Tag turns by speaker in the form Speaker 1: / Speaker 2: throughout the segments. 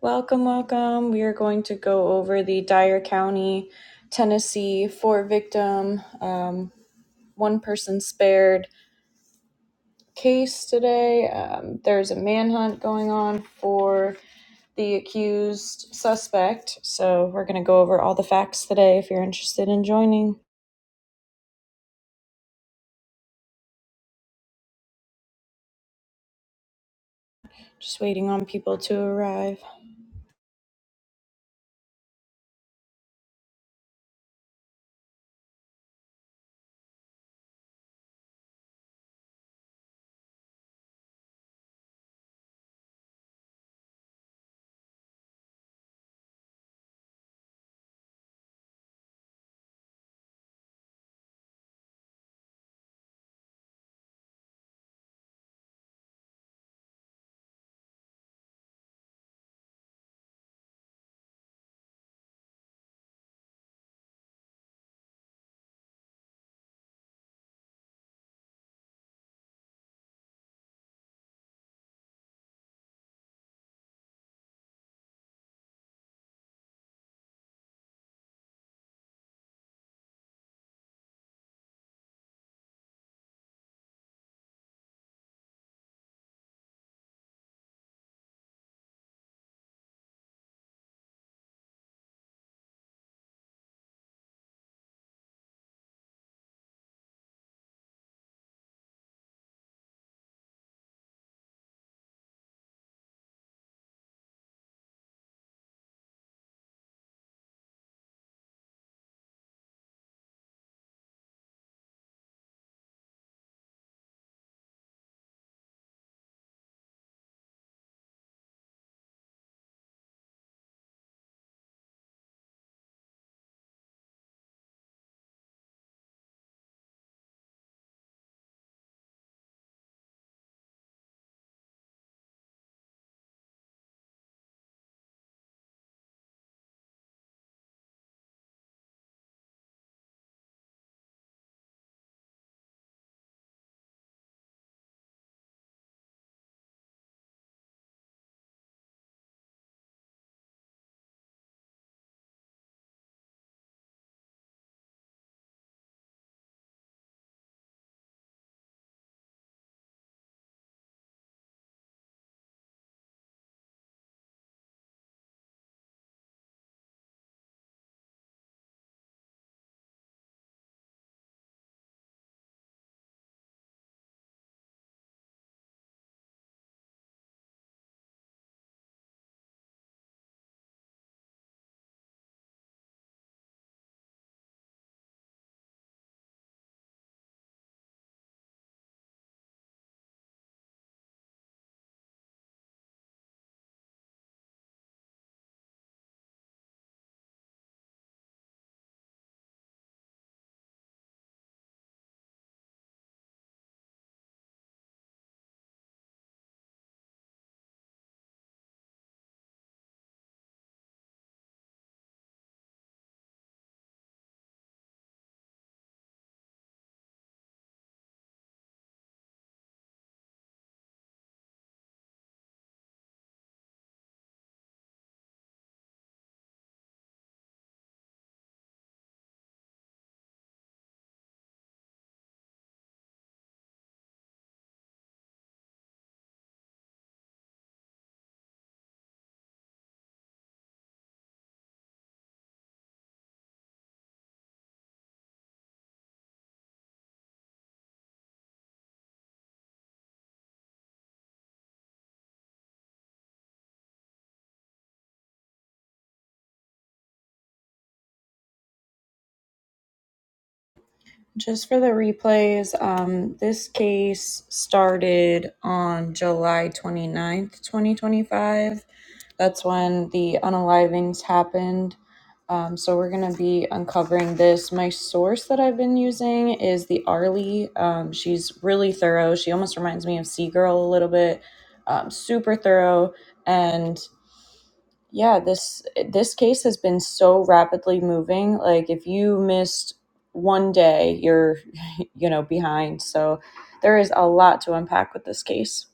Speaker 1: Welcome, welcome. We are going to go over the Dyer County, Tennessee, four victim, um, one person spared case today. Um, there's a manhunt going on for the accused suspect. So we're going to go over all the facts today if you're interested in joining. Just waiting on people to arrive. Just for the replays, um, this case started on July 29th, 2025. That's when the unalivings happened. Um, so we're going to be uncovering this. My source that I've been using is the Arlie. Um, she's really thorough. She almost reminds me of Seagirl a little bit. Um, super thorough. and. Yeah, this this case has been so rapidly moving. Like if you missed one day, you're you know behind. So there is a lot to unpack with this case.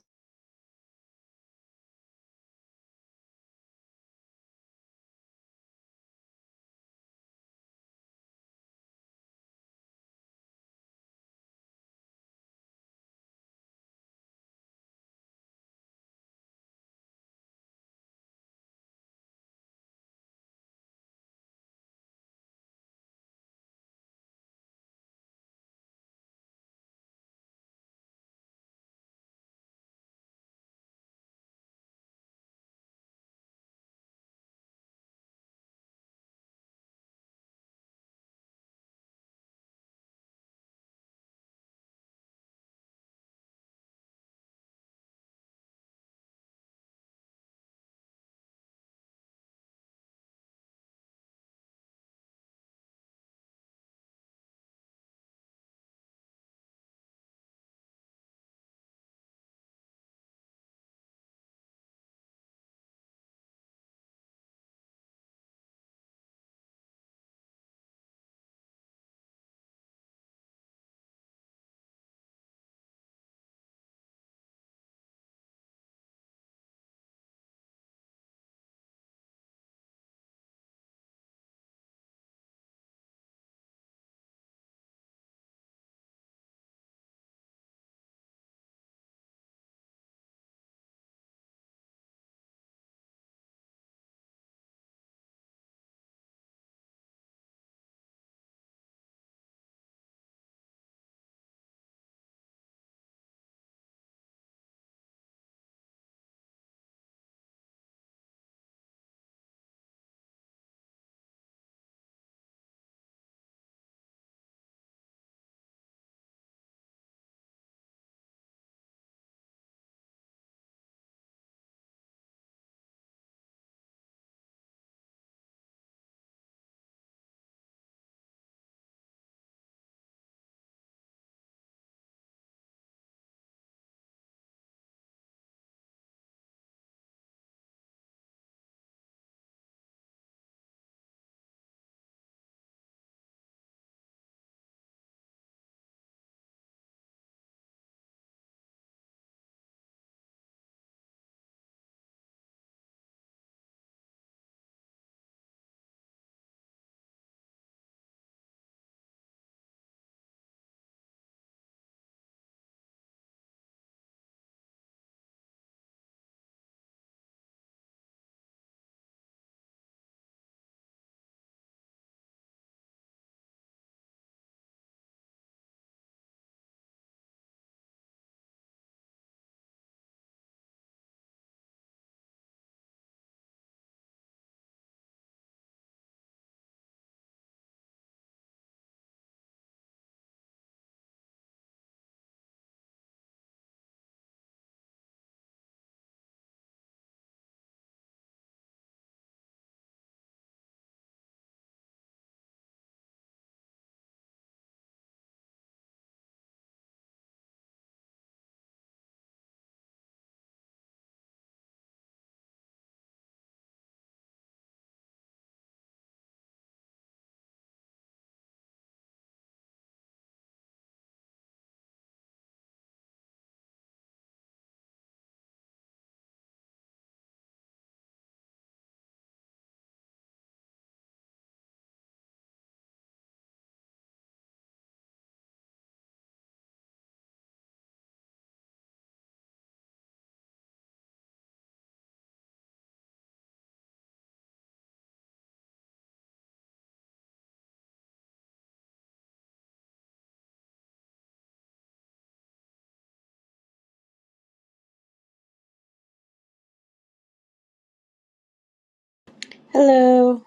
Speaker 1: Hello.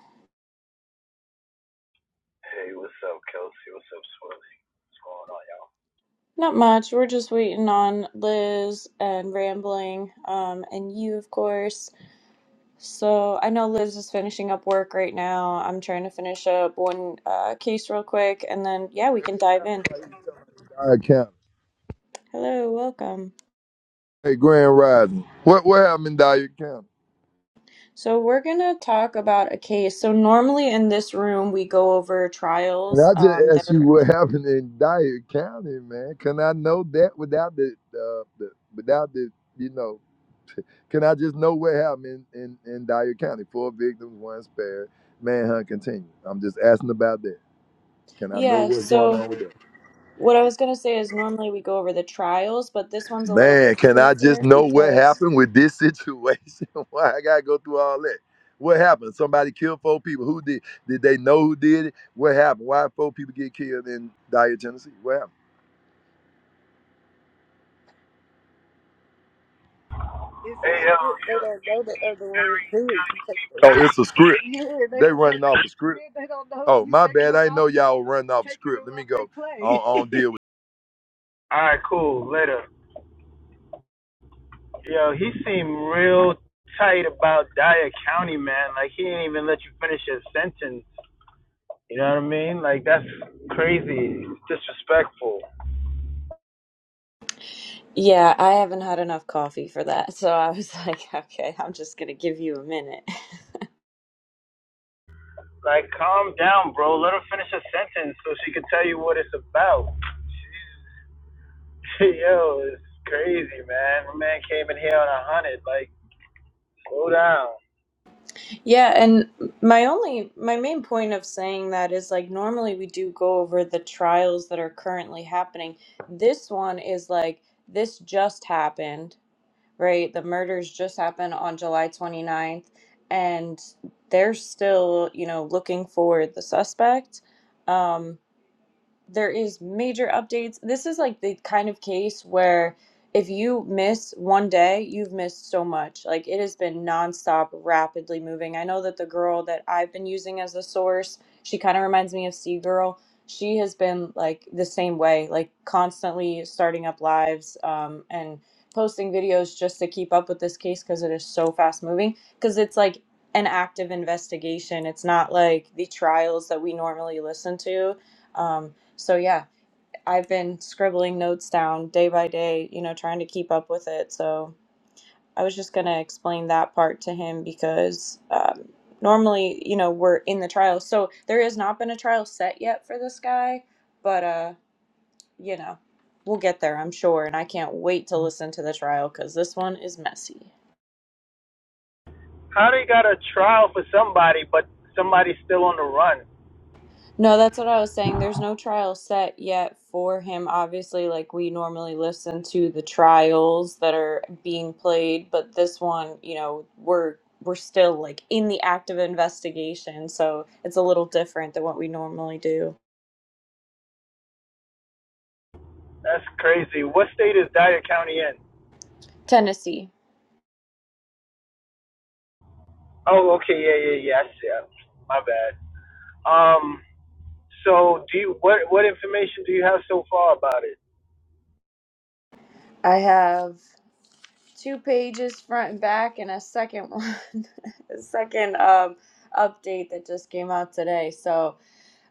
Speaker 2: Hey, what's up, Kelsey? What's up, Swilly? What's going on, y'all?
Speaker 1: Not much. We're just waiting on Liz and rambling, um, and you, of course. So I know Liz is finishing up work right now. I'm trying to finish up one uh, case real quick, and then yeah, we can dive in.
Speaker 3: Dyer County.
Speaker 1: Hello, welcome.
Speaker 3: Hey, Grand Rising. What what happened in Dyer County?
Speaker 1: So we're gonna talk about a case. So normally in this room we go over
Speaker 3: And
Speaker 1: trials
Speaker 3: I just
Speaker 1: um, that
Speaker 3: asked you
Speaker 1: are
Speaker 3: what happened in Dyer County, man. Can I know that without the, uh, the without the you know? Can I just know what happened in, in, in Dyer County? Four victims, one spared. Manhunt continued. I'm just asking about that. Can I know
Speaker 1: yeah.
Speaker 3: what's going
Speaker 1: So
Speaker 3: on with that?
Speaker 1: what I was gonna say is normally we go over the trials, but this one's a little bit
Speaker 3: Man, can I just
Speaker 1: different
Speaker 3: know what
Speaker 1: because
Speaker 3: happened with this situation? Why I gotta go through all that? What happened? Somebody killed four people. Who did? Did they know who did it? What happened? Why four people get killed in Dyer, Tennessee? What happened? It's a
Speaker 2: Hey, yo.
Speaker 3: script. They don't know the other way to do it. You take the Oh, it's a script. Yeah, they They running off a script. They don't know. Oh, You my taking bad. I didn't know y'all were running off a script. Let me off go. they play. On, on deal
Speaker 2: All right, cool. Later. Yo, he seemed real tight about Dyer County, man. Like, he didn't even let you finish your sentence. You know what I mean? Like, that's crazy. Disrespectful.
Speaker 1: yeah, I haven't had enough coffee for that. So I was like, okay, I'm just gonna give you a minute.
Speaker 2: Like, calm down, bro. Let her finish her sentence so she can tell you what it's about. yo, it's crazy, man. My man came in here on a hundred. Like, slow down.
Speaker 1: Yeah, and my only my main point of saying that is like normally we do go over the trials that are currently happening. This one is like this just happened right? The murders just happened on July twenty ninth, and they're still, you know, looking for the suspect. Um, there is major updates. This is like the kind of case where if you miss one day, you've missed so much. Like it has been nonstop, rapidly moving. I know that the girl that I've been using as a source, she kind of reminds me of Sea Girl. She has been like the same way, like constantly starting up lives um, and posting videos just to keep up with this case because it is so fast moving. Because it's like an active investigation. It's not like the trials that we normally listen to. Um, so yeah, I've been scribbling notes down day by day, you know, trying to keep up with it. So I was just gonna explain that part to him because um, normally, you know, we're in the trial, so there has not been a trial set yet for this guy, but uh, you know, we'll get there, I'm sure, and I can't wait to listen to the trial because this one is messy.
Speaker 2: How they got a trial for somebody, but somebody's still on the run?
Speaker 1: No, that's what I was saying. There's no trial set yet for him. Obviously, like we normally listen to the trials that are being played, but this one, you know, we're we're still like in the act of investigation, so it's a little different than what we normally do.
Speaker 2: That's crazy. What state is Dyer County in?
Speaker 1: Tennessee.
Speaker 2: Oh, okay, yeah, yeah, yeah. I see. Uh, My bad. Um, so do you what what information do you have so far about it?
Speaker 1: I have two pages front and back and a second one, a second um update that just came out today. So,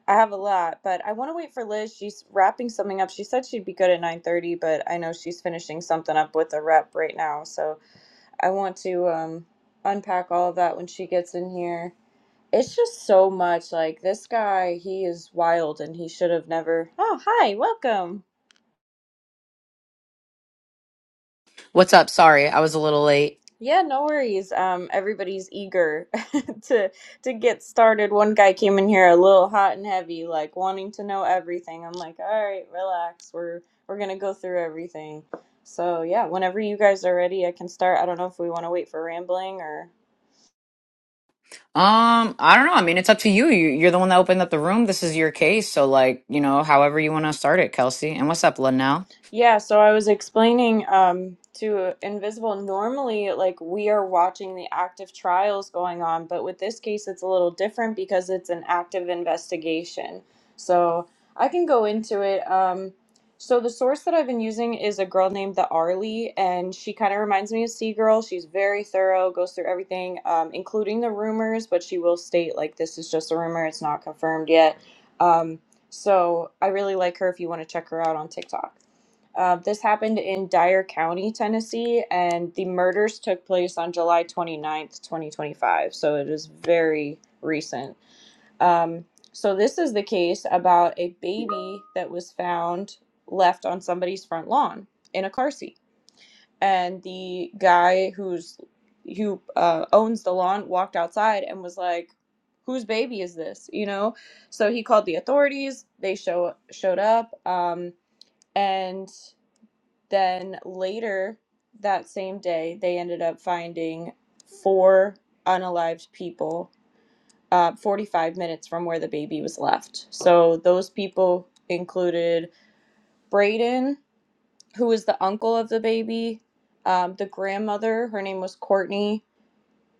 Speaker 1: I have a lot, but I want to wait for Liz. She's wrapping something up. She said she'd be good at 9:30, but I know she's finishing something up with a rep right now. So I want to um, unpack all of that when she gets in here. It's just so much. Like this guy, he is wild, and he should have never. Oh, hi, welcome.
Speaker 4: What's up? Sorry, I was a little late.
Speaker 1: Yeah, no worries. Um, everybody's eager to to get started. One guy came in here a little hot and heavy, like wanting to know everything. I'm like, all right, relax. We're we're gonna go through everything. So yeah, whenever you guys are ready, I can start. I don't know if we want to wait for rambling or.
Speaker 4: Um, I don't know. I mean, it's up to you. you. You're the one that opened up the room. This is your case, so like, you know, however you want to start it, Kelsey. And what's up, Linnell?
Speaker 1: Yeah, so I was explaining um, to Invisible. Normally, like we are watching the active trials going on, but with this case, it's a little different because it's an active investigation. So I can go into it. Um, so the source that I've been using is a girl named the Arlie, and she kind of reminds me of Seagirl. She's very thorough, goes through everything, um, including the rumors, but she will state like this is just a rumor; it's not confirmed yet. Um, so I really like her. If you want to check her out on TikTok. Uh, this happened in Dyer County, Tennessee, and the murders took place on July twenty-ninth, twenty ninth, 2025. So it is very recent. Um, so, this is the case about a baby that was found left on somebody's front lawn in a car seat. And the guy who's who uh, owns the lawn walked outside and was like, "Whose baby is this?" You know, so he called the authorities. They show showed up, um, and then later that same day, they ended up finding four unalived people uh, 45 minutes from where the baby was left. So those people included Braden, who was the uncle of the baby, um, the grandmother, her name was Courtney,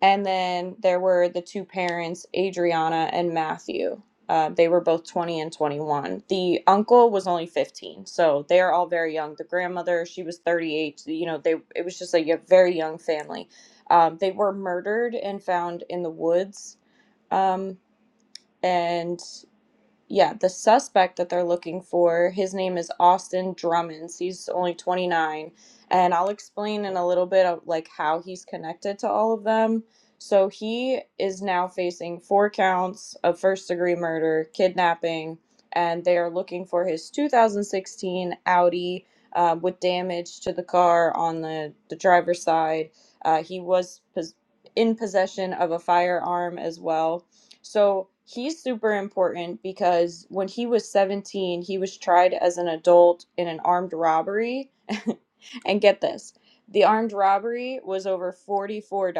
Speaker 1: and then there were the two parents, Adriana and Matthew. Uh, they were both 20 and 21. The uncle was only 15, so they are all very young. The grandmother, she was 38. so, You know, they it was just like a very young family. Um, they were murdered and found in the woods, um, and yeah, the suspect that they're looking for, his name is Austin Drummons. He's only 29, and I'll explain in a little bit of like how he's connected to all of them. So he is now facing four counts of first-degree murder, kidnapping, and they are looking for his 2016 Audi uh, with damage to the car on the the driver's side. Uh, he was pos- in possession of a firearm as well so he's super important because when he was 17, he was tried as an adult in an armed robbery. and get this the armed robbery was over $44.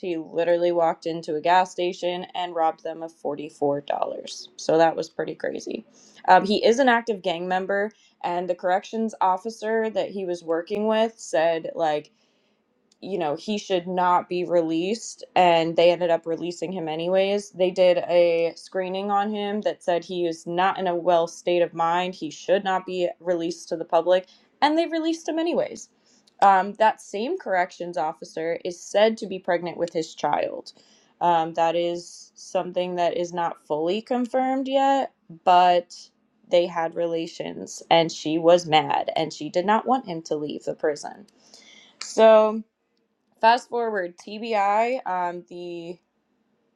Speaker 1: He literally walked into a gas station and robbed them of $44. So that was pretty crazy. Um, he is an active gang member, and the corrections officer that he was working with said, like, you know, he should not be released, and they ended up releasing him anyways. They did a screening on him that said he is not in a well state of mind. He should not be released to the public, and they released him anyways. Um, that same corrections officer is said to be pregnant with his child. Um, that is something that is not fully confirmed yet, but they had relations, and she was mad, and she did not want him to leave the prison. So Fast forward, TBI, um, the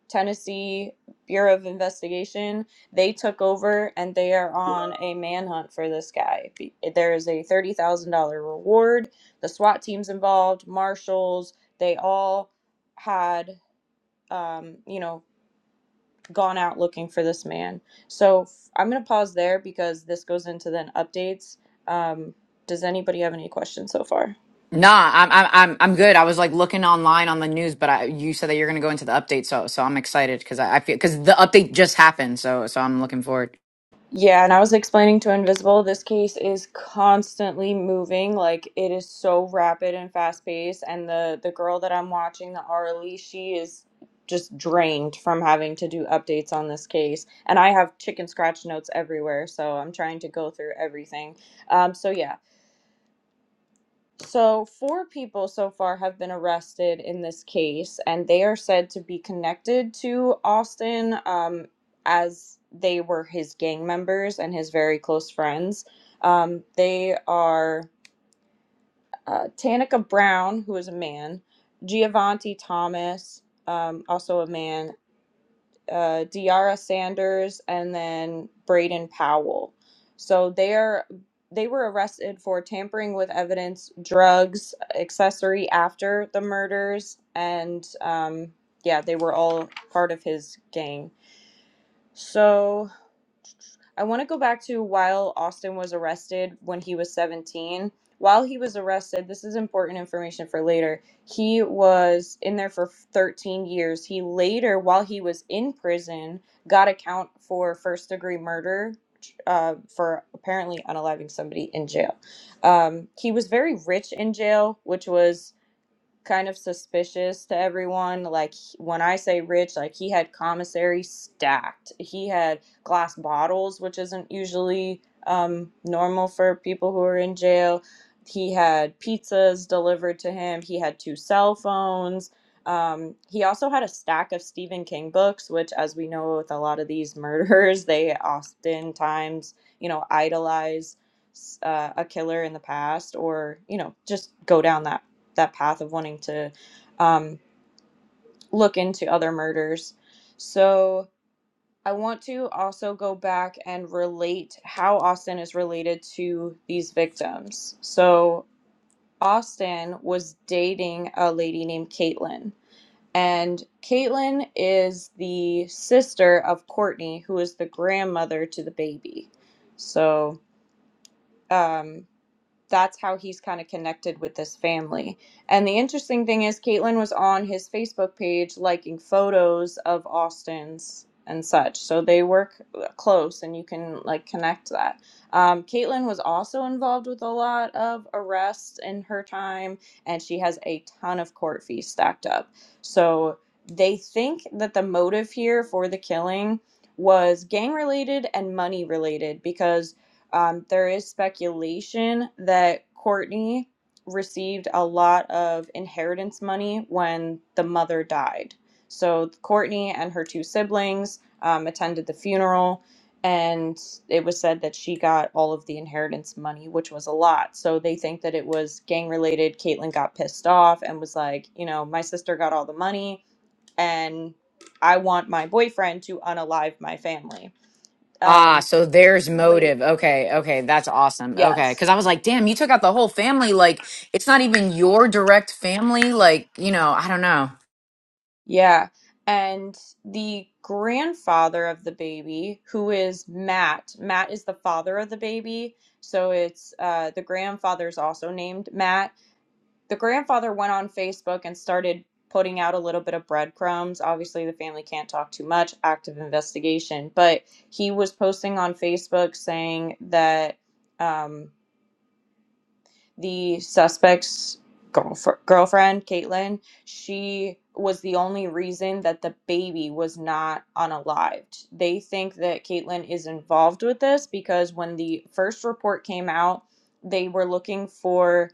Speaker 1: Tennessee Bureau of Investigation, they took over and they are on a manhunt for this guy. There is a $30,000 reward. The SWAT team's involved, marshals, they all had, um, you know, gone out looking for this man. So f- I'm going to pause there because this goes into then updates. Um, does anybody have any questions so far?
Speaker 4: Nah, I'm I'm I'm I'm good. I was like looking online on the news, but I, you said that you're gonna go into the update, so so I'm excited because I, I feel because the update just happened, so so I'm looking forward.
Speaker 1: Yeah, and I was explaining to Invisible, this case is constantly moving. Like it is so rapid and fast paced, and the the girl that I'm watching, the Arlie, she is just drained from having to do updates on this case. And I have chicken scratch notes everywhere, so I'm trying to go through everything. Um, so yeah, so, four people so far have been arrested in this case, and they are said to be connected to Austin um, as they were his gang members and his very close friends. Um, they are uh, Tanika Brown, who is a man, Giovanni Thomas, um, also a man, uh, Diara Sanders and then Braden Powell. So they're they were arrested for tampering with evidence, drugs, accessory after the murders, and um, yeah, they were all part of his gang. So I want to go back to while Austin was arrested when he was 17. While he was arrested, this is important information for later. He was in there for 13 years. He later, while he was in prison, got a count for first degree murder uh, for apparently unaliving somebody in jail. Um, he was very rich in jail, which was kind of suspicious to everyone. Like he- when I say rich, like he had commissary stacked. He had glass bottles, which isn't usually um, normal for people who are in jail. He had pizzas delivered to him. He had two cell phones. Um, he also had a stack of Stephen King books, which, as we know, with a lot of these murderers, they oftentimes, you know, idolize s- uh, a killer in the past or, you know, just go down that that path of wanting to um, look into other murders. So I want to also go back and relate how Austin is related to these victims. So Austin was dating a lady named Caitlin. And Caitlin is the sister of Courtney, who is the grandmother to the baby. So, um, that's how he's kind of connected with this family. And the interesting thing is, Caitlin was on his Facebook page liking photos of Austin's and such. So they work uh, close and you can like connect that. Um, Caitlin was also involved with a lot of arrests in her time, and she has a ton of court fees stacked up. So they think that the motive here for the killing was gang related and money related because um, there is speculation that Courtney received a lot of inheritance money when the mother died. So Courtney and her two siblings um, attended the funeral, and it was said that she got all of the inheritance money, which was a lot. So they think that it was gang related. Caitlyn got pissed off and was like, you know, my sister got all the money, and I want my boyfriend to unalive my family.
Speaker 4: Ah,
Speaker 1: Um,
Speaker 4: so there's motive. Okay, okay, that's awesome. Okay,
Speaker 1: yes.
Speaker 4: because I was like, damn, you took out the whole family. Like, it's not even your direct family. Like, you know, I don't know.
Speaker 1: Yeah. And the grandfather of the baby, who is Matt, Matt is the father of the baby. So it's uh, the grandfather is also named Matt. The grandfather went on Facebook and started putting out a little bit of breadcrumbs. Obviously, the family can't talk too much, active investigation. But he was posting on Facebook saying that. Um, the suspect's girlfr- girlfriend, Caitlin, she was the only reason that the baby was not unalived. They think that Caitlin is involved with this because when the first report came out, they were looking for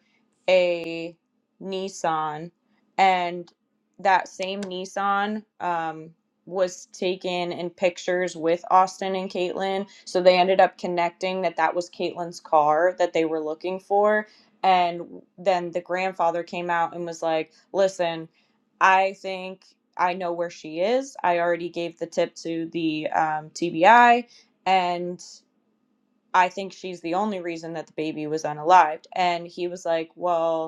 Speaker 1: a Nissan, and that same Nissan um, was taken in pictures with Austin and Caitlin. So they ended up connecting that that was Caitlin's car that they were looking for and then the grandfather came out and was like, listen, I think I know where she is. I already gave the tip to the um, TBI, and I think she's the only reason that the baby was unalived. And he was like, well,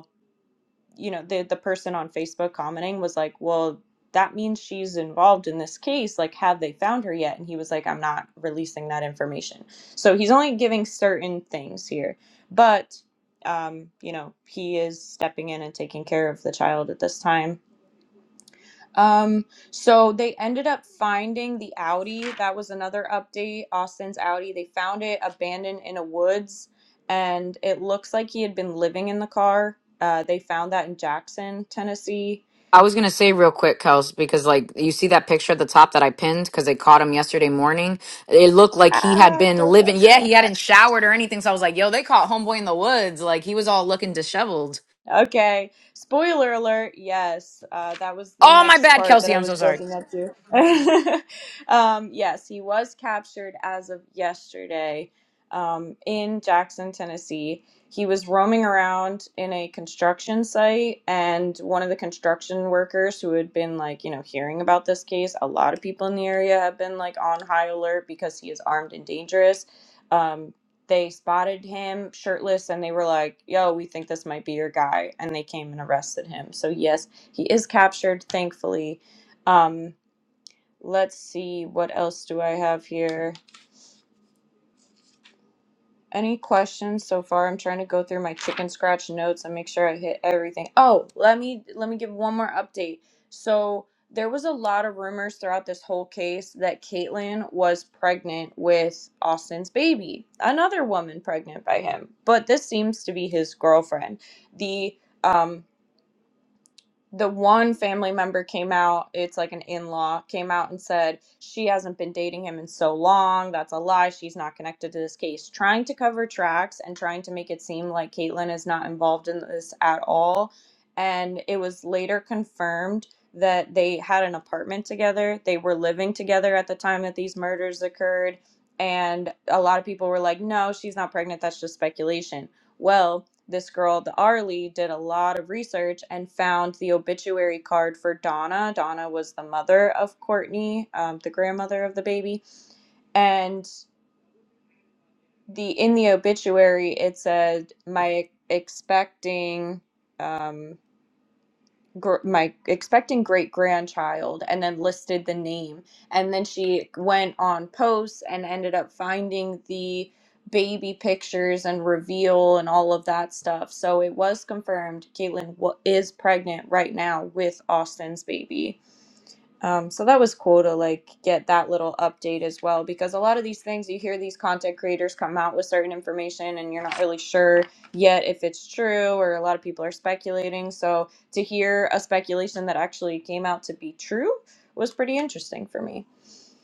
Speaker 1: you know the the person on Facebook commenting was like, "Well, that means she's involved in this case. Like, have they found her yet?" And he was like, "I'm not releasing that information." So he's only giving certain things here, but um, you know, he is stepping in and taking care of the child at this time. Um, so they ended up finding the Audi. That was another update, Austin's Audi. They found it abandoned in a woods, and it looks like he had been living in the car. Uh, they found that in Jackson, Tennessee.
Speaker 4: I was gonna say real quick, Kels, because like you see that picture at the top that I pinned because they caught him yesterday morning. It looked like he had
Speaker 1: Ah,
Speaker 4: been
Speaker 1: don't go
Speaker 4: living. Yeah,
Speaker 1: there.
Speaker 4: he hadn't showered or anything. So I was like, "Yo, they caught homeboy in the woods. Like he was all looking disheveled."
Speaker 1: Okay. Spoiler alert. Yes, uh, that was the
Speaker 4: Oh my
Speaker 1: next
Speaker 4: bad,
Speaker 1: part that
Speaker 4: Kelsey.
Speaker 1: I
Speaker 4: I'm so
Speaker 1: was
Speaker 4: sorry.
Speaker 1: building up to. um, yes, he was captured as of yesterday um, in Jackson, Tennessee. He was roaming around in a construction site, and one of the construction workers who had been like, you know, hearing about this case, a lot of people in the area have been like on high alert because he is armed and dangerous. Um, they spotted him shirtless and they were like, yo, we think this might be your guy. And they came and arrested him. So, yes, he is captured, thankfully. Um, let's see, what else do I have here? Any questions so far? I'm trying to go through my chicken scratch notes and make sure I hit everything. Oh, let me let me give one more update. So there was a lot of rumors throughout this whole case that Caitlyn was pregnant with Austin's baby, another woman pregnant by him. But this seems to be his girlfriend. The um the one family member came out it's like an in-law came out and said she hasn't been dating him in so long that's a lie she's not connected to this case trying to cover tracks and trying to make it seem like caitlyn is not involved in this at all and it was later confirmed that they had an apartment together they were living together at the time that these murders occurred and a lot of people were like no she's not pregnant that's just speculation well this girl, the Arlie, did a lot of research and found the obituary card for Donna. Donna was the mother of Courtney, um, the grandmother of the baby, and the in the obituary it said my expecting. Um, gr- my expecting great grandchild and then listed the name and then she went on posts and ended up finding the baby pictures and reveal and all of that stuff so it was confirmed caitlin wa- is pregnant right now with austin's baby um, so that was cool to like get that little update as well because a lot of these things you hear these content creators come out with certain information and you're not really sure yet if it's true or a lot of people are speculating. So to hear a speculation that actually came out to be true was pretty interesting for me.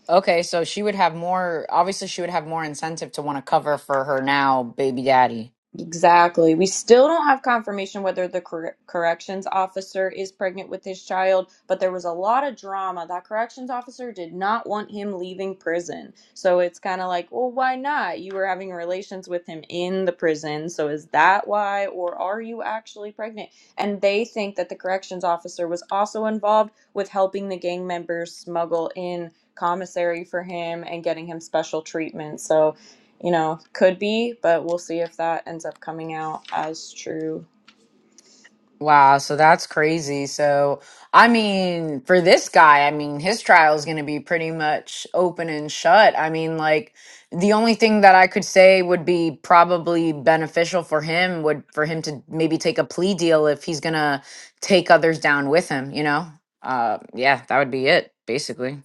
Speaker 4: Okay, so she would have more. Obviously, she would have more incentive to want to cover for her now, baby daddy.
Speaker 1: Exactly. We still don't have confirmation whether the cor- corrections officer is pregnant with his child, but there was a lot of drama. That corrections officer did not want him leaving prison. So it's kind of like, well, why not? You were having relations with him in the prison. So is that why? Or are you actually pregnant? And they think that the corrections officer was also involved with helping the gang members smuggle in commissary for him and getting him special treatment. So, you know, could be, but we'll see if that ends up coming out as true
Speaker 4: Wow, so that's crazy. So, I mean, for this guy, I mean, his trial is going to be pretty much open and shut. I mean, like the only thing that I could say would be probably beneficial for him would for him to maybe take a plea deal if he's going to take others down with him, you know? Uh yeah, that would be it, basically.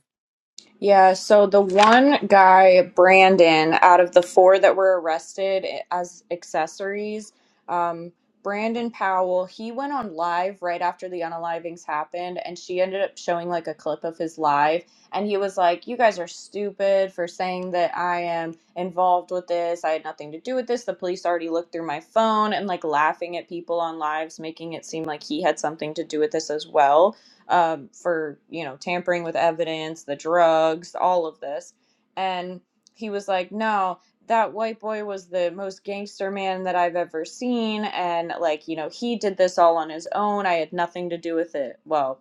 Speaker 1: Yeah, so the one guy, Brandon, out of the four that were arrested as accessories, um, Brandon Powell, he went on live right after the unalivings happened, and she ended up showing like a clip of his live. And he was like, You guys are stupid for saying that I am involved with this. I had nothing to do with this. The police already looked through my phone and like laughing at people on lives, making it seem like he had something to do with this as well um, for you know tampering with evidence, the drugs, all of this. And he was like, "No, that white boy was the most gangster man that I've ever seen, and like you know he did this all on his own. I had nothing to do with it." Well,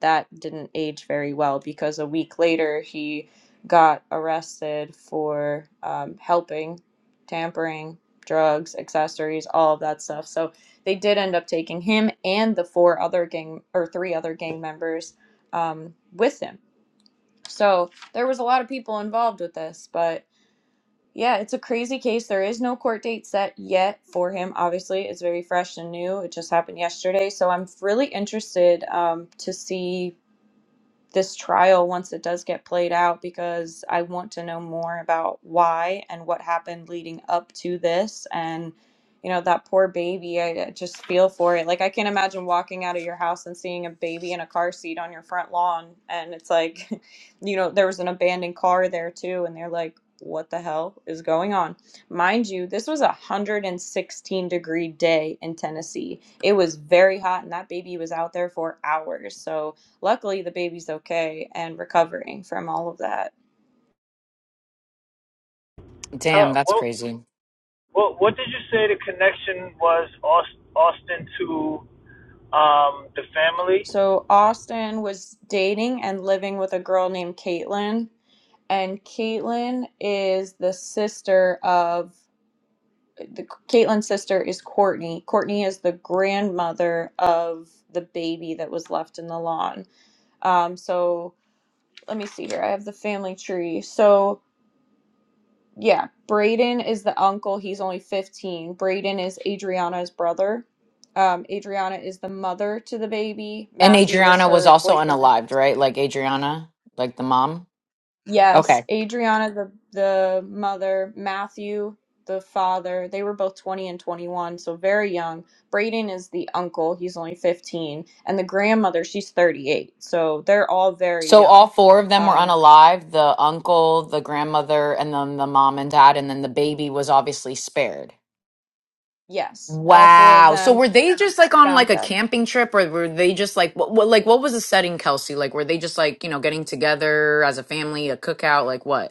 Speaker 1: that didn't age very well because a week later he got arrested for um, helping, tampering, drugs, accessories, all of that stuff. So they did end up taking him and the four other gang or three other gang members um, with him. So there was a lot of people involved with this, but yeah, it's a crazy case. There is no court date set yet for him. Obviously, it's very fresh and new. It just happened yesterday, so I'm really interested um, to see this trial once it does get played out because I want to know more about why and what happened leading up to this and you know that poor baby I I just feel for it like I can not imagine walking out of your house and seeing a baby in a car seat on your front lawn and it's like you know there was an abandoned car there too and they're like what the hell is going on mind you this was a 116 degree day in Tennessee it was very hot and that baby was out there for hours so Luckily, the baby's okay and recovering from all of that.
Speaker 4: Damn,
Speaker 2: Huh,
Speaker 4: that's
Speaker 2: what
Speaker 4: crazy.
Speaker 2: what what did you say the connection was Aus- Austin to um the family?
Speaker 1: So, Austin was dating and living with a girl named Caitlin, and Caitlin is the sister of the Caitlin's sister is Courtney. Courtney is the grandmother of the baby that was left in the lawn. Um, so let me see here. I have the family tree. So Yeah, Brayden is the uncle. He's only 15. Brayden is Adriana's brother. Um, Adriana is the mother to the baby.
Speaker 4: And
Speaker 1: Matthew is
Speaker 4: Adriana was
Speaker 1: her
Speaker 4: also
Speaker 1: boyfriend.
Speaker 4: unalived, right? Like Adriana, like the mom. Okay.
Speaker 1: Yes, Adriana the the mother, Matthew the father. They were both 20 and 21, so very young. Brayden is the uncle. He's only 15, and the grandmother, she's 38. So they're all very
Speaker 4: So all
Speaker 1: young.
Speaker 4: four of them were
Speaker 1: Um,
Speaker 4: unalive, the uncle, the grandmother, and then the mom and dad, and then the baby was obviously spared.
Speaker 1: yes, all four of
Speaker 4: Wow. So
Speaker 1: them
Speaker 4: were they just like on
Speaker 1: found
Speaker 4: like a
Speaker 1: God.
Speaker 4: camping trip or were they just like what, what like what was the setting, Kelsey? Like were they just like, you know, getting together as a family, a cookout, like what?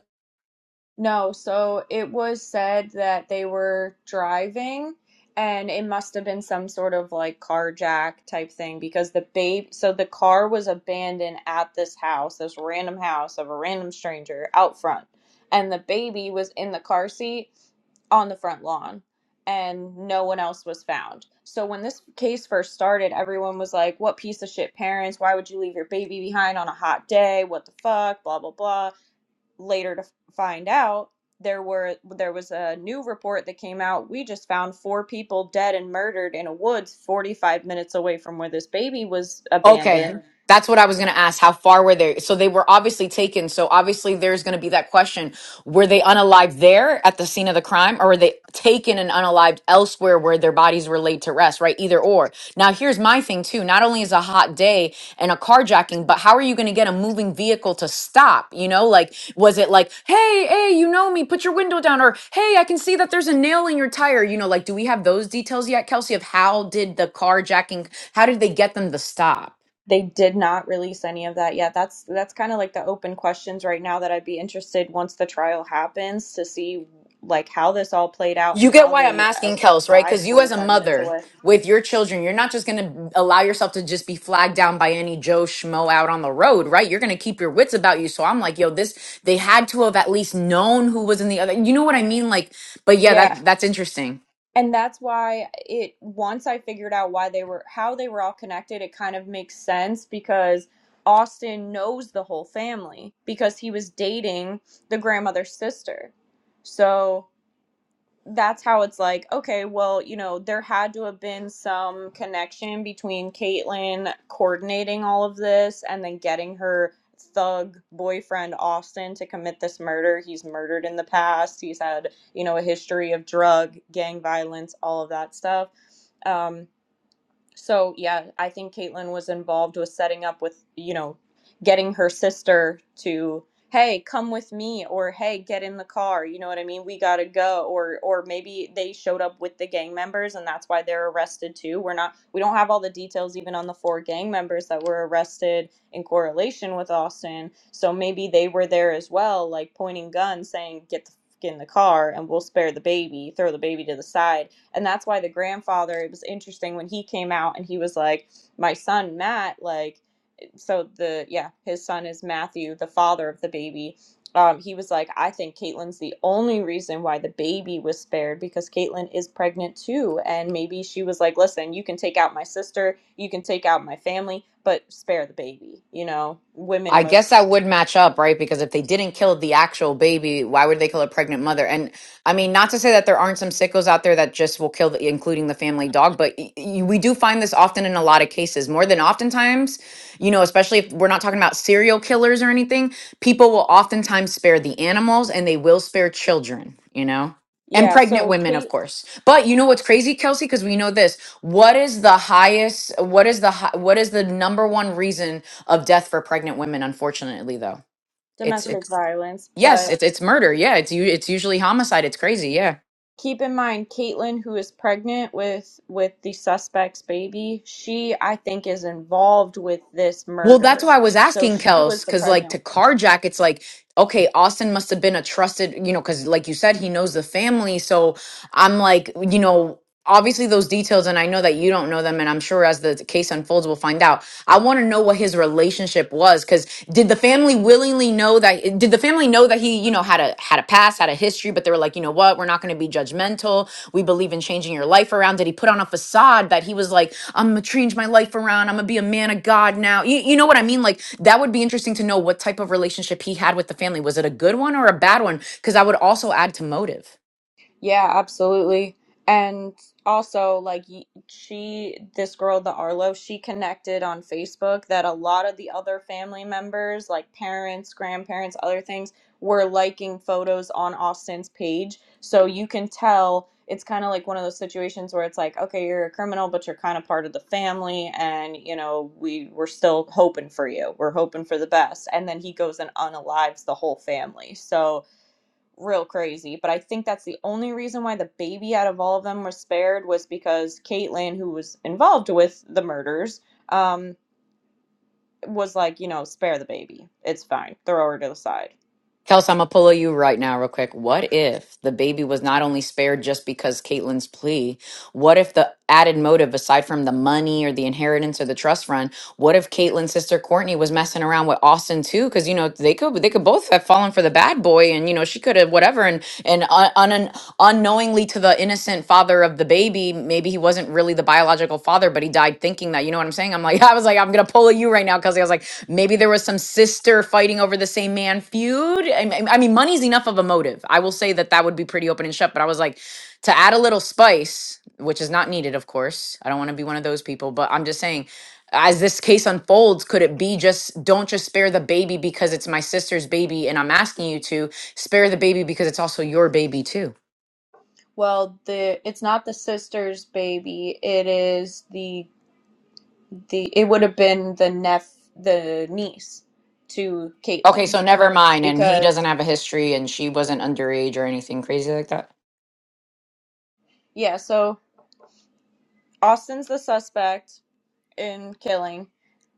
Speaker 1: No, so it was said that they were driving and it must have been some sort of like carjack type thing because the babe, so the car was abandoned at this house, this random house of a random stranger out front. And the baby was in the car seat on the front lawn and no one else was found. So when this case first started, everyone was like, what piece of shit parents? Why would you leave your baby behind on a hot day? What the fuck? Blah, blah, blah later to find out there were there was a new report that came out we just found four people dead and murdered in a woods 45 minutes away from where this baby was
Speaker 4: Okay.
Speaker 1: abandoned
Speaker 4: That's what I was going to ask. How far were they? So they were obviously taken. So obviously there's going to be that question. Were they unalived there at the scene of the crime or were they taken and unalived elsewhere where their bodies were laid to rest, right? Either or. Now here's my thing too. Not only is a hot day and a carjacking, but how are you going to get a moving vehicle to stop? You know, like, was it like, hey, hey, you know me, put your window down or hey, I can see that there's a nail in your tire. You know, like, do we have those details yet, Kelsey, of how did the carjacking how did they get them to stop?
Speaker 1: they did not release any of that yet that's that's kind of like the open questions right now that I'd be interested once the trial happens to see like how this all played out
Speaker 4: You
Speaker 1: and
Speaker 4: get
Speaker 1: how
Speaker 4: why I'm
Speaker 1: they uh,
Speaker 4: asking Kels, right?
Speaker 1: arrived
Speaker 4: Because you, as a
Speaker 1: 45 minutes
Speaker 4: mother
Speaker 1: away
Speaker 4: with your children, you're not just going to allow yourself to just be flagged down by any Joe Schmo out on the road, right? You're going to keep your wits about you. So I'm like, yo, this, they had to have at least known who was in the other. You know what I mean? Like, but yeah,
Speaker 1: Yeah.
Speaker 4: that, that's interesting.
Speaker 1: and that's why it once i figured out why they were how they were all connected it kind of makes sense because austin knows the whole family because he was dating the grandmother's sister so that's how it's like, okay, well, you know, there had to have been some connection between Caitlyn coordinating all of this and then getting her thug boyfriend Austin to commit this murder. He's murdered in the past. He's had, you know, a history of drug, gang violence, all of that stuff. Um, so yeah, I think Caitlyn was involved with setting up with, you know, getting her sister to, hey, come with me, or hey, get in the car. You know what I mean? We gotta go. Or or maybe they showed up with the gang members and that's why they're arrested too. We're not we don't have all the details even on the four gang members that were arrested in correlation with Austin. So maybe they were there as well, like pointing guns, saying, get the f- in the car and we'll spare the baby, throw the baby to the side and that's why the grandfather, it was interesting when he came out and he was like, My son, Matt, like, so the, yeah, his son is Matthew, the father of the baby. Um, he was like, I think Caitlin's the only reason why the baby was spared because Caitlin is pregnant too. And maybe she was like, Listen, you can take out my sister, you can take out my family, but spare the baby. You know,
Speaker 4: I
Speaker 1: women
Speaker 4: guess
Speaker 1: most,
Speaker 4: that would match up, right? Because if they didn't kill the actual baby, why would they kill a pregnant mother? And I mean, not to say that there aren't some sickos out there that just will kill, the, including the family dog, but y- y- we do find this often in a lot of cases, more than oftentimes, you know, especially if we're not talking about serial killers or anything, people will oftentimes spare the animals and they will spare children, you know? And
Speaker 1: yeah.
Speaker 4: pregnant
Speaker 1: So,
Speaker 4: women, of
Speaker 1: Kate,
Speaker 4: course. But you know what's crazy, Kelsey? Because we know this. What is the highest? What is the hi- what is the number one reason of death for pregnant women unfortunately though it's
Speaker 1: domestic
Speaker 4: it's
Speaker 1: violence,
Speaker 4: yes
Speaker 1: but
Speaker 4: it's it's murder yeah it's you it's usually homicide it's crazy yeah
Speaker 1: keep in mind Caitlin, who is pregnant with with the suspect's baby, she I think is involved with this
Speaker 4: Well, that's
Speaker 1: murder.
Speaker 4: why I was
Speaker 1: So
Speaker 4: asking
Speaker 1: she was
Speaker 4: Kels,
Speaker 1: the
Speaker 4: because like
Speaker 1: pregnant
Speaker 4: to carjack, it's like, okay, Austin must have been a trusted, you know, because like you said, he knows the family. So I'm like, you know, obviously those details, and I know that you don't know them, and I'm sure as the case unfolds, we'll find out. I want to know what his relationship was, because did the family willingly know that? Did the family know that he, you know, had a had a past, had a history, but they were like, you know what, we're not going to be judgmental. We believe in changing your life around. Did he put on a facade that he was like, I'm gonna change my life around. I'm gonna be a man of God now. You, you know what I mean? Like that would be interesting to know what type of relationship he had with the family. Was it a good one or a bad one? Because I would also add to motive.
Speaker 1: Yeah, absolutely. And also, like, y- she, this girl, the Arlo, she connected on Facebook that a lot of the other family members, like parents, grandparents, other things, were liking photos on Austin's page. So you can tell it's kind of like one of those situations where it's like, okay, you're a criminal, but you're kind of part of the family. And, you know, we, we're still hoping for you. We're hoping for the best. And then he goes and unalives the whole family. So, real crazy. But I think that's the only reason why the baby out of all of them was spared was because Caitlyn, who was involved with the murders, um, was like, you know, spare the baby. It's fine. Throw her to the side.
Speaker 4: Kelsey, I'm gonna pull you right now, real quick. What if the baby was not only spared just because Caitlyn's plea? What if the added motive, aside from the money or the inheritance or the trust fund, what if Caitlyn's sister Courtney was messing around with Austin too? Because you know they could they could both have fallen for the bad boy, and you know she could have whatever. And and uh, unknowingly to the innocent father of the baby. Maybe he wasn't really the biological father, but he died thinking that. You know what I'm saying? I'm like, I was like, I'm gonna pull at you right now because I was like, maybe there was some sister fighting over the same man feud. I mean, I mean, money's enough of a motive. I will say that that would be pretty open and shut. But I was like, to add a little spice, which is not needed, of course. I don't want to be one of those people, but I'm just saying as this case unfolds, could it be just don't just spare the baby because it's my sister's baby and I'm asking you to spare the baby because it's also your baby too?
Speaker 1: Well, the it's not the sister's baby. It is the the it would have been the neph the niece to
Speaker 4: Okay,
Speaker 1: Caitlin
Speaker 4: so never mind. And he
Speaker 1: because
Speaker 4: doesn't have a history, and she wasn't underage or anything crazy like that.
Speaker 1: yeah. So Austin's the suspect. in Killing.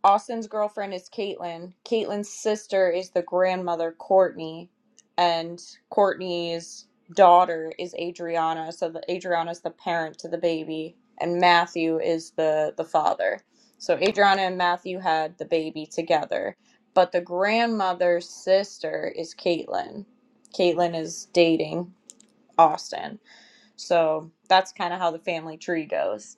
Speaker 1: Austin's girlfriend is Caitlin. Caitlin's sister is the grandmother, Courtney. And Courtney's daughter is Adriana. So the Adriana's the parent to the baby. And Matthew is the, the father. So Adriana and Matthew had the baby together. But the grandmother's sister is Caitlin. Caitlin is dating Austin. So that's kind of how the family tree goes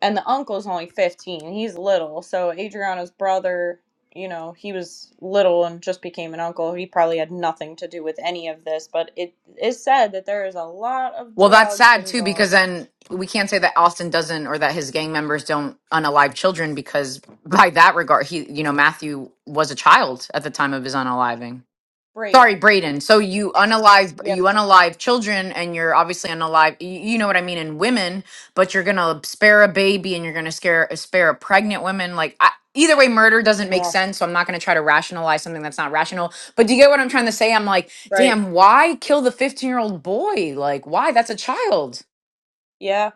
Speaker 1: and the uncle's only 15 he's little so adriana's brother you know he was little and just became an uncle he probably had nothing to do with any of this but it is said that there is a lot of
Speaker 4: Well, that's
Speaker 1: drugs
Speaker 4: sad too, because
Speaker 1: involved
Speaker 4: then we can't say that Austin doesn't or that his gang members don't unalive children because by that regard, he, you know, Matthew was a child at the time of his unaliving. Sorry,
Speaker 1: Brayden,
Speaker 4: Braden. So you unalive
Speaker 1: yep
Speaker 4: you unalive children and you're obviously unalive you, you know what I mean in women, but you're going to spare a baby and you're going to scare spare a pregnant woman like I, either way murder doesn't make
Speaker 1: yeah
Speaker 4: sense, so I'm not going to try to rationalize something that's not rational. But do you get what I'm trying to say? I'm like,
Speaker 1: right
Speaker 4: "Damn, why kill the 15-year-old boy? Like, why? That's a child."
Speaker 1: yeah.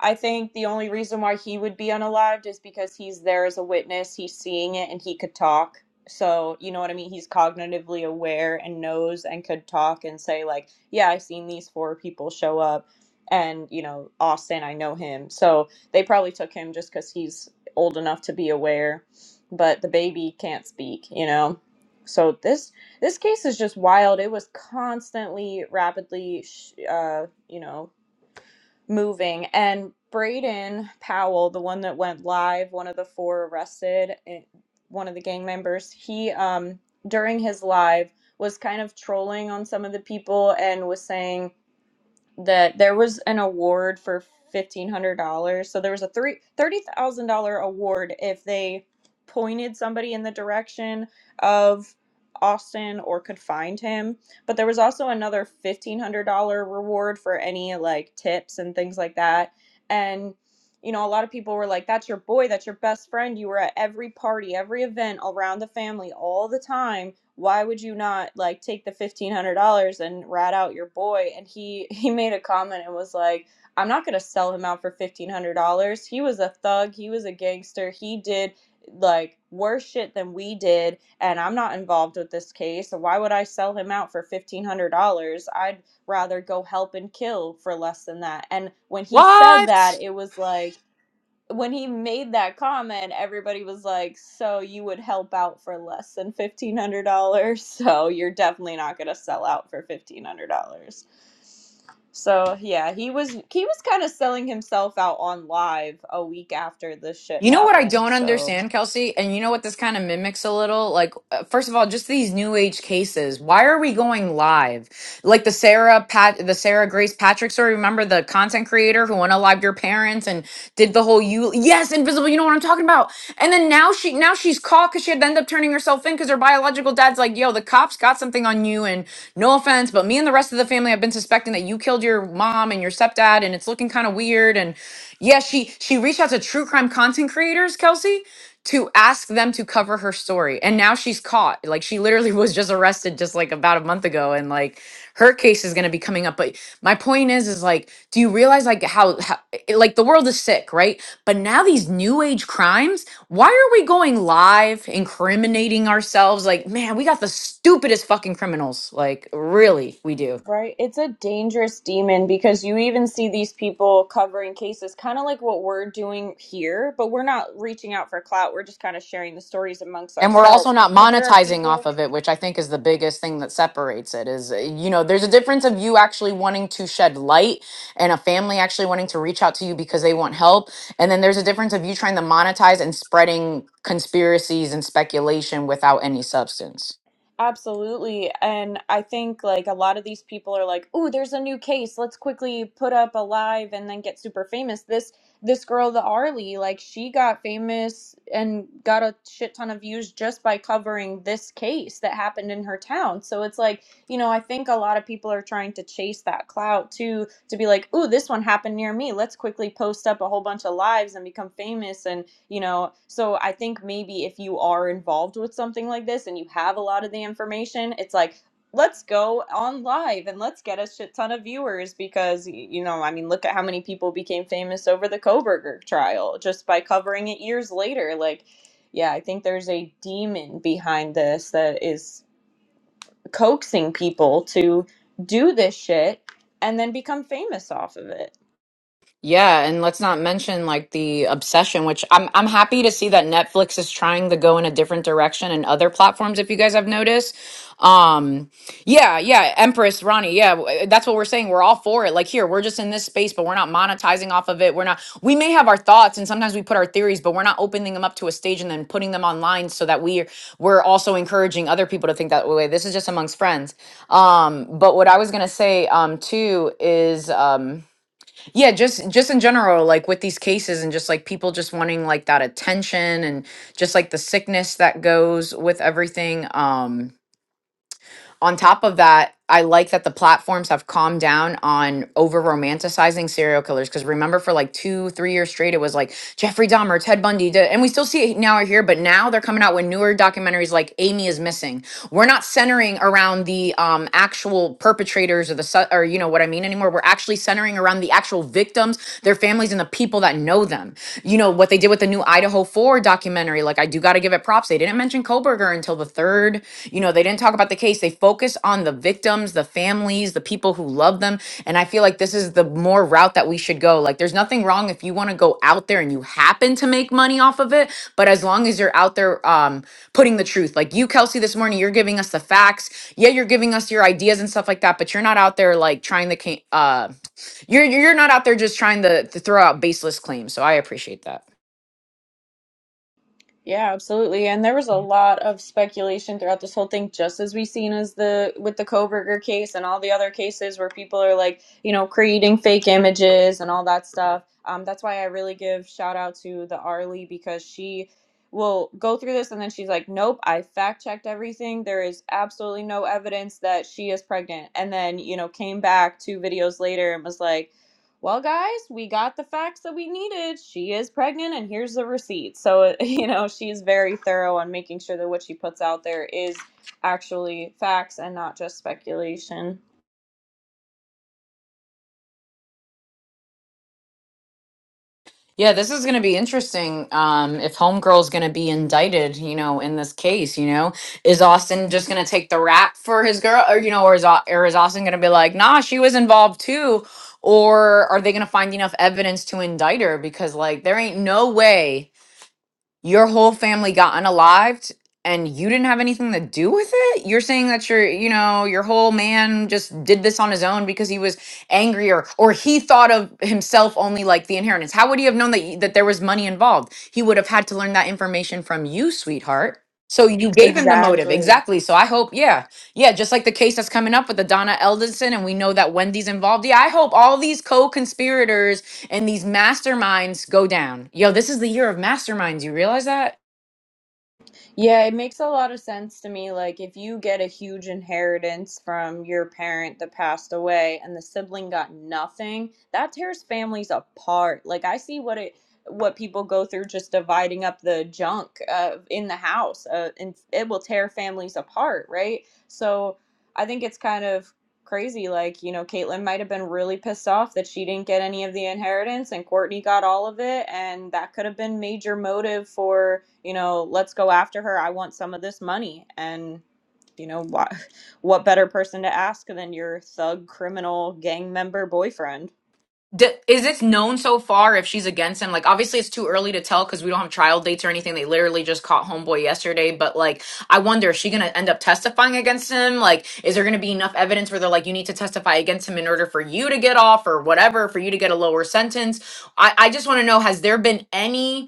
Speaker 1: I think the only reason why he would be unalived is because he's there as a witness, he's seeing it, and he could talk. So, you know what I mean? He's cognitively aware and knows and could talk and say, like, yeah, I've seen these four people show up, and, you know, Austin, I know him. So they probably took him just because he's old enough to be aware, but the baby can't speak, you know? So this this case is just wild. It was constantly, rapidly, sh- uh, you know, moving. And Braden Powell, the one that went live, one of the four arrested, eh, one of the gang members, he um during his live was kind of trolling on some of the people and was saying that there was an award for fifteen hundred dollars. So there was a three thirty thousand dollar award if they pointed somebody in the direction of Austin or could find him. But there was also another fifteen hundred dollar reward for any like tips and things like that. And you know, a lot of people were like, "That's your boy. That's your best friend. You were at every party, every event around the family all the time." why would you not like take the $1500 and rat out your boy and he he made a comment and was like i'm not going to sell him out for $1500 he was a thug he was a gangster he did like worse shit than we did and i'm not involved with this case so why would i sell him out for $1500 i'd rather go help and kill for less than that and when he said
Speaker 4: What?
Speaker 1: that it was like when he made that comment, everybody was like, "So you would help out for less than fifteen hundred dollars? So you're definitely not gonna sell out for fifteen hundred dollars." So yeah, he was he was kind of selling himself out on live a week after this shit
Speaker 4: You know what I
Speaker 1: happened.
Speaker 4: don't
Speaker 1: So
Speaker 4: understand, Kelsey? And you know what this kind of mimics a little? Like, uh, first of all, just these new age cases. Why are we going live? Like the Sarah Pat, the Sarah Grace Patrick story. Remember the content creator who went live your parents and did the whole you? Yes, invisible. You know what I'm talking about? And then now she now she's caught because she had to end up turning herself in because her biological dad's like, yo, the cops got something on you, and no offense, but me and the rest of the family have been suspecting that you killed your mom and your stepdad, and it's looking kind of weird. And yeah, she she reached out to true crime content creators, Kelsey, to ask them to cover her story. And now she's caught. Like she literally was just arrested just like about a month ago. And like her case is gonna be coming up. But my point is, is like, do you realize like how, how it- like the world is sick, right? But now these new age crimes why are we going live incriminating ourselves? Like, man, we got the stupidest fucking criminals. Like, really, we do.
Speaker 1: right, it's a dangerous demon because you even see these people covering cases, kind of like what we're doing here, but we're not reaching out for clout. We're just kind of sharing the stories amongst
Speaker 4: And we're also
Speaker 1: ourselves.
Speaker 4: not
Speaker 1: But there are
Speaker 4: monetizing
Speaker 1: people.
Speaker 4: off of it, which I think is the biggest thing that separates it is, uh, you know, there's a difference of you actually wanting to shed light and a family actually wanting to reach out to you because they want help. And then there's a difference of you trying to monetize and spreading conspiracies and speculation without any substance.
Speaker 1: Absolutely. And I think like a lot of these people are like, "Oh, there's a new case. Let's quickly put up a live and then get super famous." This this girl, the Arlie, like she got famous and got a shit ton of views just by covering this case that happened in her town. So it's like, you know, I think a lot of people are trying to chase that clout too to be like, "Oh, this one happened near me. Let's quickly post up a whole bunch of lives and become famous." And you know so i think maybe if you are involved with something like this and you have a lot of the information it's like let's go on live and let's get a shit ton of viewers because y- you know i mean look at how many people became famous over the koberger trial just by covering it years later like yeah i think there's a demon behind this that is coaxing people to do this shit and then become famous off of it
Speaker 4: Yeah, and let's not mention like the obsession, which I'm I'm happy to see that Netflix is trying to go in a different direction and other platforms, if you guys have noticed. Um, yeah, yeah, Empress, Ronnie, yeah, w- that's what we're saying. We're all for it. Like here, we're just in this space, but we're not monetizing off of it. We're not we may have our thoughts and sometimes we put our theories, but we're not opening them up to a stage and then putting them online so that we're we're also encouraging other people to think that way. This is just amongst friends. Um, but what I was gonna say um too is um yeah, just just in general, like with these cases and just like people just wanting like that attention and just like the sickness that goes with everything. Um on top of that, I like that the platforms have calmed down on over romanticizing serial killers. Cause remember for like two, three years straight, it was like Jeffrey Dahmer, Ted Bundy, da- and we still see it now or here, but now they're coming out with newer documentaries like Amy is Missing. We're not centering around the um, actual perpetrators or the, su- or you know what I mean anymore. We're actually centering around the actual victims, their families, and the people that know them. You know, what they did with the new Idaho 4 documentary, like, I do got to give it props. They didn't mention Koberger until the third. You know, they didn't talk about the case. They focused on the victims, the families, the people who love them. And I feel like this is the more route that we should go. Like, there's nothing wrong if you want to go out there and you happen to make money off of it. But as long as you're out there um, putting the truth, like you, Kelsey, this morning, you're giving us the facts. Yeah, you're giving us your ideas and stuff like that, but you're not out there like trying to, ca- uh, you're you're not out there just trying to, to throw out baseless claims, so I appreciate that.
Speaker 1: Yeah, absolutely. And there was a lot of speculation throughout this whole thing, just as we've seen as the with the Koberger case and all the other cases where people are like, you know, creating fake images and all that stuff. Um, that's why I really give shout out to the Arlie because she will go through this and then she's like, Nope, I fact checked everything. There is absolutely no evidence that she is pregnant. And then, you know, came back two videos later and was like, well guys we got the facts that we needed she is pregnant and here's the receipt so you know she's very thorough on making sure that what she puts out there is actually facts and not just speculation
Speaker 4: Yeah, this is going to be interesting. Um, if Homegirl's going to be indicted, you know, in this case, you know, is Austin just going to take the rap for his girl, or you know, or is Au- or is Austin going to be like, nah, she was involved too, or are they going to find enough evidence to indict her? Because like, there ain't no way your whole family got unalived and you didn't have anything to do with it you're saying that your you know your whole man just did this on his own because he was angry or or he thought of himself only like the inheritance how would he have known that y- that there was money involved he would have had to learn that information from you sweetheart so you gave him the motive
Speaker 1: exactly
Speaker 4: exactly so i hope yeah yeah just like the case that's coming up with the donna eldenson and we know that wendy's involved yeah i hope all these co-conspirators and these masterminds go down. Yo, this is the year of masterminds. You realize that?
Speaker 1: Yeah, it makes a lot of sense to me. Like, if you get a huge inheritance from your parent that passed away and the sibling got nothing, that tears families apart. Like, I see what it what people go through just dividing up the junk uh, in the house, uh, and it will tear families apart, right? So, I think it's kind of crazy. Like, you know, Caitlyn might have been really pissed off that she didn't get any of the inheritance, and Courtney got all of it, and that could have been major motive for you know, let's go after her. I want some of this money. And, you know, what, what better person to ask than your thug criminal gang member boyfriend?
Speaker 4: D- is it known so far if she's against him? Like, obviously, it's too early to tell because we don't have trial dates or anything. They literally just caught Homeboy yesterday. But, like, I wonder, is she going to end up testifying against him? Like, is there going to be enough evidence where they're like, you need to testify against him in order for you to get off or whatever, for you to get a lower sentence? I, I just want to know, has there been any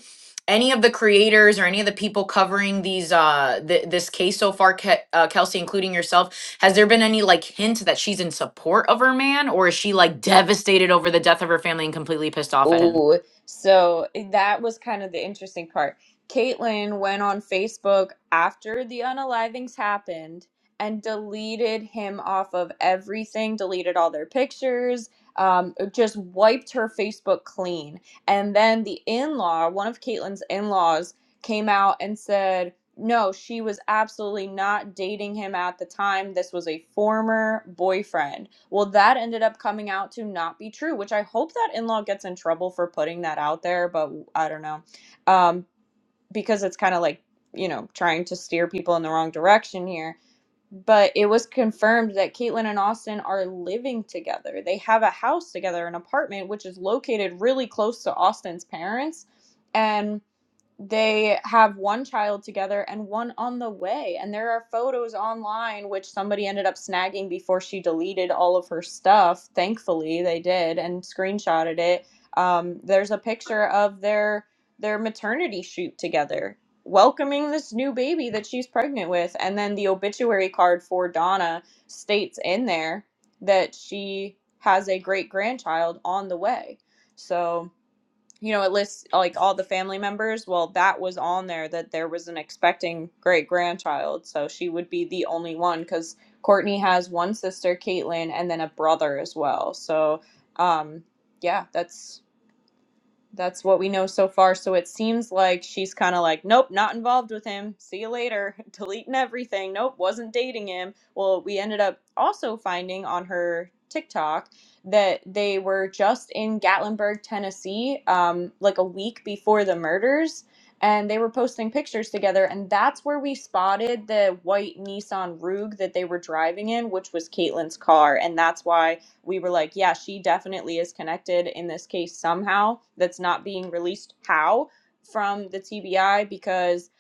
Speaker 4: any of the creators or any of the people covering these uh th- this case so far Ke- uh, kelsey including yourself has there been any like hint that she's in support of her man or is she like devastated over the death of her family and completely pissed off at him
Speaker 1: Oh, So eh, that was kind of the interesting part. Caitlyn went on Facebook after the unalivings happened and deleted him off of everything, deleted all their pictures, um, uh, just wiped her Facebook clean. And then the in law, one of Caitlyn's in laws, came out and said, No, she was absolutely not dating him at the time. This was a former boyfriend. Well, that ended up coming out to not be true, which I hope that in law gets in trouble for putting that out there, but I don't know. Um, because it's kind of like, you know, trying to steer people in the wrong direction here. But it was confirmed that Caitlyn and Austin are living together. They have a house together, an apartment, which is located really close to Austin's parents. And they have one child together and one on the way and there are photos online which somebody ended up snagging before she deleted all of her stuff thankfully they did and screenshotted it um, there's a picture of their their maternity shoot together welcoming this new baby that she's pregnant with and then the obituary card for donna states in there that she has a great grandchild on the way so you know, it lists like all the family members. Well, that was on there that there was an expecting great grandchild. So she would be the only one because Courtney has one sister, Caitlin, and then a brother as well. So, um, yeah, that's that's what we know so far. So it seems like she's kind of like, nope, not involved with him. See you later. Deleting everything. Nope, wasn't dating him. Well, we ended up also finding on her TikTok that they were just in Gatlinburg, Tennessee, um, like a week before the murders. And they were posting pictures together. And that's where we spotted the white Nissan Rogue that they were driving in, which was Caitlin's car. And that's why we were like, yeah, she definitely is connected in this case somehow that's not being released. How? From the TBI because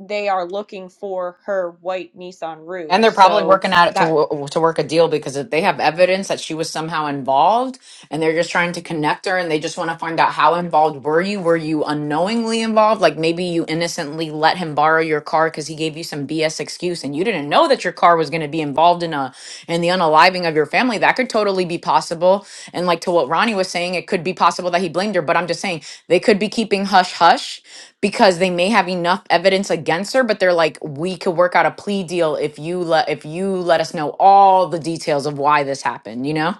Speaker 1: they are looking for her white Nissan
Speaker 4: And
Speaker 1: Rogue.
Speaker 4: they're probably
Speaker 1: So
Speaker 4: working at it to
Speaker 1: that.
Speaker 4: wo- to work a deal because if they have evidence that she was somehow involved, and they're just trying to connect her, and they just want to find out how involved were you? Were you unknowingly involved? Like maybe you innocently let him borrow your car because he gave you some BS excuse, and you didn't know that your car was going to be involved in a in the unaliving of your family. That could totally be possible. And like to what Ronnie was saying, it could be possible that he blamed her. But I'm just saying they could be keeping hush hush because they may have enough evidence against her but they're like we could work out a plea deal if you let if you let us know all the details of why this happened you know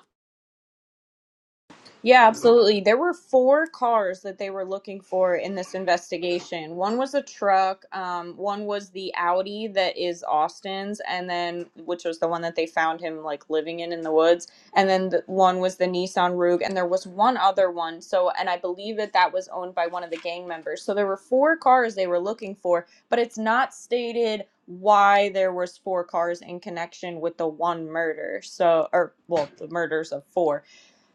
Speaker 1: Yeah, absolutely. There were four cars that they were looking for in this investigation. One was a truck, um, one was the Audi that is Austin's, and then which was the one that they found him like living in in the woods, and then the, one was the Nissan Rogue, and there was one other one. So, and I believe that that was owned by one of the gang members. So there were four cars they were looking for, but it's not stated why there was four cars in connection with the one murder. So, or well, the murders of four.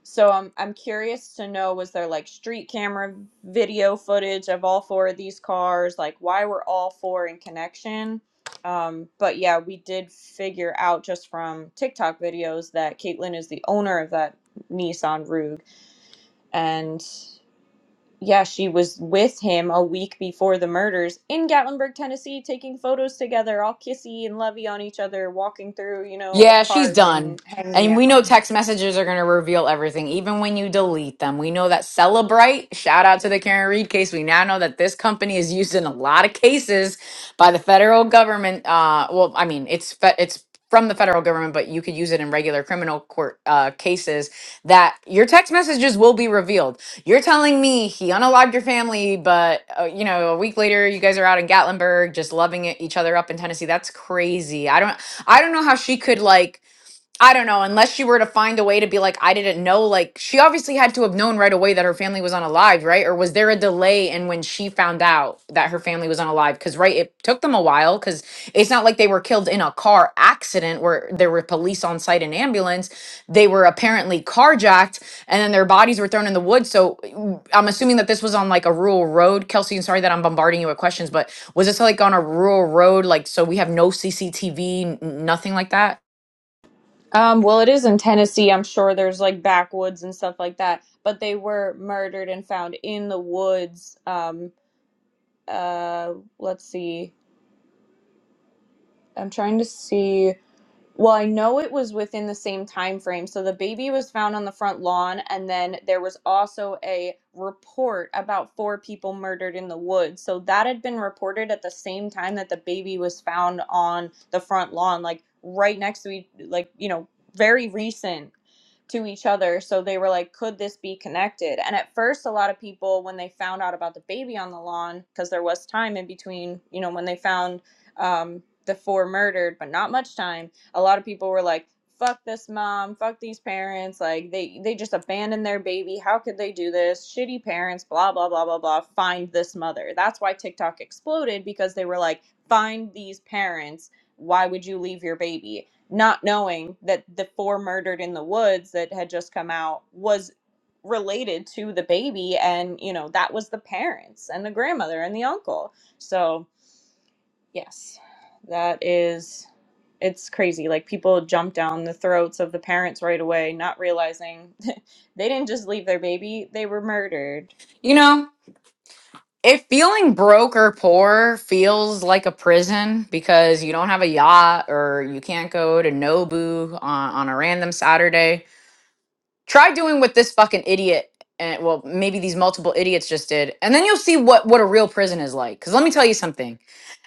Speaker 1: So I'm I'm curious to know was there like street camera video footage of all four of these cars? Like why were all four in connection? Um, but yeah, we did figure out just from TikTok videos that Caitlin is the owner of that Nissan Rogue, and yeah, she was with him a week before the murders in Gatlinburg, Tennessee, taking photos together, all kissy and lovey on each other, walking through you know
Speaker 4: yeah
Speaker 1: a
Speaker 4: she's
Speaker 1: park
Speaker 4: done
Speaker 1: and hanging
Speaker 4: and we know text messages are going to reveal everything even when you delete them we know that celebrate shout out to the karen reed case we now know that this company is used in a lot of cases by the federal government uh well i mean it's fe- it's from the federal government but you could use it in regular criminal court uh, cases that your text messages will be revealed. You're telling me he unalived your family, but uh, you know, a week later you guys are out in Gatlinburg just loving it, each other up in Tennessee. That's crazy. I don't I don't know how she could like I don't know, unless she were to find a way to be like, I didn't know. Like, she obviously had to have known right away that her family was unalive, right? Or was there a delay in when she found out that her family was unalive? Because, right, it took them a while because it's not like they were killed in a car accident where there were police on site and ambulance. They were apparently carjacked and then their bodies were thrown in the woods. So mm, I'm assuming that this was on like a rural road. Kelsey, I'm sorry that I'm bombarding you with questions, but was this like on a rural road? Like, so we have no CCTV, nothing like that?
Speaker 1: Um, well, it is in Tennessee. I'm sure there's like backwoods and stuff like that. But they were murdered and found in the woods. Um, uh, let's see. I'm trying to see. Well, I know it was within the same time frame. So the baby was found on the front lawn, and then there was also a report about four people murdered in the woods. So that had been reported at the same time that the baby was found on the front lawn, like right next to each, like you know, very recent to each other. So they were like, could this be connected? And at first, a lot of people, when they found out about the baby on the lawn, because there was time in between, you know, when they found um, the four murdered, but not much time a lot of people were like fuck this mom fuck these parents like they they just abandoned their baby how could they do this shitty parents blah blah blah blah blah find this mother that's why tiktok exploded because they were like find these parents why would you leave your baby not knowing that the four murdered in the woods that had just come out was related to the baby and you know that was the parents and the grandmother and the uncle so Yes, that is, it's crazy. Like people jump down the throats of the parents right away, not realizing they didn't just leave their baby, they were murdered.
Speaker 4: You know? If feeling broke or poor feels like a prison because you don't have a yacht or you can't go to Nobu on, on a random Saturday, Try doing what this fucking idiot and well, maybe these multiple idiots just did, and then you'll see what what a real prison is like. Because let me tell you something.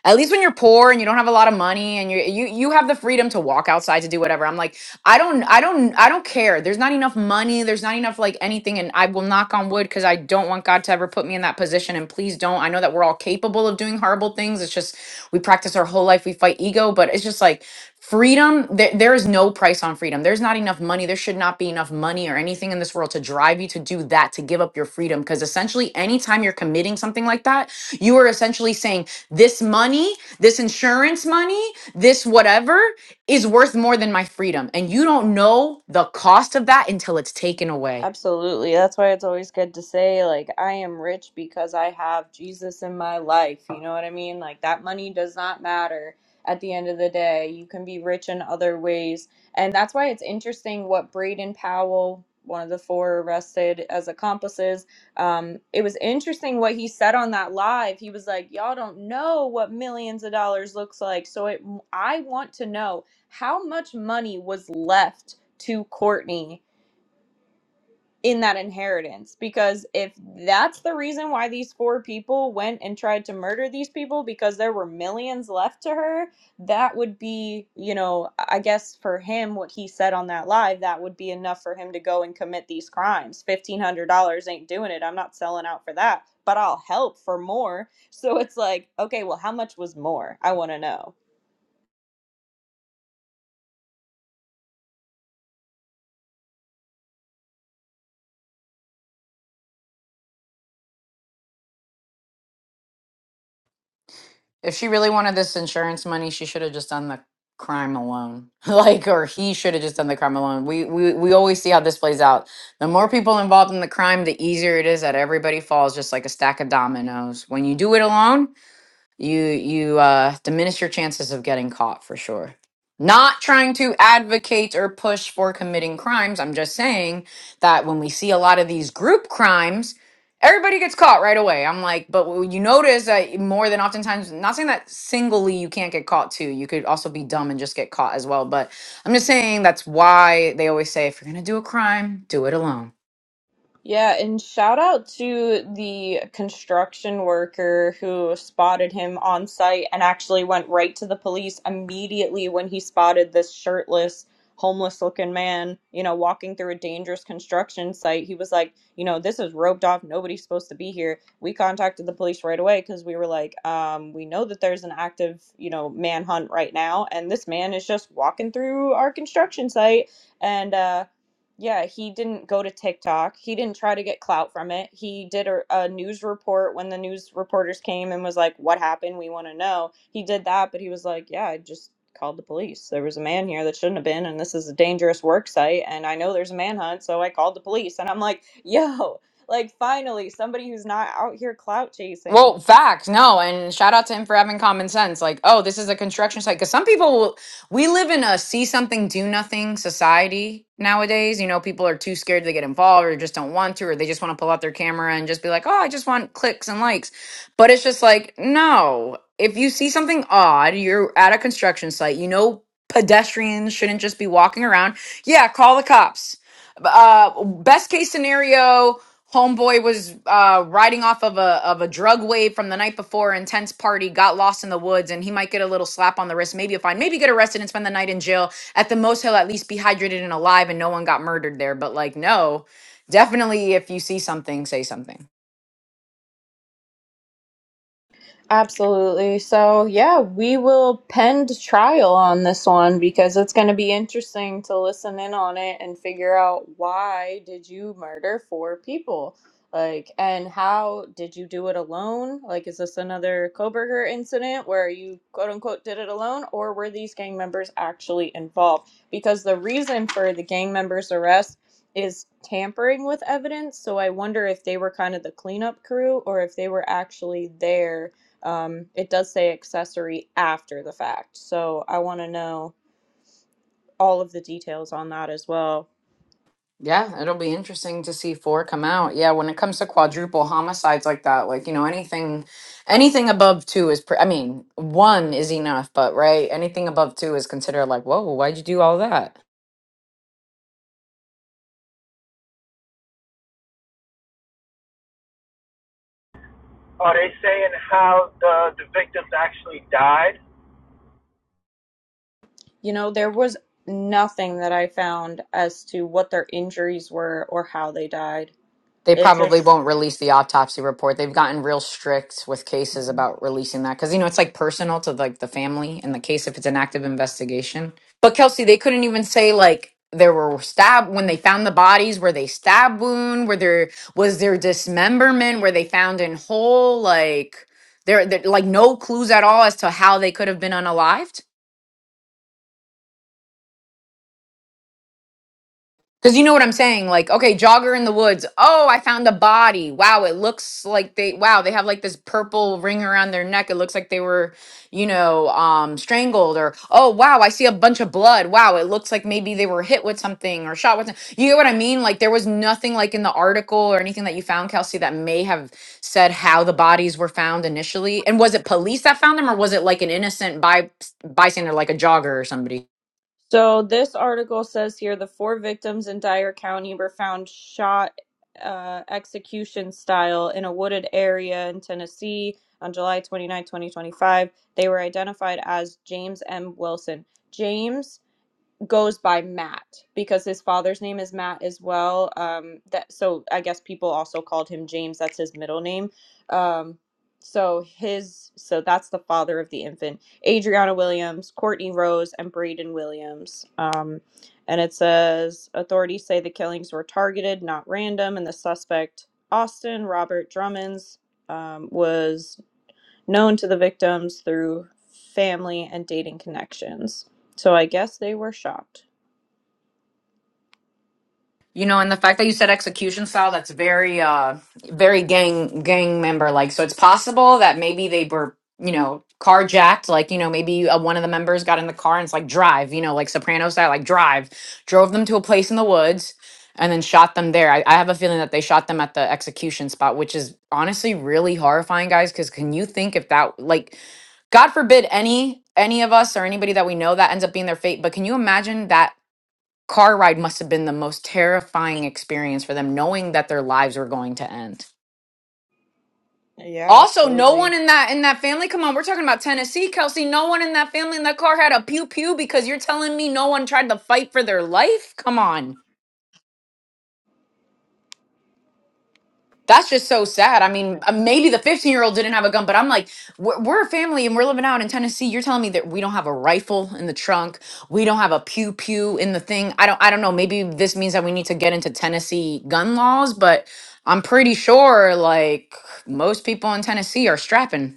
Speaker 4: At least when you're poor and you don't have a lot of money and you you you have the freedom to walk outside to do whatever. I'm like, I don't I don't I don't care. There's not enough money. There's not enough like anything. And I will knock on wood because I don't want God to ever put me in that position. And please don't. I know that we're all capable of doing horrible things. It's just we practice our whole life. We fight ego, but it's just like Freedom, there, there is no price on freedom. There's not enough money. There should not be enough money or anything in this world to drive you to do that, to give up your freedom. Because essentially, anytime you're committing something like that, you are essentially saying, This money, this insurance money, this whatever is worth more than my freedom. And you don't know the cost of that until it's taken away.
Speaker 1: Absolutely. That's why it's always good to say, like, I am rich because I have Jesus in my life. You know what I mean? Like, that money does not matter at the end of the day. You can be rich in other ways. And that's why it's interesting what Braden Powell, one of the four arrested as accomplices, um, it was interesting what he said on that live. He was like, Y'all don't know what millions of dollars looks like. So it, I want to know how much money was left to Courtney in that inheritance because if that's the reason why these four people went and tried to murder these people because there were millions left to her that would be you know i guess for him what he said on that live that would be enough for him to go and commit these crimes $1500 ain't doing it i'm not selling out for that but i'll help for more so it's like okay well how much was more i want to know
Speaker 4: If she really wanted this insurance money, she should have just done the crime alone. like, or he should have just done the crime alone. We, we we always see how this plays out. The more people involved in the crime, the easier it is that everybody falls just like a stack of dominoes. When you do it alone, you you uh diminish your chances of getting caught for sure not trying to advocate or push for committing crimes i'm just saying that when we see a lot of these group crimes everybody gets caught right away i'm like but what you notice that more than oftentimes not saying that singly you can't get caught too you could also be dumb and just get caught as well but i'm just saying that's why they always say if you're gonna do a crime do it alone
Speaker 1: Yeah, and shout out to the construction worker who spotted him on site and actually went right to the police immediately when he spotted this shirtless, homeless looking man, you know, walking through a dangerous construction site. He was like, you know, this is roped off. Nobody's supposed to be here. We contacted the police right away because we were like, um, we know that there's an active, you know, manhunt right now. And this man is just walking through our construction site. And, uh, yeah, he didn't go to TikTok. He didn't try to get clout from it. He did a, a news report when the news reporters came and was like, "What happened? We want to know." He did that, but he was like, "Yeah, I just called the police. There was a man here that shouldn't have been, and this is a dangerous work site, and I know there's a manhunt, so I called the police." And I'm like, "Yo, like finally somebody who's not out here clout chasing."
Speaker 4: Well, facts, no, and shout out to him for having common sense. Like, oh, this is a construction site. Because some people, will, we live in a see something, do nothing society nowadays. You know, people are too scared to get involved or just don't want to, or they just want to pull out their camera and just be like, oh, I just want clicks and likes. But it's just like, no, if you see something odd, you're at a construction site, you know, pedestrians shouldn't just be walking around. Yeah, call the cops. Uh, best case scenario, Homeboy was uh, riding off of a of a drug wave from the night before, intense party, got lost in the woods, and he might get a little slap on the wrist, maybe a fine, maybe get arrested and spend the night in jail. At the most, he'll at least be hydrated and alive, and no one got murdered there. But like, no, definitely, if you see something, say something.
Speaker 1: Absolutely. So, yeah, we will pend trial on this one because it's going to be interesting to listen in on it and figure out why did you murder four people? Like, and how did you do it alone? Like, is this another Koberger incident where you quote unquote did it alone, or were these gang members actually involved? Because the reason for the gang members' arrest is tampering with evidence. So, I wonder if they were kind of the cleanup crew or if they were actually there um, it does say accessory after the fact, so I want to know all of the details on that as well.
Speaker 4: Yeah, it'll be interesting to see four come out. Yeah, when it comes to quadruple homicides like that, like you know, anything, anything above two is. Pre- I mean, one is enough, but right, anything above two is considered like, whoa, why'd you do all that?
Speaker 2: Are they saying how the the victims actually died?
Speaker 1: You know, there was nothing that I found as to what their injuries were or how they died.
Speaker 4: they
Speaker 1: It
Speaker 4: probably
Speaker 1: just
Speaker 4: won't release the autopsy report. They've gotten real strict with cases about releasing that because you know it's like personal to like the family in the case if it's an active investigation. But Kelsey, they couldn't even say like there were stab when they found the bodies. Were they stab wound? Were there was there dismemberment? Were they found in whole? Like there, there like no clues at all as to how they could have been unalived. Because you know what I'm saying? Like, okay, jogger in the woods. Oh, I found a body. Wow, it looks like they, wow, they have like this purple ring around their neck. It looks like they were, you know, um, strangled. Or, oh, wow, I see a bunch of blood. Wow, it looks like maybe they were hit with something or shot with something. You get what I mean? Like, there was nothing like in the article or anything that you found, Kelsey, that may have said how the bodies were found initially. And was it police that found them or was it like an innocent by, bystander, like a jogger or somebody?
Speaker 1: so this article says here the four victims in Dyer County were found shot uh, execution style in a wooded area in Tennessee on July 29, 2025. They were identified as James M. Wilson. James goes by Matt because his father's name is Matt as well. Um, that so I guess people also called him James. That's his middle name. Um, so his so that's the father of the infant, Adriana Williams, Courtney Rose, and Braden Williams. Um, and it says authorities say the killings were targeted, not random, and the suspect Austin Robert Drummonds um, was known to the victims through family and dating connections. So I guess they were shocked.
Speaker 4: You know, and the fact that you said execution style, that's very uh very gang gang member like. So it's possible that maybe they were, you know, carjacked, like, you know, maybe uh, one of the members got in the car and it's like drive, you know, like Soprano style, like drive, drove them to a place in the woods and then shot them there. I, I have a feeling that they shot them at the execution spot, which is honestly really horrifying, guys, because can you think if that like God forbid any any of us or anybody that we know that ends up being their fate, but can you imagine that car ride must have been the most terrifying experience for them knowing that their lives were going to end
Speaker 1: Yeah,
Speaker 4: also no one
Speaker 1: absolutely.
Speaker 4: in that in that family come on we're talking about tennessee kelsey no one in that family in that car had a pew pew because you're telling me no one tried to fight for their life come on That's just so sad. I mean, uh, maybe the 15 year old didn't have a gun, but I'm like, we're, we're a family and we're living out in Tennessee. You're telling me that we don't have a rifle in the trunk, we don't have a pew pew in the thing. I don't, I don't know. Maybe this means that we need to get into Tennessee gun laws, but I'm pretty sure like most people in Tennessee are strapping.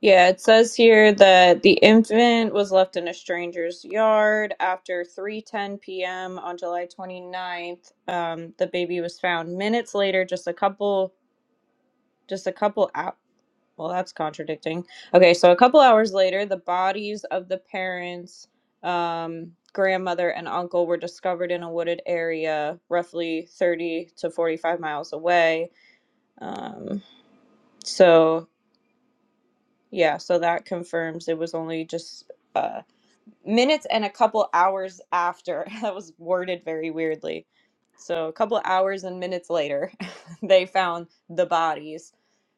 Speaker 1: Yeah, it says here that the infant was left in a stranger's yard after 3:10 p.m. on July 29th. Um, the baby was found minutes later, just a couple, just a couple out. Well, that's contradicting. Okay, so a couple hours later, the bodies of the parents, um, grandmother, and uncle were discovered in a wooded area, roughly 30 to 45 miles away. Um, so. Yeah, so that confirms it was only just uh, minutes and a couple hours after. That was worded very weirdly. So a couple hours and minutes later, they found the bodies.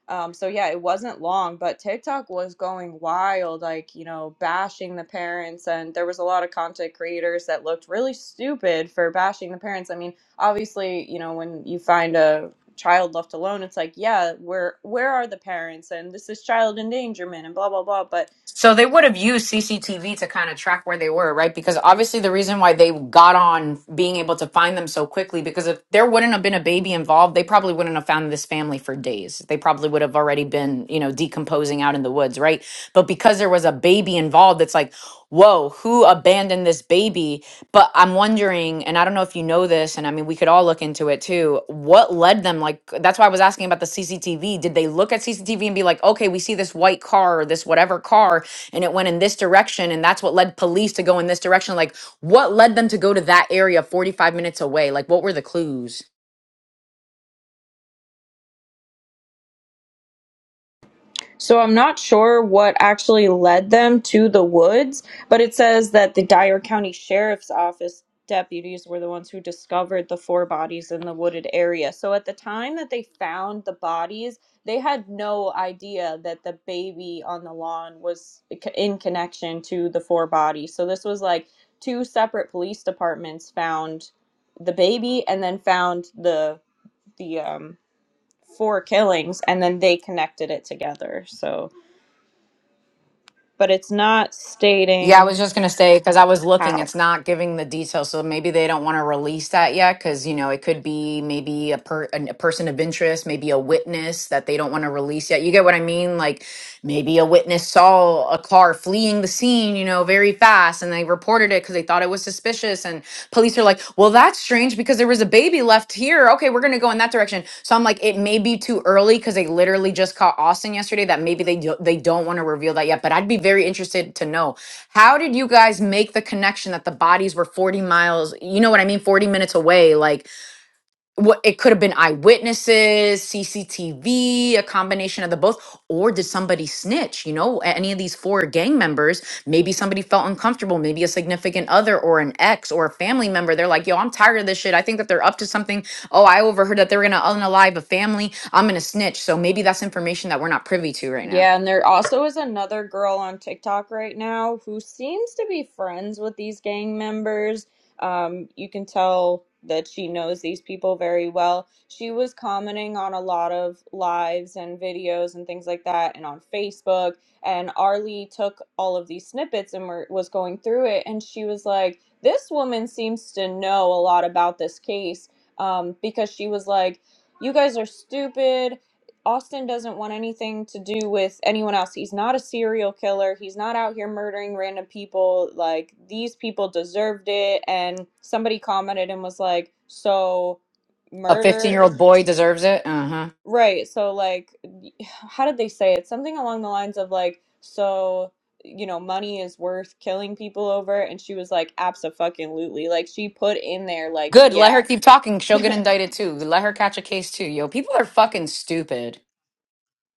Speaker 1: Um, so yeah, it wasn't long, but TikTok was going wild, like, you know, bashing the parents. And there was a lot of content creators that looked really stupid for bashing the parents. I mean, obviously, you know, when you find a child left alone, it's like, yeah, where where are the parents? And this is child endangerment and blah blah blah. But
Speaker 4: So they would have used CCTV to kind of track where they were, right? Because obviously the reason why they got on being able to find them so quickly, because if there wouldn't have been a baby involved, they probably wouldn't have found this family for days. They probably would have already been, you know, decomposing out in the woods, right? But because there was a baby involved, it's like, whoa, who abandoned this baby? But I'm wondering, and I don't know if you know this, and I mean, we could all look into it too. What led them? Like, that's why I was asking about the CCTV. Did they look at CCTV and be like, okay, we see this white car or this whatever car, and it went in this direction, and that's what led police to go in this direction? Like, what led them to go to that area 45 minutes away? Like, what were the clues?
Speaker 1: So I'm not sure what actually led them to the woods, but it says that the Dyer County Sheriff's Office deputies were the ones who discovered the four bodies in the wooded area. So at the time that they found the bodies, they had no idea that the baby on the lawn was c- in connection to the four bodies. So this was like two separate police departments found the baby and then found the the um four killings and then they connected it together. So but it's not
Speaker 4: Yeah, I was
Speaker 1: stating
Speaker 4: just gonna say because I was looking,
Speaker 1: how.
Speaker 4: it's not giving the details, so maybe they don't want to release that yet because you know it could be maybe a per an- a person of interest, maybe a witness that they don't want to release yet. You get what I mean? Like maybe a witness saw a car fleeing the scene, you know, very fast, and they reported it because they thought it was suspicious, and Police are like, well, that's strange because there was a baby left here. Okay, we're going to go in that direction. So I'm like, it may be too early because they literally just caught Austin yesterday that maybe they, do, they don't want to reveal that yet. But I'd be very interested to know how did you guys make the connection that the bodies were 40 miles, you know what I mean, 40 minutes away? Like, what it could have been eyewitnesses, CCTV, a combination of the both, or did somebody snitch? You know, a- any of these four gang members, maybe somebody felt uncomfortable, maybe a significant other or an ex or a family member. They're like, yo, I'm tired of this shit. I think that they're up to something. Oh, I overheard that they are gonna unalive a family. I'm gonna snitch. So maybe that's information that we're not privy to right now.
Speaker 1: Yeah, and there also is another girl on TikTok right now who seems to be friends with these gang members. Um, you can tell that she knows these people very well. She was commenting on a lot of lives and videos and things like that, and on Facebook. And Arlie took all of these snippets and were, was going through it, and she was like, "This woman seems to know a lot about this case," um, because she was like you guys are stupid. Austin doesn't want anything to do with anyone else. He's not a serial killer. He's not out here murdering random people. Like, these people deserved it. And somebody commented and was like, so
Speaker 4: A 15
Speaker 1: murder.
Speaker 4: year old boy deserves it. Uh huh.
Speaker 1: Right. So, like, how did they say it? Something along the lines of, like, so, you know, money is worth killing people over. And she was like, absolutely. Like, she put in there, like,
Speaker 4: Good. Let
Speaker 1: yeah.
Speaker 4: her keep talking. She'll get indicted too. Let her catch a case too. Yo, people are fucking stupid.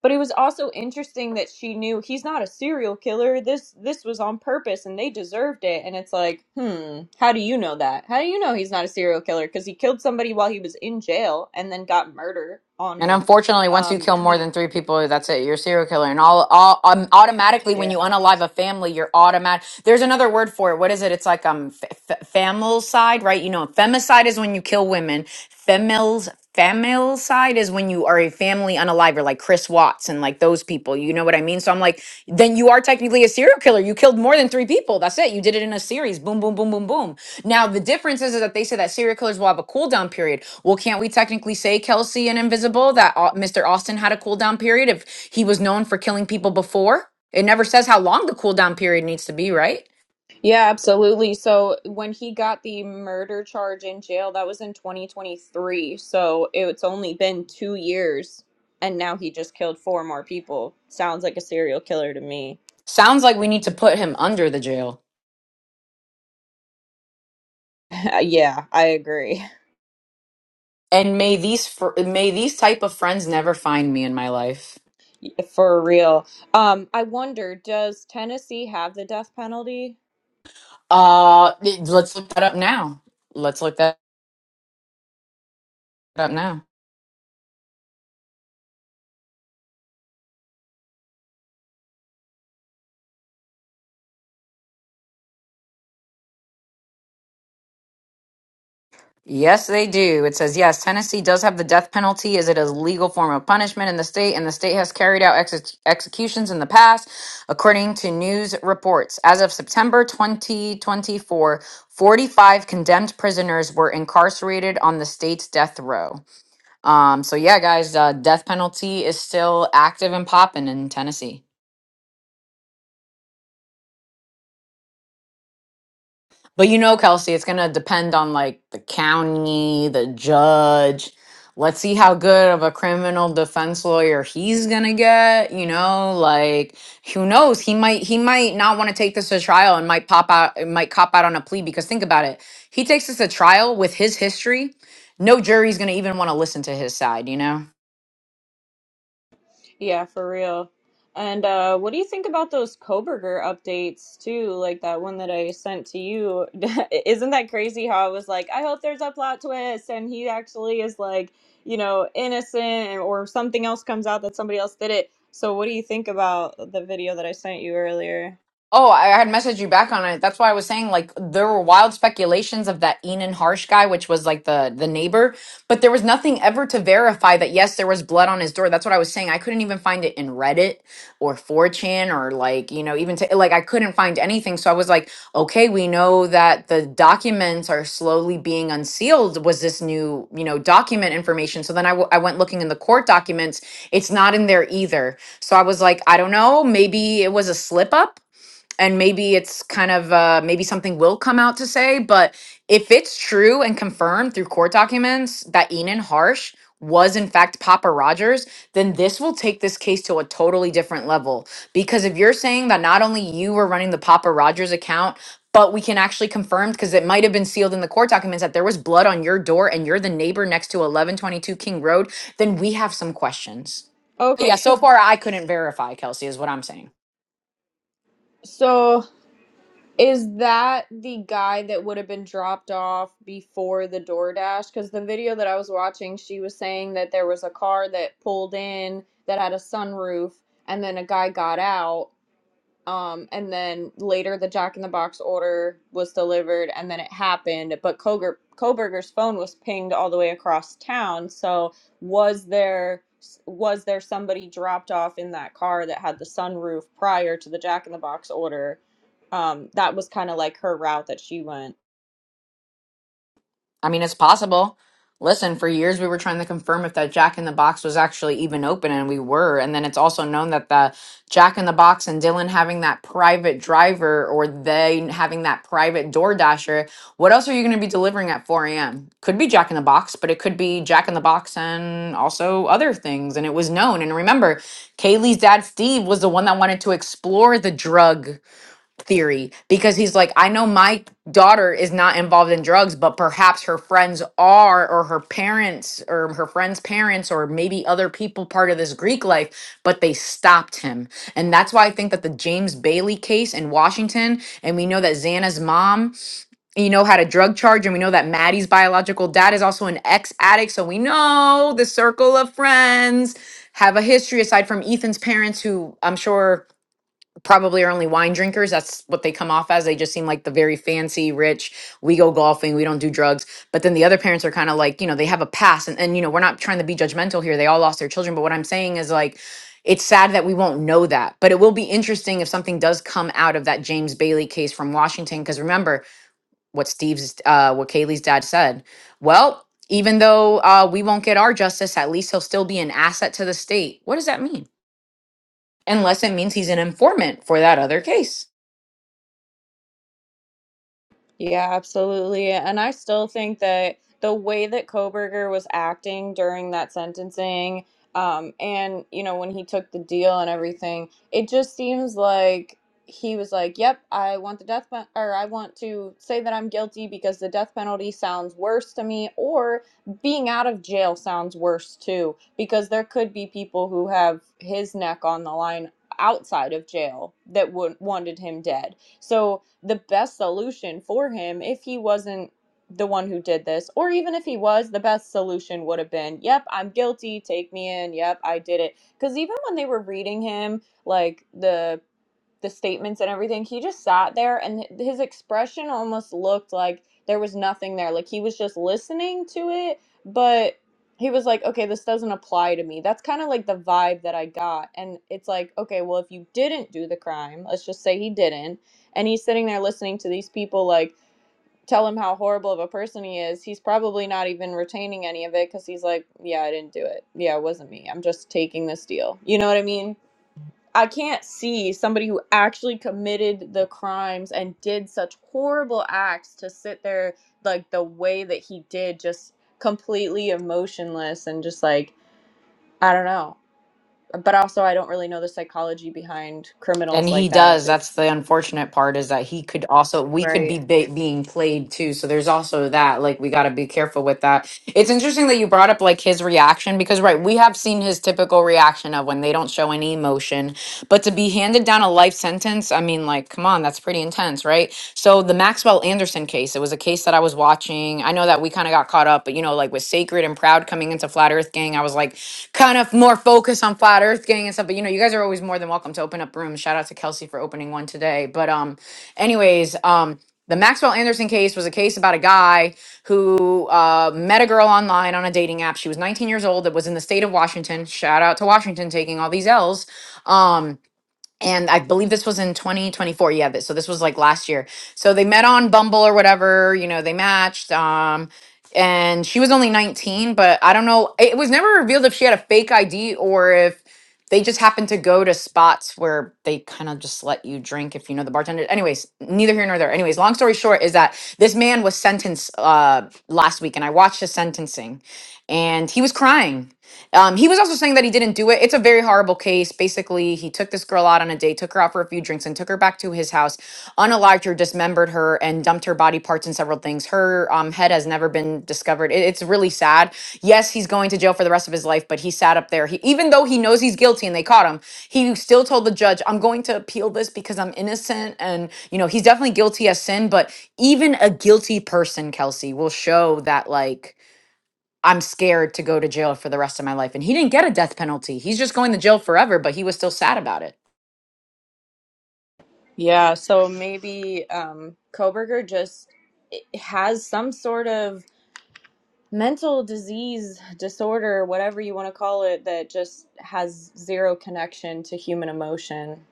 Speaker 1: But it was also interesting that she knew he's not a serial killer. This this was on purpose and they deserved it. And it's like, hmm, how do you know that? How do you know he's not a serial killer? Because he killed somebody while he was in jail and then got murder on
Speaker 4: And
Speaker 1: him.
Speaker 4: unfortunately, once you
Speaker 1: Um
Speaker 4: kill more
Speaker 1: he
Speaker 4: than three people, that's it. You're a serial killer. And all, all um, automatically, when you
Speaker 1: yeah.
Speaker 4: unalive a family, you're automatic. There's another word for it. What is it? It's like um, f- f- familicide, right? You know, femicide is when you kill women. Femils, familicide is when you are a family unaliver, like Chris Watts and like those people. You know what I mean? So I'm like, then you are technically a serial killer. You killed more than three people. That's it. You did it in a series. Boom, boom, boom, boom, boom. Now the difference is, is that they say that serial killers will have a cooldown period. Well, can't we technically say Kelsey and Invisible that uh, Mr. Austin had a cooldown period if he was known for killing people before? It never says how long the cooldown period needs to be, right?
Speaker 1: Yeah, absolutely. So when he got the murder charge in jail, that was in 2023. So it's only been 2 years and now he just killed four more people. Sounds like a serial killer to me.
Speaker 4: Sounds like we need to put him under the jail.
Speaker 1: yeah, I agree.
Speaker 4: And may these fr- may these type of friends never find me in my life.
Speaker 1: For real. Um, I wonder, does Tennessee have the death penalty?
Speaker 4: Uh, let's look that up now. Let's look that up now. Yes, they do. It says, yes, Tennessee does have the death penalty as it is a legal form of punishment in the state, and the state has carried out exe- executions in the past, according to news reports. As of September 2024, 45 condemned prisoners were incarcerated on the state's death row. Um, so, yeah, guys, uh, death penalty is still active and popping in Tennessee. But you know, Kelsey, it's going to depend on like the county, the judge. Let's see how good of a criminal defense lawyer he's going to get, you know, like who knows, he might he might not want to take this to trial and might pop out and might cop out on a plea because think about it. He takes this to trial with his history, no jury's going to even want to listen to his side, you know?
Speaker 1: Yeah, for real. And uh, what do you think about those Koberger updates too? Like that one that I sent to you. Isn't that crazy? How I was like, I hope there's a plot twist, and he actually is like, you know, innocent, or something else comes out that somebody else did it. So, what do you think about the video that I sent you earlier?
Speaker 4: Oh, I had messaged you back on it. That's why I was saying like there were wild speculations of that Enan Harsh guy, which was like the the neighbor, but there was nothing ever to verify that yes, there was blood on his door. That's what I was saying. I couldn't even find it in Reddit or 4chan or like, you know, even to like I couldn't find anything. So I was like, okay, we know that the documents are slowly being unsealed was this new, you know, document information. So then I w- I went looking in the court documents. It's not in there either. So I was like, I don't know, maybe it was a slip up and maybe it's kind of uh, maybe something will come out to say but if it's true and confirmed through court documents that enan harsh was in fact papa rogers then this will take this case to a totally different level because if you're saying that not only you were running the papa rogers account but we can actually confirm because it might have been sealed in the court documents that there was blood on your door and you're the neighbor next to 1122 king road then we have some questions But yeah
Speaker 1: Okay,
Speaker 4: so
Speaker 1: cause
Speaker 4: far i couldn't verify kelsey is what i'm saying
Speaker 1: so Is that the guy that would have been dropped off before the DoorDash? Because the video that I was watching, she was saying that there was a car that pulled in that had a sunroof, and then a guy got out. Um, and then later the Jack in the Box order was delivered and then it happened. But Koger, Koberger's phone was pinged all the way across town. So was there was there somebody dropped off in that car that had the sunroof prior to the Jack in the Box order? Um, that was kind of like her route that she went.
Speaker 4: I mean, it's possible. Listen, for years we were trying to confirm if that Jack in the Box was actually even open, and we were. And then it's also known that the Jack in the Box and Dylan having that private driver or they having that private door dasher. What else are you going to be delivering at 4 a.m.? Could be Jack in the Box, but it could be Jack in the Box and also other things. And it was known. And remember, Kaylee's dad, Steve, was the one that wanted to explore the drug theory because he's like, I know my daughter is not involved in drugs, but perhaps her friends are, or her parents, or her friends' parents, or maybe other people part of this Greek life, but they stopped him. And that's why I think that the James Bailey case in Washington, and we know that Xana's mom, you know, had a drug charge, and we know that Maddie's biological dad is also an ex addict. So we know the circle of friends have a history aside from Ethan's parents, who I'm sure probably are only wine drinkers. That's what they come off as. They just seem like the very fancy, rich, we go golfing, we don't do drugs. But then the other parents are kind of like, you know, they have a past. And, and, you know, we're not trying to be judgmental here. They all lost their children. But what I'm saying is like, it's sad that we won't know that. But it will be interesting if something does come out of that James Bailey case from Washington. Because remember what Steve's, uh, what Kaylee's dad said. Well, even though uh, we won't get our justice, at least he'll still be an asset to the state. What does that mean? Unless it means he's an informant for that other case.
Speaker 1: Yeah, absolutely. And I still think that the way that Koberger was acting during that sentencing, um, and you know, when he took the deal and everything, it just seems like he was like, Yep, I want the death pen or I want to say that I'm guilty because the death penalty sounds worse to me, or being out of jail sounds worse too, because there could be people who have his neck on the line outside of jail that would wanted him dead. So the best solution for him if he wasn't the one who did this or even if he was the best solution would have been yep i'm guilty take me in yep i did it because even when they were reading him like the the statements and everything, he just sat there and his expression almost looked like there was nothing there. Like he was just listening to it, but he was like, okay, this doesn't apply to me. That's kind of like the vibe that I got. And it's like, okay, well, if you didn't do the crime, let's just say he didn't, and he's sitting there listening to these people like tell him how horrible of a person he is, he's probably not even retaining any of it because he's like, yeah, I didn't do it. Yeah, it wasn't me. I'm just taking this deal. You know what I mean? I can't see somebody who actually committed the crimes and did such horrible acts to sit there like the way that he did, just completely emotionless and just like I don't know. But also, I don't really know the psychology behind
Speaker 4: And
Speaker 1: criminals
Speaker 4: he
Speaker 1: like that.
Speaker 4: does.
Speaker 1: That
Speaker 4: That's the unfortunate part is that he could also we could be
Speaker 1: right?
Speaker 4: ba- being played too. So there's also that like we got to be careful with that. It's interesting that you brought up like his reaction because right, we have seen his typical reaction of when they don't show any emotion, but to be handed down a life sentence, I mean like come on, that's pretty intense, right? So the Maxwell Anderson case, it was a case that I was watching. I know that that we kind of got caught up, but you know, like with Sacred and Proud coming into Flat Earth Gang, I was like kind of more focused on Flat Earth Gang and stuff. But you know, you guys are always more than welcome to open up rooms. Shout out to Kelsey for opening one today. But um, anyways, um, the Maxwell Anderson case was a case about a guy who uh, met a girl online on a dating app. She was 19 years old. That was in the state of Washington. Shout out to Washington taking all these L's. Um, and I believe this was in 2024. Yeah, th- so this was like last year. So they met on Bumble or whatever, you know, they matched. Um, and she was only 19, but I don't know. It was never revealed if she had a fake ID or if they just happened to go to spots where they kind of just let you drink if you know the bartender. Anyways, neither here nor there. Anyways, long story short is that this man was sentenced uh, last week, and I watched his sentencing, and he was crying. Um, he was also saying that he didn't do it. It's a very horrible case. Basically, he took this girl out on a date, took her out for a few drinks, and took her back to his house, unalived her, dismembered her, and dumped her body parts and several things. Her um, head has never been discovered. It- it's really sad. Yes, he's going to jail for the rest of his life, but he sat up there. He, even though he knows he's guilty and they caught him, he still told the judge, I'm going to appeal this because I'm innocent. And, you know, he's definitely guilty as sin, but even a guilty person, Kelsey, will show that, like, I'm scared to go to jail for the rest of my life. And he didn't get a death penalty. He's just going to jail forever, but he was still sad about it.
Speaker 1: Yeah. So maybe um, Koberger just has some sort of mental disease disorder, whatever you want to call it, that just has zero connection to human emotion.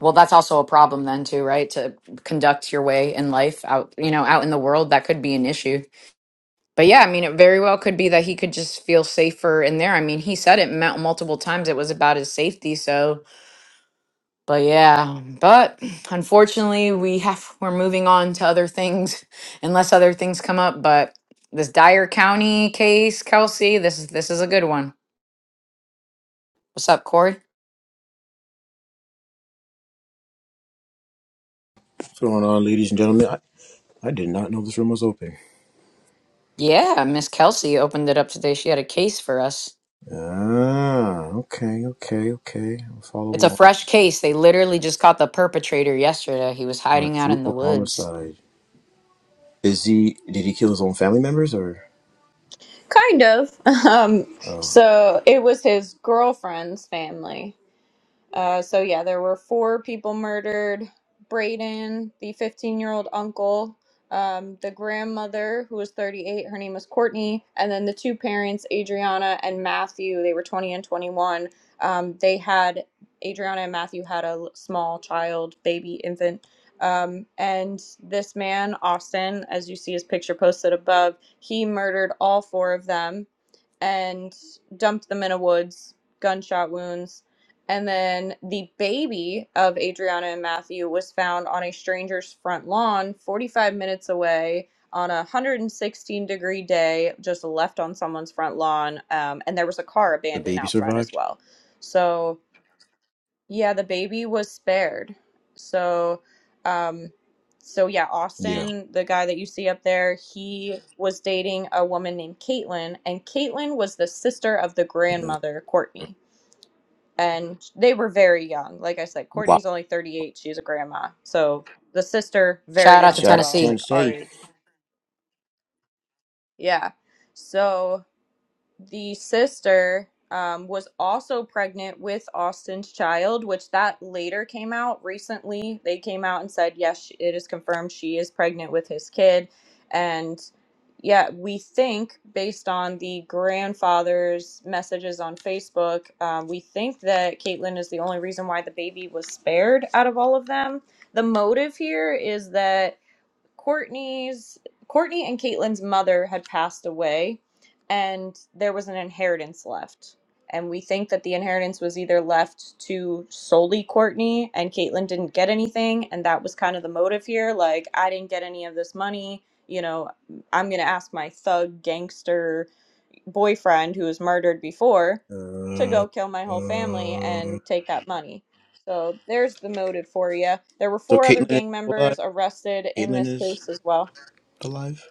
Speaker 4: Well, that's also a problem then too, right? To conduct your way in life out, you know, out in the world, that could be an issue. But yeah, I mean, it very well could be that he could just feel safer in there. I mean, he said it mul- multiple times. It was about his safety. So, but yeah, but unfortunately, we have we're moving on to other things, unless other things come up. But this Dyer County case, Kelsey, this is this is a good one. What's up, Corey?
Speaker 5: What's going on, ladies and gentlemen? I, I did not know this room was open.
Speaker 4: Yeah, Miss Kelsey opened it up today. She had a case for us.
Speaker 5: Ah, okay, okay, okay. I'll follow
Speaker 4: It's a
Speaker 5: along.
Speaker 4: fresh case. They literally just caught the perpetrator yesterday. He was
Speaker 5: Uh,
Speaker 4: hiding out in the
Speaker 5: Drupal
Speaker 4: woods.
Speaker 5: homicide. Is he? Did he kill his own family members, or
Speaker 1: Kind of. Um,
Speaker 5: oh,
Speaker 1: so it was his girlfriend's family. Uh, so yeah, there were four people murdered. Braden, the 15-year-old uncle, um, the grandmother who was 38, her name was Courtney, and then the two parents, Adriana and Matthew. They were 20 and 21. Um, they had Adriana and Matthew had a l- small child, baby, infant. Um, and this man, Austin, as you see his picture posted above, he murdered all four of them and dumped them in a woods, gunshot wounds. And then the baby of Adriana and Matthew was found on a stranger's front lawn 45 minutes away on a 116 degree day, just left on someone's front lawn. Um, and there was a car
Speaker 5: the
Speaker 1: abandoned
Speaker 5: baby
Speaker 1: out front as
Speaker 5: survived?
Speaker 1: well. So yeah, the baby was spared. So, um, so yeah,
Speaker 5: Yeah.
Speaker 1: Austin, the guy that you see up there, he was dating a woman named Caitlin, and Caitlin was the sister of the
Speaker 5: Yeah.
Speaker 1: grandmother, Courtney. And they were very young. Like I said,
Speaker 5: Wow.
Speaker 1: Courtney's only 38. She's a grandma. So the sister, very
Speaker 4: Shout out to
Speaker 1: young as
Speaker 5: Shout out
Speaker 1: well,
Speaker 4: Tennessee.
Speaker 1: like our
Speaker 5: Tennessee.
Speaker 1: age. Yeah. So the sister um, was also pregnant with Austin's child, which that later came out recently. They came out and said, yes, she- it is confirmed she is pregnant with his kid. And yeah, we think, based on the grandfather's messages on Facebook, um, we think that Caitlyn is the only reason why the baby was spared out of all of them. The motive here is that Courtney's Courtney and Caitlin's mother had passed away, and there was an inheritance left. And we think that the inheritance was either left to solely Courtney, and Caitlin didn't get anything, and that was kind of the motive here. Like, I didn't get any of this money. You know, I'm gonna ask my thug gangster boyfriend who was murdered before to
Speaker 5: Uh, uh,
Speaker 1: go kill my whole family and take that money. So there's the motive for you. There were
Speaker 5: so
Speaker 1: four other
Speaker 5: Caitlin is
Speaker 1: gang
Speaker 5: still alive.
Speaker 1: members arrested in
Speaker 5: Caitlin
Speaker 1: this
Speaker 5: is
Speaker 1: case as well.
Speaker 5: alive.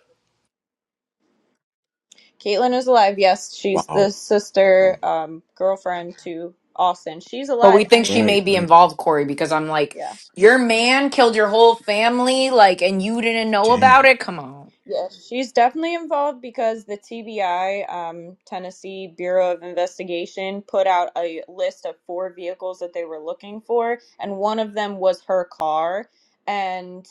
Speaker 1: Caitlin is alive. Yes, she's
Speaker 5: Wow.
Speaker 1: the sister,
Speaker 5: Wow.
Speaker 1: um, girlfriend to Austin. She's
Speaker 4: But we
Speaker 1: alive, and
Speaker 4: think
Speaker 1: we.
Speaker 4: she may
Speaker 5: Right.
Speaker 4: be
Speaker 5: Right.
Speaker 4: involved, Corey, because I'm like,
Speaker 1: Yeah.
Speaker 4: your man killed your whole family, like, and you didn't know about
Speaker 5: Dang.
Speaker 4: it? Come on.
Speaker 1: Yes, she's definitely involved because the TBI, um, Tennessee Bureau of Investigation, put out a list of four vehicles that they were looking for, and one of them was her car. And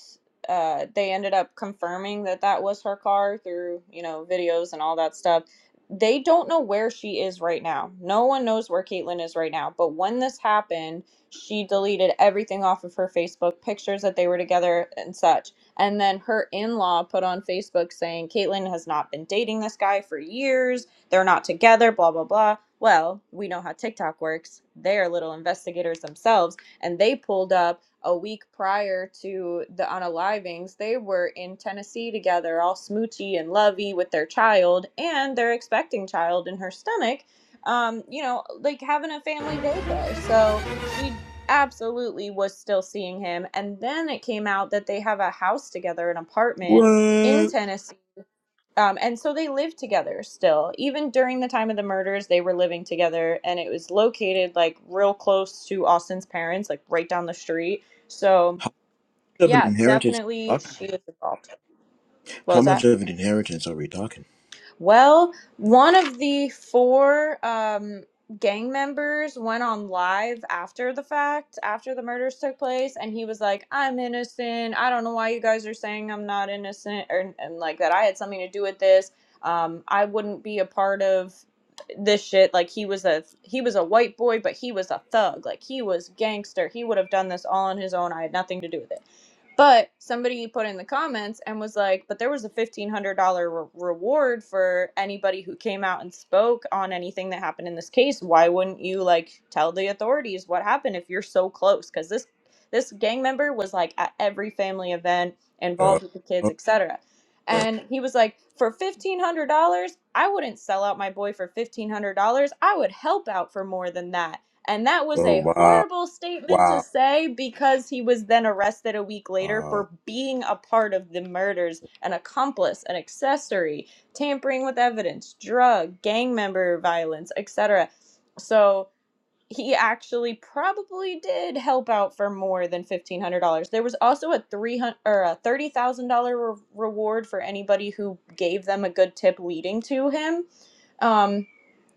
Speaker 1: uh, they ended up confirming that that was her car through, you know, videos and all that stuff. They don't know where she is right now. No one knows where Caitlyn is right now. But when this happened, she deleted everything off of her Facebook, pictures that they were together and such and then her in law put on Facebook saying, Caitlyn has not been dating this guy for years. They're not together, blah, blah, blah. Well, we know how TikTok works. They're little investigators themselves. And they pulled up a week prior to the unalivings. They were in Tennessee together, all smoochy and lovey with their child and their expecting child in her stomach. Um, you know, like having a family vacay. So she absolutely was still seeing him. And then it came out that they have a house together, an apartment in
Speaker 5: What?
Speaker 1: Tennessee. Um, and so they lived together still. Even during the time of the murders, they were living together and it was located like real close to Austin's parents, like right down the street. So,
Speaker 5: How much of an
Speaker 1: yeah,
Speaker 5: inheritance are we
Speaker 1: definitely
Speaker 5: talking?
Speaker 1: she was involved. What
Speaker 5: How
Speaker 1: was that?
Speaker 5: much of an inheritance are we talking?
Speaker 1: Well, one of the four um, gang members went on live after the fact, after the murders took place, and he was like, I'm innocent. I don't know why you guys are saying I'm not innocent, or, and like that I had something to do with this. Um, I wouldn't be a part of this shit like he was a he was a white boy but he was a thug like he was gangster he would have done this all on his own i had nothing to do with it but somebody put in the comments and was like, but there was a $1,500 re- reward for anybody who came out and spoke on anything that happened in this case. Why wouldn't you like tell the authorities what happened if you're so close? Because this this gang member was like at every family event,
Speaker 5: Uh,
Speaker 1: involved with the kids,
Speaker 5: uh,
Speaker 1: etc.
Speaker 5: uh,
Speaker 1: And he was like, for $1,500, I wouldn't sell out my boy for $1,500. I would help out for more than that and that was
Speaker 5: oh,
Speaker 1: a
Speaker 5: wow.
Speaker 1: horrible statement to
Speaker 5: Wow.
Speaker 1: say because he was then arrested a week later
Speaker 5: Wow.
Speaker 1: for being a part of the murders, an accomplice, an accessory, tampering with evidence, drug, gang member violence, etc. So he actually probably did help out for more than $1500. There was also a 300 or a $30,000 re- reward for anybody who gave them a good tip leading to him. Um,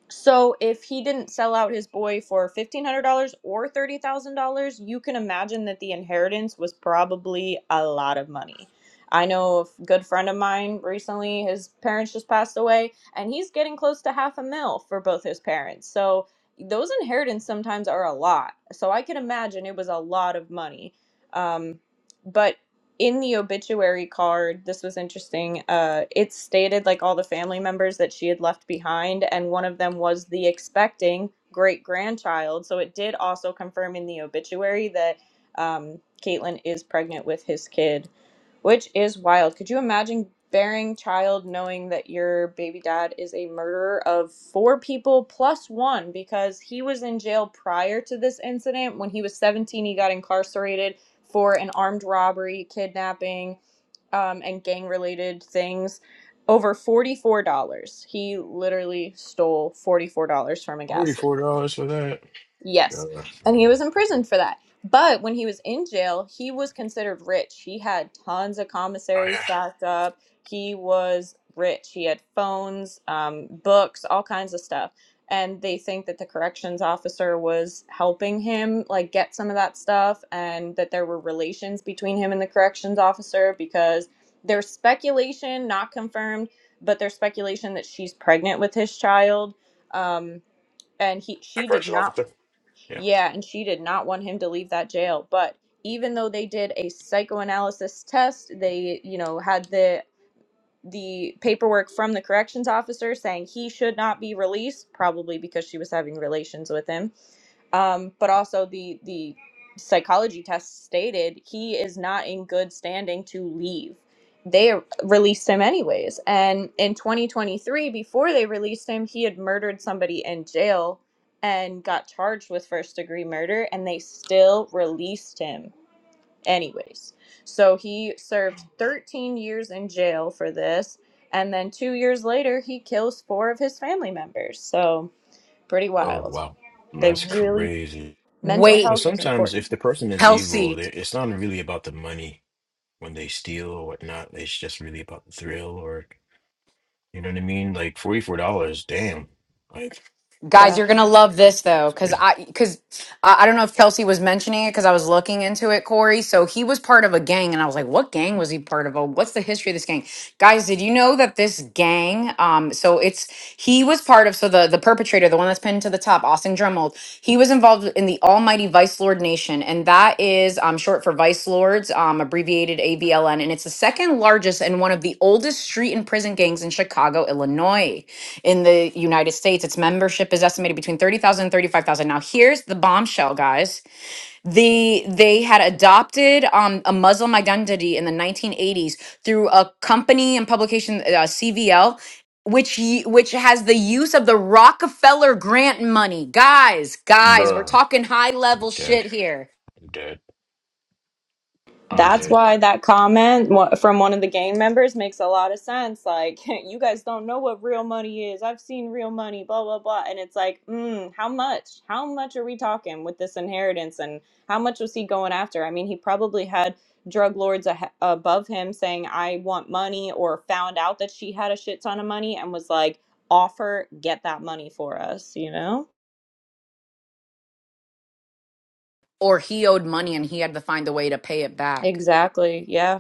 Speaker 1: so if he didn't sell out his boy for $1,500 or $30,000, you can imagine that the inheritance was probably a lot of money. I know a good friend of mine recently, his parents just passed away, and he's getting close to half a mil for both his parents. So those inheritance sometimes are a lot. So I can imagine it was a lot of money. Um, but in the obituary card, this was interesting. Uh, it stated like all the family members that she had left behind, and one of them was the expecting great grandchild. So it did also confirm in the obituary that um, Caitlin is pregnant with his kid, which is wild. Could you imagine bearing child knowing that your baby dad is a murderer of four people plus one because he was in jail prior to this incident? When he was 17, he got incarcerated for an armed robbery, kidnapping, um, and gang related things over $44. He literally stole $44 from a gas
Speaker 5: Forty
Speaker 1: station.
Speaker 5: four dollars for that. Uh,
Speaker 1: Yes.
Speaker 5: Yeah.
Speaker 1: And he was
Speaker 5: okay.
Speaker 1: imprisoned for that. But when he was in jail, he was considered rich. He had tons of
Speaker 5: Oh
Speaker 1: commissary
Speaker 5: yeah.
Speaker 1: stacked up. He was rich. He had phones, um, books, all kinds of stuff. And they think that the corrections officer was helping him like get some of that stuff and that there were relations between him and the corrections officer because there's speculation, not confirmed, but there's speculation that she's pregnant with his child. Um, and he
Speaker 5: I
Speaker 1: she did
Speaker 5: correction off
Speaker 1: not
Speaker 5: there. Yeah.
Speaker 1: yeah, and she did not want him to leave that jail. But even though they did a psychoanalysis test, they, you know, had the the paperwork from the corrections officer saying he should not be released, probably because she was having relations with him um, but also the the psychology test stated he is not in good standing to leave. They released him anyways, and in 2023, before they released him, he had murdered somebody in jail and got charged with first degree murder, and they still released him anyways. So he served 13 years in jail for this, and then two years later, he kills four of his family members. So pretty
Speaker 5: Oh
Speaker 1: wild.
Speaker 5: wow.
Speaker 1: They
Speaker 5: That's crazy.
Speaker 1: mental
Speaker 4: Wait,
Speaker 5: Well,
Speaker 1: health is
Speaker 5: sometimes if
Speaker 1: important.
Speaker 5: the person is evil,
Speaker 4: Kelsey.
Speaker 5: they- it's not really about the money when they steal or whatnot. It's just really about the thrill, or you know what I mean. Like forty four dollars. Damn. Like
Speaker 4: Guys,
Speaker 1: Yeah.
Speaker 4: you're gonna love this though,
Speaker 5: it's
Speaker 4: because
Speaker 5: crazy.
Speaker 4: I because I, I don't know if Kelsey was mentioning it because I was looking into it, Corey. So he was part of a gang, and I was like, "What gang was he part of? Oh, What's the history of this gang?" Guys, did you know that this gang? Um, so it's he was part of. So the the perpetrator, the one that's pinned to the top, Austin Dremel, he was involved in the Almighty Vice Lord Nation, and that is um short for Vice Lords, um abbreviated AVLN, and it's the second largest and one of the oldest street and prison gangs in Chicago, Illinois in the United States. Its membership is estimated between 30,000 and 35,000. Now, here's the bombshell, guys. The they had adopted um, a Muslim identity in the 1980s through a company and publication, uh, CVL, which y- which has the use of the Rockefeller grant money. Guys, guys, we're
Speaker 5: Bruh.
Speaker 4: talking high level
Speaker 5: I'm
Speaker 4: shit
Speaker 5: dead.
Speaker 4: here.
Speaker 5: I'm dead. I'm
Speaker 1: That's
Speaker 5: dead.
Speaker 1: why that comment wa- from one of the gang members makes a lot of sense. Like, you guys don't know what real money is. I've seen real money, blah, blah, blah. And it's like, mm, how much? How much are we talking with this inheritance? And how much was he going after? I mean, he probably had drug lords ahe above him saying, I want money, or found out that she had a shit ton of money and was like, offer, get that money for us, you know?
Speaker 4: Or he owed money and he had to find a way to pay it back.
Speaker 1: Exactly. Yeah.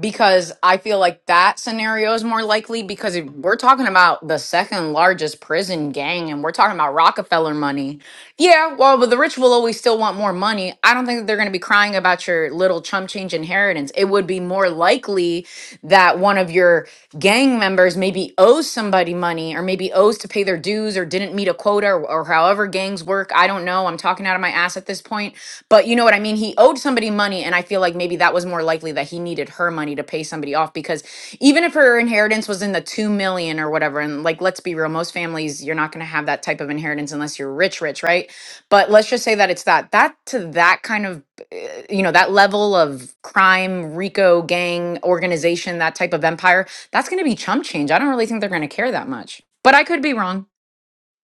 Speaker 4: because I feel like that scenario is more likely because if we're talking about the second largest prison gang and we're talking about Rockefeller money. Yeah, well, but the rich will always still want more money. I don't think that they're going to be crying about your little chump change inheritance. It would be more likely that one of your gang members maybe owes somebody money or maybe owes to pay their dues or didn't meet a quota or, or however gangs work Look, I don't know. I'm talking out of my ass at this point. But you know what I mean? He owed somebody money. And I feel like maybe that was more likely that he needed her money to pay somebody off because even if her inheritance was in the two million or whatever, and like, let's be real, most families, you're not going to have that type of inheritance unless you're rich, rich, right? But let's just say that it's that, that to that kind of, eh, you know, that level of crime, Rico gang organization, that type of empire, that's going to be chump change. I don't really think they're going to care that much. But I could be wrong.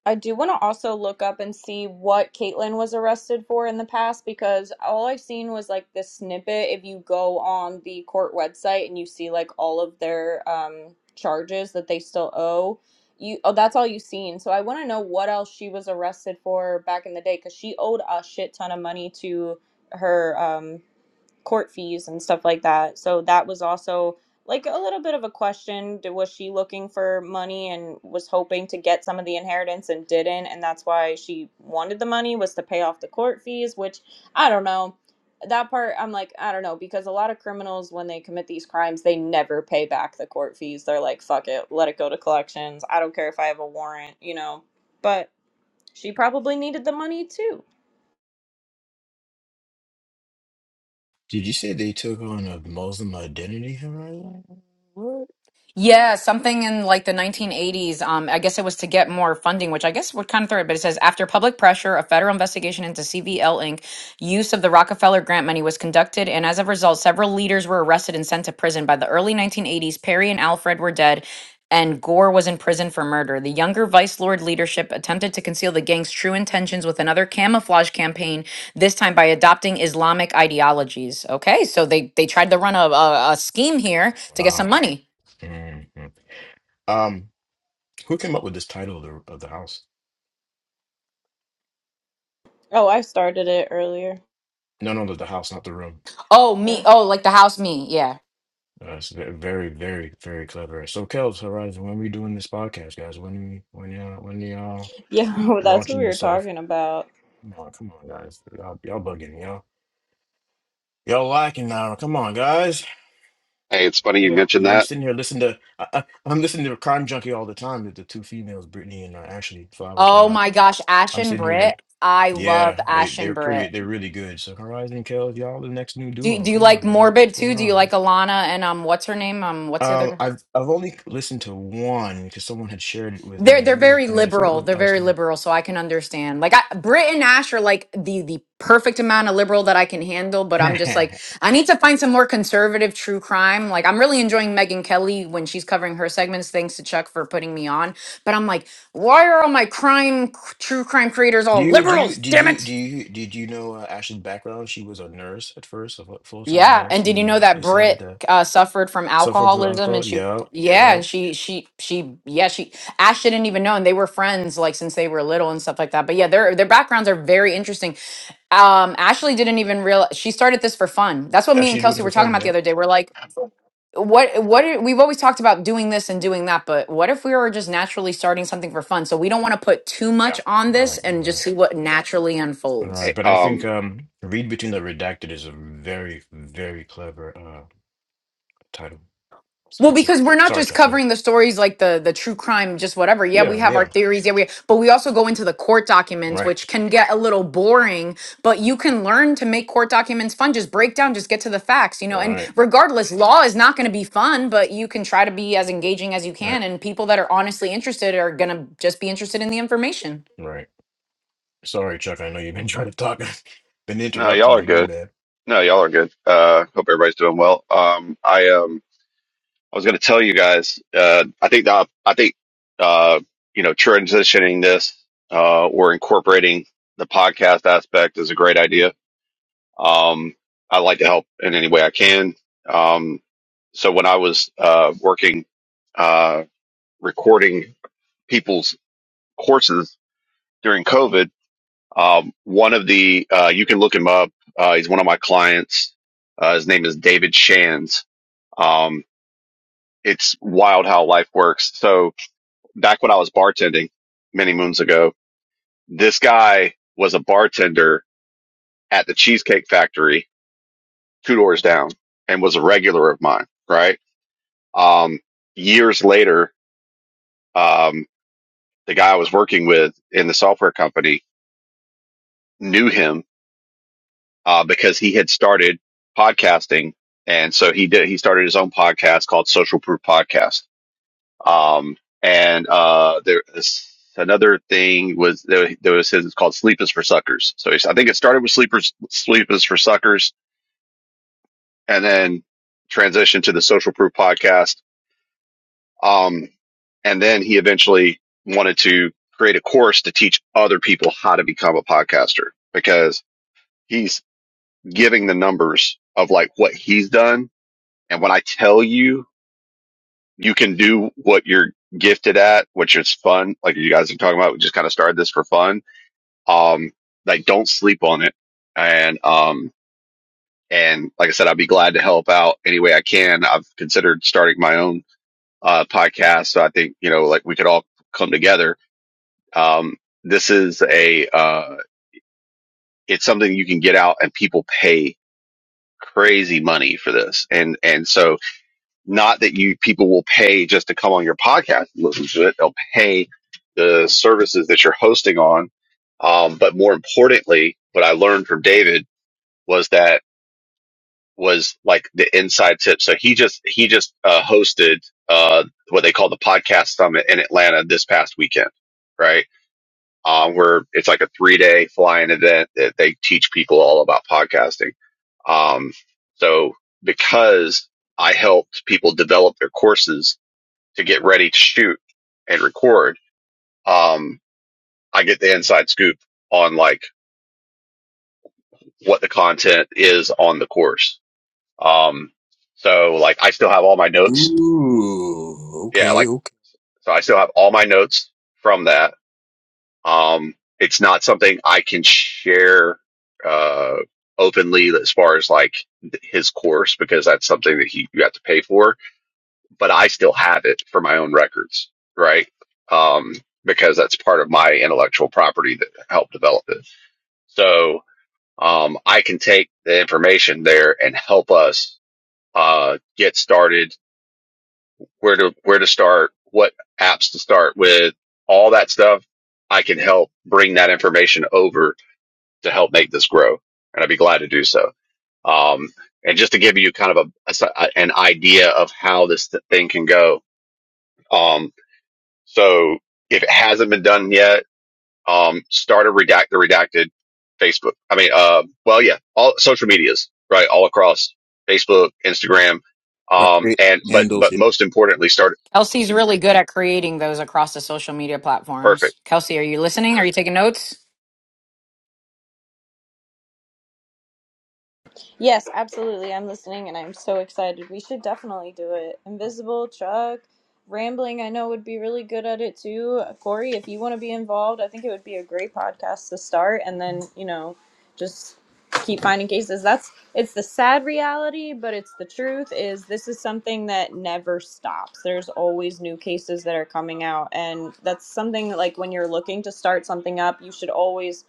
Speaker 1: I do want to also look up and see what Caitlyn was arrested for in the past because all I've seen was like this snippet. If you go on the court website and you see like all of their um, charges that they still owe, you oh that's all you've seen. So I want to know what else she was arrested for back in the day because she owed a shit ton of money to her. Um, court fees and stuff like that. So that was also like a little bit of a question. D- Was she looking for money and was hoping to get some of the inheritance and didn't? And that's why she wanted the money was to pay off the court fees, which I don't know. That part, I'm like, I don't know, because a lot of criminals, when they commit these crimes, they never pay back the court fees. They're like, fuck it, let it go to collections. I don't care if I have a warrant, you know. But she probably needed the money too.
Speaker 5: Did you say they took on a Muslim identity? Am I right? What?
Speaker 4: Yeah, something in like the 1980s. Um, I guess it was to get more funding, which I guess would kind of throw it. But it says after public pressure, a federal investigation into CVL Inc. use of the Rockefeller grant money was conducted, and as a result, several leaders were arrested and sent to prison. By the early 1980s, Perry and Alfred were dead, and Gore was in prison for murder. The younger Vice Lord leadership attempted to conceal the gang's true intentions with another camouflage campaign, this time by adopting Islamic ideologies. Okay, so they they tried to run a, a, a scheme here to get some
Speaker 5: Wow.
Speaker 4: money.
Speaker 5: Mhm. Um, who came up with this title of the of the house?
Speaker 1: Oh, I started it earlier.
Speaker 5: No, no, the, the house, not the room.
Speaker 4: Oh, me. Oh, like the house me. Yeah.
Speaker 5: Uh, it's ve- very, very, very clever. So, Kels, Horizon, when we doing this podcast, guys? When we, when y'all, when y'all
Speaker 1: Yeah, well, that's what
Speaker 5: launching
Speaker 1: we were
Speaker 5: this? Af-
Speaker 1: talking about.
Speaker 5: come on, come on, guys. Y'all, y'all bugging y'all. Y'all lacking now. Come on, guys.
Speaker 6: Hey, it's funny you
Speaker 2: Yeah.
Speaker 5: You
Speaker 6: mentioned
Speaker 5: know, I'm
Speaker 6: that.
Speaker 5: sitting here listening to I, I, I'm listening to Crime Junkie all the time. The, the two females, Brittany and uh, Ashley Flowers, and
Speaker 4: Oh
Speaker 5: uh,
Speaker 4: my gosh, Ash
Speaker 5: I'm
Speaker 4: and
Speaker 5: sitting here like.
Speaker 4: Britt. I love
Speaker 5: Yeah, they
Speaker 4: Ash and
Speaker 5: they're pretty
Speaker 4: Britt.
Speaker 5: they're really good. So Horizon and Kells, y'all the next new
Speaker 4: Do
Speaker 5: duo.
Speaker 4: do you
Speaker 5: Come
Speaker 4: like
Speaker 5: on, guys. What's
Speaker 4: Morbid too?
Speaker 5: going
Speaker 4: Do you
Speaker 5: on?
Speaker 4: like
Speaker 5: man?
Speaker 4: Alana and um what's her name? Um what's the
Speaker 5: Um,
Speaker 4: other
Speaker 5: I've I've only listened to one because someone had shared it with
Speaker 4: They're
Speaker 5: me.
Speaker 4: they're
Speaker 5: It was
Speaker 4: very
Speaker 5: good. I forget
Speaker 4: liberal.
Speaker 5: what
Speaker 4: They're
Speaker 5: that was.
Speaker 4: very liberal, so I can understand. Like I, Britt and Ash are like the the perfect amount of liberal that I can handle, but I'm just like I need to find some more conservative true crime. Like I'm really enjoying Megan Kelly when she's covering her segments. Thanks to Chuck for putting me on. But I'm like, why are all my crime true crime creators
Speaker 5: Do
Speaker 4: all
Speaker 5: you do you
Speaker 4: liberals?
Speaker 5: did
Speaker 4: Damn
Speaker 5: you
Speaker 4: it.
Speaker 5: do you did you know uh, Ashley's background? She was a nurse at first, a full time
Speaker 4: Yeah,
Speaker 5: nurse
Speaker 4: and did you
Speaker 5: who
Speaker 4: know that
Speaker 5: decided
Speaker 4: Brit
Speaker 5: to
Speaker 4: uh, suffered from
Speaker 5: suffer from
Speaker 4: alcoholism and
Speaker 5: alcohol.
Speaker 4: she
Speaker 5: Yep,
Speaker 4: yeah, and
Speaker 5: yep.
Speaker 4: she she she yeah, she Ash didn't even know and they were friends like since they were little and stuff like that. But yeah, their their backgrounds are very interesting. Um Ashley didn't even realize she started this for fun. That's what
Speaker 5: Yeah,
Speaker 4: me and
Speaker 5: she did it
Speaker 4: Kelsey
Speaker 5: for
Speaker 4: were talking
Speaker 5: fun.
Speaker 4: about the
Speaker 5: Yep.
Speaker 4: other day. We're like what what are, we've always talked about doing this and doing that, but what if we were just naturally starting something for fun? So we don't want to put too much
Speaker 5: Yeah.
Speaker 4: on this
Speaker 5: Right.
Speaker 4: and just
Speaker 5: Right.
Speaker 4: see what naturally
Speaker 5: All
Speaker 4: unfolds.
Speaker 6: Hey,
Speaker 5: right. But I think
Speaker 6: um,
Speaker 5: um, read between the redacted is a very very clever uh title. It's
Speaker 4: Well,
Speaker 5: pretty cool.
Speaker 4: because we're not
Speaker 5: Sorry,
Speaker 4: just
Speaker 5: Chuck. Go ahead.
Speaker 4: covering the stories like the the true crime, just whatever. Yeah, we
Speaker 5: Yeah,
Speaker 4: have our
Speaker 5: yeah.
Speaker 4: theories. Yeah, we but we also go into the court documents,
Speaker 5: Right,
Speaker 4: which can get a little boring. But you can learn to make court documents fun. Just break down, just get to the facts, you know. And
Speaker 5: right,
Speaker 4: regardless, law is not going to be fun, but you can try to be as engaging as you
Speaker 5: right,
Speaker 4: can. And people that are honestly interested are going to just be interested in the information.
Speaker 5: right. Sorry, Chuck. I know you've been trying to talk. been
Speaker 6: no,
Speaker 5: interrupting
Speaker 6: y'all
Speaker 5: you.
Speaker 6: are
Speaker 5: My
Speaker 6: good.
Speaker 5: bad.
Speaker 6: No, y'all are good. Uh, hope everybody's doing well. Um, I um, I was going to tell you guys. Uh, I think that I think uh, you know, transitioning this uh, or incorporating the podcast aspect is a great idea. Um, I like to help in any way I can. Um, so when I was uh working uh recording people's courses during COVID. Um, one of the, uh, you can look him up. Uh, he's one of my clients. Uh, his name is David Shands. Um, it's wild how life works. So back when I was bartending many moons ago, this guy was a bartender at the Cheesecake Factory two doors down and was a regular of mine, right? Um, years later, um, the guy I was working with in the software company knew him uh, because he had started podcasting, and so he did. He started his own podcast called Social Proof Podcast. Um, and uh, there is another thing was there, there was his it's called Sleep is for Suckers. So he's, I think it started with Sleepers Sleep is for Suckers, and then transitioned to the Social Proof Podcast. Um, and then he eventually wanted to create a course to teach other people how to become a podcaster because he's giving the numbers of like what he's done And when I tell you, you can do what you're gifted at, which is fun. Like you guys are talking about, we just kind of started this for fun. Um, like don't sleep on it. And, um, and like I said, I'd be glad to help out any way I can. I've considered starting my own, uh, podcast. So I think, you know, like we could all come together. Um, this is a, uh, it's something you can get out and people pay crazy money for this. And, and so, Not that you people will pay just to come on your podcast and listen to it. They'll pay the services that you're hosting on. Um, but more importantly, what I learned from David was that was like the inside tip. So he just he just uh, hosted uh, what they call the podcast summit in Atlanta this past weekend, right? Um, where it's like a three day flying event that they teach people all about podcasting. Um, so because I helped people develop their courses to get ready to shoot and record, um, I get the inside scoop on like what the content is on the course. Um, so like I still have all my notes.
Speaker 5: Ooh,
Speaker 6: Yeah.
Speaker 5: okay,
Speaker 6: Like,
Speaker 5: okay.
Speaker 6: so I still have all my notes from that. Um, it's not something I can share, uh, openly as far as like th- his course because that's something that he, you have to pay for but I still have it for my own records, right? Um, because that's part of my intellectual property that helped develop it. So um, I can take the information there and help us uh, get started, where to where to start, what apps to start with, all that stuff. I can help bring that information over to help make this grow, and I'd be glad to do so. Um, and just to give you kind of a, a s- an idea of how this thing can go, um, So if it hasn't been done yet, um, start a redact the redacted Facebook. I mean, uh, well, yeah, all social medias, right? All across Facebook, Instagram,
Speaker 5: Right,
Speaker 6: um,
Speaker 5: great
Speaker 6: and but
Speaker 5: handles,
Speaker 6: but
Speaker 5: yeah.
Speaker 6: most importantly, start
Speaker 4: Kelsey's really good at creating those across the social media platforms.
Speaker 6: perfect.
Speaker 4: Kelsey, are you listening? Are you taking notes?
Speaker 1: Yes, absolutely. I'm listening and I'm so excited. We should definitely do it. Invisible, Chuck, Rambling, I know would be really good at it too. Corey, if you want to be involved, I think it would be a great podcast to start and then, you know, just keep finding cases. That's it's the sad reality, but it's the truth is this is something that never stops. There's always new cases that are coming out and that's something like when you're looking to start something up, you should always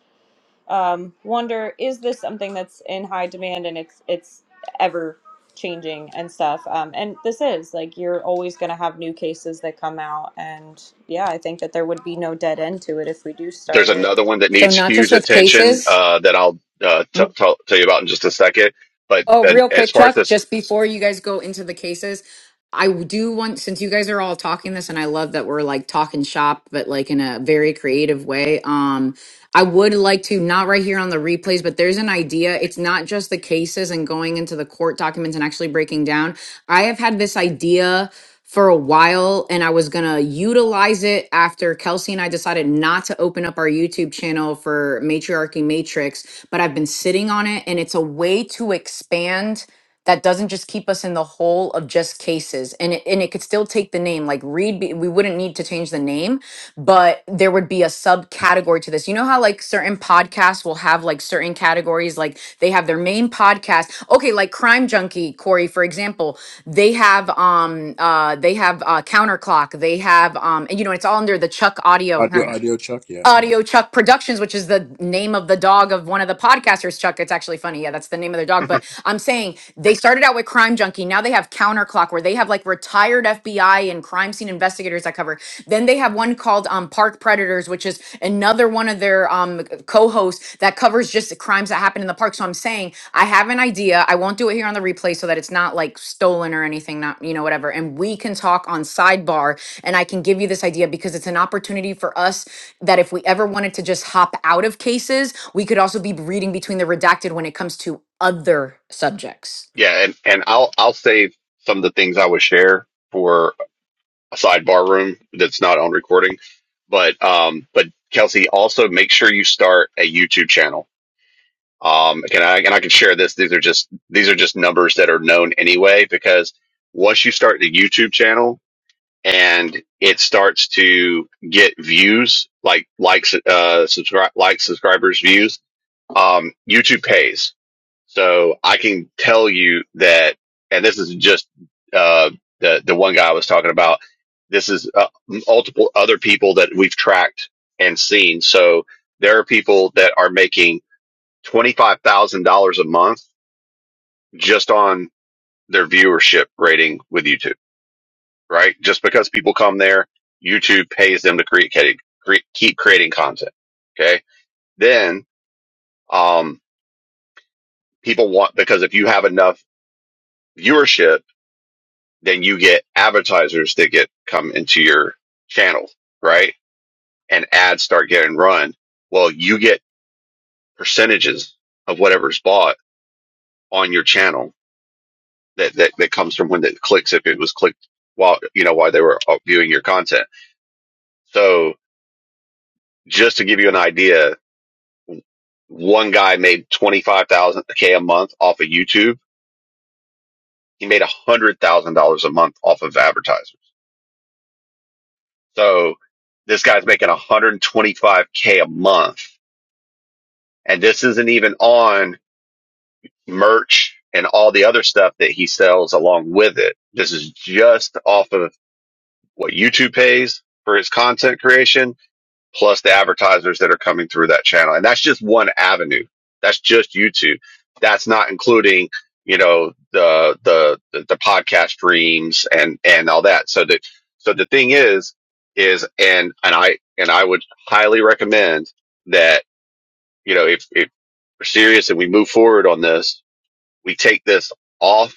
Speaker 1: um, wonder is this something that's in high demand and it's it's ever changing and stuff um, and this is like you're always going to have new cases that come out and yeah i think that there would be no dead end to it if we do
Speaker 6: There's
Speaker 1: start it
Speaker 6: another one that
Speaker 4: So
Speaker 6: needs
Speaker 4: not just
Speaker 6: huge
Speaker 4: with
Speaker 6: attention
Speaker 4: cases.
Speaker 6: uh, that I'll uh, t- tell tell you about in just a second. But
Speaker 4: Oh,
Speaker 6: then
Speaker 4: real
Speaker 6: as
Speaker 4: quick,
Speaker 6: far as
Speaker 4: Chuck,
Speaker 6: this,
Speaker 4: just before you guys go into the cases, I do want, since you guys are all talking this, and I love that we're like talking shop, but like in a very creative way. Um, I would like to, not right here on the replays, but there's an idea. It's not just the cases and going into the court documents and actually breaking down. I have had this idea for a while and I was going to utilize it after Kelsey and I decided not to open up our YouTube channel for Matriarchy Matrix, but I've been sitting on it and it's a way to expand that doesn't just keep us in the hole of just cases and it, and it could still take the name like read be, we wouldn't need to change the name but there would be a subcategory to this you know how like certain podcasts will have like certain categories like they have their main podcast okay like crime junkie corey for example they have um uh they have uh counterclock they have um and you know it's all under the chuck audio
Speaker 5: Audio, audio, Chuck, yeah, yeah.
Speaker 4: Audio Chuck Productions, which is the name of the dog of one of the podcasters, Chuck. It's actually funny. Yeah, that's the name of their dog. But I'm saying they started out with Crime Junkie. Now they have Counterclock, where they have like retired FBI and crime scene investigators that cover. Then they have one called um, Park Predators, which is another one of their um, co hosts that covers just the crimes that happen in the park. So I'm saying I have an idea. I won't do it here on the replay so that it's not like stolen or anything, not, you know, whatever. And we can talk on sidebar and I can give you this idea because it's an opportunity for us that if we ever wanted to just hop out of cases, we could also be reading between the redacted when it comes to other subjects.
Speaker 6: yeah, and and I'll I'll save some of the things I would share for. a sidebar room that's not on recording. But um, but Kelsey, also make sure you start a YouTube channel. Um, can I and I can share this. These are just these are just numbers that are known anyway because once you start the YouTube channel and it starts to get views like likes uh subscribe like subscribers views um YouTube pays so I can tell you that, and this is just uh, the the one guy I was talking about. This is uh, multiple other people that we've tracked and seen. So there are people that are making twenty five thousand dollars a month just on their viewership rating with YouTube, right? Just because people come there, YouTube pays them to create, create keep creating content. Okay, then um, people want because if you have enough viewership then you get advertisers that get come into your channel, right? And ads start getting run. Well, you get percentages of whatever's bought on your channel that, that, that comes from when it clicks, if it was clicked while, you know, while they were uh, viewing your content. So just to give you an idea, one guy made 25,000 K a month off of YouTube. He made a hundred thousand dollars a month off of advertisers. So this guy's making 125K a month And this isn't even on merch and all the other stuff that he sells along with it. This is just off of what YouTube pays for his content creation, plus the advertisers that are coming through that channel. And that's just one avenue. That's just YouTube. That's not including, you know, the, the, the, the podcast streams and, and all that. So that, so the thing is, is, and, and I, and I would highly recommend that, you know, if. if we're serious and we move forward on this, we take this off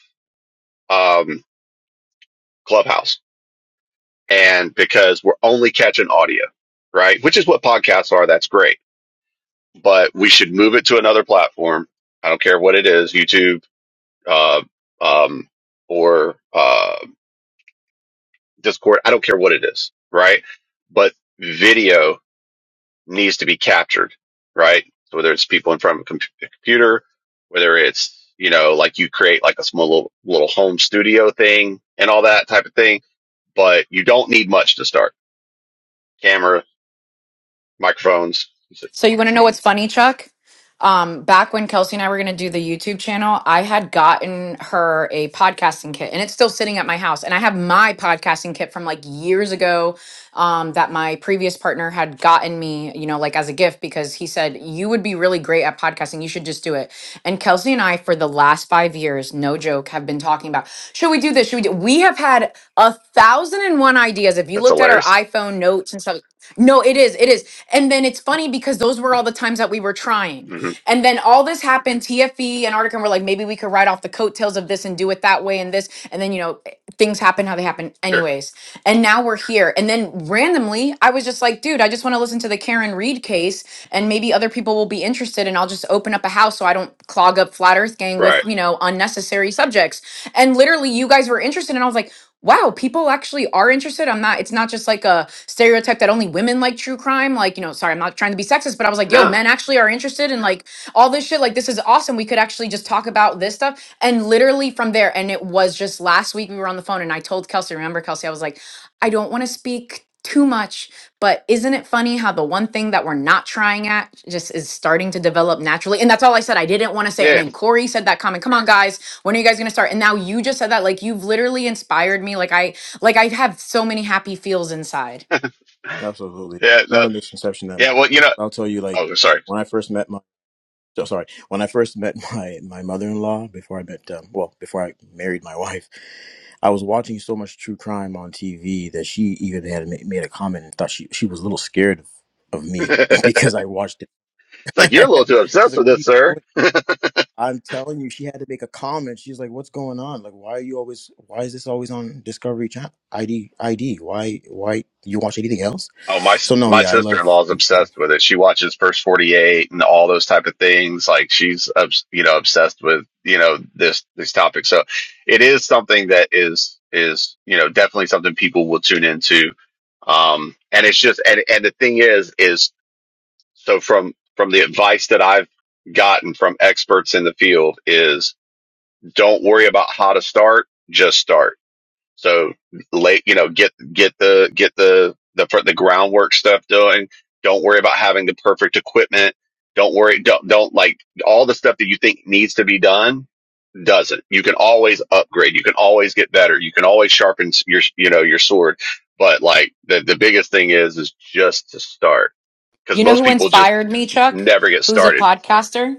Speaker 6: um, Clubhouse. And because we're only catching audio, right? Which is what podcasts are. That's great. But we should move it to another platform. I don't care what it is YouTube uh, um, or uh, Discord. I don't care what it is, right? But video needs to be captured, right? So whether it's people in front of a, com- computer, whether it's you know like you create like a small little, little home studio thing and all that type of thing, but you don't need much to start. Camera, microphones.
Speaker 4: So you want to know what's funny, Chuck? Um, back when Kelsey and I were going to do the YouTube channel, I had gotten her a podcasting kit, and it's still sitting at my house. And I have my podcasting kit from like years ago um, that my previous partner had gotten me, you know, like as a gift because he said you would be really great at podcasting. You should just do it. And Kelsey and I, for the last five years, no joke, have been talking about should we do this? Should we do? We have had a thousand and one ideas. If you
Speaker 6: That's
Speaker 4: looked at our
Speaker 6: hilarious.
Speaker 4: iPhone notes and stuff. No, it is. It is. And then it's funny because those were all the times that we were trying.
Speaker 6: hmm
Speaker 4: And then all this happened, TFE and Arctic, and we're like, maybe we could ride off the coattails of this and do it that way and this. And then, you know, eh, things happen how they happen,
Speaker 6: Sure.
Speaker 4: anyways. And now we're here. And then randomly, I was just like, dude, I just want to listen to the Karen Reed case and maybe other people will be interested and I'll just open up a house so I don't clog up Flat Earth Gang with,
Speaker 6: Right.
Speaker 4: you know, unnecessary subjects. And literally, you guys were interested. And I was like, wow, people actually are interested. I'm not, it's not just like a stereotype that only women like true crime. Like, you know, sorry, I'm not trying to be sexist, but I was like, yo,
Speaker 6: No.
Speaker 4: men actually are interested in like all this shit. Like, this is awesome. We could actually just talk about this stuff. And literally from there, and it was just last week we were on the phone and I told Kelsey, remember, Kelsey, I was like, I don't want to speak too much, but isn't it funny how the one thing that we're not trying at just is starting to develop naturally? And that's all I said. I didn't want to say. it. And
Speaker 6: Yeah.
Speaker 4: then Corey said that comment. Come on, guys when are you guys going to start and now you just said that like you've literally inspired me like i like i have so many happy feels inside
Speaker 5: Absolutely.
Speaker 6: Yeah.
Speaker 5: Not
Speaker 6: No.
Speaker 5: a misconception that much.
Speaker 6: Yeah. Well, you know.
Speaker 5: I'll tell you, like,
Speaker 6: Oh, sorry.
Speaker 5: when I first met my so sorry. When I first met my my mother in law, before I met um, well, before I married my wife, I was watching so much true crime on TV that she even had ma- made a comment and thought she she was a little scared of, of me
Speaker 6: it's
Speaker 5: because I watched it.
Speaker 6: like you're a little too
Speaker 5: She's
Speaker 6: obsessed
Speaker 5: like,
Speaker 6: with
Speaker 5: "What are
Speaker 6: this,
Speaker 5: you
Speaker 6: sir.
Speaker 5: doing?" I'm telling you, she had to make a comment. She's like, "What's going on? Like, why are you always? Why is this always on Discovery Channel? ID ID? Why why you watch anything else?"
Speaker 6: Oh, my
Speaker 5: So no,
Speaker 6: my
Speaker 5: yeah, I
Speaker 6: sister in
Speaker 5: love.
Speaker 6: law is obsessed with it. She watches First Forty Eight and all those type of things. Like she's obs- you know obsessed with you know this these topics. So it is something that is is you know definitely something people will tune into. Um, and it's just and and the thing is is so from from the advice that I've gotten from experts in the field is don't worry about how to start, just start so late, you know, get get the get the the fr- the groundwork stuff done. Don't worry about having the perfect equipment. Don't worry. Don't don't like all the stuff that you think needs to be done doesn't. You can always upgrade. You can always get better. You can always sharpen s- your you know your sword. But like the the biggest thing is is just to start because
Speaker 4: you know
Speaker 6: most
Speaker 4: who
Speaker 6: people just
Speaker 4: inspired me chuck
Speaker 6: never get
Speaker 4: who's a
Speaker 6: started.
Speaker 4: podcaster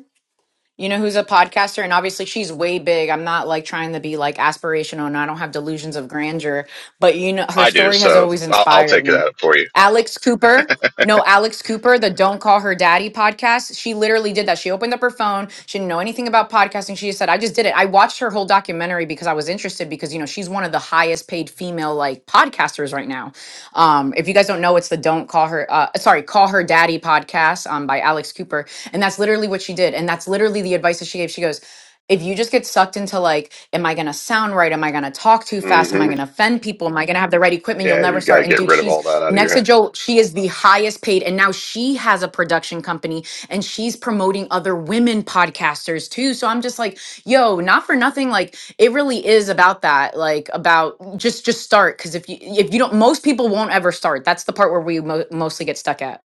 Speaker 4: you know, who's a podcaster. And obviously, she's way big. I'm not like trying to be like aspirational and I don't have delusions of grandeur, but you know, her
Speaker 6: I do,
Speaker 4: story has
Speaker 6: so
Speaker 4: always
Speaker 6: I'll, I'll
Speaker 4: inspired
Speaker 6: take
Speaker 4: me.
Speaker 6: that for you.
Speaker 4: Alex Cooper. No, Alex Cooper, the Don't Call Her Daddy podcast. She literally did that. She opened up her phone. She didn't know anything about podcasting. She just said, I just did it. I watched her whole documentary because I was interested because, you know, she's one of the highest paid female like podcasters right now um, if you guys don't know, it's the Don't Call Her, uh, sorry, Call Her Daddy podcast um, by Alex Cooper. And that's literally what she did. And that's literally the advice that she gave. She goes, if you just get sucked into like, am I gonna sound right? Am I gonna talk too fast? Am I
Speaker 6: hmm
Speaker 4: gonna offend people? Am I gonna have the right equipment? You'll
Speaker 6: Yeah,
Speaker 4: never
Speaker 6: you got
Speaker 4: start.
Speaker 6: to
Speaker 4: And
Speaker 6: get
Speaker 4: dude,
Speaker 6: rid of all
Speaker 4: she's
Speaker 6: that out of
Speaker 4: next
Speaker 6: your
Speaker 4: to
Speaker 6: head.
Speaker 4: Joel. She is the highest paid, and now she has a production company and she's promoting other women podcasters too. So I'm just like, Yo, not for nothing. Like it really is about that. Like about just just start because if you if you don't, most people won't ever start. That's the part where we mo- mostly get stuck at.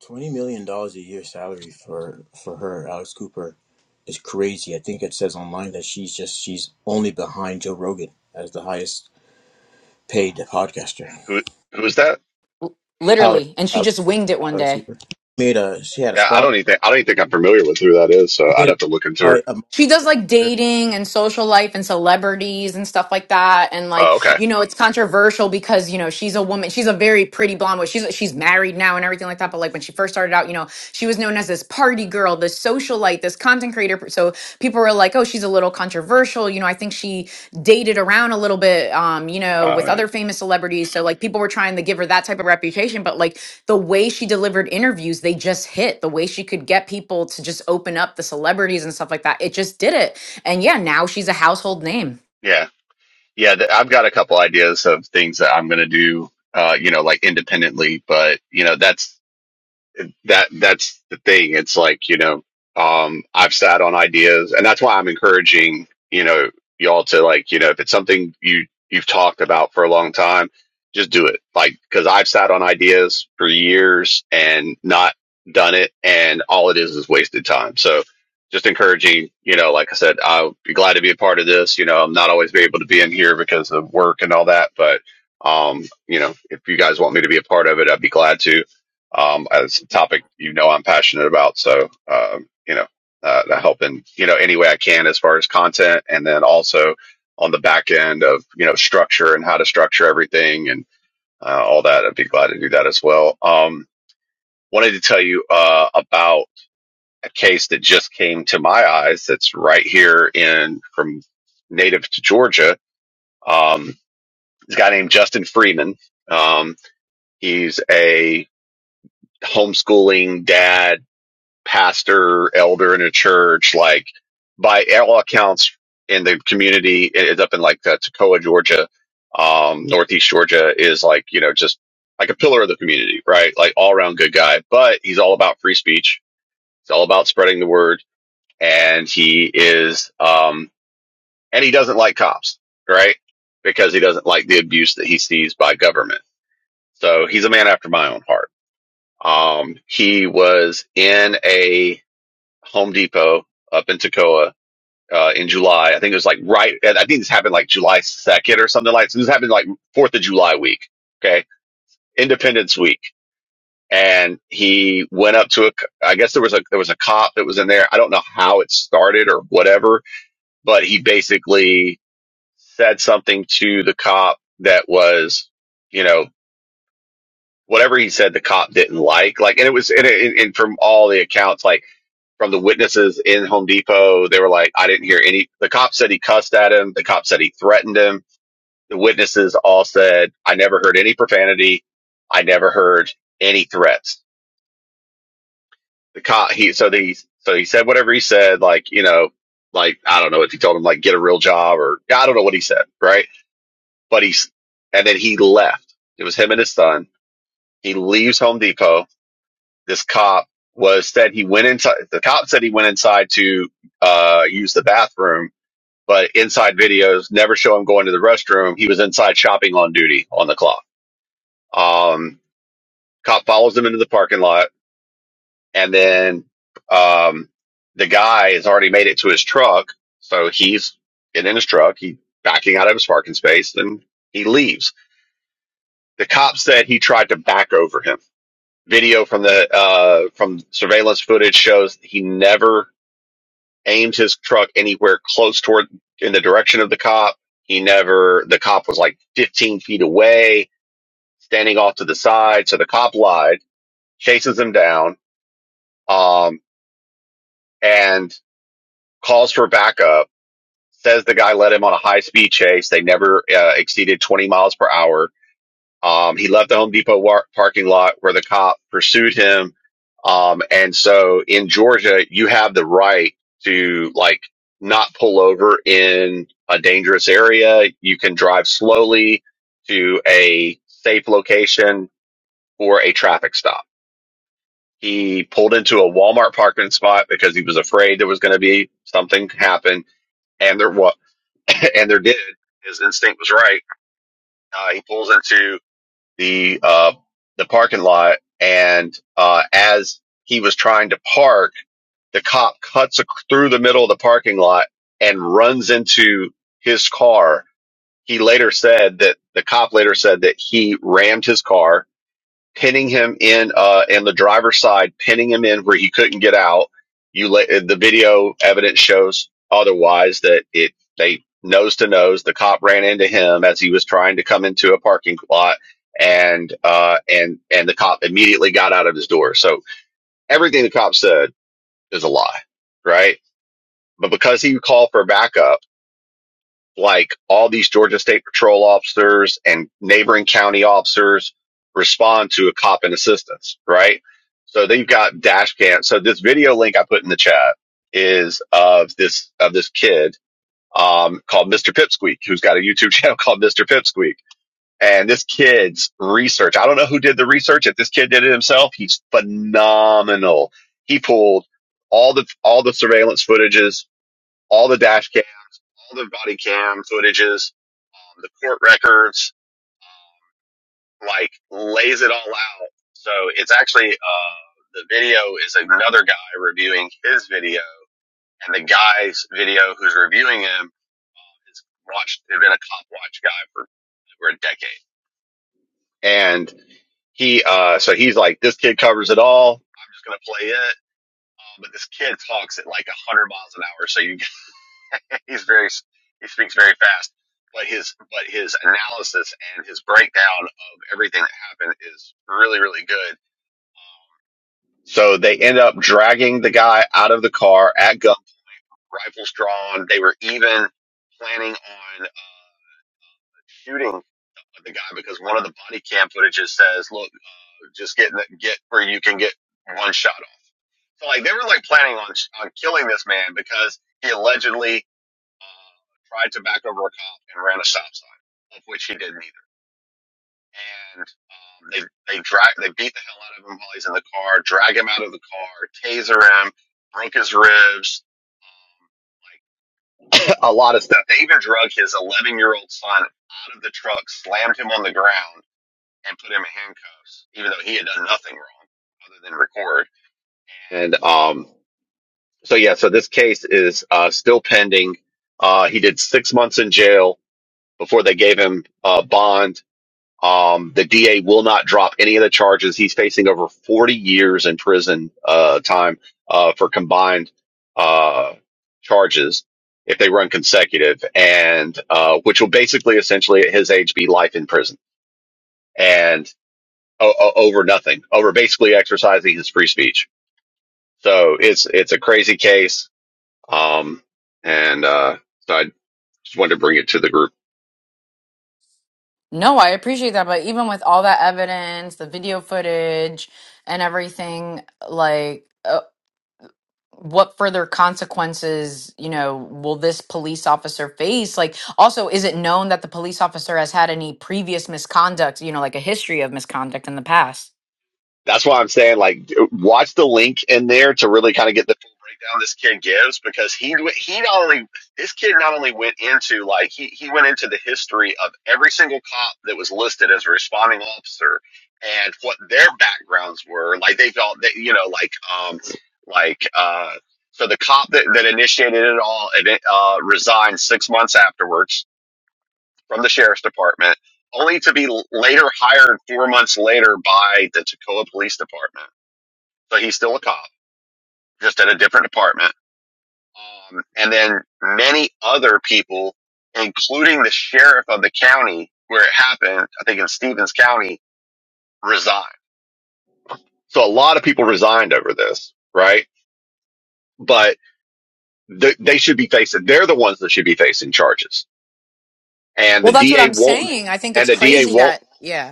Speaker 5: Twenty million dollars a year salary for for her, Alex Cooper, is crazy. I think it says online that she's just she's only behind Joe Rogan as the highest paid podcaster.
Speaker 6: Who who's that?
Speaker 5: Alex
Speaker 4: Literally, and she
Speaker 5: Alex,
Speaker 4: just winged it one
Speaker 5: Alex
Speaker 4: day.
Speaker 5: Cooper made a she had a
Speaker 6: Yeah, I
Speaker 5: spot.
Speaker 6: don't even think I don't even think I'm familiar with who that is, so
Speaker 5: She
Speaker 6: I'd
Speaker 5: made a
Speaker 6: have to look into her.
Speaker 5: multi- a
Speaker 4: She does like dating and social life and celebrities and stuff like that. And like
Speaker 6: Oh, okay.
Speaker 4: you know, it's controversial because you know she's a woman. She's a very pretty blonde. But she's she's married now and everything like that. But like when she first started out, you know, she was known as this party girl, this socialite, this content creator. So people were like, oh, she's a little controversial controversial. You know, I think she dated around a little bit, um, you know,
Speaker 6: Oh,
Speaker 4: with
Speaker 6: yeah.
Speaker 4: other famous celebrities. So like people were trying to give her that type of reputation, but like the way she delivered interviews, they just hit. The way she could get people to just open up the celebrities and stuff like that, it just did it. And yeah, now she's a household name.
Speaker 6: Yeah. Yeah, th- I've got a couple ideas of things that I'm going to do, uh, you know, like independently, but you know, that's that that's the thing. It's like, you know, um, I've sat on ideas and that's why I'm encouraging, you know, y'all to like, you know, if it's something you, you've talked about for a long time, just do it. Like, cause I've sat on ideas for years and not done it. And all it is is wasted time. So just encouraging, you know, like I said, I'll be glad to be a part of this. You know, I'm not always be able to be in here because of work and all that, but, um, you know, if you guys want me to be a part of it, I'd be glad to um, it's a topic you know I'm passionate about, so um, you know, uh, helping you know any way I can as far as content, and then also on the back end of you know structure and how to structure everything and uh, all that. I'd be glad to do that as well. Um, wanted to tell you uh, about a case that just came to my eyes. That's right here in from native to Georgia. Um, this guy named Justin Freeman. Um, he's a homeschooling dad pastor, elder in a church, like by all accounts in the community, it's up in like uh, Toccoa, Georgia, um, Northeast Georgia is like, you know, just like a pillar of the community, right? Like all around good guy, but he's all about free speech. He's all about spreading the word and he is, um, and he doesn't like cops, right? Because he doesn't like the abuse that he sees by government. So he's a man after my own heart. Um, he was in a, Home Depot up in Toccoa uh, in July. I think it was like right. and I think this happened like July second or something like. So this happened like Fourth of July week. Okay, Independence Week, and he went up to a. I guess there was a there was a cop that was in there. I don't know how it started or whatever, but he basically said something to the cop that was, you know. Whatever he said, the cop didn't like. Like, and it was, and, it, and from all the accounts, like from the witnesses in Home Depot, they were like, I didn't hear any. The cop said he cussed at him. The cop said he threatened him. The witnesses all said, I never heard any profanity. I never heard any threats. The cop, he, so the, so he said whatever he said, like, you know, like, I don't know if he told him, like, get a real job or I don't know what he said, right? But he's, and then he left. It was him and his son. He leaves Home Depot. This cop was said he went inside. The cop said he went inside to, uh, use the bathroom but inside videos never show him going to the restroom. He was inside shopping on duty on the clock. Um, cop follows him into the parking lot, and then um, the guy has already made it to his truck, so he's getting in his truck. He's backing out of his parking space, then he leaves. The cop said he tried to back over him. Video from the uh, from surveillance footage shows he never aimed his truck anywhere close toward in the direction of the cop. He never, the cop was like 15 feet away, standing off to the side. So the cop lied, chases him down, um, and calls for backup, says the guy led him on a high speed chase. They never uh, exceeded 20 miles per hour Um, he left the Home Depot war- parking lot where the cop pursued him. Um, and so in Georgia, you have the right to like not pull over in a dangerous area. You can drive slowly to a safe location for a traffic stop. He pulled into a Walmart parking spot because he was afraid there was going to be something happen. And there what, and there did. His instinct was right. Uh, he pulls into the uh, the parking lot, and uh, as he was trying to park, the cop cuts ac- through the middle of the parking lot and runs into his car. He later said that the cop later said that he rammed his car pinning him in uh in the driver's side, pinning him in where he couldn't get out. You let uh, the video evidence shows otherwise that it they nose to nose. The cop ran into him as he was trying to come into a parking lot, and uh and and the cop immediately got out of his door. So everything the cop said is a lie, right? But because he called for backup like all these Georgia State Patrol officers and neighboring county officers respond to a cop in assistance, right? So they've got dash cam. So this video link I put in the chat is of this of this kid um, called Mr. Pipsqueak, who's got a YouTube channel called Mr. Pipsqueak. And this kid's research, I don't know who did the research. If this kid did it himself, he's phenomenal. He pulled all the all the surveillance footages, all the dash cam, all the body cam footages, the court records, like lays it all out. So it's actually uh, the video is another guy reviewing his video, and the guy's video who's reviewing him has watched has been a cop watch guy for over a decade, and he uh, so he's like this kid covers it all. I'm just gonna play it, but this kid talks at like a hundred miles an hour, so you he's very he speaks very fast but his but his analysis and his breakdown of everything that happened is really really good so they end up dragging the guy out of the car at gun rifles drawn they were even planning on uh, shooting the guy because one of the body cam footages says look uh, just get in the, get where you can get one shot off so like they were like planning on on killing this man because he allegedly uh, tried to back over a cop and ran a stop sign, of which he did neither. And um, they they drag they beat the hell out of him while he's in the car, drag him out of the car, taser him, broke his ribs, like a lot of stuff. They even drug his 11 year old son out of the truck, slammed him on the ground, and put him in handcuffs, even though he had done nothing wrong other than record. And um, so yeah, so this case is uh, still pending. Uh, he did six months in jail before they gave him uh, bond. Um, the DA will not drop any of the charges. He's facing over 40 years in prison uh, time uh, for combined uh, charges if they run consecutive, and uh, which will basically, essentially, at his age, be life in prison and o- o- over nothing, over basically exercising his free speech. So it's it's a crazy case, um, and uh, so I just wanted to bring it to the group.
Speaker 4: No, I appreciate that, but even with all that evidence, the video footage and everything, like uh, what further consequences you know will this police officer face like also is it known that the police officer has had any previous misconduct you know like a history of misconduct in the past
Speaker 6: That's why I'm saying, like, watch the link in there to really kind of get the full breakdown this kid gives because he he not only this kid not only went into like he he went into the history of every single cop that was listed as a responding officer and what their backgrounds were. Like they felt that you know, like um, like uh. So the cop that, that initiated it all and uh, resigned six months afterwards from the sheriff's department, only to be later hired four months later by the Tacoma Police Department so he's still a cop, just at a different department. Um, and then many other people, including the sheriff of the county where it happened, I think in Stevens County, resigned. So a lot of people resigned over this, right? But th- they should be facing, they're the ones that should be facing charges. And the
Speaker 4: Well, that's what
Speaker 6: DA
Speaker 4: I'm
Speaker 6: won't,
Speaker 4: saying. I think
Speaker 6: and
Speaker 4: it's
Speaker 6: the DA
Speaker 4: crazy that,
Speaker 6: won't,
Speaker 4: yeah.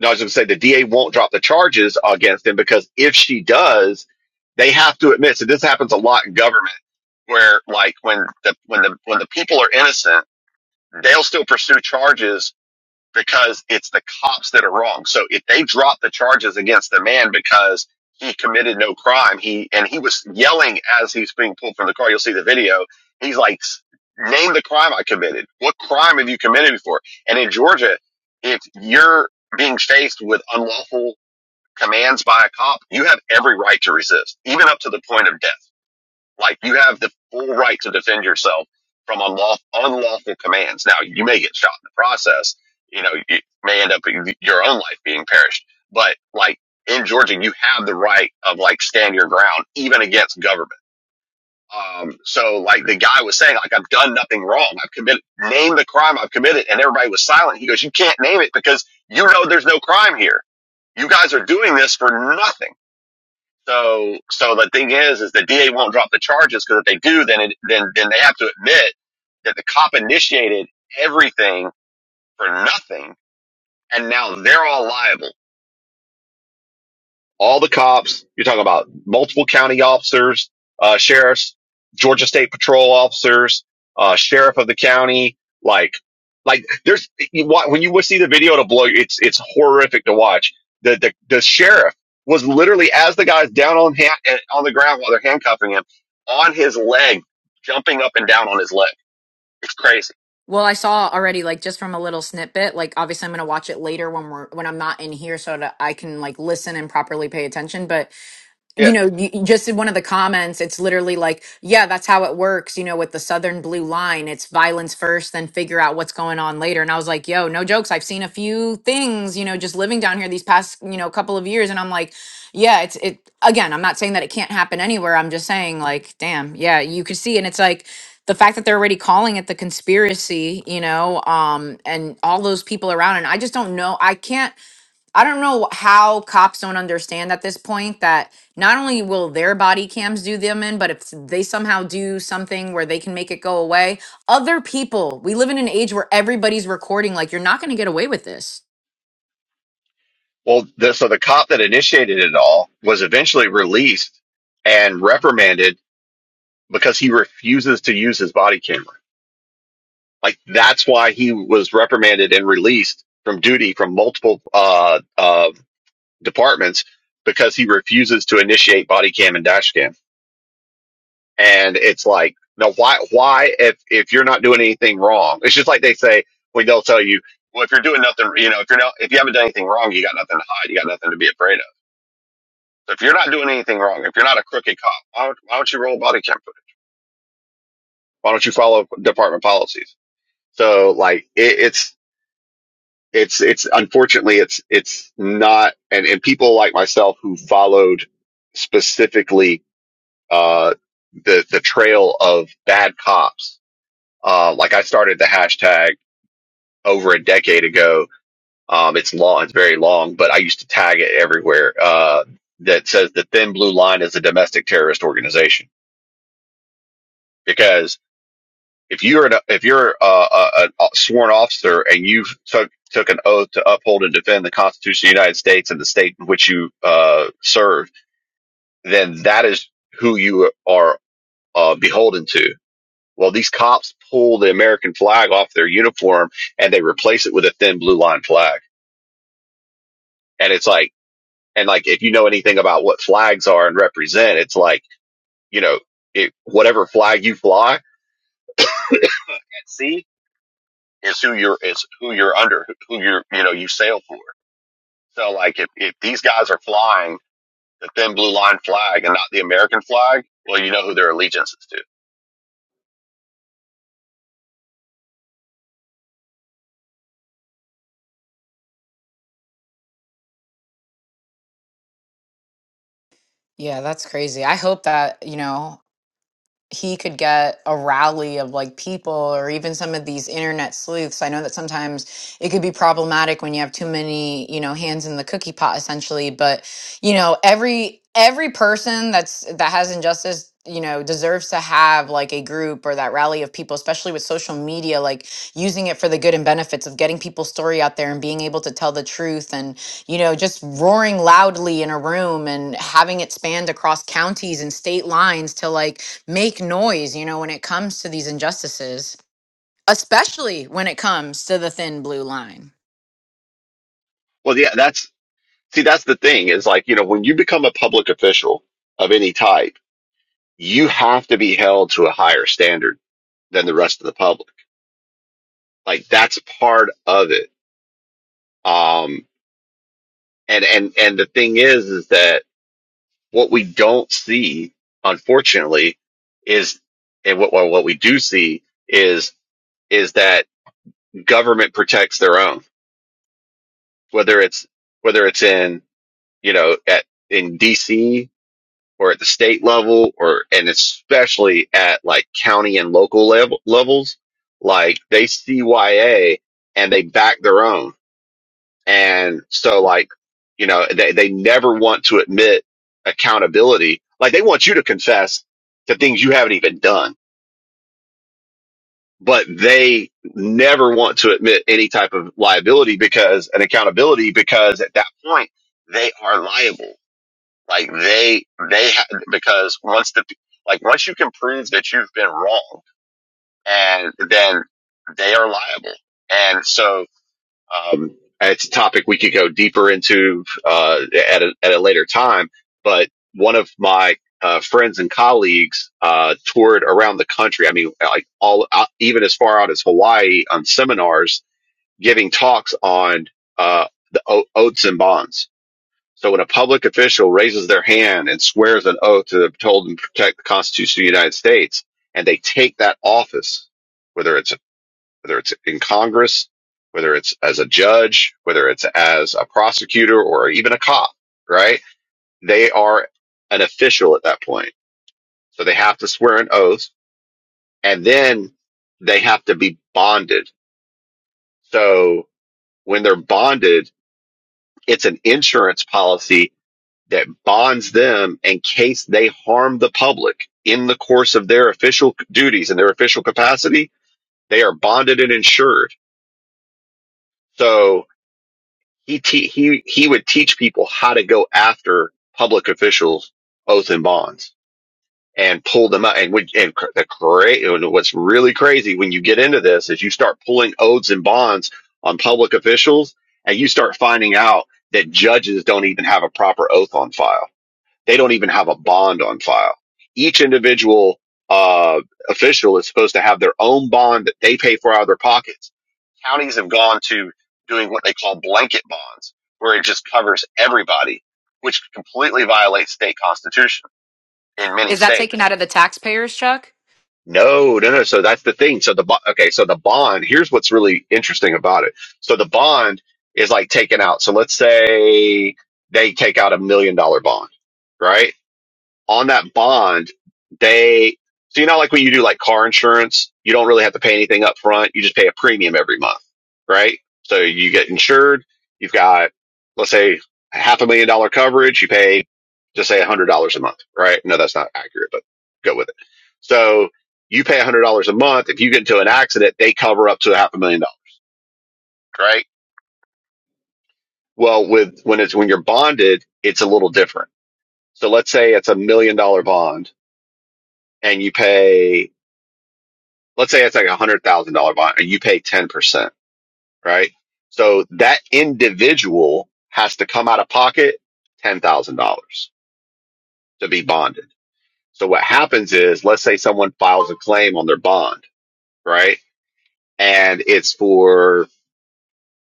Speaker 6: no, I was going to say the DA won't drop the charges against them because if she does, they have to admit, so this happens a lot in government where like when the when the when the people are innocent, they'll still pursue charges because it's the cops that are wrong. So if they drop the charges against the man because he committed no crime, he and he was yelling as he's being pulled from the car. You'll see the video. He's like, "Name the crime I committed. What crime have you committed before?" And in Georgia, if you're being faced with unlawful commands by a cop, you have every right to resist, even up to the point of death like you have the full right to defend yourself from unlawful, unlawful commands. Now you may get shot in the process. You know, you may end up with your own life being perished. But like in Georgia, you have the right of like stand your ground even against government. Um, so like the guy was saying, like I've done nothing wrong. I've committed, name the crime I've committed, and everybody was silent. He goes, you can't name it because you know there's no crime here. You guys are doing this for nothing so, so the thing is, is the DA won't drop the charges because if they do, then it, then then they have to admit that the cop initiated everything for nothing, and now they're all liable all the cops. You're talking about multiple county officers, uh, sheriffs, Georgia State Patrol officers, uh, sheriff of the county. Like, like there's you, wa- when you see the video to blow, you. it's it's horrific to watch. The the, the sheriff was literally as the guy's down on hand, eh, on the ground while they're handcuffing him, on his leg, jumping up and down on his leg. It's crazy.
Speaker 4: well i saw already like just from a little snippet like obviously i'm going to watch it later when we're when i'm not in here so that i can like listen and properly pay attention but you
Speaker 6: Yeah.
Speaker 4: know, you, you just in one of the comments, it's literally like, yeah, that's how it works, you know, with the Southern Blue Line. It's violence first, then figure out what's going on later. And I was like, yo, no jokes. I've seen a few things, you know, just living down here these past, you know, couple of years. And I'm like, yeah, it's, it, again, I'm not saying that it can't happen anywhere. I'm just saying, like, damn, yeah, you could see. And it's like, the fact that they're already calling it the conspiracy, you know, um, and all those people around, and I just don't know. I can't. I don't know how cops don't understand at this point that not only will their body cams do them in, but if they somehow do something where they can make it go away, other people, we live in an age where everybody's recording, like, you're not going to get away with this.
Speaker 6: Well, the, so the cop that initiated it all was eventually released and reprimanded because he refuses to use his body camera. Like that's why he was reprimanded and released from duty from multiple uh, uh, departments because he refuses to initiate body cam and dash cam. And it's like, no, why? Why if if you're not doing anything wrong? It's just like they say when they'll tell you, well, if you're doing nothing, you know, if you're not, if you haven't done anything wrong, you got nothing to hide, you got nothing to be afraid of. So if you're not doing anything wrong, if you're not a crooked cop, why don't, why don't you roll body cam footage? Why don't you follow department policies? So like it, it's it's it's unfortunately it's it's not and, and people like myself who followed specifically uh the the trail of bad cops. Uh like I started the hashtag over a decade ago. Um it's long it's very long, but I used to tag it everywhere. Uh that says the thin blue line is a domestic terrorist organization. because. If you're an, if you're a, a, a sworn officer and you've took took an oath to uphold and defend the Constitution of the United States and the state in which you uh, serve, then that is who you are uh, beholden to. Well, these cops pull the American flag off their uniform and they replace it with a thin blue line flag, and it's like and like if you know anything about what flags are and represent, it's like you know it, whatever flag you fly at sea is who you're is who you're under, who you're you know you sail for. So like if, if these guys are flying the thin blue line flag and not the American flag, well, you know who their allegiance is to.
Speaker 4: Yeah, that's crazy. I hope that, you know, he could get a rally of like people or even some of these internet sleuths. I know that sometimes it could be problematic when you have too many, you know, hands in the cookie pot essentially, but you know, every every person that's that has injustice you know deserves to have like a group or that rally of people especially with social media like using it for the good and benefits of getting people's story out there and being able to tell the truth and you know, just roaring loudly in a room and having it spanned across counties and state lines to like make noise, you know, when it comes to these injustices, especially when it comes to the thin blue line.
Speaker 6: Well, yeah, that's see, that's the thing is like, you know, when you become a public official of any type, you have to be held to a higher standard than the rest of the public. Like that's part of it. Um, and, and, and the thing is, is that what we don't see, unfortunately, is, and what, what what we do see is, is that government protects their own whether it's whether it's in you know at in DC or at the state level or and especially at like county and local level levels like they CYA and they back their own and so like you know they they never want to admit accountability like they want you to confess to things you haven't even done but they never want to admit any type of liability because an accountability because at that point they are liable Like they they ha- because once the like once you can prove that you've been wrong, and then they are liable. And so um, it's a topic we could go deeper into uh, at a, at a later time. But one of my uh, friends and colleagues uh, toured around the country. I mean, like all out, even as far out as Hawaii on seminars, giving talks on uh, the o- oaths and bonds so when a public official raises their hand and swears an oath to uphold and protect the Constitution of the United States, and they take that office, whether it's whether it's in Congress, whether it's as a judge, whether it's as a prosecutor or even a cop, right? They are an official at that point. So they have to swear an oath and then they have to be bonded. So when they're bonded, it's an insurance policy that bonds them in case they harm the public in the course of their official duties and their official capacity. They are bonded and insured. So he te- he he would teach people how to go after public officials, oath and bonds, and pull them out. And would and cr- the cra- what's really crazy when you get into this is you start pulling oaths and bonds on public officials, and you start finding out that judges don't even have a proper oath on file They don't even have a bond on file. Each individual uh, official is supposed to have their own bond that they pay for out of their pockets. Counties have gone to doing what they call blanket bonds, where it just covers everybody, which completely violates state constitution in many
Speaker 4: Is that taken
Speaker 6: states.
Speaker 4: out of the taxpayers, Chuck?
Speaker 6: No, no, no. So that's the thing. So the okay. So the bond. Here's what's really interesting about it. So the bond is like taken out. So let's say they take out a million dollar bond, right? on that bond, they so you know like when you do like car insurance, you don't really have to pay anything up front. You just pay a premium every month, right? So you get insured, you've got let's say a half a million dollar coverage, you pay just say a hundred dollars a month, right? No, that's not accurate, but go with it. So you pay a hundred dollars a month. If you get into an accident, they cover up to a half a million dollars, right? Well, with when it's when you're bonded, it's a little different. So let's say it's a million dollar bond and you pay let's say it's like a hundred thousand dollar bond and you pay 10%, right? So that individual has to come out of pocket $10,000 to be bonded. So what happens is, let's say someone files a claim on their bond, right? And it's for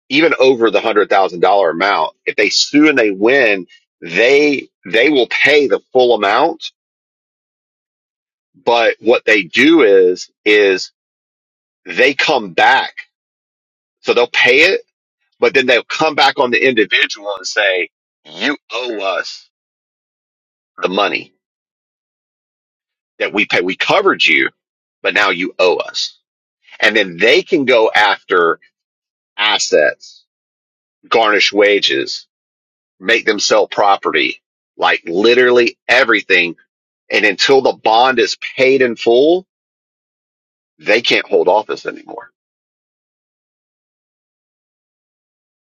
Speaker 6: even over the hundred thousand dollar amount. If they sue and they win, they, they will pay the full amount. But what they do is, is they come back. So they'll pay it but then they'll come back on the individual and say, you owe us the money that we pay. We covered you, but now you owe us. And then they can go after assets, garnish wages, make them sell property, like literally everything. And until the bond is paid in full, they can't hold office anymore.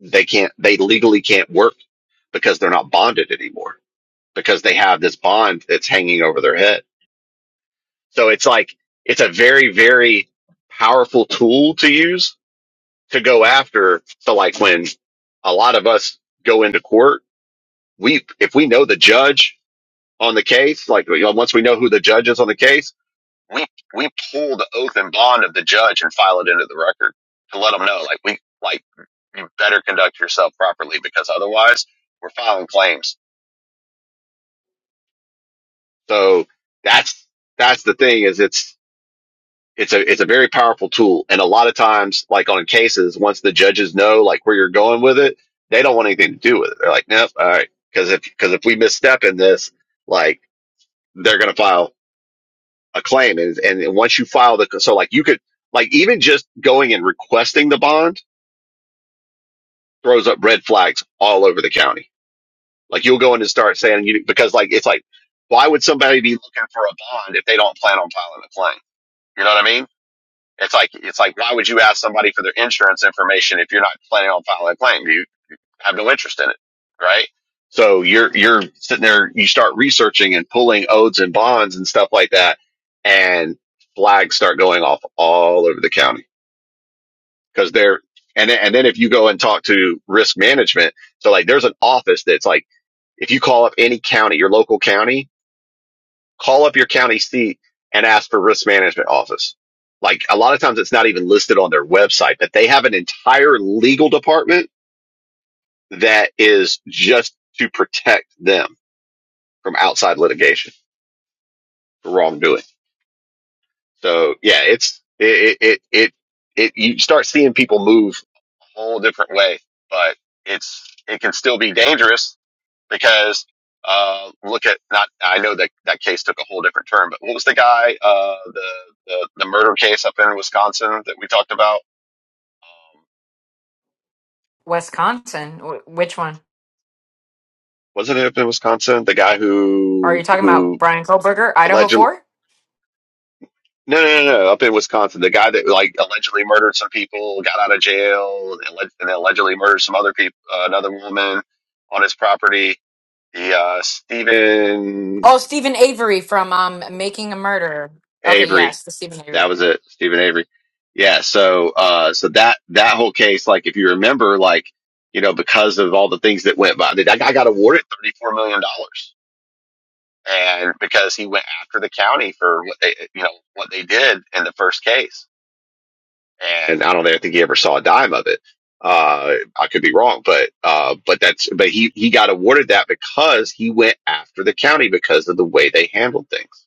Speaker 6: They can't, they legally can't work because they're not bonded anymore because they have this bond that's hanging over their head. So it's like it's a very, very powerful tool to use to go after. So like when a lot of us go into court, we if we know the judge on the case, like you know, once we know who the judge is on the case, we we pull the oath and bond of the judge and file it into the record to let them know, like we like you better conduct yourself properly because otherwise we're filing claims. So that's that's the thing is it's it's a it's a very powerful tool and a lot of times like on cases once the judges know like where you're going with it they don't want anything to do with it they're like nope all right because if because if we misstep in this like they're going to file a claim and, and once you file the so like you could like even just going and requesting the bond throws up red flags all over the county like you'll go in and start saying you because like it's like why would somebody be looking for a bond if they don't plan on filing a claim you know what i mean It's like it's like why would you ask somebody for their insurance information if you're not planning on filing a claim? You have no interest in it, right? So you're you're sitting there, you start researching and pulling odes and bonds and stuff like that, and flags start going off all over the county because they're and then, and then if you go and talk to risk management, so like there's an office that's like if you call up any county, your local county, call up your county seat and ask for risk management office. Like a lot of times it's not even listed on their website, but they have an entire legal department that is just to protect them from outside litigation for wrongdoing. So yeah, it's, it, it, it, it, you start seeing people move a whole different way, but it's, it can still be dangerous because uh, look at not I know that that case took a whole different turn, but what was the guy uh, the, the the murder case up in Wisconsin that we talked about? Um,
Speaker 4: Wisconsin. Wh- which one?
Speaker 6: was it up in Wisconsin? The guy
Speaker 4: Are you
Speaker 6: who
Speaker 4: talking about
Speaker 6: who
Speaker 4: Brian Koberger, Idaho
Speaker 6: allegedly
Speaker 4: 4?
Speaker 6: no no no no up in Wisconsin the guy that like allegedly murdered some people got out of jail and alleg- and allegedly murdered some other people uh, another woman on his property. The uh, Stephen
Speaker 4: Oh, Stephen Avery from um, Making a Murderer. Okay,
Speaker 6: Avery.
Speaker 4: yes, the Stephen Avery.
Speaker 6: That was it. Stephen Avery. Yeah. So, uh, so that, that whole case, like, if you remember, like, you know, because of all the things that went by, that guy got awarded $34 million. dollars. And because he went after the county for what they, you know, what they did in the first case. And I don't think he ever saw a dime of it. Uh, I could be wrong, but, uh, but that's, but he, he got awarded that because he went after the county because of the way they handled things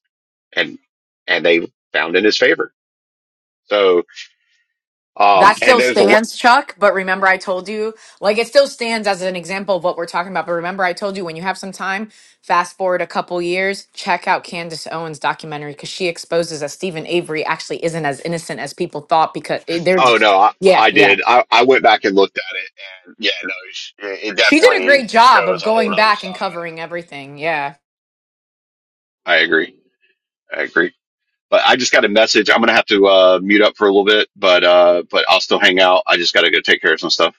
Speaker 6: and, and they found in his favor. So. Um,
Speaker 4: That
Speaker 6: and
Speaker 4: still
Speaker 6: there's a lot.
Speaker 4: stands, Chuck. But remember, I told you, like, it still stands as an example of what we're talking about. But remember, I told you when you have some time, fast forward a couple years, check out Candace Owens' documentary because she exposes that Stephen Avery actually isn't as innocent as people thought. Because it, there's,
Speaker 6: Oh no, I,
Speaker 4: yeah,
Speaker 6: I
Speaker 4: yeah.
Speaker 6: did. I, I went back and looked at it, and yeah, no, it sh- it
Speaker 4: She did a
Speaker 6: definitely
Speaker 4: great job of
Speaker 6: shows a whole
Speaker 4: going
Speaker 6: other
Speaker 4: back and
Speaker 6: side.
Speaker 4: covering everything. Yeah,
Speaker 6: I agree. I agree. But I just got a message. I'm gonna have to uh, mute up for a little bit, but uh, but I'll still hang out. I just gotta go take care of some stuff.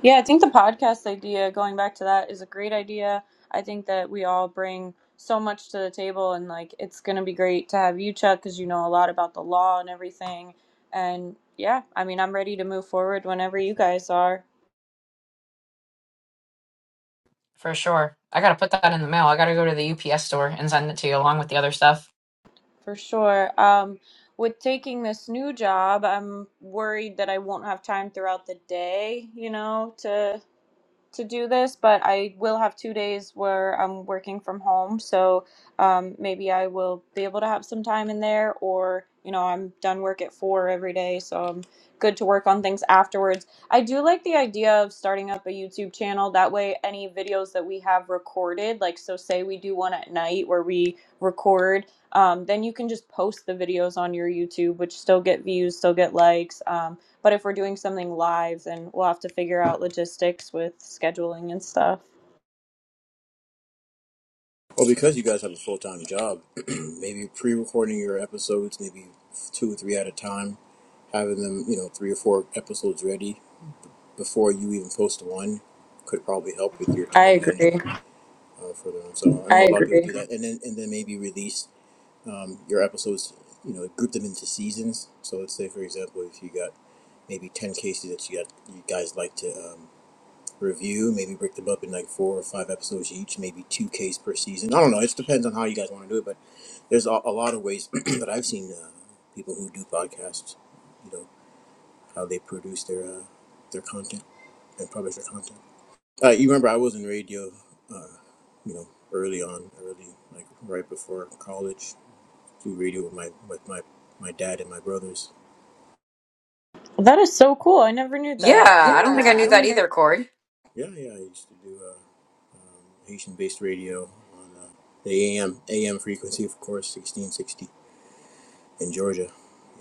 Speaker 1: yeah i think the podcast idea going back to that is a great idea i think that we all bring so much to the table and like it's going to be great to have you chuck because you know a lot about the law and everything and yeah i mean i'm ready to move forward whenever you guys are
Speaker 4: for sure. I got to put that in the mail. I got to go to the UPS store and send it to you along with the other stuff.
Speaker 1: For sure. Um, with taking this new job, I'm worried that I won't have time throughout the day, you know, to to do this, but I will have two days where I'm working from home. So um, maybe I will be able to have some time in there, or, you know, I'm done work at four every day. So I'm good to work on things afterwards. I do like the idea of starting up a YouTube channel. That way, any videos that we have recorded, like, so say we do one at night where we record. Um, then you can just post the videos on your YouTube, which still get views, still get likes. Um, but if we're doing something live, then we'll have to figure out logistics with scheduling and stuff.
Speaker 5: well because you guys have a full time job. maybe pre-recording your episodes, maybe two or three at a time, having them you know three or four episodes ready before you even post one could probably help with your
Speaker 1: I
Speaker 5: time management
Speaker 1: agree.
Speaker 5: uh, for them. So I know I a lot of people agree. do that, and then and then maybe release um, your episodes. You know, group them into seasons. So let's say, for example, if you got maybe ten cases that you got you guys like to um, review, maybe break them up in like four or five episodes each, maybe two cases per season. I don't know. It just depends on how you guys want to do it. But there's a, a lot of ways that I've seen uh, people who do podcasts. You know how they produce their uh, their content and publish their content. Uh, you remember I was in radio, uh, you know, early on, early like right before college, do radio with my with my my dad and my brothers.
Speaker 1: That is so cool. I never knew
Speaker 4: Yeah,
Speaker 1: that.
Speaker 5: Yep,
Speaker 4: I don't think I
Speaker 5: Yeah, I
Speaker 4: knew
Speaker 5: yep. don't
Speaker 4: that
Speaker 5: think I
Speaker 4: either, Corey.
Speaker 5: Yeah, yeah. I used to do uh, um, Haitian-based radio on uh, the AM AM frequency, of course, sixteen sixty in Georgia.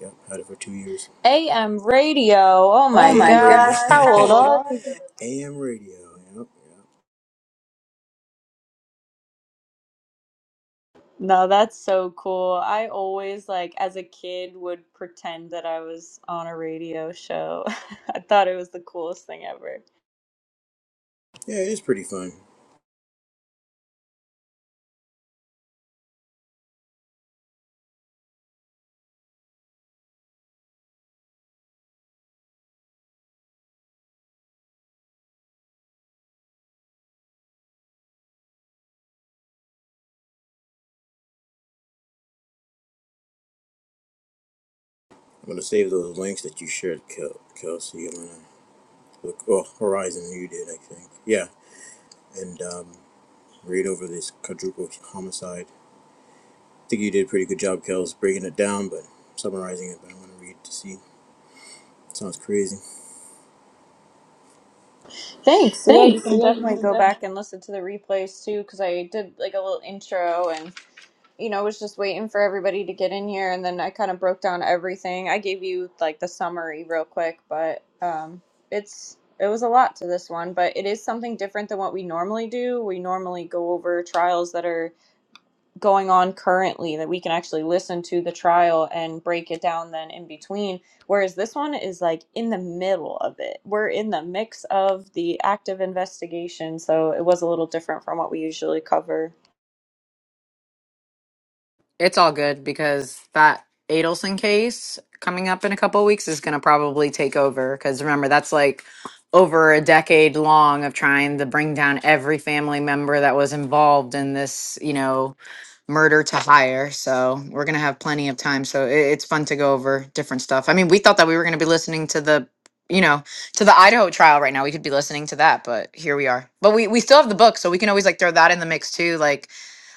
Speaker 5: Yep, had it for two years.
Speaker 1: AM radio. Oh
Speaker 5: Oh
Speaker 1: my
Speaker 5: my AM radio,
Speaker 1: gosh.
Speaker 5: gosh,
Speaker 1: How
Speaker 5: how
Speaker 1: old
Speaker 5: old are
Speaker 1: are you?
Speaker 5: you? AM radio. Yep, yep.
Speaker 1: No, that's so cool. I always, like, as a kid, would pretend that I was on a radio show. I thought it was the coolest thing ever.
Speaker 5: Yeah, it is pretty fun. I'm gonna save those links that you shared, Kel- Kelsey. Well, Horizon, you did, I think. Yeah, and um, read over this quadruple homicide. I think you did a pretty good job, Kels, breaking it down, but summarizing it. But I'm gonna read to see. Sounds crazy.
Speaker 1: Thanks. Yeah, you
Speaker 5: Thanks.
Speaker 1: can
Speaker 5: Yeah, you
Speaker 1: definitely
Speaker 5: can
Speaker 1: go
Speaker 5: definitely.
Speaker 1: back and listen to the replays too, because I did like a little intro and. you know, was just waiting for everybody to get in here, and then I kind of broke down everything. I gave you like the summary real quick, but um, it's it was a lot to this one, but it is something different than what we normally do. We normally go over trials that are going on currently that we can actually listen to the trial and break it down then in between. Whereas this one is like in the middle of it. We're in the mix of the active investigation, so it was a little different from what we usually cover.
Speaker 4: It's all good because that Adelson case coming up in a couple weeks is going to probably take over. Because remember, that's like over a decade long of trying to bring down every family member that was involved in this, you know, murder to hire. So we're going to have plenty of time. So it, it's fun to go over different stuff. I mean, we thought that we were going to be listening to the you know to the idaho trial right now we could be listening to that but here we are but we we still have the book so we can always like throw that in the mix too like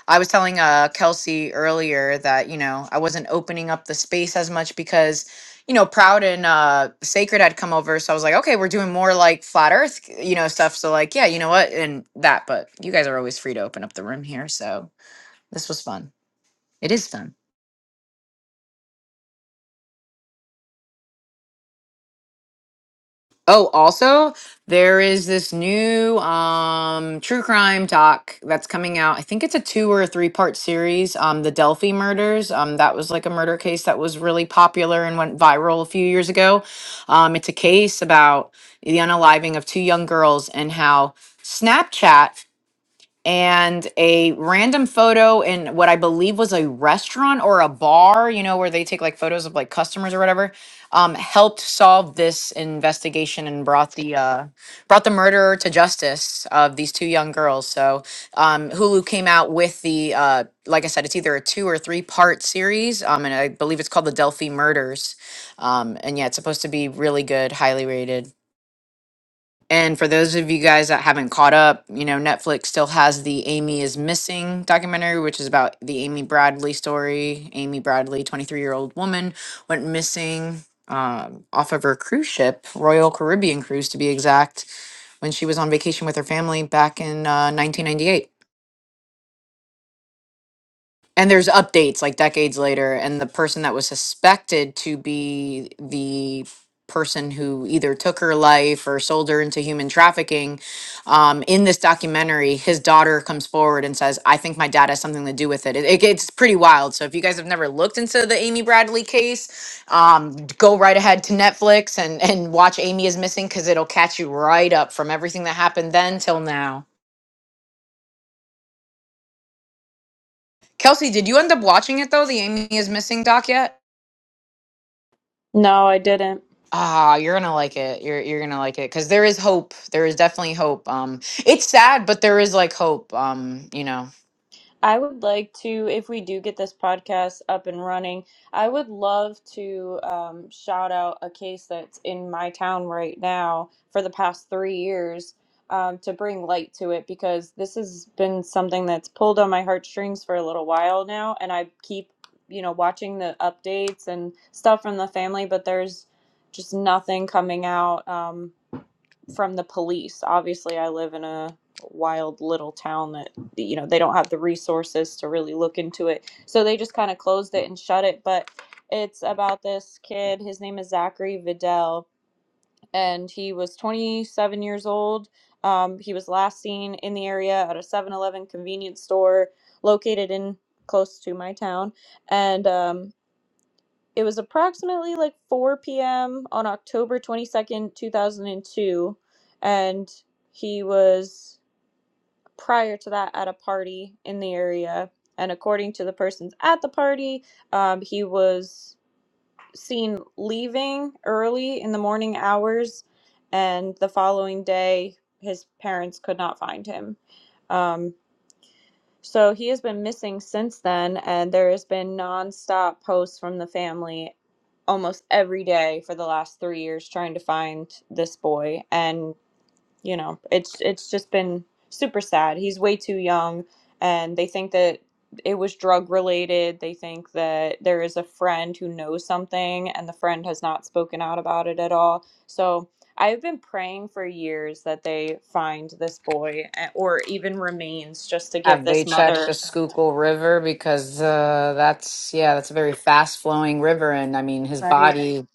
Speaker 4: I was telling uh, Kelsey earlier that you know I wasn't opening up the space as much because you know Proud and uh, Sacred had come over, so I was like, okay, we're doing more like flat Earth, you know, stuff. So like, yeah, you know what, and that. But you guys are always free to open up the room here, so this was fun. It is fun. Oh, also, there is this new um true crime doc that's coming out. I think it's a two or a three part series. Um, the Delphi murders. Um, that was like a murder case that was really popular and went viral a few years ago. Um, it's a case about the unaliving of two young girls and how Snapchat and a random photo in what I believe was a restaurant or a bar, you know, where they take like photos of like customers or whatever, um, helped solve this investigation and brought the uh, brought the murderer to justice of these two young girls. So um, Hulu came out with the uh, like I said, it's either a two or three part series, um, and I believe it's called the Delphi Murders. Um, and yeah, it's supposed to be really good, highly rated. And for those of you guys that haven't caught up, you know, Netflix still has the Amy is Missing documentary, which is about the Amy Bradley story. Amy Bradley, 23 year old woman, went missing um, off of her cruise ship, Royal Caribbean Cruise to be exact, when she was on vacation with her family back in uh, 1998 and there's updates like decades later and the person that was suspected to be the person who either took her life or sold her into human trafficking um, in this documentary his daughter comes forward and says i think my dad has something to do with it. it it gets pretty wild so if you guys have never looked into the amy bradley case um, go right ahead to netflix and and watch amy is missing because it'll catch you right up from everything that happened then till now kelsey did you end up watching it though the amy is missing doc yet
Speaker 1: No, I didn't.
Speaker 4: Ah, you're gonna like it. You're you're gonna like it because there is hope. There is definitely hope. Um, it's sad, but there is like hope. Um, you know,
Speaker 1: I would like to, if we do get this podcast up and running, I would love to um, shout out a case that's in my town right now for the past three years um, to bring light to it because this has been something that's pulled on my heartstrings for a little while now. And I keep, you know, watching the updates and stuff from the family, but there's just nothing coming out. Um, from the police. Obviously, I live in a wild little town that you know they don't have the resources to really look into it, so they just kind of closed it and shut it. But it's about this kid. His name is Zachary Vidal, and he was 27 years old. Um, he was last seen in the area at a Seven Eleven convenience store located in close to my town, and um, it was approximately like 4 p.m. on October 22nd, 2002, and two, and he was prior to that at a party in the area. And according to the persons at the party, um, he was seen leaving early in the morning hours, and the following day, his parents could not find him. Um, so he has been missing since then, and there has been nonstop posts from the family almost every day for the last three years trying to find this boy. And you know it's it's just been super sad he's way too young and they think that it was drug related they think that there is a friend who knows something and the friend has not spoken out about it at all so i've been praying for years that they find this boy eh, or even remains just to give
Speaker 4: have they
Speaker 1: this
Speaker 4: checked
Speaker 1: mother
Speaker 4: the Schuylkill River because uh, that's yeah, that's a very fast flowing river, and I mean his
Speaker 1: Right.
Speaker 4: body.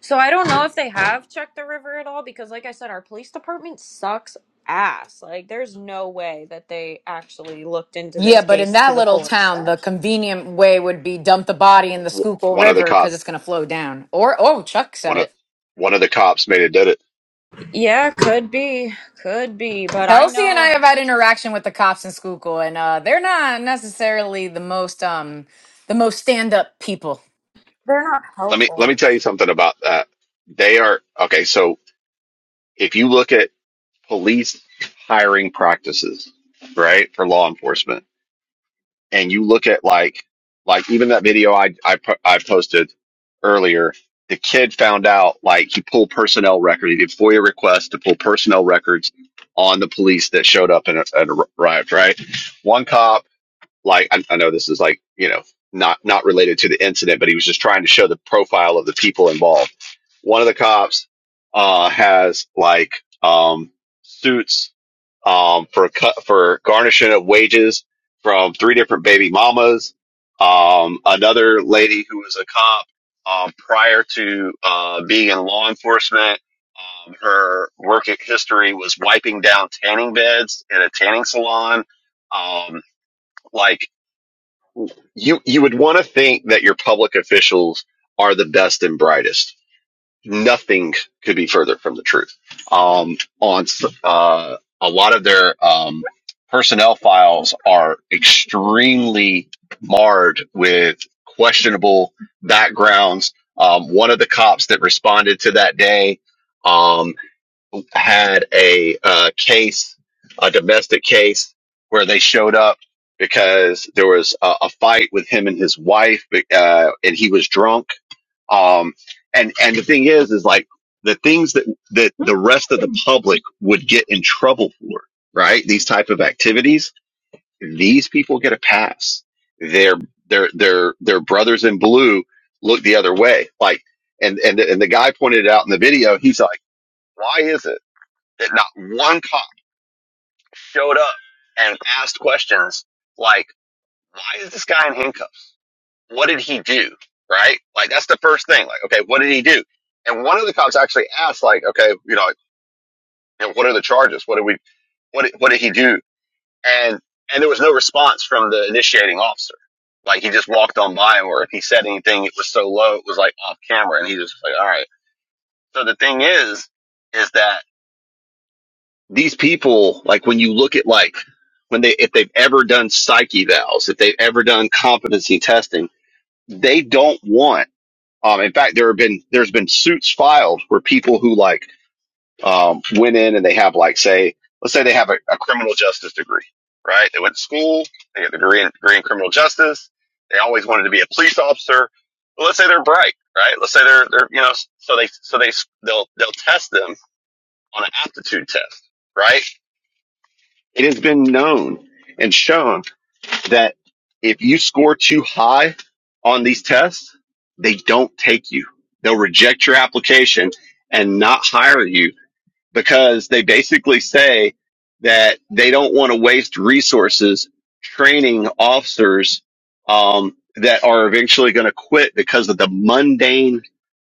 Speaker 1: So I don't know if they have checked the river at all because, like I said, our police department sucks ass. Like, there's no way that they actually looked into
Speaker 4: Yeah,
Speaker 1: this
Speaker 4: but in
Speaker 1: case to
Speaker 4: that
Speaker 1: the
Speaker 4: little
Speaker 1: full
Speaker 4: town,
Speaker 1: extent.
Speaker 4: the convenient way would be dump the body in the
Speaker 6: W-
Speaker 4: Schuylkill
Speaker 6: One of the
Speaker 4: River
Speaker 6: cop,
Speaker 4: because it's gonna flow down. Or oh, Chuck said
Speaker 6: one of
Speaker 4: it.
Speaker 6: one of the cops made it did it.
Speaker 1: Yeah, could be, could be, but I
Speaker 4: Kelsey and I
Speaker 1: know
Speaker 4: have had interaction with the cops in Schuylkill, and uh, they're not necessarily the most um the most stand up people.
Speaker 1: they're not
Speaker 6: Let me let
Speaker 1: helpful.
Speaker 6: me tell you something about that. They are okay. So if you look at police hiring practices, right, for law enforcement and you look at like like even that video I I po- I posted earlier, the kid found out like he pulled personnel record. He did FOIA requests to pull personnel records on the police that showed up and, and arrived. Right, one cop like I, I know this is like you know not not related to the incident, but he was just trying to show the profile of the people involved. One of the cops uh, has like um, suits um, for cut for garnishing of wages from three different baby mamas. Um, another lady who was a cop um, prior to uh, being in law enforcement. Um, her work history was wiping down tanning beds in a tanning salon. Um, like you, you would want to think that your public officials are the best and brightest nothing could be further from the truth. Um, on uh, a lot of their um, personnel files are extremely marred with questionable backgrounds. Um, one of the cops that responded to that day um, had a uh, case, a domestic case, where they showed up because there was a, a fight with him and his wife, uh, and he was drunk um, and and the thing is, is like the things that that the rest of the public would get in trouble for, right? These type of activities, these people get a pass. Their their their their brothers in blue look the other way. Like, and and and the guy pointed it out in the video. He's like, why is it that not one cop showed up and asked questions like, why is this guy in handcuffs? what did he do? Right? Like that's the first thing. Like, okay, what did he do? And one of the cops actually asked, like, okay, you know, like, you know, what are the charges? What did we what did- what did he do? And and there was no response from the initiating officer. Like he just walked on by or if he said anything, it was so low, it was like off camera, and he was just like, all right. So the thing is, is that these people, like when you look at like when they if they've ever done psyche valves, if they've ever done competency testing, they don't want Um, in fact, there have been there's been suits filed where people who like um, went in and they have like say let's say they have a, a criminal justice degree, right? They went to school, they get a degree in, degree in criminal justice. They always wanted to be a police officer. But let's say they're bright, right? Let's say they're they're you know so they so they they'll they'll test them on an aptitude test, right? It has been known and shown that if you score too high on these tests, they don't take you. They'll reject your application and not hire you because they basically say that they don't want to waste resources training officers um, that are eventually going to quit because of the mundane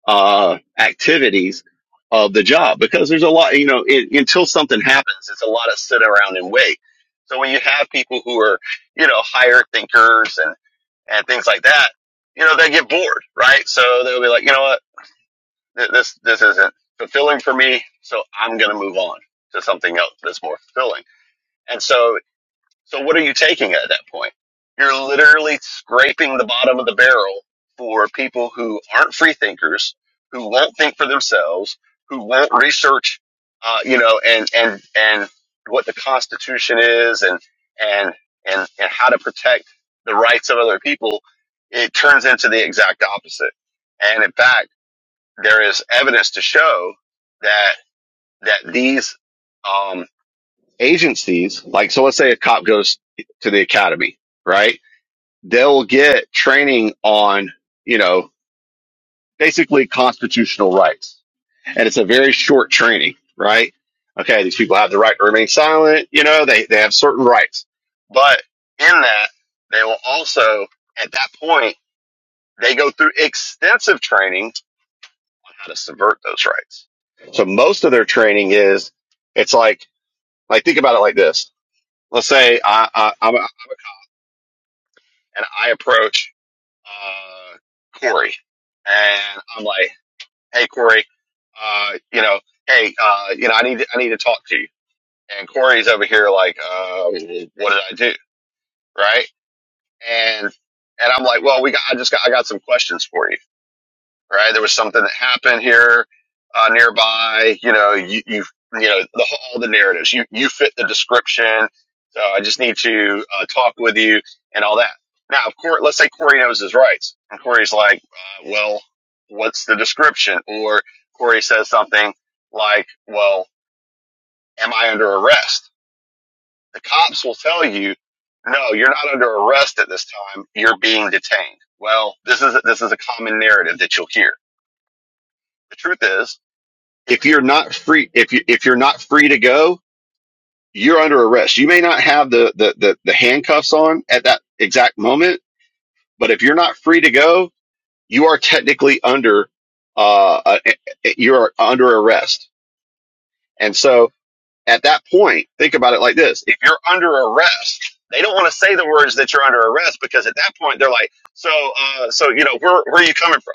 Speaker 6: uh, activities of the job. Because there's a lot, you know, it, until something happens, it's a lot of sit around and wait. So when you have people who are, you know, higher thinkers and and things like that, you know, they get bored, right? So they'll be like, you know what? th- this this isn't fulfilling for me so i'm going to move on to something else that's more fulfilling and so so what are you taking at that point you're literally scraping the bottom of the barrel for people who aren't free thinkers who won't think for themselves who won't research uh, you know and and and what the constitution is and and and and how to protect the rights of other people it turns into the exact opposite and in fact there is evidence to show that that these um, agencies, like so, let's say a cop goes to the academy, right? They'll get training on you know basically constitutional rights, and it's a very short training, right? Okay, these people have the right to remain silent. You know, they they have certain rights, but in that they will also at that point they go through extensive training how to subvert those rights. So most of their training is it's like like think about it like this. Let's say I, I I'm a, and I approach uh, Corey and I'm like, hey Corey, uh, you know, hey, uh, you know, I need to, I need to talk to you. And Corey's over here like, um, what did I do, right? And and I'm like, well, we got I just got I got some questions for you right? There was something that happened here uh, nearby. You know, you, you you know the all the narratives. You you fit the description. So I just need to uh, talk with you and all that. Now, of course, let's say Corey knows his rights, and Corey's like, uh, "Well, what's the description?" Or Corey says something like, "Well, am I under arrest?" The cops will tell you, "No, you're not under arrest at this time. You're being detained." Well, this is this is a common narrative that you'll hear. The truth is, if you're not free if you if you're not free to go you're under arrest you may not have the the the, the handcuffs on at that exact moment but if you're not free to go you are technically under uh uh, you're under arrest and so at that point think about it like this if you're under arrest they don't want to say the words that you're under arrest because at that point they're like so uh so you know where where are you coming from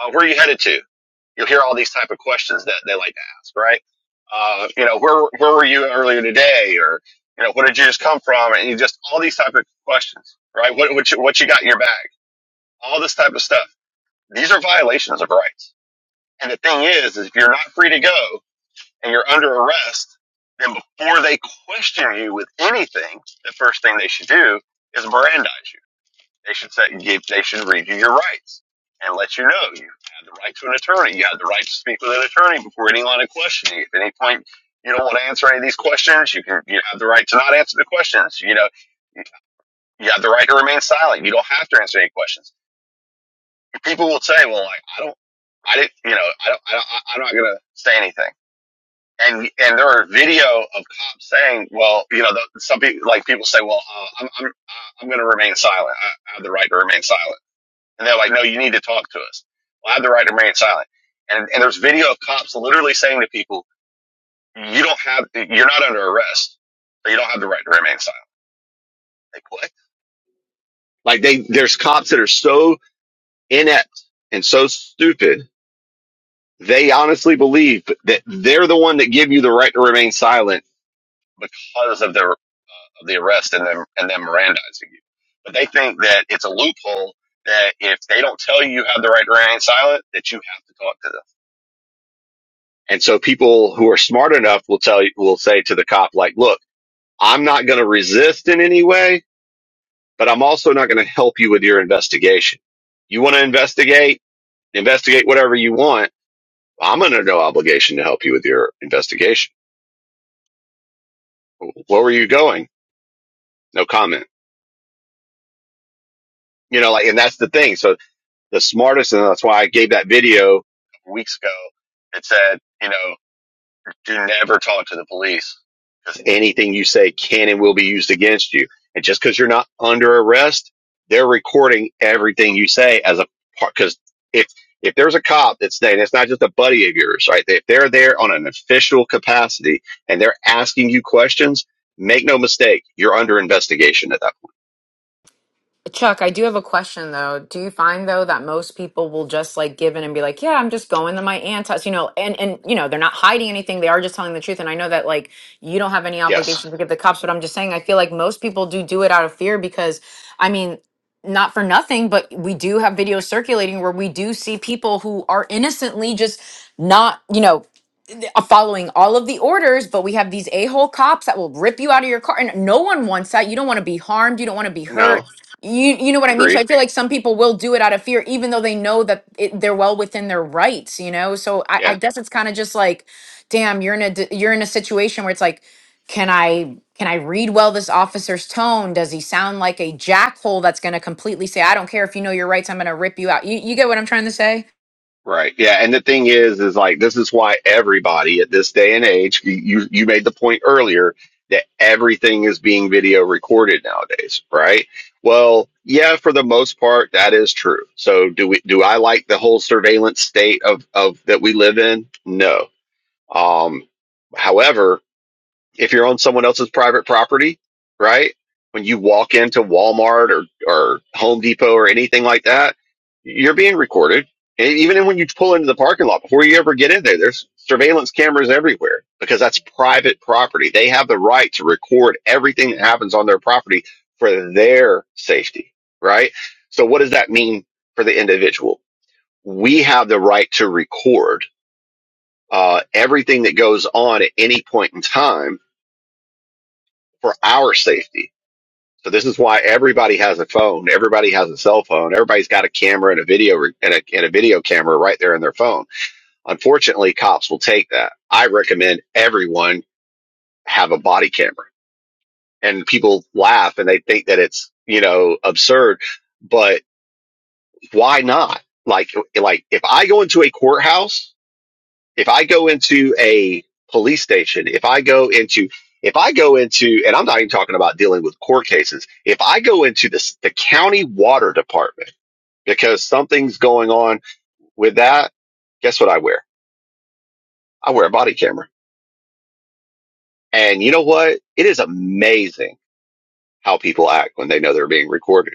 Speaker 6: uh, where are you headed to You'll hear all these type of questions that they like to ask, right? Uh, you know, where where were you earlier today, or you know, where did you just come from, and you just all these type of questions, right? What what you, what you got in your bag? All this type of stuff. These are violations of rights. And the thing is, is if you're not free to go and you're under arrest, then before they question you with anything, the first thing they should do is Mirandize you they should say, give, they should read you your rights and let you know you have the right to an attorney. You have the right to speak with an attorney before any line of questioning. If at any point you don't want to answer any of these questions, you can, you have the right to not answer the questions. You know, you you have the right to remain silent. You don't have to answer any questions. People will say, well, like, I don't, I didn't, you know, I don't, I don't I- I'm not going to say anything. And, and there are video of cops saying, well, you know, the, some people, like people say, well, uh, I'm, I'm, I'm going to remain silent. I, I have the right to remain silent and they're like, no, you need to talk to us. Well, I have the right to remain silent. And, and there's video of cops literally saying to people, you don't have, you're not under arrest, so you don't have the right to remain silent. Like, what? Like they, there's cops that are so inept and so stupid. They honestly believe that they're the one that give you the right to remain silent because of their, of the arrest and them, and them Mirandizing you. But they think that it's a loophole that if they don't tell you you have the right to remain silent, that you have to talk to them And so people who are smart enough will tell you, will say to the cop, like, look, I'm not going to resist in any way, but I'm also not going to help you with your investigation. You want to investigate, investigate whatever you want. I'm under no obligation to help you with your investigation. Where were you going? No comment. You know, like, and that's the thing. So the smartest, and that's why I gave that video weeks ago that said, you know, do never talk to the police because anything you say can and will be used against you. And just because you're not under arrest, they're recording everything you say as a part. Because if if there's a cop that's saying it's not just a buddy of yours, right? If they're there on an official capacity and they're asking you questions, make no mistake, you're under investigation at that point.
Speaker 4: Chuck, I do have a question though. Do you find though that most people will just like give in and be like, "Yeah, I'm just going to my aunt's house," you know, and and you know they're not hiding anything; they are just telling the truth. And I know that like you don't have any
Speaker 6: Yes.
Speaker 4: obligation to give the cops, but I'm just saying I feel like most people do do it out of fear because, I mean, not for nothing, but we do have videos circulating where we do see people who are innocently just not, you know, following all of the orders, but we have these a hole cops that will rip you out of your car, and no one wants that. You don't want to be harmed. You don't want to be
Speaker 6: No.
Speaker 4: hurt. You you know what I mean. So I
Speaker 6: Agreed.
Speaker 4: feel like some people will do it out of fear, even though they know that it, they're well within their rights. You know. So I,
Speaker 6: Yeah.
Speaker 4: I guess it's kind of just like, damn, you're in a d- you're in a situation where it's like, can I can I read well this officer's tone? Does he sound like a jackhole that's going to completely say, I don't care if you know your rights, I'm going to rip you out. You you get what I'm trying to say?
Speaker 6: Right. Yeah. And the thing is, is like, this is why everybody at this day and age, you, you you made the point earlier that everything is being video recorded nowadays, right? Well, yeah, for the most part, that is true. So do we, do I like the whole surveillance state of, of that we live in? No. Um, however, if you're on someone else's private property, right? When you walk into Walmart or, or Home Depot or anything like that, you're being recorded. And even when you pull into the parking lot, before you ever get in there, there's surveillance cameras everywhere because that's private property. They have the right to record everything that happens on their property for their safety, right? So what does that mean for the individual? We have the right to record uh, everything that goes on at any point in time for our safety. So this is why everybody has a phone. Everybody has a cell phone. Everybody's got a camera and a video re- and a, and a video camera right there in their phone. Unfortunately, cops will take that. I recommend everyone have a body camera and people laugh and they think that it's, you know, absurd, but why not? Like, like if I go into a courthouse if I go into a police station, if I go into, if I go into, and I'm not even talking about dealing with court cases, if I go into this, the county water department because something's going on with that, guess what I wear? I wear a body camera. And you know what? It is amazing how people act when they know they're being recorded.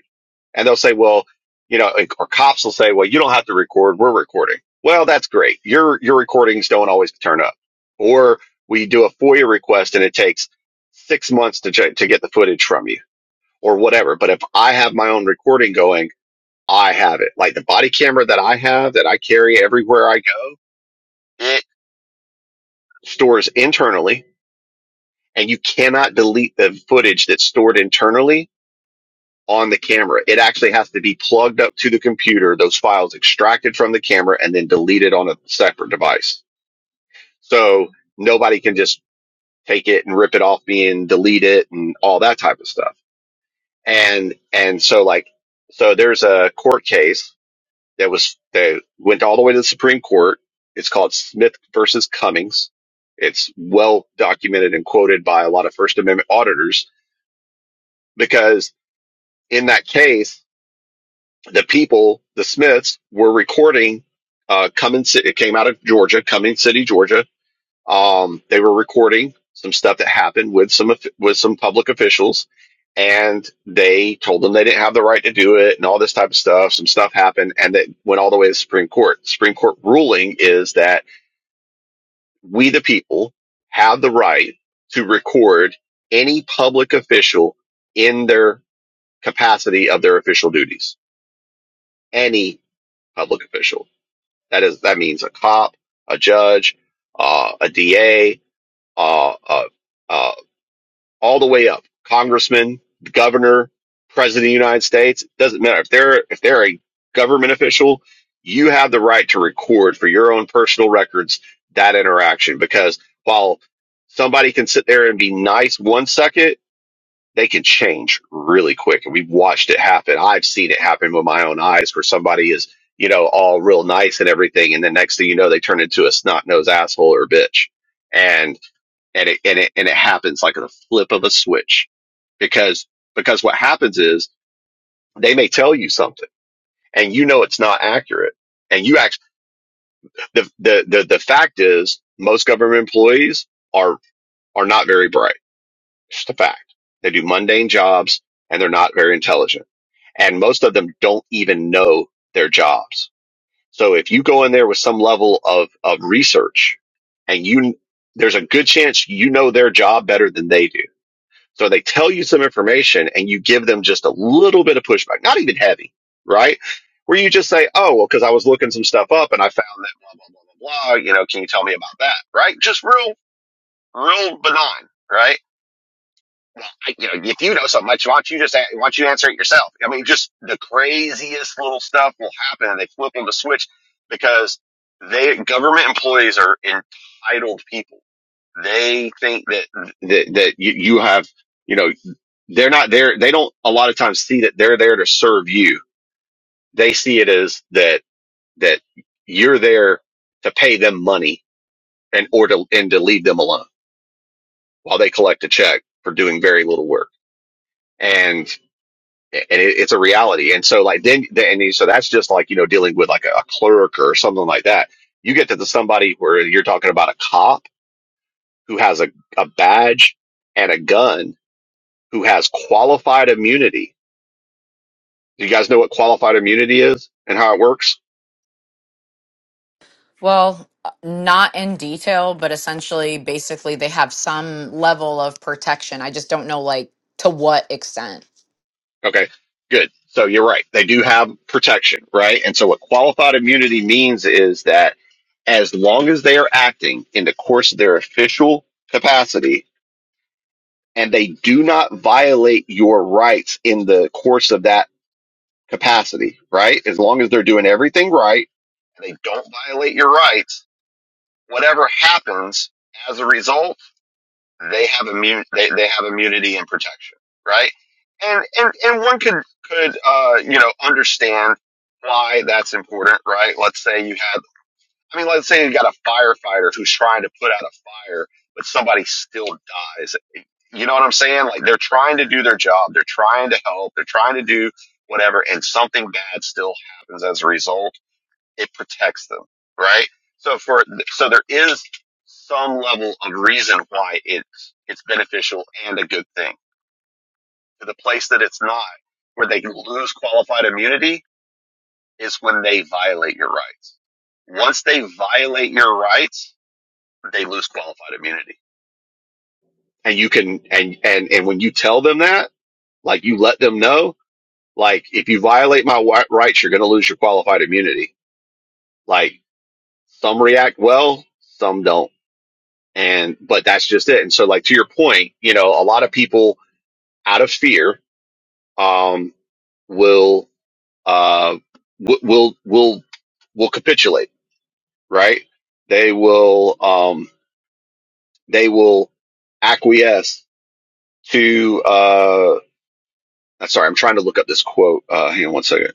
Speaker 6: And they'll say, well, you know, or cops will say, well, you don't have to record. We're recording. Well, that's great. Your, your recordings don't always turn up. Or we do a FOIA request and it takes six months to, check, to get the footage from you or whatever. But if I have my own recording going, I have it. Like the body camera that I have that I carry everywhere I go, it stores internally and you cannot delete the footage that's stored internally on the camera. It actually has to be plugged up to the computer, those files extracted from the camera and then deleted on a separate device. So nobody can just take it and rip it off me and delete it and all that type of stuff. And, and so like, so there's a court case that was, that went all the way to the Supreme Court. It's called Smith versus Cummings. It's well documented and quoted by a lot of First Amendment auditors because in that case, the people, the Smiths, were recording uh, Cumming City. It came out of Georgia, Cumming City, Georgia. Um, they were recording some stuff that happened with some of- with some public officials, and they told them they didn't have the right to do it, and all this type of stuff. Some stuff happened, and that went all the way to the Supreme Court. Supreme Court ruling is that we, the people, have the right to record any public official in their capacity of their official duties. Any public official That is that means a cop, a judge, uh, a DA, uh, uh, uh, all the way up, congressman, governor, president of the United States. Doesn't matter if they're if they're a government official, you have the right to record for your own personal records that interaction because while somebody can sit there and be nice one second they can change really quick. And we've watched it happen. I've seen it happen with my own eyes where somebody is, you know, all real nice and everything. And the next thing you know, they turn into a snot nosed asshole or a bitch. And, and it, and it, and it happens like a flip of a switch because, because what happens is they may tell you something and you know, it's not accurate. And you act, the, the, the, the fact is most government employees are, are not very bright. It's just a fact. They do mundane jobs and they're not very intelligent and most of them don't even know their jobs. So if you go in there with some level of, of research and you, there's a good chance you know their job better than they do. So they tell you some information and you give them just a little bit of pushback, not even heavy, right? Where you just say, oh, well, cause I was looking some stuff up and I found that blah, blah, blah, blah, blah. You know, can you tell me about that? Right? Just real, real benign, right? I- you know, if you know so much, why don't you just, why don't you answer it yourself? I mean, just the craziest little stuff will happen and they flip on the switch because they, government employees are entitled people. They think that, that, that you, you have, you know, they're not there. They don't a lot of times see that they're there to serve you. They see it as that, that you're there to pay them money and, or to, and to leave them alone while they collect a check for doing very little work. and. and it, it's a reality. And so like then, then and so that's just like you know dealing with like a, a clerk or something like that. You get to the somebody where you're talking about a cop who has a, a badge and a gun who has qualified immunity. Do you guys know what qualified immunity is and how it works?
Speaker 4: Well, uh, not in detail, but essentially, basically, they have some level of protection. I just don't know, like, to what extent.
Speaker 6: Okay, good. So you're right. They do have protection, right? And so what qualified immunity means is that as long as they are acting in the course of their official capacity, and they do not violate your rights in the course of that capacity, right? As long as they're doing everything right and they don't violate your rights, whatever happens as a result, they have immune they, they have immunity and protection, right? And and and one could could uh you know understand why that's important, right? Let's say you I mean, let's say you got a firefighter who's trying to put out a fire, but somebody still dies. You know what I'm saying? Like they're trying to do their job, they're trying to help, they're trying to do whatever, and something bad still happens as a result. It protects them, right? So for so there is some level of reason why it's it's beneficial and a good thing. To the place that it's not, where they lose qualified immunity, is when they violate your rights. Once they violate your rights, they lose qualified immunity. And you can, and, and, and when you tell them that, like you let them know, like if you violate my wi- rights, you're going to lose your qualified immunity. Like some react well, some don't. And, but that's just it. And so like to your point, you know, a lot of people out of fear, um, will, uh, w- will, will, will capitulate, right? They will, um, they will acquiesce to, uh. I'm sorry, I'm trying to look up this quote. Uh, hang on one second.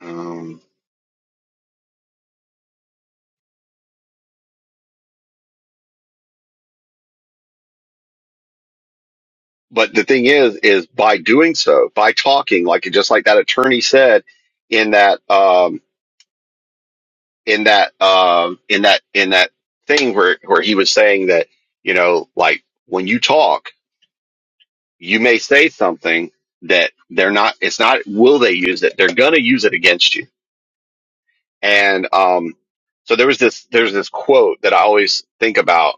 Speaker 6: Um, but the thing is, is by doing so, by talking, like just like that attorney said in that, um, in that, um, in that, in that thing where where he was saying that, you know, like when you talk, you may say something that they're not. It's not will they use it? They're gonna use it against you And um, so there was this there's this quote that I always think about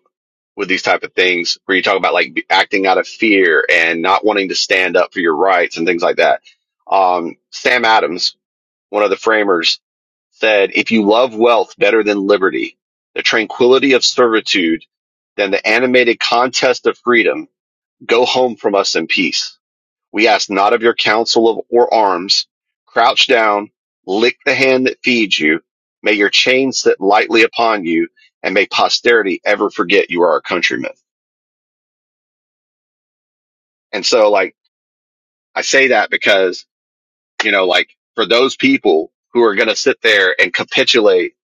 Speaker 6: with these type of things where you talk about like be- acting out of fear and not wanting to stand up for your rights and things like that. Um, Sam Adams, one of the framers, said, "If you love wealth better than liberty, the tranquility of servitude, than the animated contest of freedom, go home from us in peace." We ask not of your counsel of, or arms. Crouch down, lick the hand that feeds you. May your chain sit lightly upon you, and may posterity ever forget you are our countrymen. And so, like, I say that because, you know, like, for those people who are going to sit there and capitulate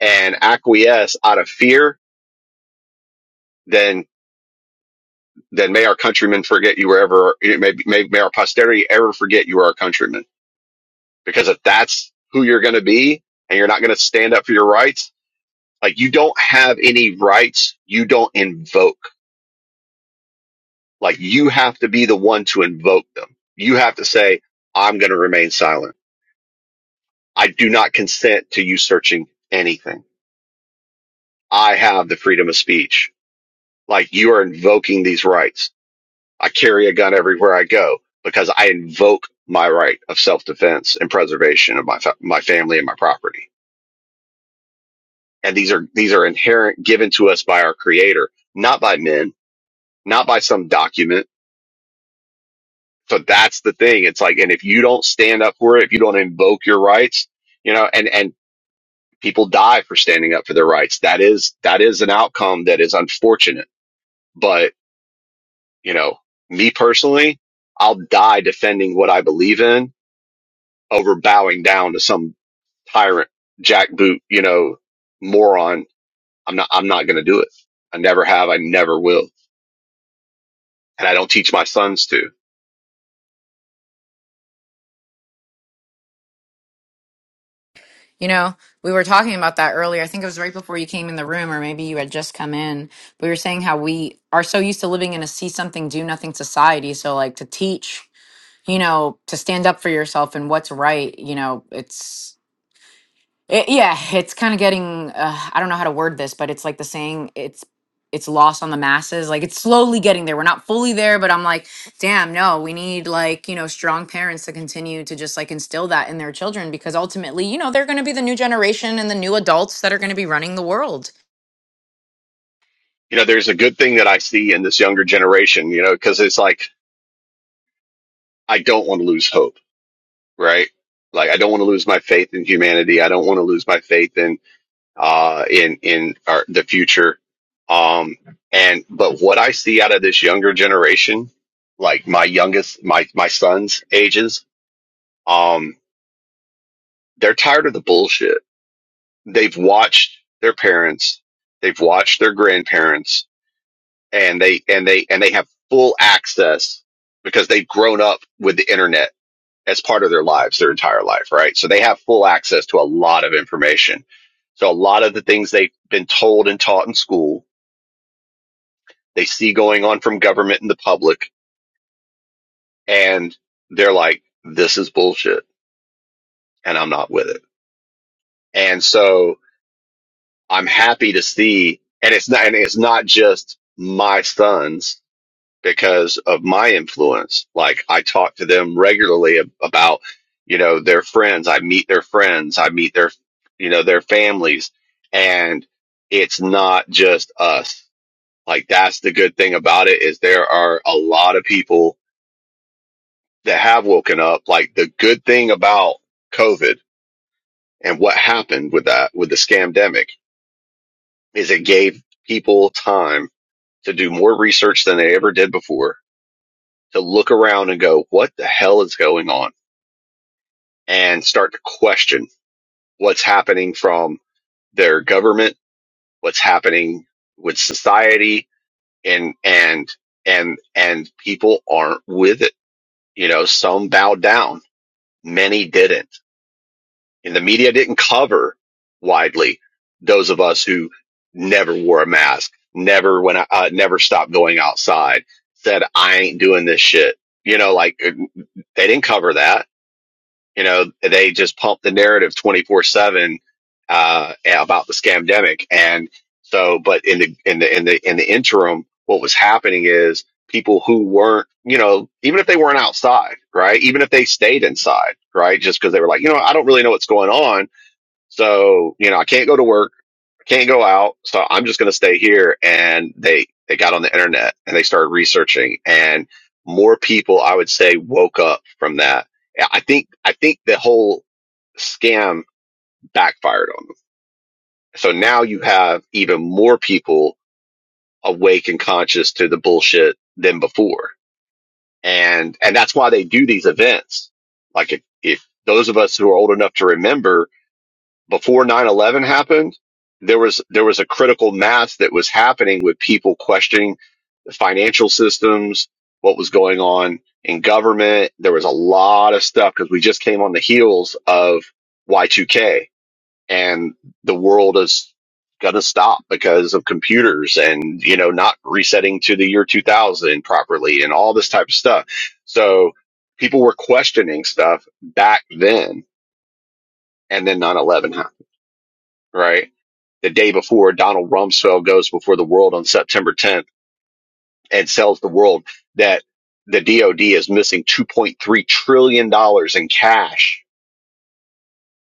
Speaker 6: and acquiesce out of fear, then, then may our countrymen forget you wherever, may, may, may our posterity ever forget you are our countrymen. Because if that's who you're going to be, and you're not going to stand up for your rights, Like you don't have any rights. You don't invoke. Like you have to be the one to invoke them. You have to say, I'm going to remain silent. I do not consent to you searching anything. I have the freedom of speech. Like you are invoking these rights. I carry a gun everywhere I go because I invoke my right of self-defense and preservation of my, fa- my family and my property. And these are, these are inherent given to us by our creator, not by men, not by some document So that's the thing. It's like, and if you don't stand up for it, if you don't invoke your rights, you know, and, and people die for standing up for their rights. That is, that is an outcome that is unfortunate. But, you know, me personally, I'll die defending what I believe in over bowing down to some tyrant, jackboot, you know, moron. I'm not, I'm not going to do it. I never have. I never will. And I don't teach my sons to.
Speaker 4: You know, we were talking about that earlier. I think it was right before you came in the room, or maybe you had just come in. We were saying how we are so used to living in a see something, do nothing society. So, like, to teach, you know, to stand up for yourself and what's right, you know, it's. It, yeah, it's kind of getting uh, I don't know how to word this, but it's like the saying it's it's lost on the masses. Like it's slowly getting there. We're not fully there, but I'm like, damn, no, we need like, you know, strong parents to continue to just like instill that in their children because ultimately, you know, they're going to be the new generation and the new adults that are going to be running the world.
Speaker 6: You know, there's a good thing that I see in this younger generation, you know, because it's like, I don't want to lose hope, right? Like I don't want to lose my faith in humanity. I don't want to lose my faith in uh in in our, the future. Um and but what I see out of this younger generation, like my youngest my my son's ages, um they're tired of the bullshit. They've watched their parents, they've watched their grandparents and they and they and they have full access because they've grown up with the internet as part of their lives, their entire life, right? So they have full access to a lot of information. So a lot of the things they've been told and taught in school, they see going on from government and the public, and they're like, this is bullshit and I'm not with it. And so I'm happy to see, and it's not, and it's not just my sons because of my influence. Like I talk to them regularly ab- about, you know, their friends. I meet their friends. I meet their, you know, their families. And it's not just us. Like that's the good thing about it is there are a lot of people that have woken up. Like the good thing about COVID and what happened with that, with the scamdemic is it gave people time to do more research than they ever did before to look around and go, what the hell is going on? and start to question what's happening from their government, what's happening with society and, and, and, and people aren't with it. You know, some bowed down, many didn't. And the media didn't cover widely those of us who never wore a mask, never went, uh, never stopped going outside, said, I ain't doing this shit. You know, like uh, they didn't cover that You know, they just pump the narrative 24 seven, uh, about the scamdemic. And so, but in the, in the, in the, in the interim, what was happening is people who weren't, you know, even if they weren't outside, right? Even if they stayed inside, right? Just because they were like, you know, I don't really know what's going on. So, you know, I can't go to work can't go out, so I'm just going to stay here. And they they got on the internet and they started researching, and more people, I would say, woke up from that. Yeah, I think I think the whole scam backfired on them. So now you have even more people awake and conscious to the bullshit than before, and and that's why they do these events. Like if, if those of us who are old enough to remember before nine eleven happened, there was, there was a critical mass that was happening with people questioning the financial systems, what was going on in government. There was a lot of stuff because we just came on the heels of Y2K and the world is going to stop because of computers and, you know, not resetting to the year 2000 properly and all this type of stuff. So people were questioning stuff back then. And then nine eleven happened right? The day before Donald Rumsfeld goes before the world on September 10th and sells the world that the DOD is missing $2.3 trillion dollars in cash.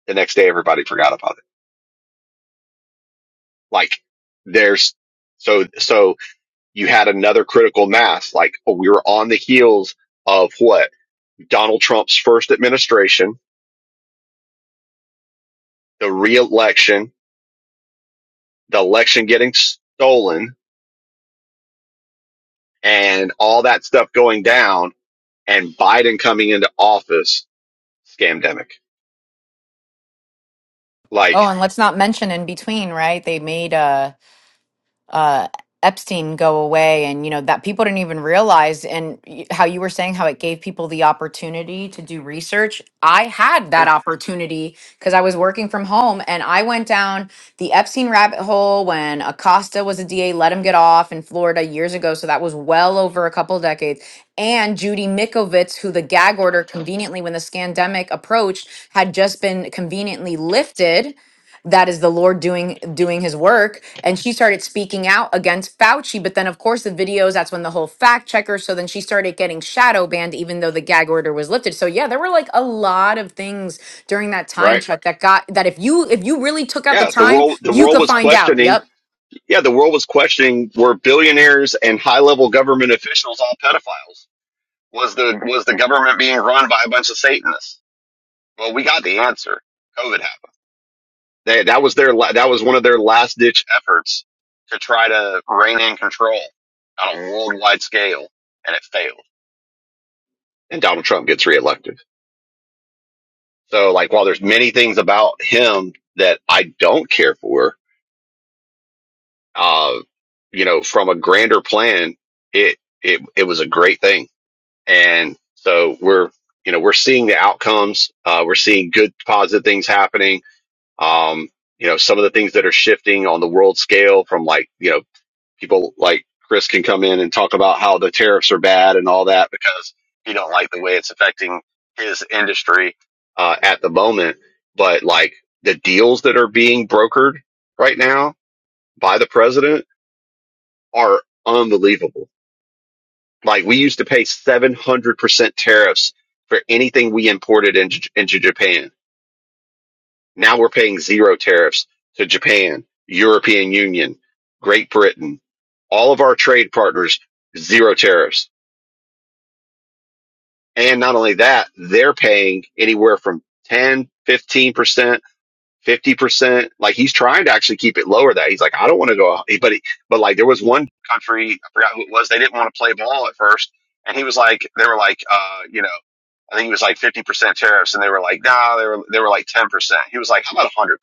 Speaker 6: The next day, everybody forgot about it. Like there's so, so you had another critical mass. Like oh, we were on the heels of what Donald Trump's first administration, the reelection, the election getting stolen and all that stuff going down and Biden coming into office scamdemic.
Speaker 4: Oh,
Speaker 6: Like,
Speaker 4: and let's not mention in between, right? They made uh uh, Epstein go away, and you know that people didn't even realize. And y- how you were saying how it gave people the opportunity to do research. I had that
Speaker 6: yeah,
Speaker 4: opportunity because I was working from home, and I went down the Epstein rabbit hole when Acosta was a DA, let him get off in Florida years ago. So that was well over a couple decades. And Judy Mikovits, who the gag order conveniently when the scandemic approached had just been conveniently lifted that is the lord doing doing his work and she started speaking out against fauci but then of course the videos that's when the whole fact checker so then she started getting shadow banned even though the gag order was lifted so yeah there were like a lot of things during that time
Speaker 6: right?
Speaker 4: chuck that got that if you if you really took out the
Speaker 6: yeah, the
Speaker 4: time
Speaker 6: world, the
Speaker 4: you
Speaker 6: world
Speaker 4: could
Speaker 6: was
Speaker 4: find out
Speaker 6: questioning.
Speaker 4: yep
Speaker 6: Yeah, the world was questioning were billionaires and high level government officials all pedophiles? Was the, was the government being run by a bunch of Satanists? Well, we got the answer. COVID happened. They, that was their, la- that was one of their last ditch efforts to try to rein in control on a worldwide scale. And it failed. And Donald Trump gets reelected. So like, while there's many things about him that I don't care for, uh, you know, from a grander plan, it, it, it was a great thing. And so we're, you know, we're seeing the outcomes. Uh, we're seeing good positive things happening. Um, you know, some of the things that are shifting on the world scale from like, you know, people like Chris can come in and talk about how the tariffs are bad and all that because he don't like the way it's affecting his industry, uh, at the moment. But like the deals that are being brokered right now by the president are unbelievable. Like we used to pay 700% tariffs for anything we imported into, into Japan. Now we're paying zero tariffs to Japan, European Union, Great Britain, all of our trade partners, zero tariffs. And not only that, they're paying anywhere from ten fifteen percent 50%. Like he's trying to actually keep it lower that he's like, I don't want to go, but, he, but like there was one country, I forgot who it was. They didn't want to play ball at first. And he was like, they were like, uh, you know, I think he was like 50% tariffs and they were like, nah, they were, they were like 10%. He was like, how about 100%?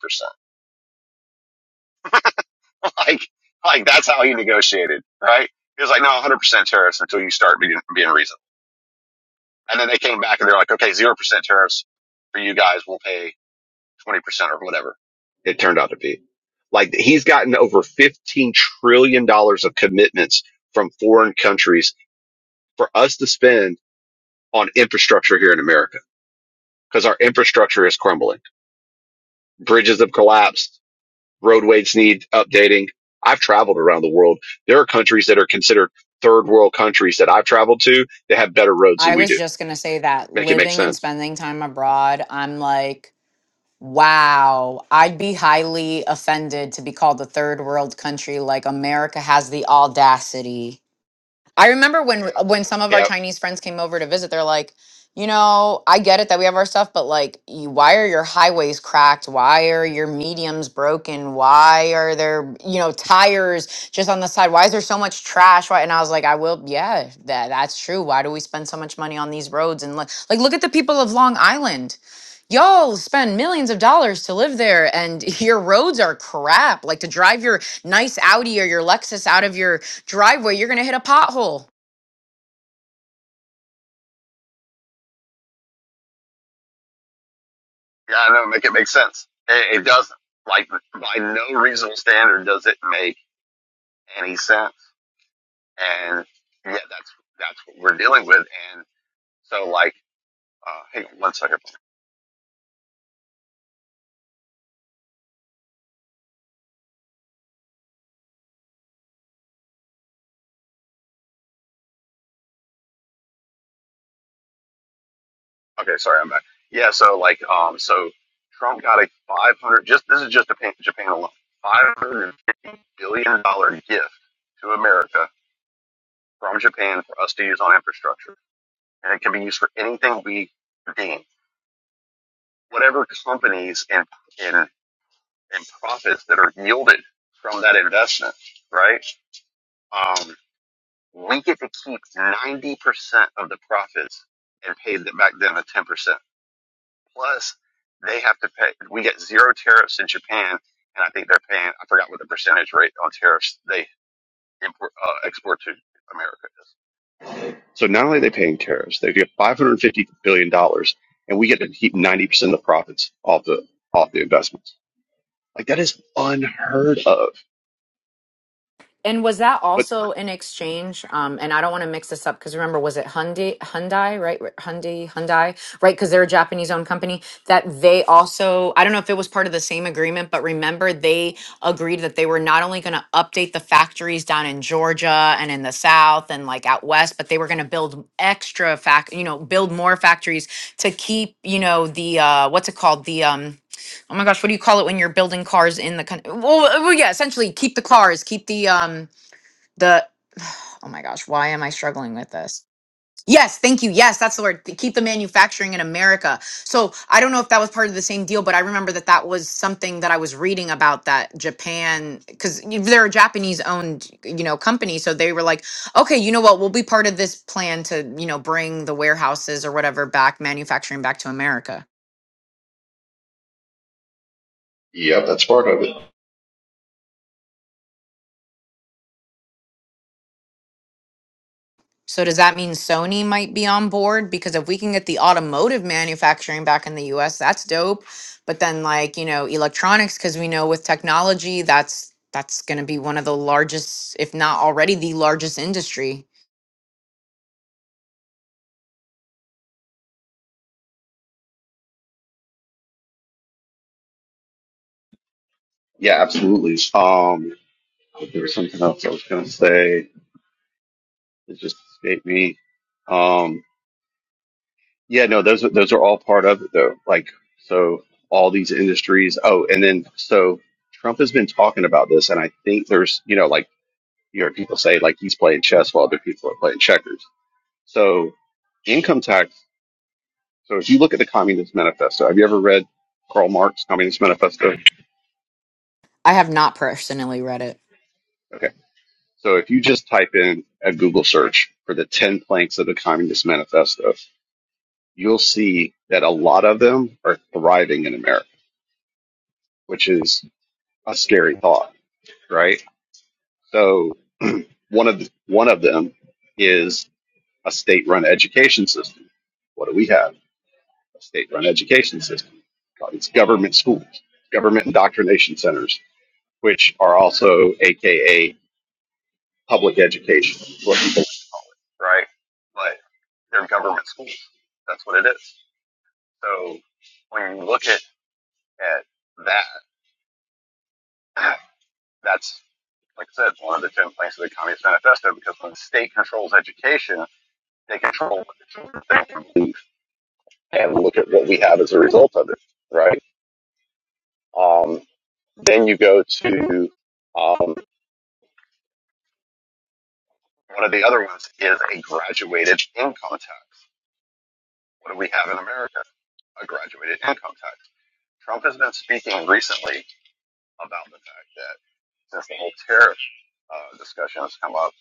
Speaker 6: like, like that's how he negotiated, right? He was like, no, 100% tariffs until you start being, being reasonable. And then they came back and they're like, okay, 0% tariffs for you guys. We'll pay 20% or whatever it turned out to be. Like he's gotten over $15 trillion dollars of commitments from foreign countries for us to spend on infrastructure here in America because our infrastructure is crumbling. Bridges have collapsed. Roadways need updating. I've traveled around the world. There are countries that are considered third world countries that I've traveled to that have better roads
Speaker 4: i
Speaker 6: than we
Speaker 4: was
Speaker 6: do.
Speaker 4: just gonna say that
Speaker 6: Make it make
Speaker 4: living and
Speaker 6: sense.
Speaker 4: spending time abroad i'm like Wow, I'd be highly offended to be called the third world country. Like, America has the audacity I remember when uh, when some of our
Speaker 6: Yeah.
Speaker 4: Chinese friends came over to visit, they're like, you know, I get it that we have our stuff, but like, you, why are your highways cracked? Why are your mediums broken? Why are there, you know, tires just on the side? Why is there so much trash? Why? And I was like, I will, yeah, that that's true. Why do we spend so much money on these roads? And like, like look at the people of Long Island. Y'all spend millions of dollars to live there, and your roads are crap. Like to drive your nice Audi or your Lexus out of your driveway, you're going to hit a pothole.
Speaker 6: Yeah, I know. Make it make sense. It, it doesn't. Like by no reasonable standard does it make any sense. And yeah, that's that's what we're dealing with. And so like, uh, hang on one second. Okay, sorry, I'm back. Yeah, so like, um, so Trump got a 500. Just this is just Japan, Japan alone. 550 billion dollar gift to America from Japan for us to use on infrastructure, and it can be used for anything we deem. Whatever companies and and and profits that are yielded from that investment, right? Um. We get to keep 90% of the profits and pay them back then a 10%. Plus, they have to pay, we get zero tariffs in Japan. And I think they're paying, I forgot what the percentage rate on tariffs they import, uh, export to America is. So not only are they paying tariffs, they get $550 billion dollars, and we get to keep 90% of the profits off the, off the investments. Like that is unheard of.
Speaker 4: And was that
Speaker 6: But
Speaker 4: also in exchange? Um, and I don't want to mix this up because remember, was it Hyundai? Hyundai, right? Hyundai, Hyundai, right? Because they're a Japanese-owned company that they also. I don't know if it was part of the same agreement, but remember they agreed that they were not only going to update the factories down in Georgia and in the South and like out west, but they were going to build extra fact, you know, build more factories to keep, you know, the uh, what's it called, the um. oh my gosh, what do you call it when you're building cars in the country? Well, well, yeah, essentially keep the cars, keep the um the oh my gosh, why am I struggling with this? Yes, thank you. Yes, that's the word. to Keep the manufacturing in America. So I don't know if that was part of the same deal, but I remember that that was something that I was reading about that Japan, because they're a Japanese-owned, you know, company. So they were like, okay, you know what? We'll be part of this plan to, you know, bring the warehouses or whatever back, manufacturing back to America.
Speaker 6: Yep, that's part of it.
Speaker 4: So does that mean Sony might be on board? Because if we can get the automotive manufacturing back in the US, that's dope. But then like, you know, electronics, because we know with technology, that's that's gonna be one of the largest, if not already the largest industry.
Speaker 6: Yeah, absolutely. Um, There was something else I was going to say. It just escaped me. Um, yeah, no, those are- those are all part of it though. Like so, all these industries. Oh, and then so Trump has been talking about this, and I think there's you know like you heard people say like he's playing chess while other people are playing checkers. So income tax. So if you look at the Communist Manifesto, have you ever read Karl Marx Communist Manifesto?
Speaker 4: I have not personally read it.
Speaker 6: Okay. So if you just type in a Google search for the ten planks of the Communist Manifesto, you'll see that a lot of them are thriving in America, which is a scary thought, right? So one of the, one of them is a state-run education system. What do we have? A state-run education system. It's government schools, government indoctrination centers, which are also AKA public education, right? But they're government schools. That's what it is. So when you look at, at that, that's Like I said, it's one of the ten planks of the Communist Manifesto because when the state controls education, they control what the children think and believe. And look at what we have as a result of it, right? Um, then you go to um, one of the other ones is a graduated income tax. What do we have in America? A graduated income tax. Trump has been speaking recently about the fact that since the whole tariff uh, discussion has come up,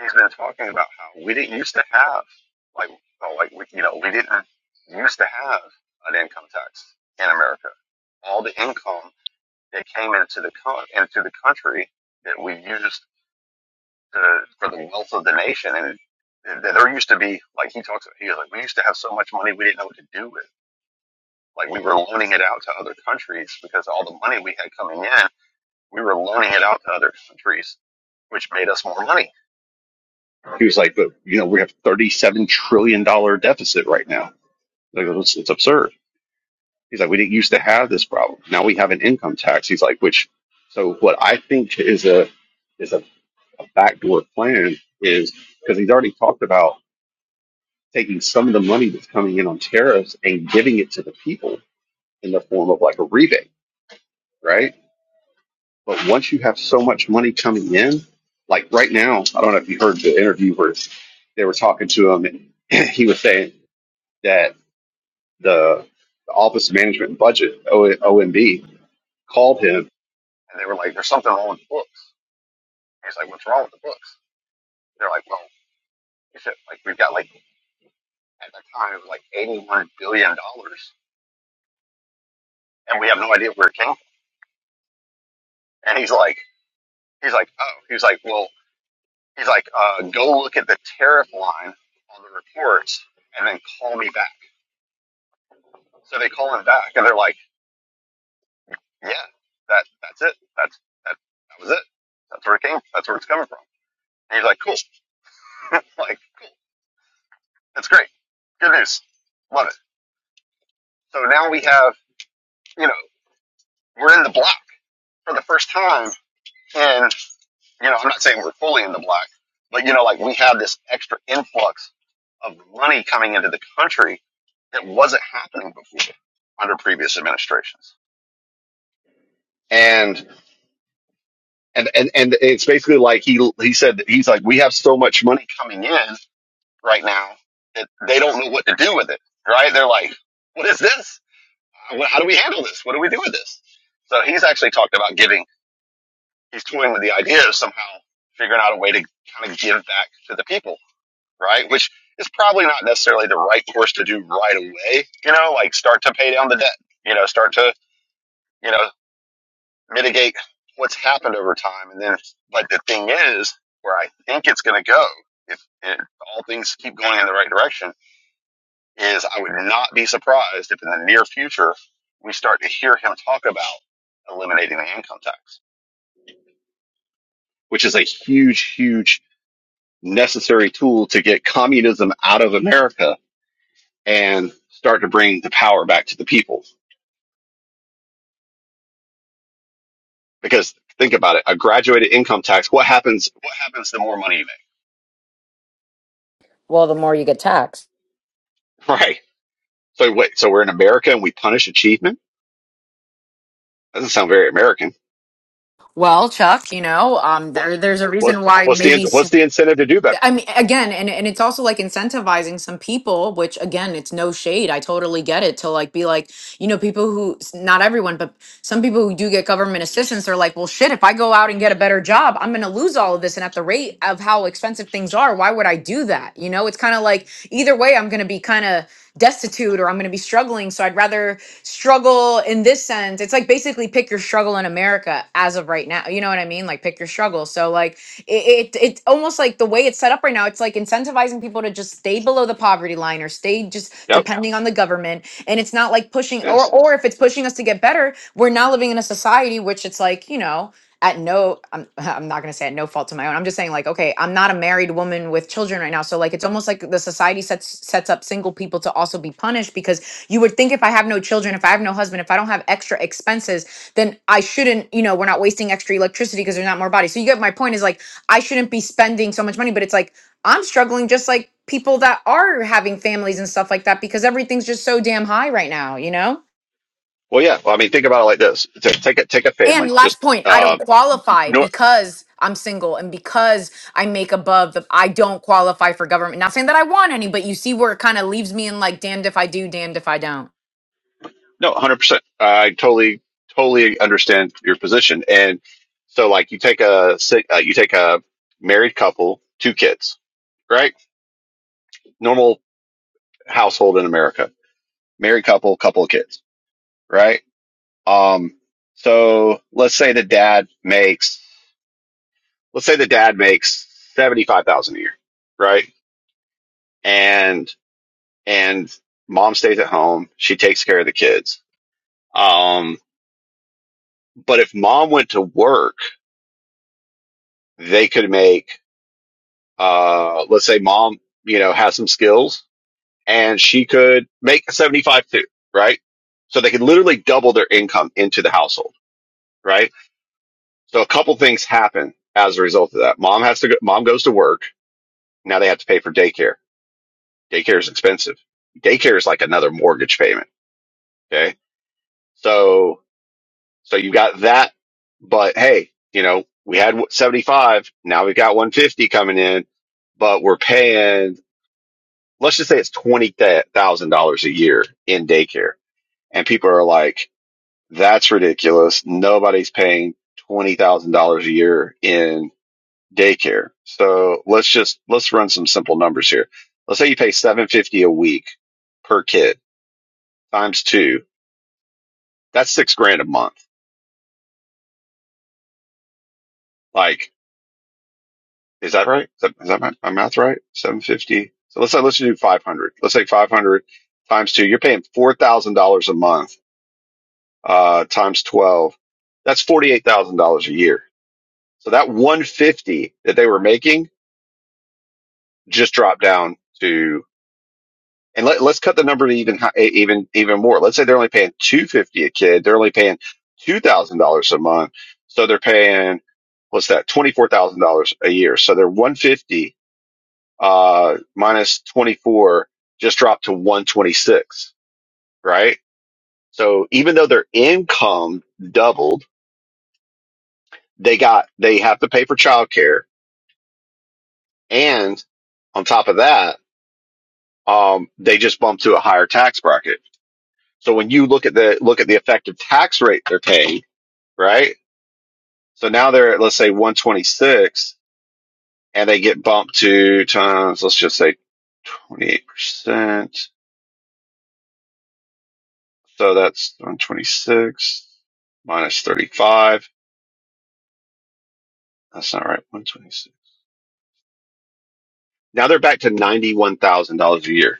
Speaker 6: he's been talking about how we didn't used to have. Like, well, like we, you know, we didn't used to have an income tax in America. All the income that came into the co- into the country that we used to, for the wealth of the nation, and th- there used to be like he talks about. He was like, we used to have so much money we didn't know what to do with. Like we were loaning it out to other countries because all the money we had coming in, we were loaning it out to other countries, which made us more money. He was like, but you know, we have thirty-seven trillion dollar deficit right now. Like it's, it's absurd. He's like, we didn't used to have this problem. Now we have an income tax. He's like, which, so what I think is a is a, a backdoor plan is because he's already talked about taking some of the money that's coming in on tariffs and giving it to the people in the form of like a rebate, right? But once you have so much money coming in, like right now, I don't know if you heard the interview where they were talking to him, and he was saying that the, the Office of Management and Budget, O- OMB, called him And they were like, there's something wrong with the books. I was like, what's wrong with the books? They're like, well, we should, like, we've got like, at that time, it was like $81 billion dollars, and we have no idea where it came from. And he's like, he's like, oh, he's like, well, he's like, uh, go look at the tariff line on the reports and then call me back. So they call him back and they're like, yeah, that, that's it. That's, that, that was it. That's where it came. That's where it's coming from. And he's like, cool. like, cool. That's great. Good news. Love it. So now we have, you know, we're in the black. for the first time and you know i'm not saying we're fully in the black but you know like we have this extra influx of money coming into the country that wasn't happening before under previous administrations and and and, and it's basically like he he said that he's like we have so much money coming in right now that they don't know what to do with it right they're like what is this how do we handle this what do we do with this so he's actually talked about giving he's toying with the idea of somehow figuring out a way to kind of give back to the people, right? Which is probably not necessarily the right course to do right away. You know, like start to pay down the debt. You know, start to you know mitigate what's happened over time, and then. But the thing is, where I think it's going to go, if, if all things keep going in the right direction, is I would not be surprised if in the near future we start to hear him talk about eliminating the income tax, which is a huge, huge necessary tool to get communism out of America and start to bring the power back to the people. Because think about it, a graduated income tax, what happens what happens the more money you
Speaker 4: Well, the more you get taxed.
Speaker 6: make? Right. So wait, so we're in America and we punish achievement? Doesn't sound very American.
Speaker 4: Well, Chuck, you know, um, there there's a
Speaker 6: What
Speaker 4: reason why
Speaker 6: what's the
Speaker 4: maybe s-
Speaker 6: what's the incentive to do better?
Speaker 4: I mean again, and and it's also like incentivizing some people, which again, it's no shade. I totally get it to like be like, you know, people who, not everyone, but some people who do get government assistance they are like, well, shit, if I go out and get a better job, I'm going to lose all of this. And at the rate of how expensive things are, why would I do that? You know, it's kind of like either way, I'm going to be kind of destitute or I'm going to be struggling. So I'd rather struggle in this sense. It's like basically pick your struggle in America as of right now. You know what I mean? Like pick your struggle. So like it, it it's almost like the way it's set up right now. It's like incentivizing people to just stay below the poverty line or stay just
Speaker 6: Yep.
Speaker 4: depending on the government and it's not like pushing or
Speaker 6: Yes.
Speaker 4: or if it's pushing us to get better we're now living in a society which it's like you know at no i'm, I'm not going to say at no fault to my own i'm just saying like okay i'm not a married woman with children right now so like it's almost like the society sets sets up single people to also be punished because you would think if i have no children if i have no husband if i don't have extra expenses then i shouldn't you know we're not wasting extra electricity because there's not more bodies so you get my point is like i shouldn't be spending so much money but it's like I'm struggling just like people that are having families and stuff like that because everything's just so damn high right now, you know?
Speaker 6: Well, yeah. Well, I mean, think about it like this: Ta- take a take a
Speaker 4: And
Speaker 6: family, just
Speaker 4: last point, I don't
Speaker 6: uh,
Speaker 4: qualify
Speaker 6: no,
Speaker 4: because I'm single and because I make above the I don't qualify for government. Not saying that I want any, but you see where it kind of leaves me in like damned if I do, damned if I don't.
Speaker 6: No, hundred percent. I totally, totally understand your position. And so, like, you take a si- uh, you take a married couple, two kids, right? Normal household in America, married couple, couple of kids, right? Um, so let's say the dad makes, let's say the dad makes seventy five thousand a year, right? And and mom stays at home. She takes care of the kids. Um, but if mom went to work, they could make. uh, let's say mom, you know, has some skills and she could make a 75 too, right? So they could literally double their income into the household, right? So a couple things happen as a result of that. Mom has to go, mom goes to work. Now they have to pay for daycare. Daycare is expensive. Daycare is like another mortgage payment. Okay. So, so you got that, but hey, you know, we had 75. Now we've got 150 coming in, but we're paying let's just say it's twenty thousand dollars a year in daycare, and people are like, "That's ridiculous. Nobody's paying twenty thousand dollars a year in daycare." So let's just let's run some simple numbers here. Let's say you pay seven hundred fifty dollars a week per kid times two. That's six grand a month. Like, is that right? Is that, is that my, my math right? Seven hundred fifty. So let's say let's do five hundred. Let's say five hundred times two. You're paying four thousand dollars a month uh, times 12, that's $48,000 a year. So that 150 that they were making just dropped down to, and let, let's cut the number to even, hi- e, even, even more. Let's say they're only paying 250 a kid. They're only paying $2,000 a month. So they're paying, what's that? $24,000 a year. So their 150, uh, minus 24 just dropped to 126, right? So even though their income doubled, they got, they have to pay for childcare And on top of that, um, they just bump to a higher tax bracket. So when you look at the look at the effective tax rate they're paying, right? So now they're at let's say 126, and they get bumped to times let's just say 28 percent. So that's 126 minus 35. That's not right. 126. Now they're back to ninety-one thousand dollars a year.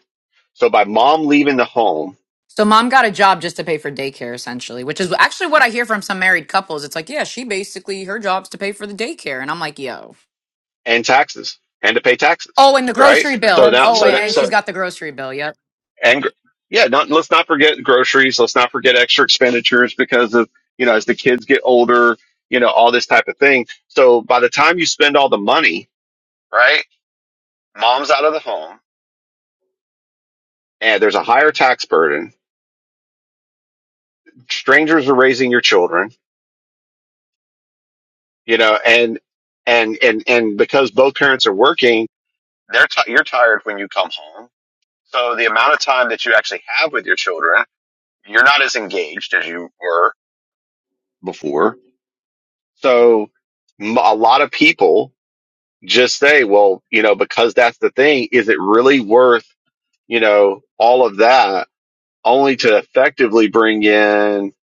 Speaker 6: So by mom leaving the home
Speaker 4: So mom got a job just to pay for daycare essentially, which is actually what I hear from some married couples. It's like, yeah, she basically her job's to pay for the daycare and I'm like, yo.
Speaker 6: and taxes and to pay taxes,
Speaker 4: Oh, and the
Speaker 6: right?
Speaker 4: grocery
Speaker 6: So
Speaker 4: bill.
Speaker 6: now,
Speaker 4: Oh,
Speaker 6: so now,
Speaker 4: and
Speaker 6: so
Speaker 4: she's got the grocery bill. Yep.
Speaker 6: and gr- yeah, not, let's not forget groceries. Let's not forget extra expenditures because of, you know, as the kids get older, you know, all this type of thing. So by the time you spend all the money, right? Mom's out of the home and there's a higher tax burden. Strangers are raising your children, you know, and, and, and, and because both parents are working, they're, ti you're tired when you come home. So the amount of time that you actually have with your children, you're not as engaged as you were before. So m- a lot of people just say, well, you know, because that's the thing, is it really worth, you know, all of that only to effectively bring in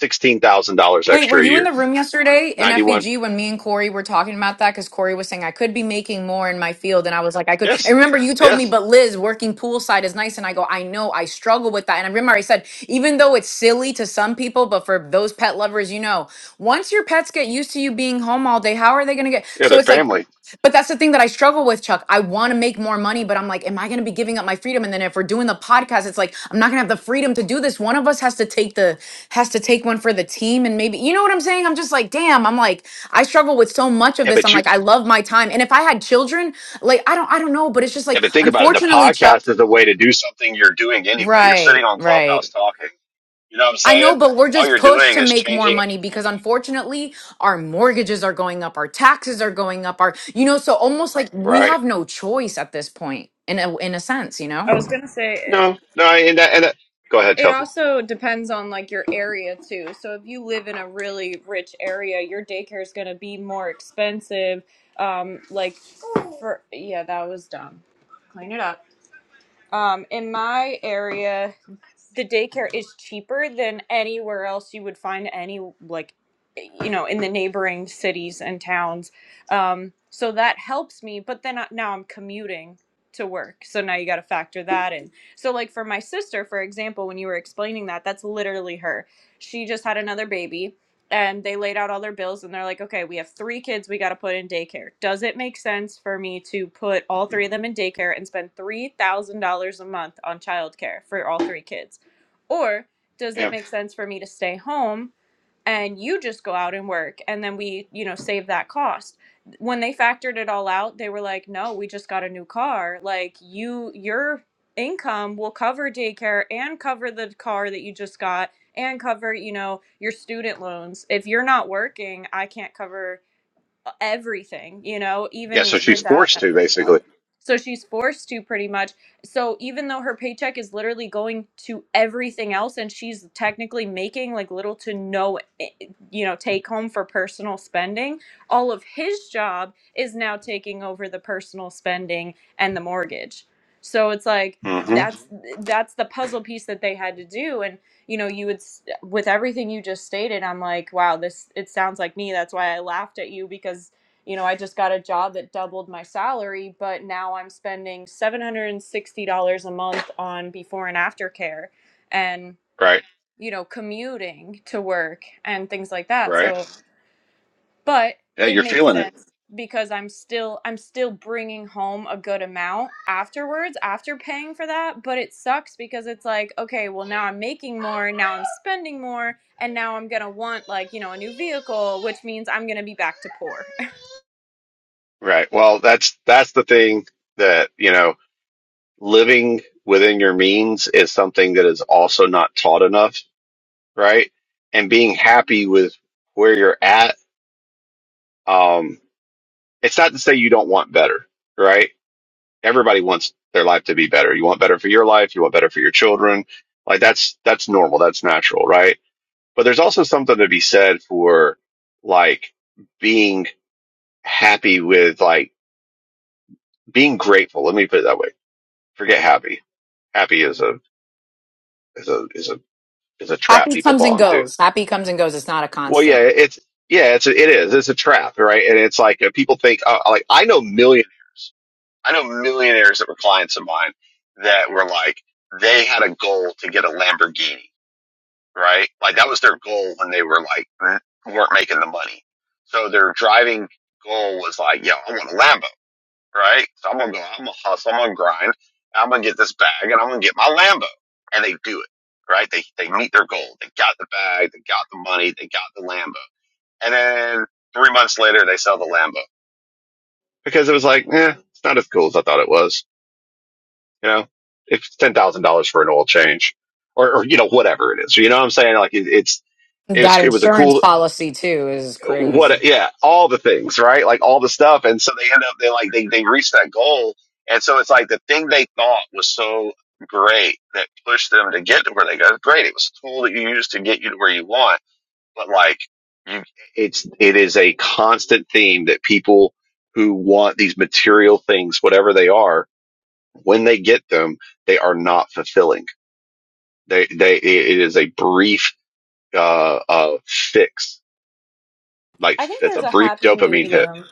Speaker 6: $16,000
Speaker 4: Wait, were
Speaker 6: extra a
Speaker 4: you in the
Speaker 6: year?
Speaker 4: room yesterday in
Speaker 6: 91.
Speaker 4: FEG when me and Corey were talking about that? Because Corey was saying I could be making more in my field, and I was like, I could. And
Speaker 6: Yes.
Speaker 4: remember, you told me,
Speaker 6: Yes.
Speaker 4: but Liz, working poolside is nice, and I go, I know, I struggle with that. And I remember I said, even though it's silly to some people, but for those pet lovers, you know, once your pets get used to you being home all day, how are they going to get?
Speaker 6: Yeah.
Speaker 4: So
Speaker 6: Their
Speaker 4: it's like,
Speaker 6: family.
Speaker 4: but that's the thing that I struggle with, Chuck. I want to make more money, but I'm like, am I going to be giving up my freedom? And then if we're doing the podcast, it's like I'm not going to have the freedom to do this. One of us has to take the has to take one for the team and maybe you know what I'm saying? I'm just like, damn, I'm like I struggle with so much of
Speaker 6: Yeah.
Speaker 4: this. I'm
Speaker 6: But you,
Speaker 4: like I love my time. And if I had children, like I don't I don't know, but it's just
Speaker 6: yeah,
Speaker 4: like
Speaker 6: but think about it. The
Speaker 4: unfortunately Chuck,
Speaker 6: podcast is a way to do something you're doing anyway. You're sitting
Speaker 4: right,
Speaker 6: on Clubhouse
Speaker 4: right.
Speaker 6: talking. You know what I'm
Speaker 4: I know,
Speaker 6: saying?
Speaker 4: but we're
Speaker 6: All
Speaker 4: just
Speaker 6: you're
Speaker 4: pushed
Speaker 6: doing
Speaker 4: to
Speaker 6: is
Speaker 4: make more
Speaker 6: changing.
Speaker 4: money because unfortunately our mortgages are going up, our taxes are going up, our you know, so almost like we
Speaker 6: Right.
Speaker 4: have no choice at this point in a in a sense, you
Speaker 1: I
Speaker 4: know?
Speaker 1: was gonna say it
Speaker 6: No, no. And that, and that, go ahead,
Speaker 1: it
Speaker 6: Kelsey.
Speaker 1: also depends on like your area too. So if you live in a really rich area, your daycare is gonna be more expensive. Um, like for yeah, that was dumb. Clean it up. Um, in my area, the daycare is cheaper than anywhere else you would find any like you know in the neighboring cities and towns um, so that helps me but then I, now i'm commuting to work so now you got to factor that in so like for my sister for example when you were explaining that that's literally her she just had another baby and they laid out all their bills and they're like okay we have three kids we got to put in daycare does it make sense for me to put all three of them in daycare and spend $3000 a month on childcare for all three kids or does it
Speaker 6: Yeah.
Speaker 1: make sense for me to stay home and you just go out and work and then we, you know, save that cost? When they factored it all out, they were like, "No, we just got a new car. Like you your income will cover daycare and cover the car that you just got and cover, you know, your student loans. If you're not working, I can't cover uh, everything, you know,
Speaker 6: Yeah.
Speaker 1: even
Speaker 6: So she's
Speaker 1: without
Speaker 6: forced
Speaker 1: that
Speaker 6: to
Speaker 1: 3000.
Speaker 6: basically.
Speaker 1: So she's forced to pretty much. So even though her paycheck is literally going to everything else and she's technically making like little to no eh, eh, you know take home for personal spending, all of his job is now taking over the personal spending and the mortgage. So it's like
Speaker 6: hmm
Speaker 1: that's that's the puzzle piece that they had to do and you know you would with everything you just stated i'm like wow this it sounds like me that's why i laughed at you because you know i just got a job that doubled my salary but now i'm spending $760 a month on before and after care and
Speaker 6: Right.
Speaker 1: you know commuting to work and things like that
Speaker 6: Right.
Speaker 1: so but
Speaker 6: Yeah,
Speaker 1: it
Speaker 6: you're
Speaker 1: makes
Speaker 6: feeling it.
Speaker 1: sense because i'm still i'm still bringing home a good amount afterwards after paying for that but it sucks because it's like okay well now i'm making more now i'm spending more and now i'm gonna want like you know a new vehicle which means i'm gonna be back to poor
Speaker 6: Right. Well, that's that's the thing that, you know, living within your means is something that is also not taught enough, right? And being happy with where you're at, um, it's not to say you don't want better, right? Everybody wants their life to be better. You want better for your life, you want better for your children. Like that's that's normal, that's natural, right? But there's also something to be said for like being happy with like being grateful. Let me put it that way Forget happy. Happy is a is a is a is a trap
Speaker 4: Happy
Speaker 6: people
Speaker 4: comes
Speaker 6: fall
Speaker 4: and
Speaker 6: into.
Speaker 4: goes. Happy comes and goes. It's not a
Speaker 6: Well, yeah,
Speaker 4: constant.
Speaker 6: it's yeah, it's a, it is. It's a trap, right? And it's like uh, people think uh, like I know million I know millionaires that were clients of mine that were like they had a goal to get a Lamborghini, right? Like that was their goal when they were like weren't making the money. So their driving goal was like, yo, I want a Lambo. right? So I'm gonna go, I'm gonna hustle, I'm gonna grind, I'm gonna get this bag, and I'm gonna get my Lambo. And they do it, right? They they meet their goal. They got the bag, they got the money, they got the Lambo. And then three months later, they sell the Lambo because it was like, eh, it's not as cool as I thought it was. You know, it's ten thousand dollars for an oil change, or, or you know whatever it is. You know what I'm saying? Like it, it's. It
Speaker 4: That
Speaker 6: it was a cool
Speaker 4: insurance policy too is
Speaker 6: what
Speaker 4: crazy.
Speaker 6: yeah all the things right like all the stuff and so they end up they like they, they reach that goal and so it's like the thing they thought was so great that pushed them to get to where they got great it was a tool that you used to get you to where you want but like you it's it is a constant theme that people who want these material things whatever they are when they get them they are not fulfilling they they it is a brief uh uh fix like
Speaker 1: i think
Speaker 6: it's a
Speaker 1: there's a
Speaker 6: brief
Speaker 1: happy
Speaker 6: dopamine hit
Speaker 1: medium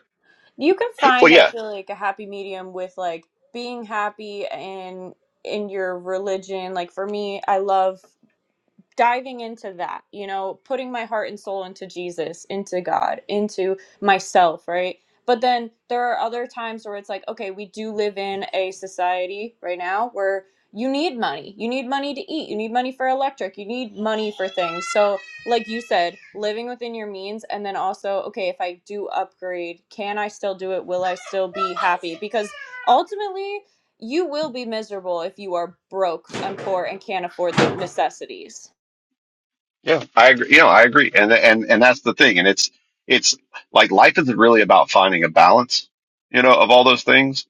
Speaker 1: you can
Speaker 6: well,
Speaker 1: find
Speaker 6: yeah,
Speaker 1: i feel like a happy medium with like being happy in in your religion like for me i love diving into that, you know, putting my heart and soul into Jesus, into God, into myself, right? But then there are other times where it's like, okay, we do live in a society right now where you need money. You need money to eat. You need money for electric. You need money for things. So, like you said, living within your means. And then also, okay, if I do upgrade, can I still do it? Will I still be happy? Because ultimately, you will be miserable if you are broke and poor and can't afford the necessities.
Speaker 6: Yeah, I agree. You know, I agree, and and and that's the thing. And it's it's like life is really about finding a balance, you know, of all those things,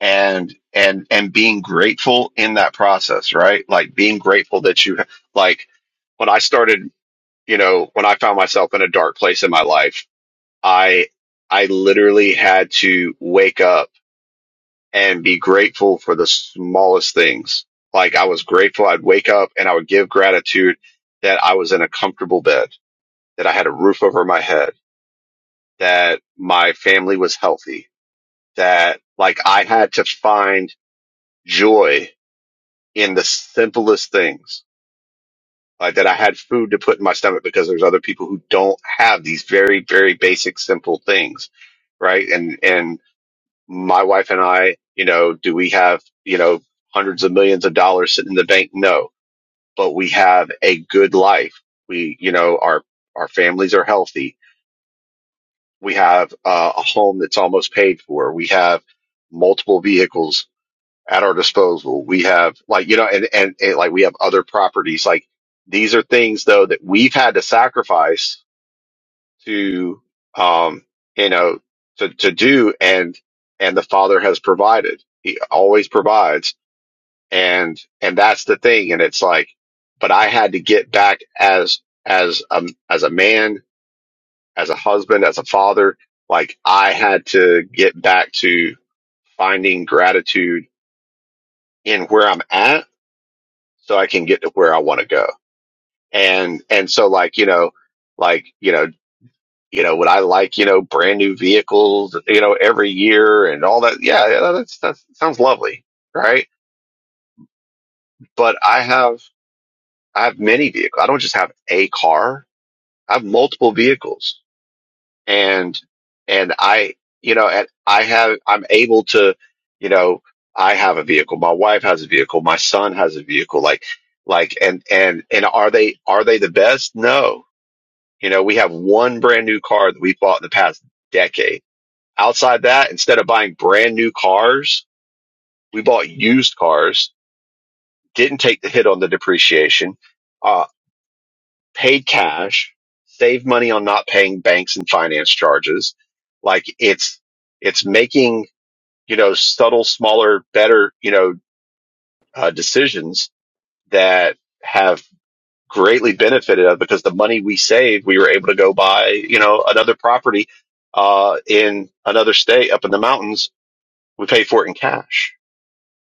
Speaker 6: and and and being grateful in that process, right? Like being grateful that you like when I started, you know, when I found myself in a dark place in my life, I I literally had to wake up and be grateful for the smallest things. Like I was grateful. I'd wake up and I would give gratitude that I was in a comfortable bed that I had a roof over my head, that my family was healthy, that like I had to find joy in the simplest things, like that I had food to put in my stomach because there's other people who don't have these very, very basic, simple things. Right. And, and my wife and I, you know, do we have, you know, hundreds of millions of dollars sitting in the bank? No, but we have a good life. We, you know, our, our families are healthy We have uh, a home that's almost paid for. We have multiple vehicles at our disposal. We have like, you know, and, and, and like we have other properties. Like these are things though that we've had to sacrifice to, um, you know, to, to do. And, and the father has provided. He always provides. And, and that's the thing. And it's like, but I had to get back as, as, um, as a man as a husband, as a father, like I had to get back to finding gratitude in where I'm at so I can get to where I want to go. And, and so like, you know, like, you know, you know, would I like, you know, brand new vehicles, you know, every year and all that? Yeah, yeah, that's, that sounds lovely. Right. But I have, I have many vehicles. I don't just have a car. I have multiple vehicles and and I you know and I have I'm able to you know I have a vehicle my wife has a vehicle my son has a vehicle like like and and and are they are they the best no you know we have one brand new car that we bought in the past decade outside that instead of buying brand new cars we bought used cars didn't take the hit on the depreciation Uh, Paid cash, save money on not paying banks and finance charges. Like it's, it's making, you know, subtle, smaller, better, you know, uh, decisions that have greatly benefited us because the money we saved, we were able to go buy, you know, another property, uh, in another state up in the mountains. We paid for it in cash.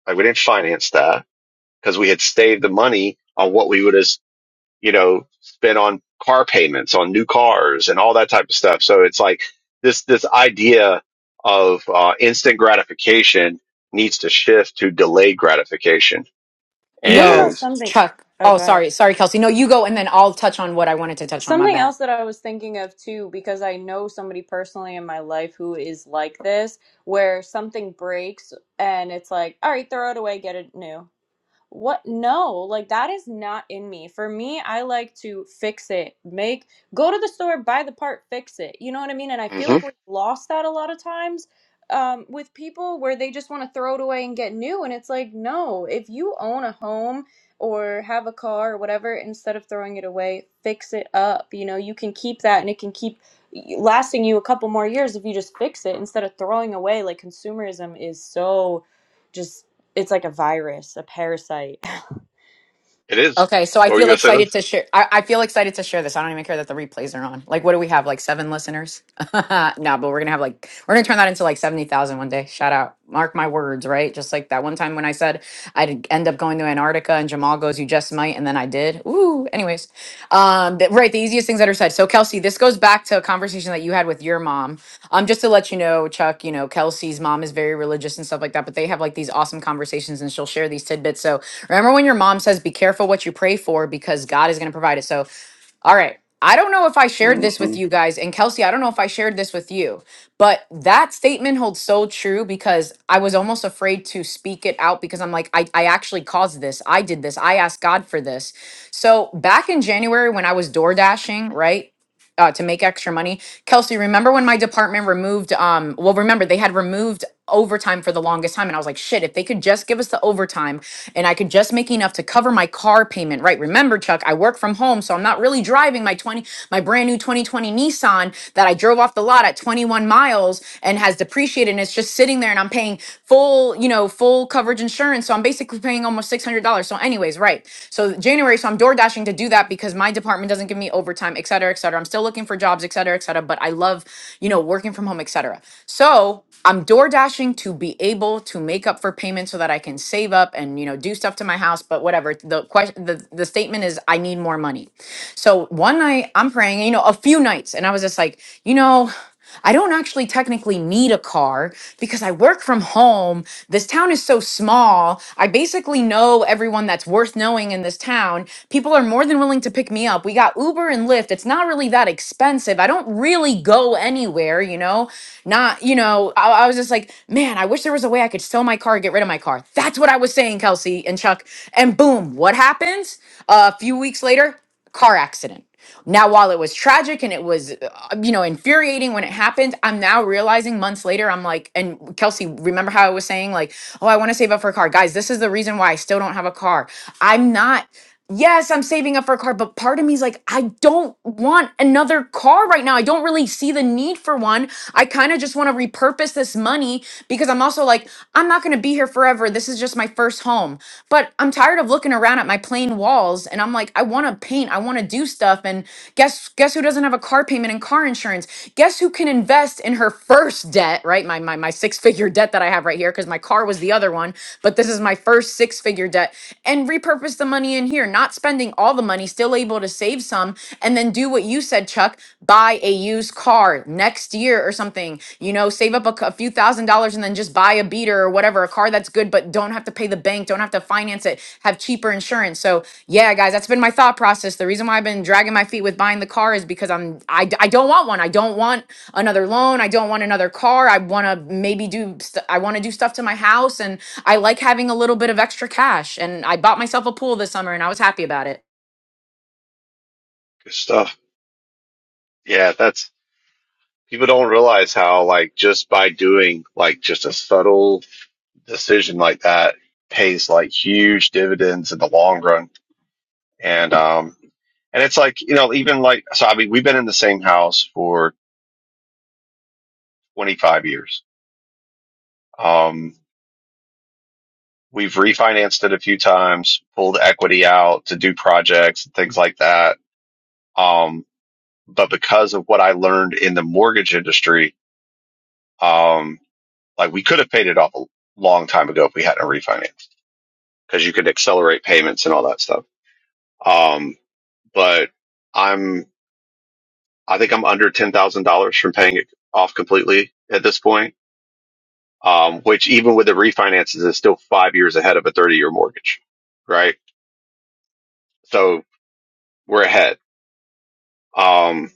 Speaker 6: Like we didn't finance that because we had saved the money on what we would have you know, spent on car payments on new cars and all that type of stuff. So it's like this, this idea of uh, instant gratification needs to shift to delayed gratification.
Speaker 1: You want to know
Speaker 4: Yo,
Speaker 6: And
Speaker 1: something?
Speaker 4: Chuck.
Speaker 1: Oh,
Speaker 4: Oh,
Speaker 1: go ahead.
Speaker 4: sorry. Sorry, Kelsey. No, you go and then I'll touch on what I wanted to touch on. My
Speaker 1: Something
Speaker 4: bad.
Speaker 1: else that I was thinking of too, because I know somebody personally in my life who is like this, where something breaks and it's like, all right, throw it away, get it new. What? No, like that is not in me. For me, I like to fix it, make, go to the store, buy the part, fix it. You know what I mean? And I feel like
Speaker 6: mhm,
Speaker 1: we lost that a lot of times um, with people where they just want to throw it away and get new. And it's like, no, if you own a home or have a car or whatever, instead of throwing it away, fix it up. You know, you can keep that and it can keep lasting you a couple more years if you just fix it instead of throwing away. Like consumerism is so just it's like a virus, a parasite.
Speaker 6: it is.
Speaker 4: Okay, so I
Speaker 6: What were you
Speaker 4: feel
Speaker 6: going to say,
Speaker 4: excited
Speaker 6: Liz?
Speaker 4: to share. I, I feel excited to share this. I don't even care that the replays are on. Like, what do we have? Like seven listeners? no, but we're gonna have like we're gonna turn that into like seventy thousand one day. Shout out, mark my words, right? Just like that one time when I said I'd end up going to Antarctica, and Jamal goes, "You just might," and then I did. Ooh. Anyways, um, th- right. The easiest things that are said. So, Kelsey, this goes back to a conversation that you had with your mom. Um, just to let you know, Chuck, you know, Kelsey's mom is very religious and stuff like that, but they have like these awesome conversations, and she'll share these tidbits. So Remember when your mom says, be careful what you pray for because God is going to provide it. So, all right. I don't know if I shared this with
Speaker 6: hmm
Speaker 4: you guys. And Kelsey, I don't know if I shared this with you, but that statement holds so true because I was almost afraid to speak it out because I'm like, I, I actually caused this. I did this. I asked God for this. So back in January when I was door dashing, right? Uh, to make extra money. Kelsey, remember when my department removed, um, well, remember they had removed overtime for the longest time and I was like, shit, if they could just give us the overtime and I could just make enough to cover my car payment, right? Remember, Chuck, I work from home, so I'm not really driving my 20 my brand new 2020 Nissan that I drove off the lot at 21 miles and has depreciated and it's just sitting there and I'm paying full, you know, full coverage insurance. So I'm basically paying almost $600. So anyways, right. So January, so I'm door dashing to do that because my department doesn't give me overtime, et cetera, et cetera. I'm still looking for jobs, et cetera, et cetera. But I love, you know, working working from home, etc. So I'm door dashing to be able to make up for payments so that I can save up and you know do stuff to my house. But whatever the question, the, the statement is, I need more money. So one night I'm praying, you know, a few nights, and I was just like, you know. I don't actually technically need a car because I work from home. This town is so small. I basically know everyone that's worth knowing in this town. People are more than willing to pick me up. We got Uber and Lyft. It's not really that that expensive. I don't really go anywhere, you know? Not, you know, I, I was just like, man, I wish there was a way I could sell my car and get rid of my car. That's what I was saying, Kelsey and Chuck. And boom, what happens? a few weeks later, car accident. Now, while it was tragic and it was, uh, you know, infuriating when it happened, I'm now realizing months later, I'm like, and Kelsey, remember how I was saying, like, oh, I want to save up for a car. Guys, this is the reason why I still don't have a car. I'm not yes, I'm saving up for a car, but part of me is like, I don't want another car right now. I don't really see the need for one. I kind of just want to repurpose this money because I'm also like, I'm not going to be here forever. This is just my first home. But I'm tired of looking around at my plain walls and I'm like, I want to paint, I want to do stuff and guess guess who doesn't have a car payment and car insurance? Guess who can invest in her first debt, right? My my my six-figure debt that I have right here cuz my car was the other one, but this is my first six-figure your debt and repurpose the money in here, not spending all the money, still able to save some, and then do what you said, Chuck buy a used car next year or something. You know, save up a, c- a few thousand dollars and then just buy a beater or whatever, a car that's good, but don't have to pay the bank, don't have to finance it, have cheaper insurance. So, yeah, guys, that's been my thought process. The reason why I've been dragging my feet with buying the car is because I'm, I, d- I don't want one. I don't want another loan. I don't want another car. I want to maybe do, st- I want to do stuff to my house. And I like having a little bit of extra cash. And I bought myself a pool this summer and I was happy about it.
Speaker 6: Good stuff. Yeah. That's people don't realize how like just by doing like just a subtle decision like that pays like huge dividends in the long run and um, and it's like you know, even like so. I mean, we've been in the same house for 25 years. Um, we've refinanced it a few times, pulled equity out to do projects and things like that. Um, but because of what I learned in the mortgage industry, um, like we could have paid it off a long time ago if we hadn't refinanced because you could accelerate payments and all that stuff. Um, but I'm, I think I'm under $10,000 from paying it off completely at this point um, which even with the refinances is still five years ahead of a 30 year mortgage, right? So we're ahead. Um,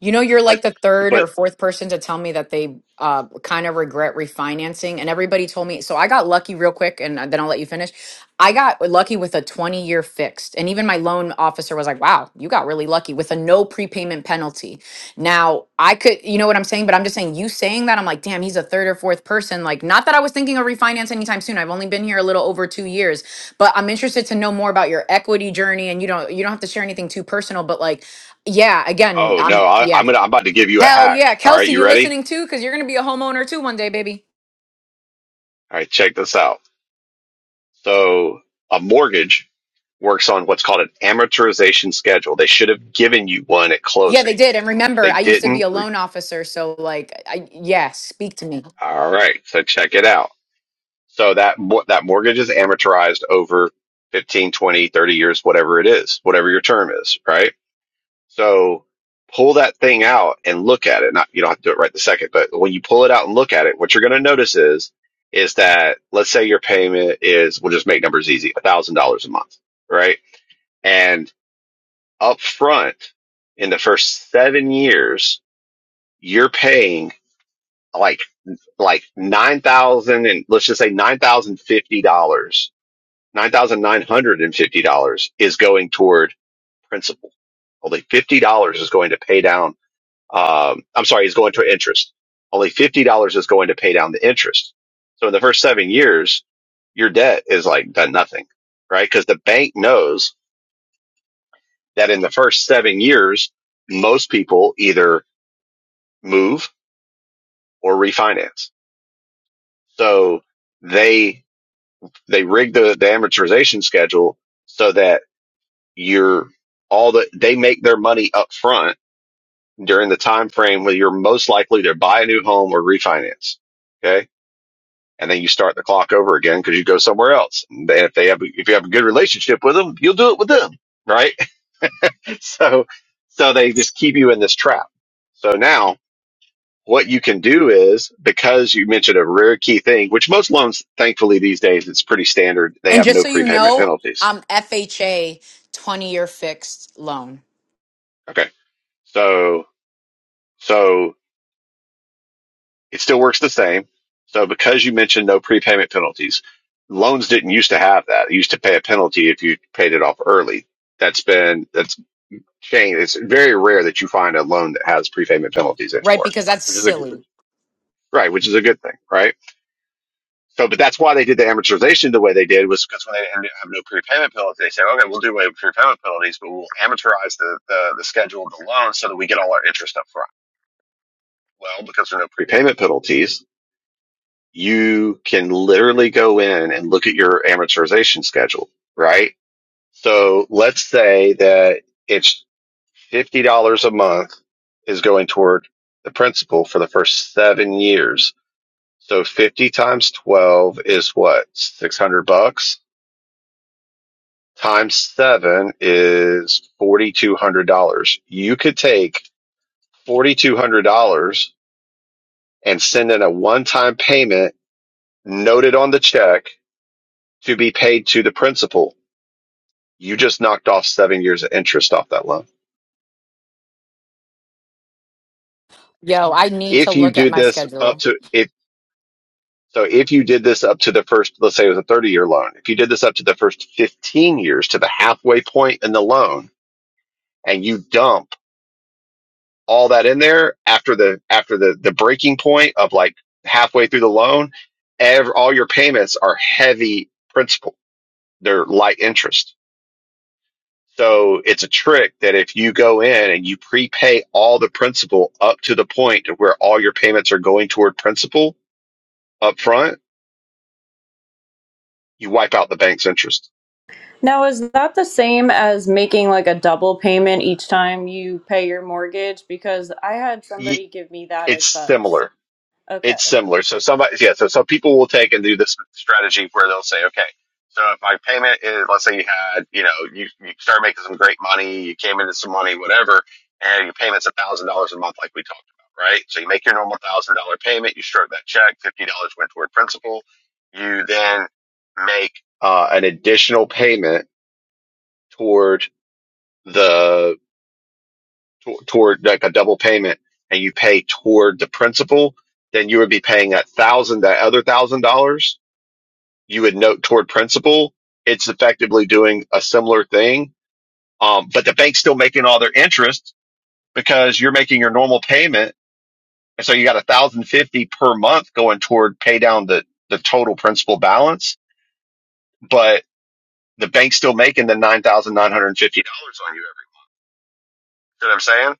Speaker 4: You know, you're
Speaker 6: but,
Speaker 4: like the third
Speaker 6: but,
Speaker 4: or fourth person to tell me that they uh, kind of regret refinancing. And everybody told me, so I got lucky real quick and uh, then I'll let you finish. I got lucky with a 20 year fixed. And even my loan officer was like, wow, you got really lucky with a no prepayment penalty. Now, I could, you know what I'm saying? But I'm just saying, you saying that, I'm like, damn, he's a third or fourth person. Like, not that I was thinking of refinance anytime soon. I've only been here a little over two years, but I'm interested to know more about your equity journey. And you don't, you don't have to share anything too personal, but like, yeah, again,
Speaker 6: oh no,
Speaker 4: I'm,
Speaker 6: I,
Speaker 4: yeah.
Speaker 6: I'm going to, I'm about to give you a
Speaker 4: Hell
Speaker 6: hack.
Speaker 4: yeah.
Speaker 6: All right.
Speaker 4: Kelsey,
Speaker 6: You
Speaker 4: you
Speaker 6: ready?
Speaker 4: listening too? Because you're going to be a homeowner too one day, baby.
Speaker 6: All right. Check this out. So a mortgage works on what's called an amortization schedule. They should have given you one at
Speaker 4: Yeah,
Speaker 6: closing.
Speaker 4: they did. And
Speaker 6: If
Speaker 4: remember,
Speaker 6: they
Speaker 4: I used to be
Speaker 6: didn't,
Speaker 4: a
Speaker 6: re-
Speaker 4: loan officer. So, like, I, yeah, speak to me.
Speaker 6: all right. So check it out. So that, mo- that mortgage is amortized over 15, 20, 30 years, whatever it is, whatever your term is, right? So pull that thing out and look at it. Not you don't have to do it right the second, but when you pull it out and look at it, what you're going to notice is is that let's say your payment is we'll just make numbers easy, a thousand dollars a month, right? And up front in the first seven years, you're paying like like nine thousand and let's just say nine thousand fifty dollars, nine thousand nine hundred and fifty dollars is going toward principal. Only fifty dollars is going to pay down Um, I'm sorry, is going to interest. Only $50 is going to pay down the interest. So in the first seven years, your debt is like done nothing, right? Because the bank knows that in the first seven years, most people either move or refinance. So they, they rig the, the amortization schedule so that you're all the, they make their money up front during the time frame where you're most likely to buy a new home or refinance. Okay and then you start the clock over again because you go somewhere else. And if they have, if you have a good relationship with them, you'll do it with them, right? So, so they just keep you in this trap. So now what you can do is because you mentioned a rare key thing, which most loans, thankfully these days, it's pretty standard. They
Speaker 4: And
Speaker 6: have
Speaker 4: just
Speaker 6: no
Speaker 4: so you
Speaker 6: prepayment
Speaker 4: know,
Speaker 6: penalties.
Speaker 4: I'm FHA 20 year fixed loan,
Speaker 6: Okay. So, so it still works the same. So because you mentioned no prepayment penalties, loans didn't used to have that. You used to pay a penalty if you paid it off early that's been that's chain. It's very rare that you find a loan that has prepayment penalties
Speaker 4: right?
Speaker 6: anymore,
Speaker 4: Because that's
Speaker 6: which is a good-
Speaker 4: silly.
Speaker 6: right, which is a good thing, right? So, but that's why they did the amortization the way they did was because when they didn't have no prepayment penalties, they said, okay, we'll do away with prepayment penalties, but we'll amortize the, the, the schedule of the loan so that we get all our interest up front. Well, because there are no prepayment penalties, you can literally go in and look at your amortization schedule, right? So let's say that it's Fifty dollars a month is going toward the principal for the first seven years. So fifty times twelve is what? Six hundred bucks? Times seven is forty two hundred dollars. You could take forty two hundred dollars and send in a one time payment noted on the check to be paid to the principal. You just knocked off seven years of interest off that loan.
Speaker 4: Yo, I need to
Speaker 6: If you
Speaker 4: look at
Speaker 6: do
Speaker 4: my
Speaker 6: this
Speaker 4: schedule.
Speaker 6: up to if So if you did this up to the first, let's say it was a 30 year loan, if you did this up to the first 15 years to the halfway point in the loan and you dump all that in there after the, after the, the breaking point of like halfway through the loan, ev- all your payments are heavy principal. They're light interest. So it's a trick that if you go in and you prepay all the principal up to the point to where all your payments are going toward principal up front, you wipe out the bank's interest.
Speaker 1: Now, is that the same as making like a double payment each time you pay your mortgage? Because I had
Speaker 6: Y-
Speaker 1: somebody give me that
Speaker 6: It's
Speaker 1: advice.
Speaker 6: similar
Speaker 1: Okay.
Speaker 6: it's similar. So somebody, yeah, so some people will take and do this strategy where they'll say, okay, so if my payment is, let's say you had, you know, you, you start making some great money, you came into some money, whatever, and your payment's a thousand dollars a month, like we talked about, right? So you make your normal thousand dollar payment, you stroke that check, fifty dollars went toward principal. You then make uh, an additional payment toward the to- toward like a double payment and you pay toward the principal, then you would be paying that thousand, that other thousand dollars you would note toward principal. It's effectively doing a similar thing. Um, but the bank's still making all their interest because you're making your normal payment. And so you got a thousand fifty per month going toward pay down the, the total principal balance, but the bank's still making the nine thousand nine hundred and fifty dollars on you every. You know what I'm saying?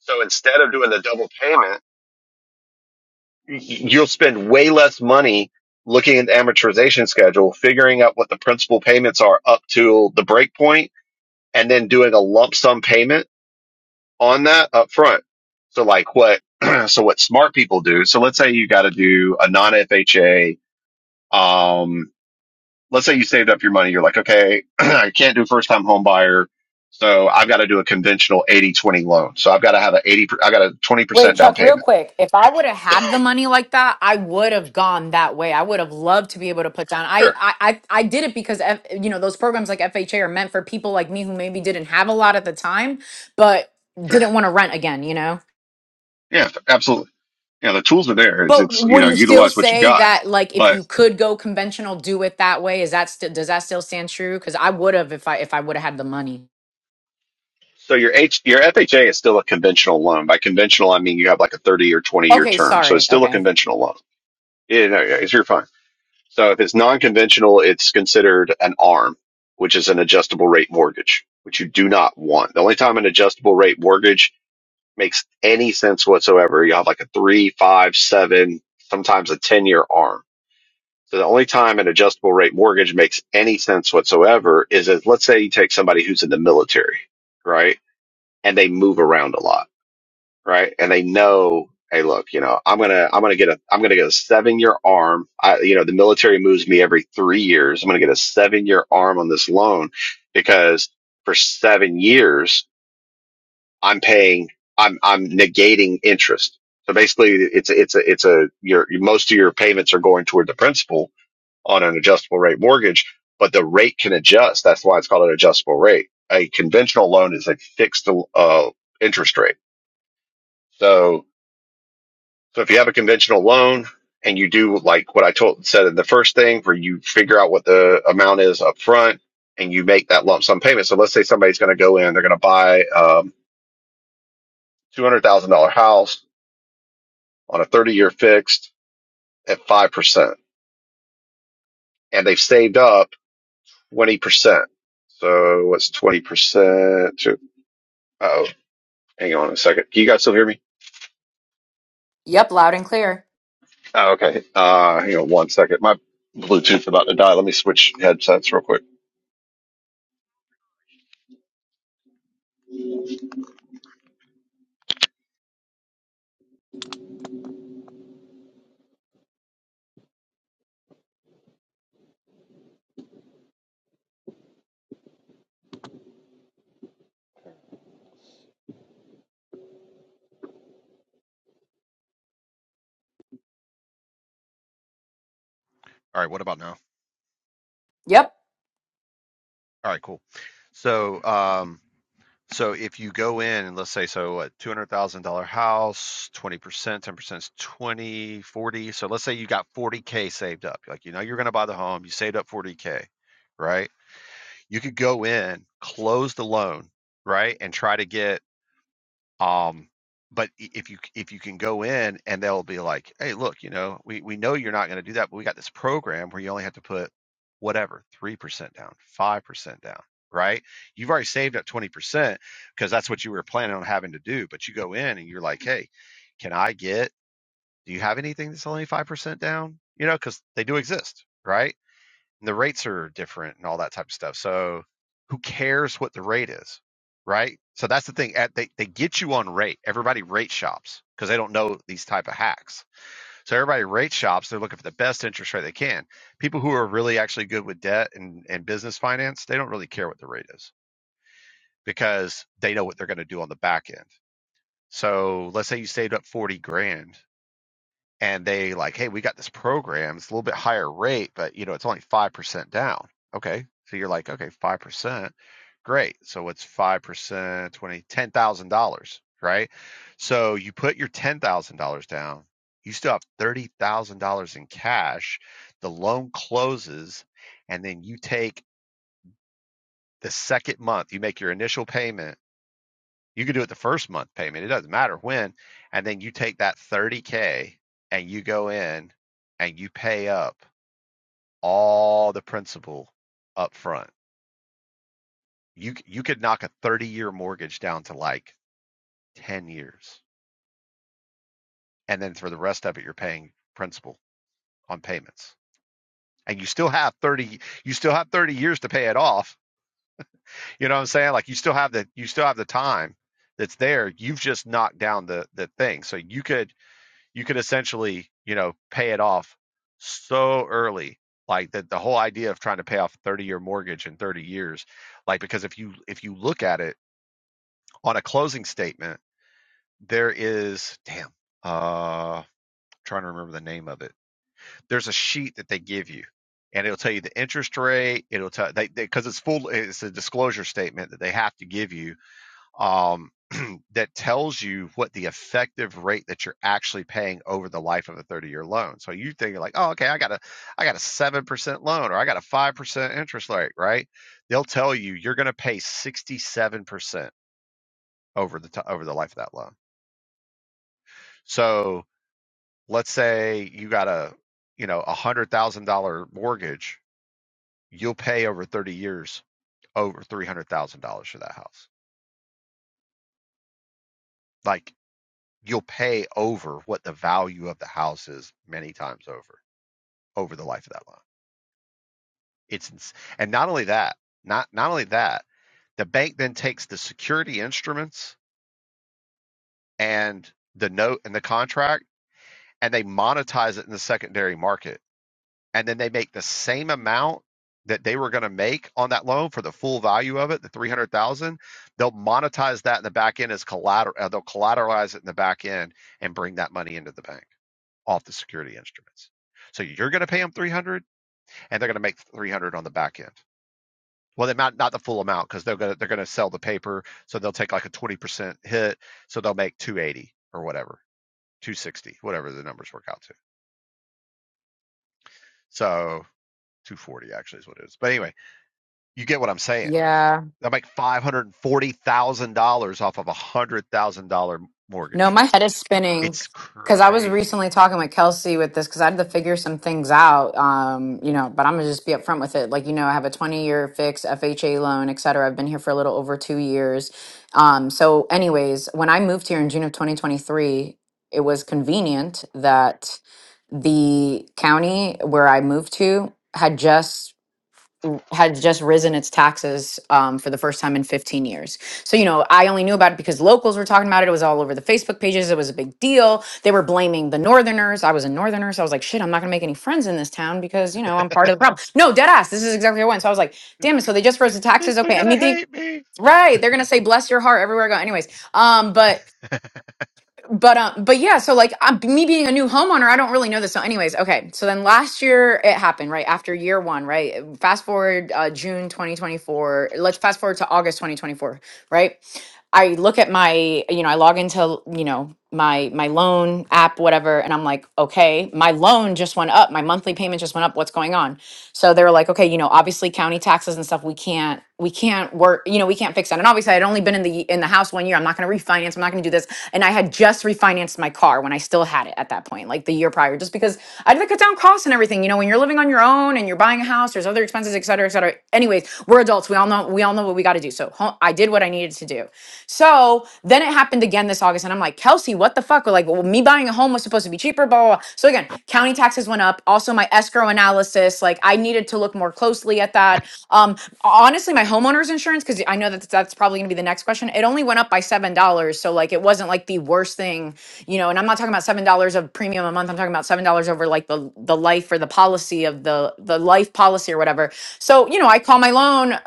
Speaker 6: So instead of doing the double payment you'll spend way less money looking at the amortization schedule, figuring out what the principal payments are up to the break point, and then doing a lump sum payment on that up front. So like what, so what smart people do. So let's say you got to do a non FHA. Um, let's say you saved up your money. You're like, okay, I can't do first time home buyer. So I've got to do a conventional 80 20 loan. So I've got to have an 80, per- I got a
Speaker 4: Wait,
Speaker 6: 20% down
Speaker 4: Chuck, real
Speaker 6: payment.
Speaker 4: quick. If I would have had the money like that, I would have gone that way. I would have loved to be able to put down. I,
Speaker 6: Sure.
Speaker 4: I, I I did it because F, you know those programs like FHA are meant for people like me who maybe didn't have a lot at the time, but
Speaker 6: Sure.
Speaker 4: didn't want to rent again. You know.
Speaker 6: Yeah, absolutely. You know, the tools are there. It's,
Speaker 4: But
Speaker 6: it's, you
Speaker 4: would
Speaker 6: know,
Speaker 4: you still
Speaker 6: utilize what you
Speaker 4: say
Speaker 6: got.
Speaker 4: that like if
Speaker 6: But
Speaker 4: you could go conventional, do it that way? Is that still does that still stand true? Because I would have if I if I would have had the money.
Speaker 6: So your H, your FHA is still a conventional loan. By conventional, I mean you have like a 30 or 20 year
Speaker 4: Okay,
Speaker 6: term. So it's
Speaker 4: sorry.
Speaker 6: still a
Speaker 4: Okay.
Speaker 6: conventional loan. You know, it's your fine. So if it's non-conventional, it's considered an ARM, which is an adjustable rate mortgage, which you do not want. The only time an adjustable rate mortgage makes any sense whatsoever, you have like a three, five, seven, sometimes a 10 year ARM. So the only time an adjustable rate mortgage makes any sense whatsoever is if, let's say you take somebody who's in the military, right? And they move around a lot, right? And they know, hey, look, you know, I'm going to, I'm going to get a, I'm going to get a seven year arm. I, you know, the military moves me every three years. I'm going to get a seven year arm on this loan because for seven years, I'm paying, I'm, I'm negating interest. So basically it's, a- it's a, it's a, your, most of your payments are going toward the principal on an adjustable rate mortgage, but the rate can adjust. That's why it's called an adjustable rate. A conventional loan is a fixed uh, interest rate. So, so if you have a conventional loan and you do like what I told said in the first thing, where you figure out what the amount is up front and you make that lump sum payment. So let's say somebody's going to go in, they're going to buy um, two hundred thousand dollar house on a thirty year fixed at five percent, and they've saved up twenty percent. So what's twenty percent? Oh. Hang on a second. Can you guys still hear me?
Speaker 4: Yep, loud and clear.
Speaker 6: Oh, okay. Uh, hang on one second. My Bluetooth's about to die. Let me switch headsets real quick. All right, what about now?
Speaker 4: Yep.
Speaker 6: All right, cool. So, um, so if you go in and let's say so what two hundred thousand dollar house, twenty percent, ten percent is 20 40. So let's say you got forty K saved up. Like you know you're gonna buy the home, you saved up forty K, right? You could go in, close the loan, right? And try to get Um, but i- if you if you can go in and they'll be like, hey, look, you know, we we know you're not going to do that, but we got this program where you only have to put whatever three percent down, five percent down, right? You've already saved up twenty percent because that's what you were planning on having to do. But you go in and you're like, hey, can I get? Do you have anything that's only five percent down? You know, because they do exist, right? the rates are different and all that type of stuff. So who cares what the rate is, right? So that's the thing. At, they they get you on rate. Everybody rate shops because they don't know these type of hacks. So everybody rate shops. They're looking for the best interest rate they can. People who are really actually good with debt and and business finance, they don't really care what the rate is because they're going to do on the back end. So let's say you saved up forty grand. and they like, hey, we got this program. It's a little bit higher rate, but you know, it's only five percent down. Okay, so you're like, okay, five percent, great. So what's five percent? Twenty, ten thousand dollars, right? So you put your ten thousand dollars down. You still have thirty thousand dollars in cash. The loan closes, and then you take the second month. You make your initial payment you could do it the first month payment. It doesn't matter when. And then you take that 30K and you go in and you pay up all the principal up front. You you could knock a 30 year mortgage down to like 10 years. And then for the rest of it you're paying principal on payments. And you still have 30 you still have 30 years to pay it off. You know what I'm saying? Like you still have the you still have the time that's there. You've just knocked down the the thing. So you could you could essentially, you know, pay it off so early. Like that the whole idea of trying to pay off a 30 year mortgage in 30 years, like because if you if you look at it on a closing statement, there is damn, uh I'm trying to remember the name of it. There's a sheet that they give you and it'll tell you the interest rate, it'll tell they because it's full it's a disclosure statement that they have to give you um, that tells you what the effective rate that you're actually paying over the life of a 30 year loan. So you think like, oh, okay, I got a, I got a 7% loan or I got a 5% interest rate, right? They'll tell you you're going to pay 67% over the, t- over the life of that loan. So let's say you got a, you know, a hundred thousand dollar mortgage, you'll pay over 30 years over $300,000 for that house. Like you'll pay over what the value of the house is many times over over the life of that loan. It's ins- and not only that, not not only that, the bank then takes the security instruments and the note and the contract and they monetize it in the secondary market. And then they make the same amount that they were going to make on that loan for the full value of it, the 300,000, they'll monetize that in the back end as collateral uh, they'll collateralize it in the back end and bring that money into the bank off the security instruments. So you're going to pay them 300 and they're going to make 300 on the back end. Well, they not not the full amount because they're gonna they're gonna sell the paper, so they'll take like a twenty percent hit, so they'll make two eighty or whatever, two sixty, whatever the numbers work out to. So two forty actually is what it is. But anyway, you get what I'm saying.
Speaker 4: Yeah.
Speaker 6: They'll make five hundred and forty thousand dollars off of a hundred thousand dollar
Speaker 4: No,
Speaker 6: mortgage.
Speaker 4: my head is spinning
Speaker 6: It's
Speaker 4: because I was
Speaker 6: crazy.
Speaker 4: recently talking with Kelsey with this because I had to figure some things out. Um, you know, but I'm gonna just be upfront with it. Like, you know, I have a 20 year fixed FHA loan, et cetera. I've been here for a little over two years. Um, so, anyways, when I moved here in June of 2023, it was convenient that the county where I moved to had just had just risen its taxes um, for the first time in 15 years. So, you know, I only knew about it because locals were talking about it. It was all over the Facebook pages. It was a big deal. They were blaming the Northerners. I was a Northerner. So I was like, shit, I'm not going to make any friends in this town because, you know, I'm part of the problem. No, dead ass. This is exactly what I went. So I was like, damn it. So they just rose the taxes. Okay. And me being right. They're going to say, bless your heart everywhere I go. Anyways. Um, but but um but yeah so like um, me being a new homeowner i don't really know this so anyways okay so then last year it happened right after year one right fast forward uh, june 2024 let's fast forward to august 2024 right I look at my, you know, I log into, you know, my my loan app, whatever, and I'm like, okay, my loan just went up. My monthly payment just went up. What's going on? So they were like, okay, you know, obviously county taxes and stuff, we can't, we can't work, you know, we can't fix that. And obviously I'd only been in the in the house one year. I'm not gonna refinance, I'm not gonna do this. And I had just refinanced my car when I still had it at that point, like the year prior, just because I had to cut down costs and everything. You know, when you're living on your own and you're buying a house, there's other expenses, et cetera, et cetera. Anyways, we're adults. We all know we all know what we gotta do. So home. I did what I needed to do. So then it happened again this August, and I'm like, Kelsey, what the fuck? We're like, well, me buying a home was supposed to be cheaper, blah, blah, blah. So again, county taxes went up. Also, my escrow analysis, like I needed to look more closely at that. Um, honestly, my homeowner's insurance, because I know that that's probably gonna be the next question. It only went up by seven dollars. So like it wasn't like the worst thing, you know, and I'm not talking about seven dollars of premium a month. I'm talking about seven dollars over like the the life or the policy of the the life policy or whatever. So, you know, I call my loan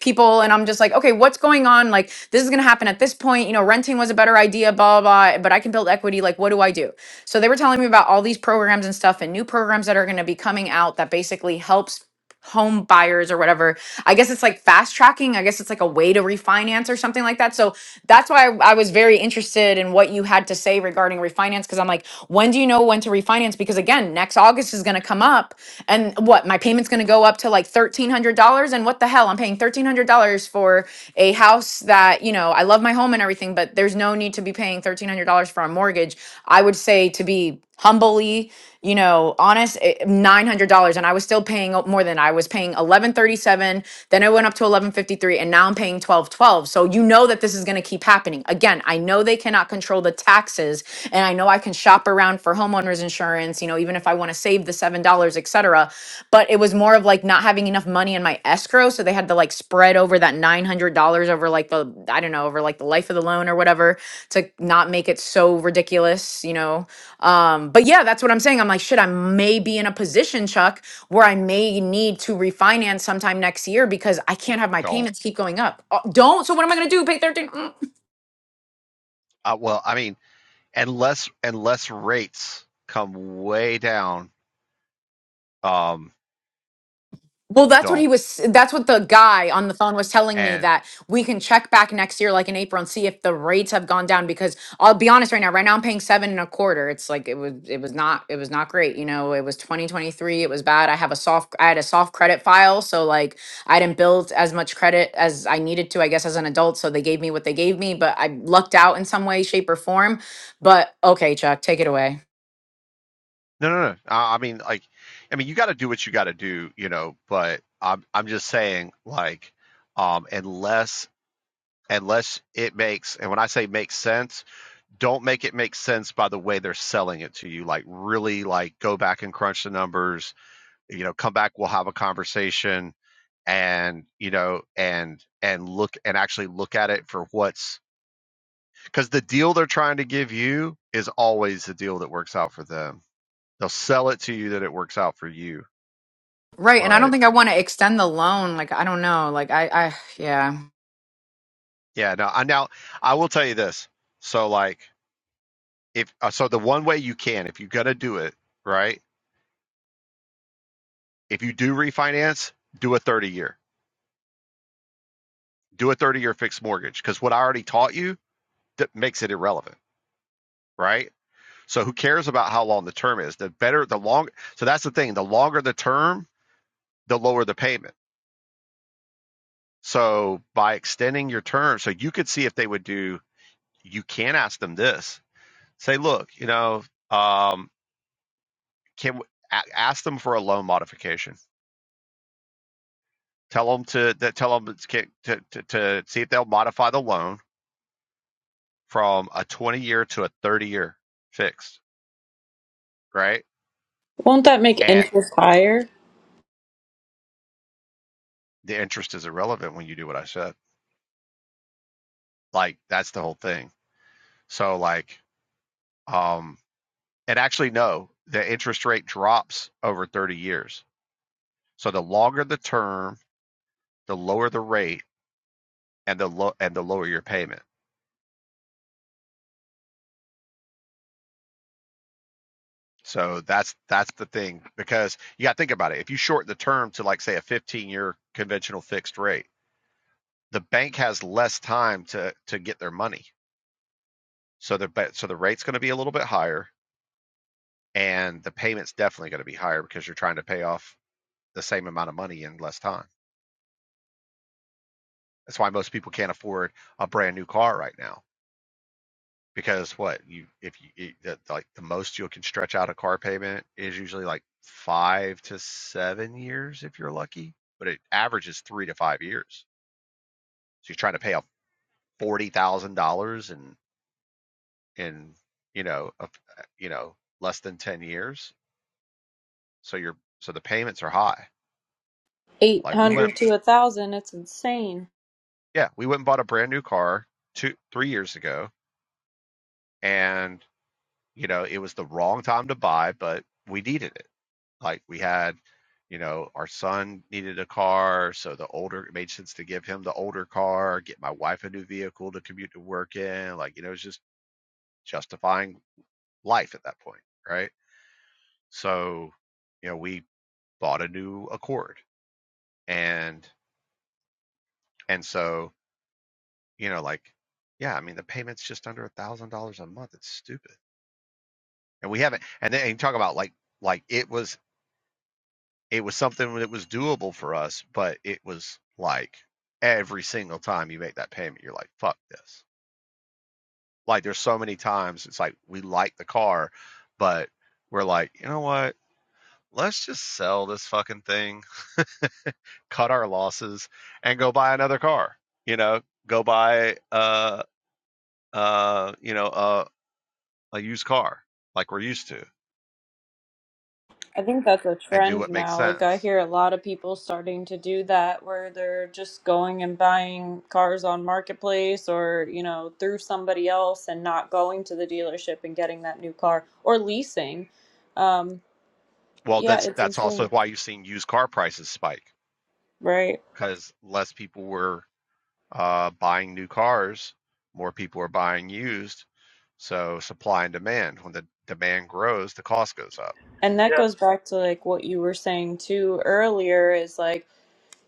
Speaker 4: people and I'm just like, okay, what's going on? Like, this is going to happen at this point. You know, renting was a better idea, blah, blah, blah, but I can build equity. Like, what do I do? So they were telling me about all these programs and stuff and new programs that are going to be coming out that basically helps home buyers or whatever. I guess it's like fast tracking. I guess it's like a way to refinance or something like that. So that's why I, I was very interested in what you had to say regarding refinance because I'm like, when do you know when to refinance? Because again, next August is going to come up and what my payment's going to go up to like $1,300 and what the hell I'm paying $1,300 for a house that, you know, I love my home and everything, but there's no need to be paying $1,300 for a mortgage. I would say to be humbly you know honest eh, $900 and i was still paying o- more than i was paying 1137 then i went up to 1153 and now i'm paying 1212 so you know that this is going to keep happening again i know they cannot control the taxes and i know i can shop around for homeowners insurance you know even if i want to save the $7 cetera, but it was more of like not having enough money in my escrow so they had to like spread over that $900 over like the i don't know over like the life of the loan or whatever to not make it so ridiculous you know um, but yeah, that's what I'm saying. I'm like, shit, I may be in a position, Chuck, where I may need to refinance sometime next year because I can't have my
Speaker 6: Don't
Speaker 4: payments keep going up. Uh, Don't. So what am I going to do? Pay 13?
Speaker 6: uh, well, I mean, unless unless rates come way down, um,
Speaker 4: Well, that's what he
Speaker 6: don't.
Speaker 4: was. That's what the guy on the phone was telling me
Speaker 6: and.
Speaker 4: that we can check back next year, like in April, and see if the rates have gone down. Because I'll be honest, right now, right now I'm paying seven and a quarter. It's like it was, it was not, it was not great. You know, it was 2023. It was bad. I have a soft, I had a soft credit file, so like I didn't build as much credit as I needed to, I guess, as an adult. So they gave me what they gave me, but I lucked out in some way, shape, or form. But okay, Chuck, take it away.
Speaker 6: No, no, no. I, I mean, like, I mean, you got to do what you got to do, you know. But I'm, I'm just saying, like, um, unless, unless it makes, and when I say makes sense, don't make it make sense by the way they're selling it to you. Like, really, like, go back and crunch the numbers. You know, come back, we'll have a conversation, and you know, and and look and actually look at it for what's because the deal they're trying to give you is always the deal that works out for them. They'll sell it to you that it works out for you
Speaker 4: Right, and I don't
Speaker 6: But
Speaker 4: think I want to extend the loan. Like I don't know. Like I, I yeah.
Speaker 6: yeah, no. I now I will tell you this. So like if uh, so, the one way you can, if you're gonna do it, right? If you do refinance, do a 30 year, do a 30 year fixed mortgage, because what I already taught you that makes it irrelevant, right? So who cares about how long the term is? The better, the long. So that's the thing. The longer the term, the lower the payment. So by extending your term, so you could see if they would do. You can ask them this. Say, look, you know, um, can ask them for a loan modification. Tell them to that. Tell them to, to to to see if they'll modify the loan from a twenty year to a thirty year fixed, right?
Speaker 1: Won't that make
Speaker 6: And
Speaker 1: interest higher?
Speaker 6: the interest is irrelevant when you do what I said. Like that's the whole thing. So like, um, and actually no, the interest rate drops over thirty years. So the longer the term, the lower the rate, and the low and the lower your payment. So that's that's the thing because you got to think about it. If you shorten the term to like say a 15-year conventional fixed rate, the bank has less time to to get their money. So the so the rate's going to be a little bit higher and the payment's definitely going to be higher because you're trying to pay off the same amount of money in less time. That's why most people can't afford a brand new car right now because what you if you it, that, like the most you can stretch out a car payment is usually like five to seven years if you're lucky, but it averages three to five years. So you're trying to pay off forty thousand dollars in in you know a, you know less than ten years. So you're so the payments are high. Like we went
Speaker 1: 800 to a 1,000. It's insane.
Speaker 6: yeah we went and bought a brand new car two three years ago, and you know it was the wrong time to buy, but we needed it Like we had, you know, our son needed a car, so the older it made sense to give him the older car, get my wife a new vehicle to commute to work in. Like, you know, it's just justifying life at that point, right? So, you know, we bought a new Accord, and and so you know, like, yeah, I mean, the payment's just under a thousand dollars a month. It's stupid, and we haven't. And then and you talk about like like it was it was something that was doable for us, but it was like every single time you make that payment, you're like, fuck this. Like there's so many times it's like we like the car, but we're like, you know what? Let's just sell this fucking thing, cut our losses, and go buy another car. You know, go buy uh uh you know a a used car like we're used to
Speaker 1: I think that's a
Speaker 6: and do
Speaker 1: trend
Speaker 6: what makes
Speaker 1: now. Like, I
Speaker 6: sense.
Speaker 1: hear a lot of people starting to do that where they're just going and buying cars on Marketplace or, you know, through somebody else and not going to the dealership and getting that new car or leasing. Um,
Speaker 6: Well,
Speaker 1: yeah,
Speaker 6: that's
Speaker 1: it's
Speaker 6: that's also
Speaker 1: insane.
Speaker 6: why you've seen used car prices spike
Speaker 1: Right.
Speaker 6: because less people were uh, buying new cars, more people are buying used. So supply and demand. When the demand grows, the cost goes up.
Speaker 1: And that
Speaker 2: Yeah.
Speaker 1: goes back to like what you were saying too earlier is like,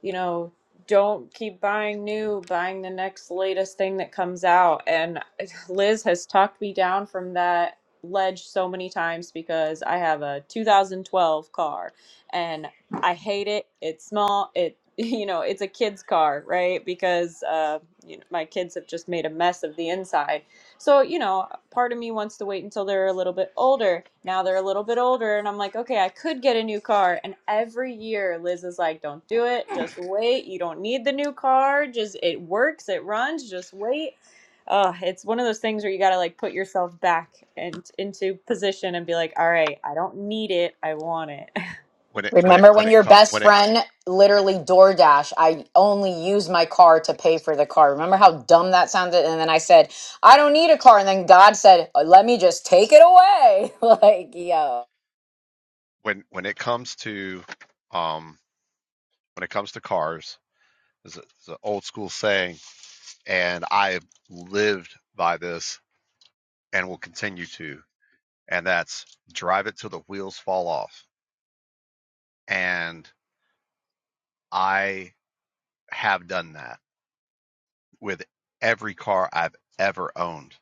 Speaker 1: you know, don't keep buying new, buying the next latest thing that comes out. And Liz has talked me down from that ledge so many times because I have a 2012 car and I hate it. It's small. It you know, it's a kid's car, right? Because uh, you know, my kids have just made a mess of the inside. So, you know, part of me wants to wait until they're a little bit older. Now they're a little bit older, and I'm like, okay, I could get a new car. And every year, Liz is like, don't do it. Just wait. You don't need the new car. Just it works. It runs. Just wait. Uh, it's one of those things where you gotta like put yourself back and into position and be like, all right, I don't need it. I want it.
Speaker 6: When it when it
Speaker 4: Remember
Speaker 6: when
Speaker 4: when
Speaker 6: it
Speaker 4: your
Speaker 6: co-
Speaker 4: best
Speaker 6: when it
Speaker 4: friend literally DoorDash, I only use my car to pay for the car. Remember how dumb that sounded? And then I said, I don't need a car. And then God said, "Uh, let me just take it away. like, yo.
Speaker 6: when when it comes to um when it comes to cars, is a, is an old school saying, and I lived by this and will continue to, and that's drive it till the wheels fall off. And I have done that with every car I've ever owned.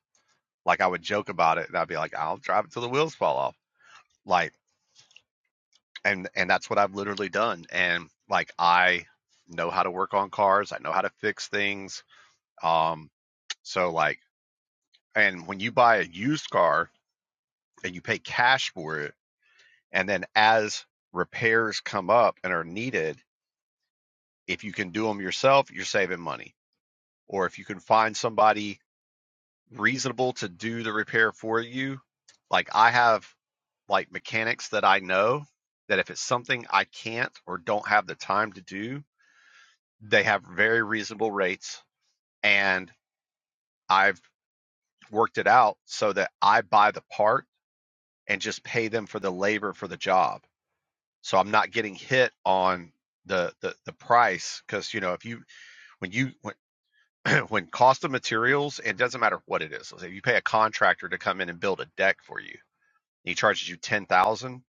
Speaker 6: Like I would joke about it and I'd be like, I'll drive it till the wheels fall off. Like and and that's what I've literally done. And like I know how to work on cars. I know how to fix things. Um so like and when you buy a used car and you pay cash for it and then as repairs come up and are needed, if you can do them yourself, you're saving money. Or if you can find somebody reasonable to do the repair for you. Like I have like mechanics that I know that if it's something I can't or don't have the time to do, they have very reasonable rates and I've worked it out so that I buy the part and just pay them for the labor for the job. So I'm not getting hit on the the, the price because you know if you when you when, when cost of materials it doesn't matter what it is. So if you pay a contractor to come in and build a deck for you, he charges you ten thousand.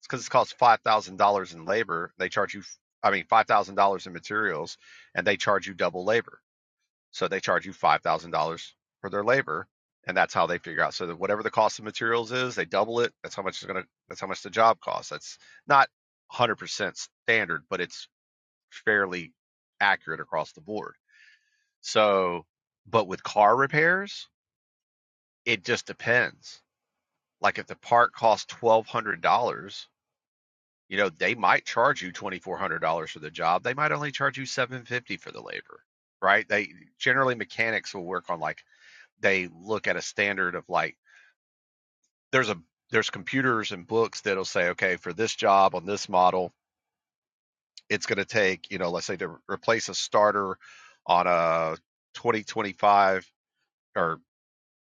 Speaker 6: It's because it costs five thousand dollars in labor. They charge you, I mean, five thousand dollars in materials, and they charge you double labor. So they charge you five thousand dollars for their labor, and that's how they figure out. So that whatever the cost of materials is, they double it. That's how much it's gonna. That's how much the job costs. That's not hundred percent standard, but it's fairly accurate across the board. So, but with car repairs, it just depends. Like if the part costs twelve hundred dollars You know, they might charge you $2,400 for the job. They might only charge you 750 for the labor, right? They generally mechanics will work on like they look at a standard of like there's a there's computers and books that'll say, okay, for this job on this model, it's going to take, you know, let's say to replace a starter on a 2025 or,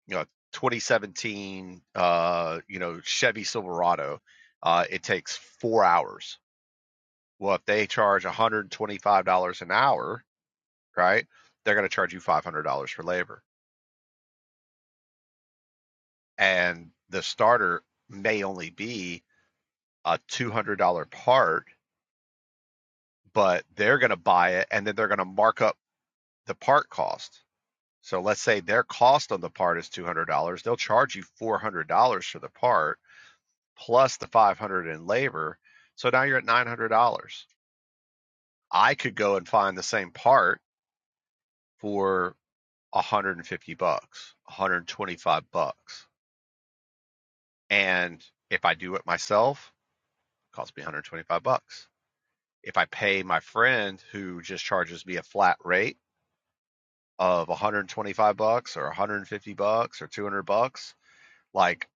Speaker 6: you know, 2017, uh, you know, Chevy Silverado, uh, it takes four hours Well, if they charge $125 an hour, right, they're going to charge you $500 for labor. And the starter may only be a $200 part, but they're going to buy it and then they're going to mark up the part cost. So let's say their cost on the part is $200, they'll charge you $400 for the part plus the 500 in labor. So now you're at $900. I could go and find the same part for 150 bucks, 125 bucks. And if I do it myself, it costs me 125 bucks. If I pay my friend who just charges me a flat rate of 125 bucks or 150 bucks or 200 bucks, like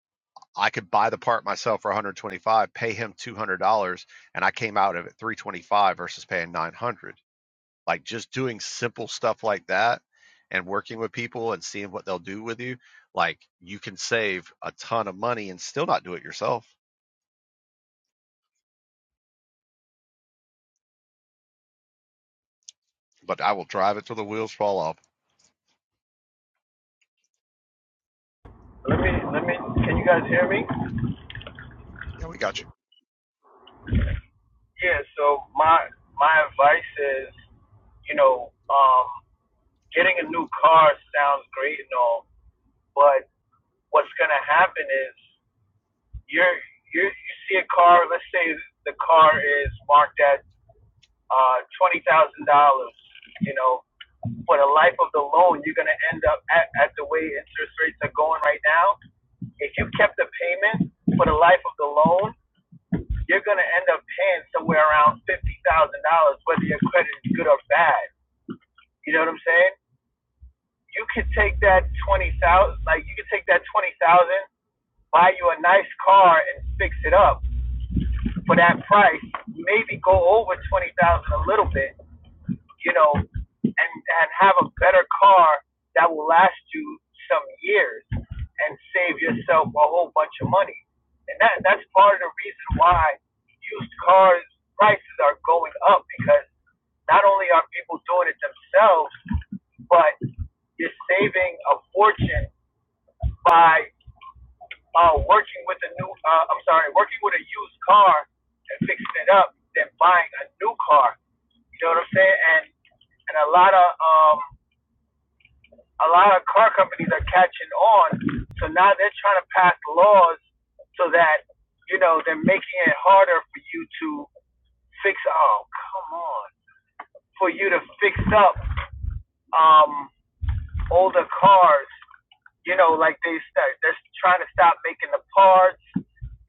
Speaker 6: I could buy the part myself for 125, pay him $200 and I came out of it 325 versus paying 900 like just doing simple stuff like that and working with people and seeing what they'll do with you like you can save a ton of money and still not do it yourself but i will drive it till the wheels fall off
Speaker 2: Let me let me can you guys hear me?
Speaker 6: Yeah, we got you
Speaker 2: Yeah, so my my advice is, you know, um getting a new car sounds great and all, but what's gonna happen is you're you you see a car. Let's say the car is marked at uh, twenty thousand dollars. You know, for the life of the loan, you're gonna end up at, at the way interest rates are going right now. If you kept the payment for the life of the loan, you're gonna end up paying somewhere around fifty thousand dollars, whether your credit is good or bad. You know what I'm saying? you could take that twenty thousand, like you could take that twenty thousand, buy you a nice car and fix it up for that price. Maybe go over twenty thousand a little bit, you know, and and have a better car that will last you some years and save yourself a whole bunch of money. And that that's part of the reason why used cars prices are going up because not only are people doing it themselves, but you're saving a fortune by uh, working with a new, uh, I'm sorry, working with a used car and fixing it up than buying a new car. You know what I'm saying? And and a lot of um, a lot of car companies are catching on, so now they're trying to pass laws so that you know they're making it harder for you to fix. Oh, come on, for you to fix up um, older cars you know, like they start, they're trying to stop making the parts.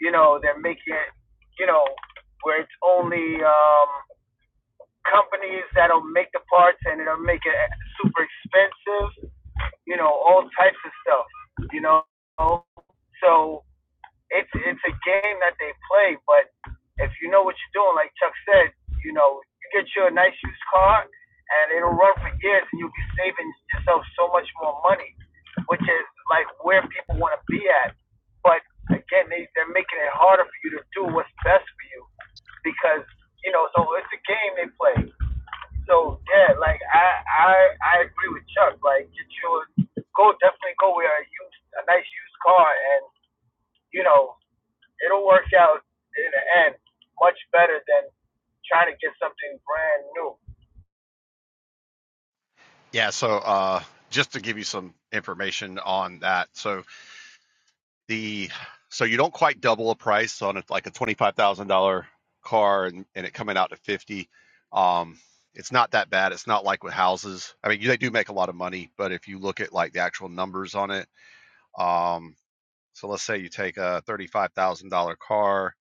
Speaker 2: You know, they're making, you know, where it's only um, companies that'll make the parts and it'll make it super expensive. You know, all types of stuff. You know, so it's it's a game that they play, but if you know what you're doing, like Chuck said, you know, you get you a nice used car and it'll run for years and you'll be saving yourself so much more money, which is like where people want to be at. But again, they, they're making it harder for you to do what's best for you because, you know, so it's a game they play. So yeah, like I, I, I agree with Chuck. Like get your, go definitely go with a used, a nice used car and, you know, it'll work out in the end much better than trying to get something brand new.
Speaker 6: yeah so uh just to give you some information on that so the so you don't quite double a price on a, like a $25000 car and, and it coming out to 50 um it's not that bad it's not like with houses i mean they do make a lot of money but if you look at like the actual numbers on it Um, so let's say you take a $35,000 car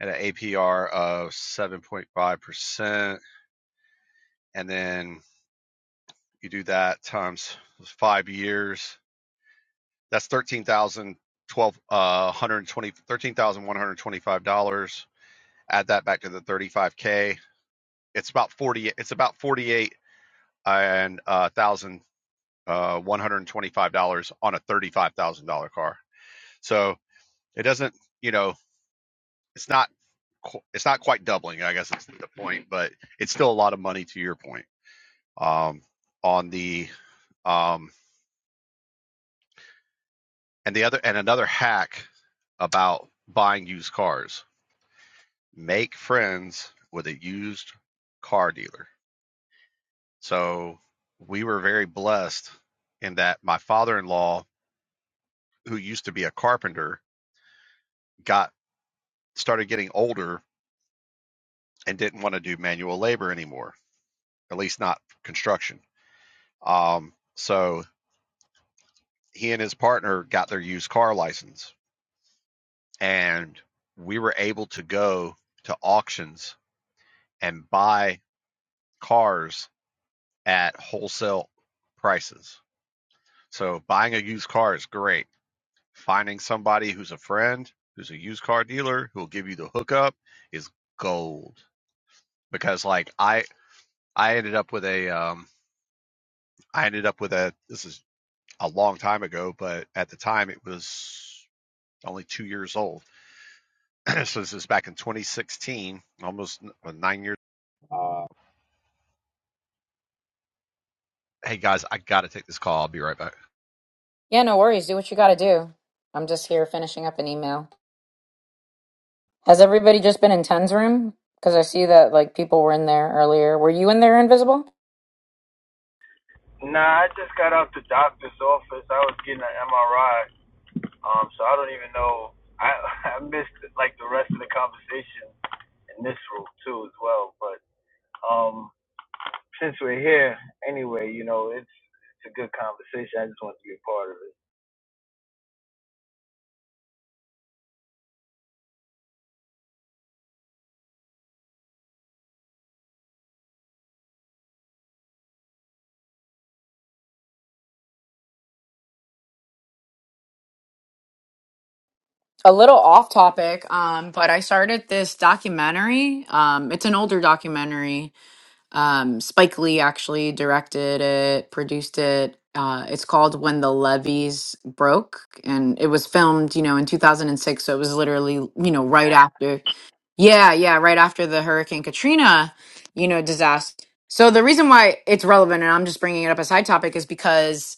Speaker 6: at an APR of 7.5%, and then you do that times five years. That's thirteen thousand twelve uh, dollars. Add that back to the thirty five k. It's about forty. It's about forty eight and uh, thousand uh, one hundred twenty five dollars on a thirty five thousand dollar car. So it doesn't. You know, it's not qu- it's not quite doubling, I guess it's the point, but it's still a lot of money to your point. Um, on the um, and the other and another hack about buying used cars: make friends with a used car dealer. So we were very blessed in that my father-in-law, who used to be a carpenter, got started getting older and didn't want to do manual labor anymore, at least not construction. Um, so he and his partner got their used car license and we were able to go to auctions and buy cars at wholesale prices. So buying a used car is great. Finding somebody who's a friend, who's a used car dealer, who will give you the hookup is gold. Because like I I ended up with a um I ended up with a this is a long time ago, but at the time it was only 2 years old so this is back in 2016, almost uh, nine years. Wow. Hey guys, I got to take this call. I'll be right back.
Speaker 4: Yeah, no worries. Do what you got to do. I'm just here finishing up an email. Has everybody just been in Ten's room? Because I see that like people were in there earlier. Were you in there, Invisible?
Speaker 2: Nah, I just got out the doctor's office. I was getting an MRI, um, so I don't even know. I I missed like the rest of the conversation in this room too as well. But um, since we're here anyway, you know it's it's a good conversation. I just want to be a part of it.
Speaker 4: a little off topic um but i started this documentary um it's an older documentary Um, Spike Lee actually directed it, produced it. Uh, it's called When the Levees Broke, and it was filmed, you know, in 2006. So it was literally, you know, right after, yeah, yeah, right after the Hurricane Katrina, you know, disaster. So the reason why it's relevant, and I'm just bringing it up as side topic, is because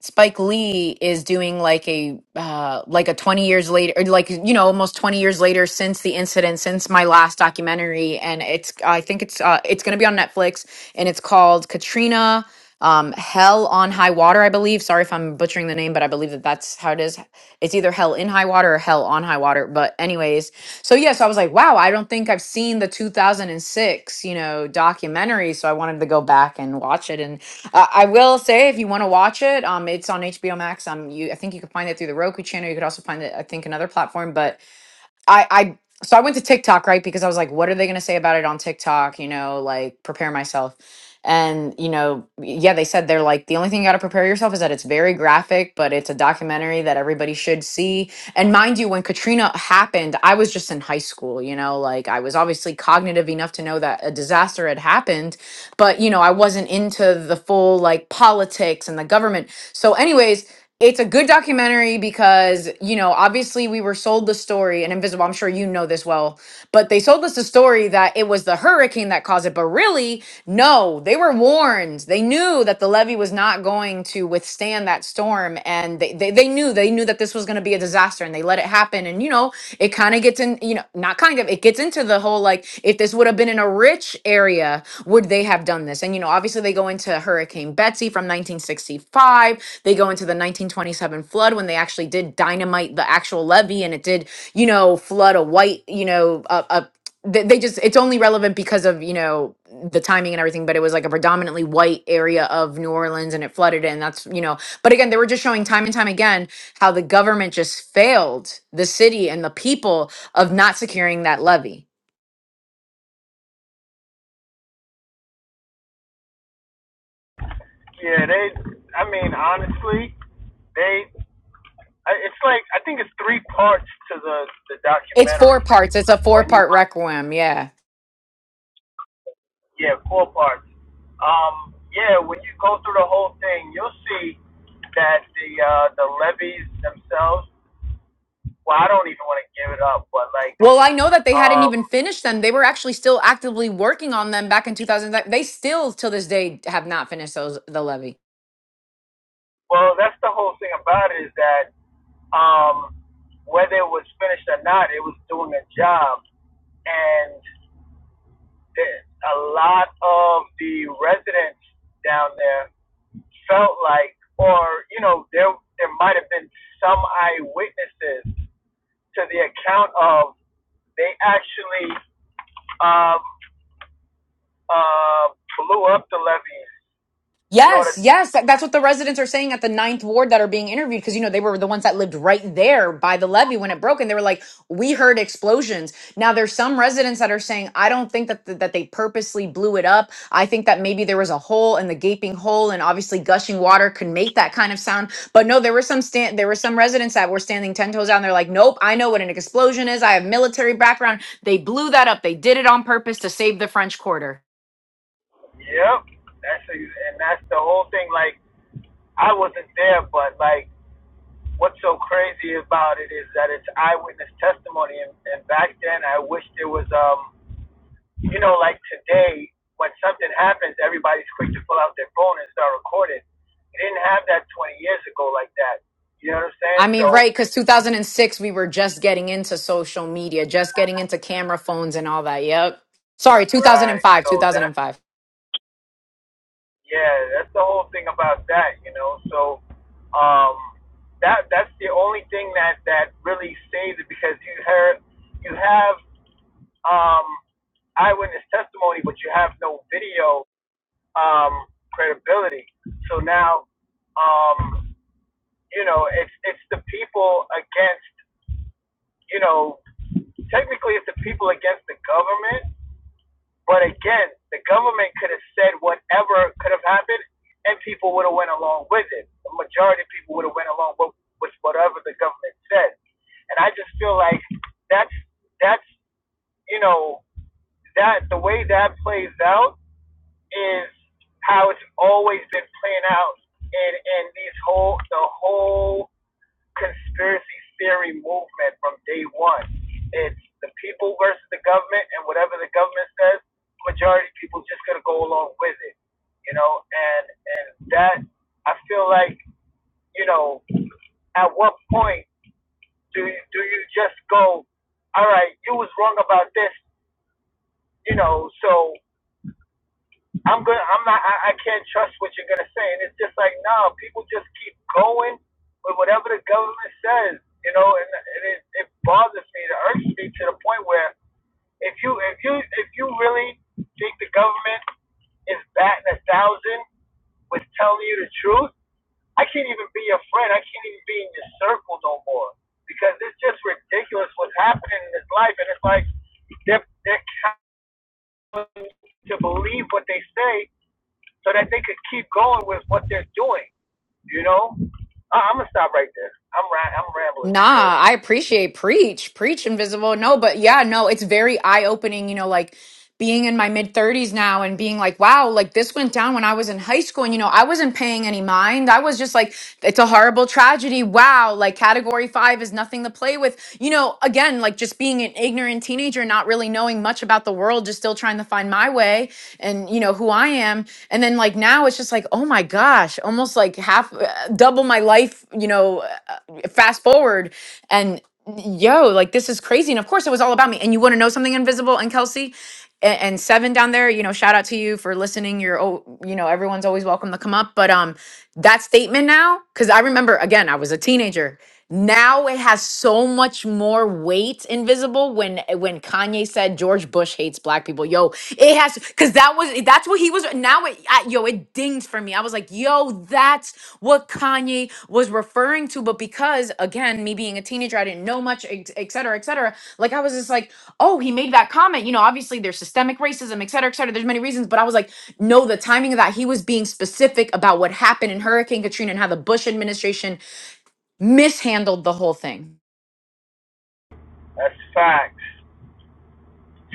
Speaker 4: Spike Lee is doing like a uh, like a twenty years later, or like you know, almost twenty years later since the incident, since my last documentary, and it's I think it's uh, it's going to be on Netflix, and it's called Katrina, um, Hell on High Water, I believe. Sorry if I'm butchering the name, but I believe that that's how it is. It's either hell in high water or hell on high water. But anyways, so yeah, so I was like, wow, I don't think I've seen the 2006, you know, documentary. So I wanted to go back and watch it. And uh, I will say, if you want to watch it, um, it's on HBO Max. Um, you, I think you can find it through the Roku channel. You could also find it, I think, another platform, but I I so I went to TikTok right because I was like, what are they going to say about it on TikTok? You know, like prepare myself. And you know, yeah, they said they're like the only thing you got to prepare yourself is that it's very graphic, but it's a documentary that everybody should see. And mind you, when Katrina happened, I was just in high school. You know, like I was obviously cognitive enough to know that a disaster had happened, but you know, I wasn't into the full like politics and the government. So, anyways, it's a good documentary because, you know, obviously we were sold the story, and Invisible, I'm sure you know this well, but they sold us the story that it was the hurricane that caused it. But really, no, they were warned. They knew that the levee was not going to withstand that storm. And they, they, they knew, they knew that this was going to be a disaster and they let it happen and you know it kind of gets in you know not kind of it gets into the whole like if this would have been in a rich area would they have done this and you know obviously they go into hurricane betsy from 1965 they go into the 1927 flood when they actually did dynamite the actual levee and it did you know flood a white you know a, a they they just it's only relevant because of you know the timing and everything but it was like a predominantly white area of new orleans and it flooded and that's you know but again they were just showing time and time again how the government just failed the city and the people of not securing that levy.
Speaker 2: Yeah, they. I mean, honestly, they. It's like I think it's three parts to the the
Speaker 4: It's four
Speaker 2: documentary.
Speaker 4: parts. It's a four
Speaker 2: When you
Speaker 4: part requiem. Yeah.
Speaker 2: Yeah, four parts. Um, yeah, when you go through the whole thing, you'll see that the uh, the levies themselves. Well, I don't even want to give it up, but like,
Speaker 4: Well, I know that they hadn't
Speaker 2: um,
Speaker 4: even finished them. They were actually still actively working on them back in 2000. They still, till this day, have not finished those the levy.
Speaker 2: well, that's the whole thing about it is that um, whether it was finished or not, it was doing a job, and the- a lot of the residents down there felt like, or you know, there there might have been some eyewitnesses to the account of They actually um, uh, blew up the levees in order.
Speaker 4: Yes,
Speaker 2: to,
Speaker 4: yes. that- That's what the residents are saying at the ninth ward that are being interviewed because, you know, they were the ones that lived right there by the levee when it broke. And they were like, we heard explosions. Now, there's some residents that are saying, I don't think that, th- that they purposely blew it up. I think that maybe there was a hole and the gaping hole and obviously gushing water could make that kind of sound. But no, there were some stand, there were some residents that were standing 10 toes down. They're like, nope, I know what an explosion is. I have military background. They blew that up. They did it on purpose to save the French Quarter.
Speaker 2: Yep, that's a, and that's the whole thing. Like I wasn't there, but like what's so crazy about it is that it's eyewitness testimony. And, and back then, I wish there was um, you know, like today when something happens, everybody's quick to pull out their phone and start recording. You didn't have that 20 years ago like that. You know what I'm
Speaker 4: I
Speaker 2: saying?
Speaker 4: mean,
Speaker 2: So
Speaker 4: right, because 2006, we were just getting into social media, just getting into camera phones and all that. Yep. Sorry,
Speaker 2: right,
Speaker 4: 2005,
Speaker 2: so that's
Speaker 4: 2005.
Speaker 2: Yeah, that's the whole thing about that, you know. So, um, that that's the only thing that that really saves it because you heard you have um eyewitness testimony, but you have no video um credibility. So now, um, you know, it's it's the people against, you know, technically it's the people against the government But again, the government could have said whatever could have happened, and people would have went along with it. The majority of people would have went along with, with whatever the government said. And I just feel like that's that's you know that the way that plays out is how it's always been playing out in in these whole the whole conspiracy theory movement from day one. It's the people versus the government, and whatever the government says, majority of people just gonna go along with it. You know, and and that I feel like you know, at what point do you, do you just go, all right, you was wrong about this, you know, so I'm gonna. I'm not. I, I can't trust what you're gonna say. And it's just like, no, people just keep going with whatever the government says, you know. And, and it, it bothers me, it irks me to the point where if you, if you, if you really think the government is batting a thousand with telling you the truth, I can't even be your friend. I can't even be in your circle no more because it's just ridiculous what's happening in this life. And it's like they're they're counting to believe what they say so that they could keep going with what they're doing. You know, I- I'm gonna stop right there. I'm ra- I'm rambling. So
Speaker 4: Nah, I appreciate preach, preach invisible. No, but yeah, no, it's very eye opening, you know, like being in my mid 30s now and being like, wow, like this went down when I was in high school and you know, I wasn't paying any mind. I was just like, it's a horrible tragedy. Wow, like category 5 is nothing to play with. You know, again, like just being an ignorant teenager, not really knowing much about the world, just still trying to find my way and you know who I am. And then like now it's just like, oh my gosh, almost like half uh, double my life, you know, fast forward and yo, like this is crazy. And of course, it was all about me. And you want to know something invisible and Kelsey and, and Seven down there, you know, shout out to you for listening. You're, oh, you know, everyone's always welcome to come up. But um, that statement now, because I remember again, I was a teenager. Now it has so much more weight invisible when when Kanye said George Bush hates black people. Yo, it has cuz that was that's what he was now it I, yo it dinged for me. I was like, "Yo, that's what Kanye was referring to." But because again, me being a teenager, I didn't know much, et et cetera, et cetera. Like I was just like, "Oh, he made that comment." You know, obviously there's systemic racism, et cetera, et cetera. There's many reasons, but I was like, "No, the timing of that he was being specific about what happened in Hurricane Katrina and how the Bush administration mishandled the whole thing.
Speaker 2: that's facts.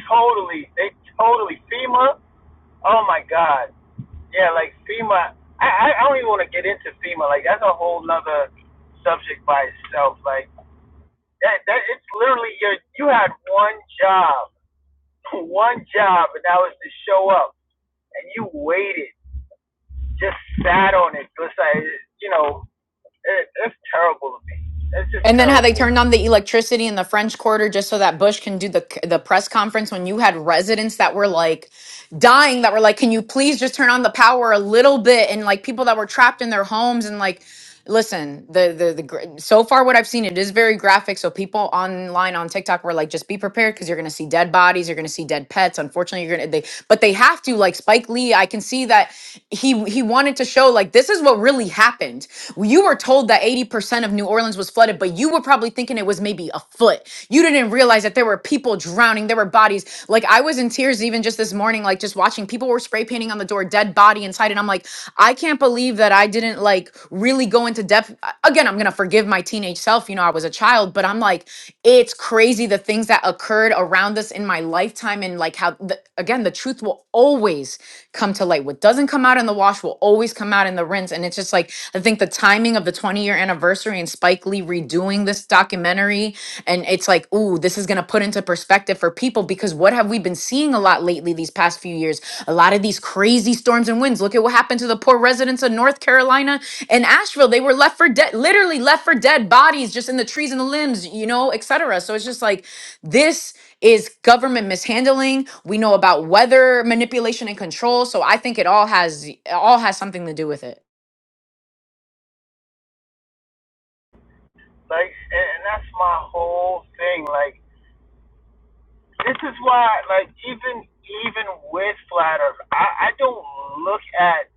Speaker 2: Totally, they totally FEMA. Oh my God. Yeah, like FEMA. I I, I don't even want to get into FEMA. Like that's a whole nother subject by itself. Like that that it's literally your you had one job, one job, and that was to show up, and you waited, just sat on it. It's like you know it, it's terrible to me. It's just
Speaker 4: And then how they
Speaker 2: terrible.
Speaker 4: turned on the electricity in the French Quarter just so that Bush can do the the press conference when you had residents that were like dying that were like can you please just turn on the power a little bit and like people that were trapped in their homes and like Listen, the the the gra- so far what I've seen, it is very graphic. So people online on TikTok were like, just be prepared because you're gonna see dead bodies, you're gonna see dead pets. Unfortunately, you're gonna they, but they have to like Spike Lee. I can see that he he wanted to show like this is what really happened. You were told that 80% of New Orleans was flooded, but you were probably thinking it was maybe a foot. You didn't realize that there were people drowning. There were over bodies. Like I was in tears even just this morning, like just watching people were spray painting on the door, dead body inside. And I'm like, I can't believe that I didn't like really go into depth. Again, I'm gonna forgive my teenage self. You know, I was a child, but I'm like, it's crazy the things that occurred around us in my lifetime and like how the, again the truth will always come to light. What doesn't come out in the wash will always come out in the rinse friends. And it's just like, I think the timing of the 20 year anniversary and Spike Lee redoing this documentary, and it's like, ooh, this is going to put into perspective for people because what have we been seeing a lot lately these past few years? A lot of these crazy storms and winds. Look at what happened to the poor residents of North Carolina and Asheville. They were left for dead, literally left for dead bodies just in the trees and the limbs, you know, et cetera. So it's just like, this is government mishandling. We know about weather manipulation and control. So I think it all has it all has something to do with it.
Speaker 2: Like, and, and that's my whole thing. Like, this is why, like, even even with flat Earth, I, I don't look at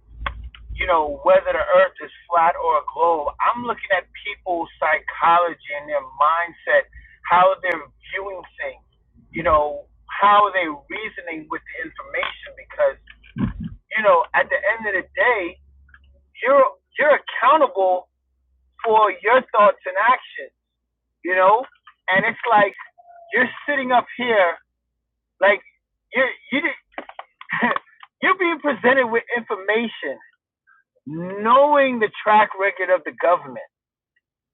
Speaker 2: you know whether the Earth is flat or a globe. I'm looking at people's psychology and their mindset, how they're viewing things. You know, how are they reasoning with the information? Because you know, at the end of the day, you're you're accountable for your thoughts and actions, you know? And it's like you're sitting up here, like you're you you're being presented with information, knowing the track record of the government,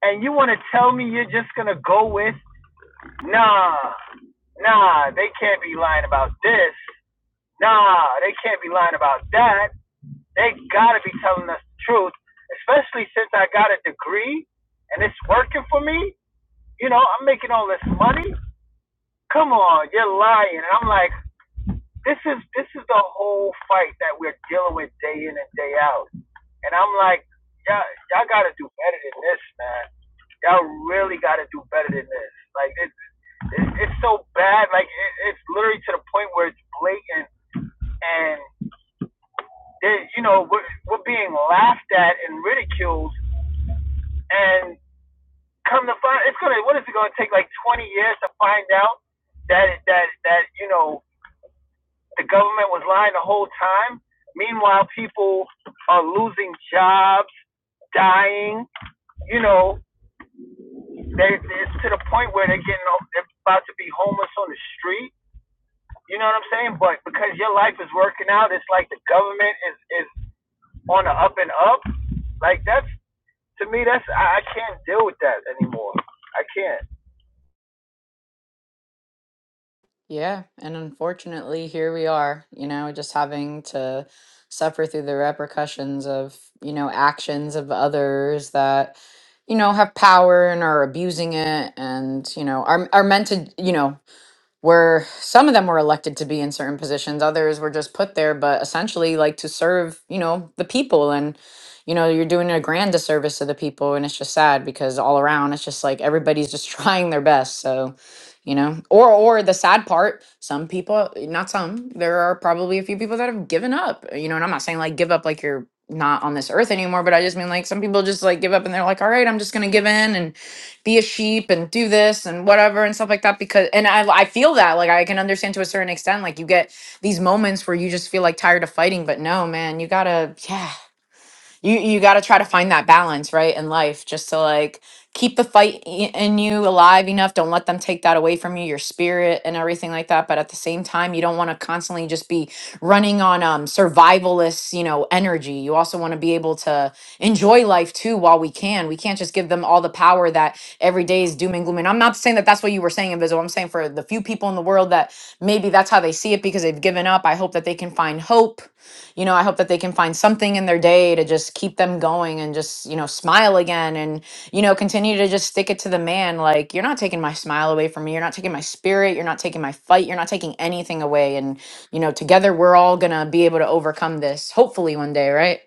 Speaker 2: and you want to tell me you're just gonna go with nah, nah, they can't be lying about this, nah, they can't be lying about that. They gotta be telling us the truth, especially since I got a degree and it's working for me. You know, I'm making all this money. come on, you're lying. And I'm like, this is this is the whole fight that we're dealing with day in and day out. And I'm like, y'all y'all gotta do better than this, man. Y'all really gotta do better than this. Like it's it's, it's so bad. Like it, it's literally to the point where it's blatant and you know we're we're being laughed at and ridiculed. And come to find, it's gonna what is it gonna take like 20 years to find out that that that you know The government was lying the whole time. Meanwhile, people are losing jobs, dying. You know, they, it's to the point where they're getting they're about to be homeless on the street. You know what I'm saying? But because your life is working out, it's like the government is is on the up and up. Like that's to me, that's I, I can't deal with that anymore. I can't.
Speaker 4: Yeah, and unfortunately, here we are, you know, just having to suffer through the repercussions of, you know, actions of others that, you know, have power and are abusing it and, you know, are are meant to, you know, were some of them were elected to be in certain positions others were just put there but essentially like to serve you know the people and you know you're doing a grand disservice to the people and it's just sad because all around it's just like everybody's just trying their best so you know or or the sad part some people not some there are probably a few people that have given up you know and i'm not saying like give up like you're not on this earth anymore but i just mean like some people just like give up and they're like all right i'm just gonna give in and be a sheep and do this and whatever and stuff like that because and I I feel that like I can understand to a certain extent like you get these moments where you just feel like tired of fighting but no man you gotta yeah you you got to try to find that balance right in life just to like keep the fight i- in you alive enough don't let them take that away from you your spirit and everything like that but at the same time you don't want to constantly just be running on um survivalist you know energy you also want to be able to enjoy life too while we can we can't just give them all the power that every day is doom and gloom and i'm not saying that that's what you were saying invisible i'm saying for the few people in the world that maybe that's how they see it because they've given up i hope that they can find hope you know, I hope that they can find something in their day to just keep them going and just, you know, smile again and, you know, continue to just stick it to the man. Like, you're not taking my smile away from me. You're not taking my spirit. You're not taking my fight. You're not taking anything away. And, you know, together we're all going to be able to overcome this, hopefully one day, right?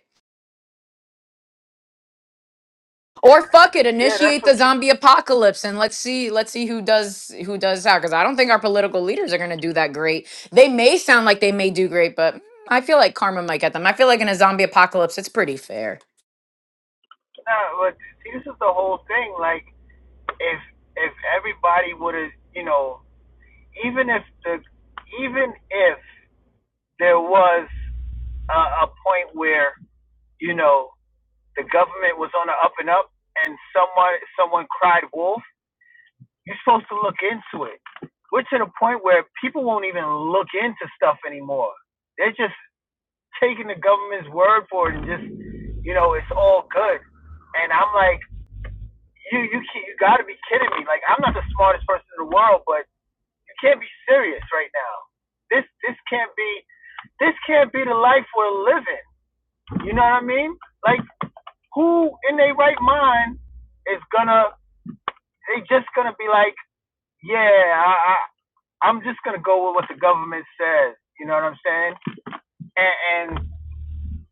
Speaker 4: Or fuck it,
Speaker 2: Yeah, that's
Speaker 4: initiate
Speaker 2: what
Speaker 4: the
Speaker 2: you.
Speaker 4: zombie apocalypse and let's see let's see who does who does how. cuz I don't think our political leaders are going to do that great. They may sound like they may do great, but mm, I feel like karma might get them. I feel like in a zombie apocalypse it's pretty fair.
Speaker 2: Nah, but see, this is the whole thing. Like if if everybody would have, you know, even if the even if there was a, a point where you know the government was on the up and up and someone someone cried wolf, you're supposed to look into it. We're to the point where people won't even look into stuff anymore. They're just taking the government's word for it and just you know it's all good. And I'm like, you you you got to be kidding me! Like I'm not the smartest person in the world, but you can't be serious right now. This this can't be. this can't be the life we're living. You know what I mean? Like, who in their right mind is gonna? They just gonna be like, yeah, I, I, I'm just gonna go with what the government says. You know what I'm saying? And, and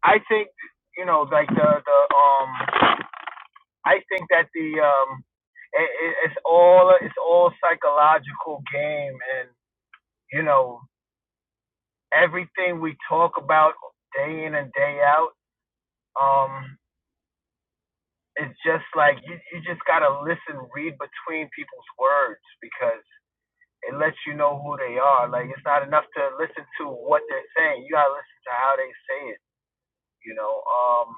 Speaker 2: I think, you know, like the the um, I think that the um, it, it, it's all it's all psychological game, and you know, everything we talk about day in and day out. Um, it's just like you, you just gotta listen, read between people's words because it lets you know who they are. Like it's not enough to listen to what they're saying. You gotta listen to how they say it. You know, um,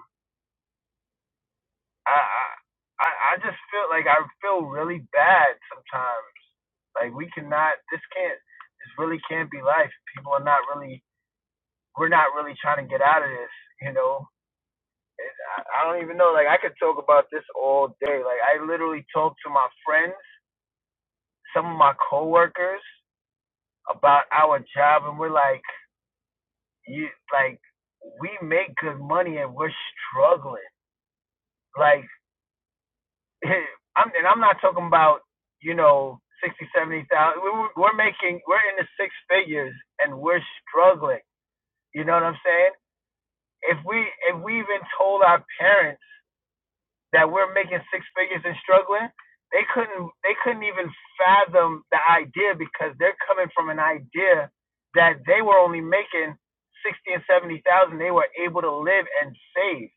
Speaker 2: I I I just feel like I feel really bad sometimes. Like we cannot, this can't, this really can't be life. People are not really, we're not really trying to get out of this. You know, I don't even know. Like I could talk about this all day. Like I literally talk to my friends some of my coworkers about our job, and we're like, you like, we make good money and we're struggling. Like, I'm and I'm not talking about you know sixty, seventy thousand. We're, we're making we're in the six figures and we're struggling. You know what I'm saying? If we if we even told our parents that we're making six figures and struggling, they couldn't they couldn't even fathom the idea because they're coming from an idea that they were only making sixty and seventy thousand. They were able to live and save.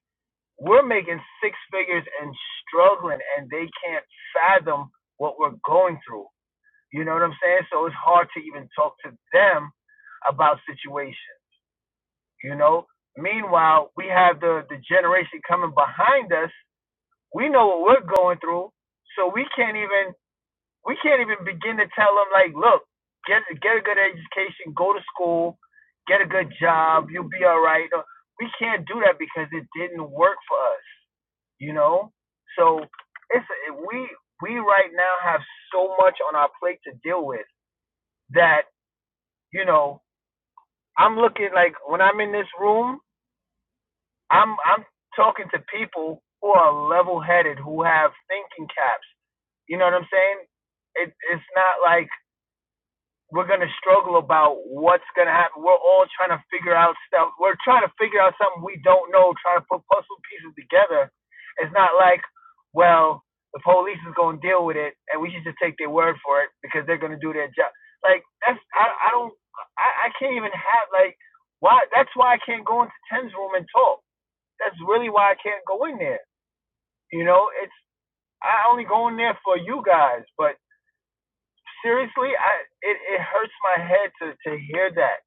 Speaker 2: We're making six figures and struggling, and they can't fathom what we're going through. You know what I'm saying? So it's hard to even talk to them about situations. You know. Meanwhile, we have the the generation coming behind us we know what we're going through, so we can't even we can't even begin to tell them like, look, get get a good education, go to school, get a good job, you'll be all right. No, We can't do that because it didn't work for us, you know. So it's we we right now have so much on our plate to deal with that you know I'm looking like when I'm in this room, I'm I'm talking to people who are level headed, who have thinking caps. You know what I'm saying? It, it's not like we're gonna struggle about what's gonna happen. We're all trying to figure out stuff. We're trying to figure out something we don't know. Trying to put puzzle pieces together. It's not like, well, the police is gonna deal with it, and we should just take their word for it because they're gonna do their job. Like that's I I don't I, I can't even have like why that's why I can't go into Tim's room and talk that's really why I can't go in there. You know, it's I only go in there for you guys, but seriously, I it, it hurts my head to to hear that.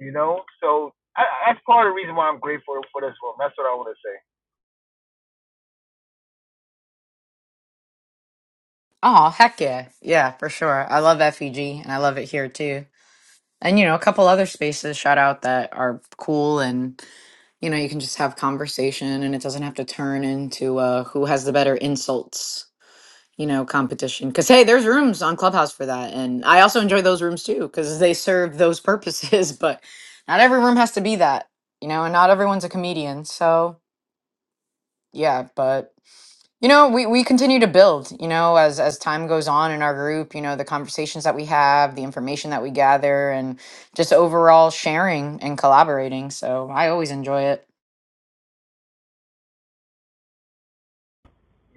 Speaker 2: You know, so I, that's part of the reason why I'm grateful for this room. That's what I want to say.
Speaker 4: Oh, heck yeah. Yeah, for sure. I love FEG and I love it here too. And, you know, a couple other spaces shout out that are cool and, you know, you can just have conversation and it doesn't have to turn into uh, who has the better insults, you know, competition. Cause hey, there's rooms on Clubhouse for that. And I also enjoy those rooms too because they serve those purposes. But not every room has to be that, you know, and not everyone's a comedian. So yeah, but. You know, we, we continue to build, you know, as as time goes on in our group, you know, the conversations that we have, the information that we gather, and just overall sharing and collaborating. So I always enjoy it.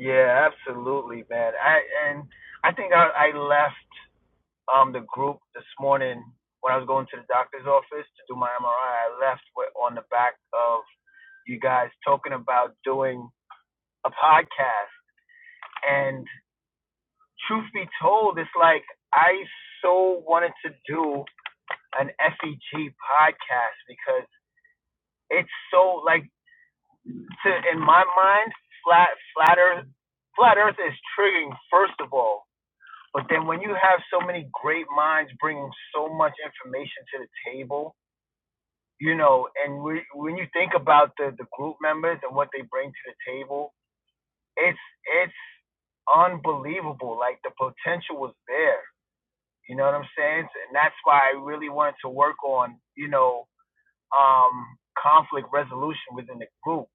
Speaker 2: Yeah, absolutely, man. I and I think I, I left um the group this morning when I was going to the doctor's office to do my MRI. I I left with, on the back of you guys talking about doing a podcast, and. truth be told, it's like I so wanted to do an FEG podcast because it's so like to in my mind, flat flat earth flat earth is triggering first of all. But then when you have so many great minds bringing so much information to the table, you know, and we, when you think about the the group members and what they bring to the table, it's it's unbelievable. Like the potential was there You know what I'm saying? And that's why I really wanted to work on, you know, um, conflict resolution within the group,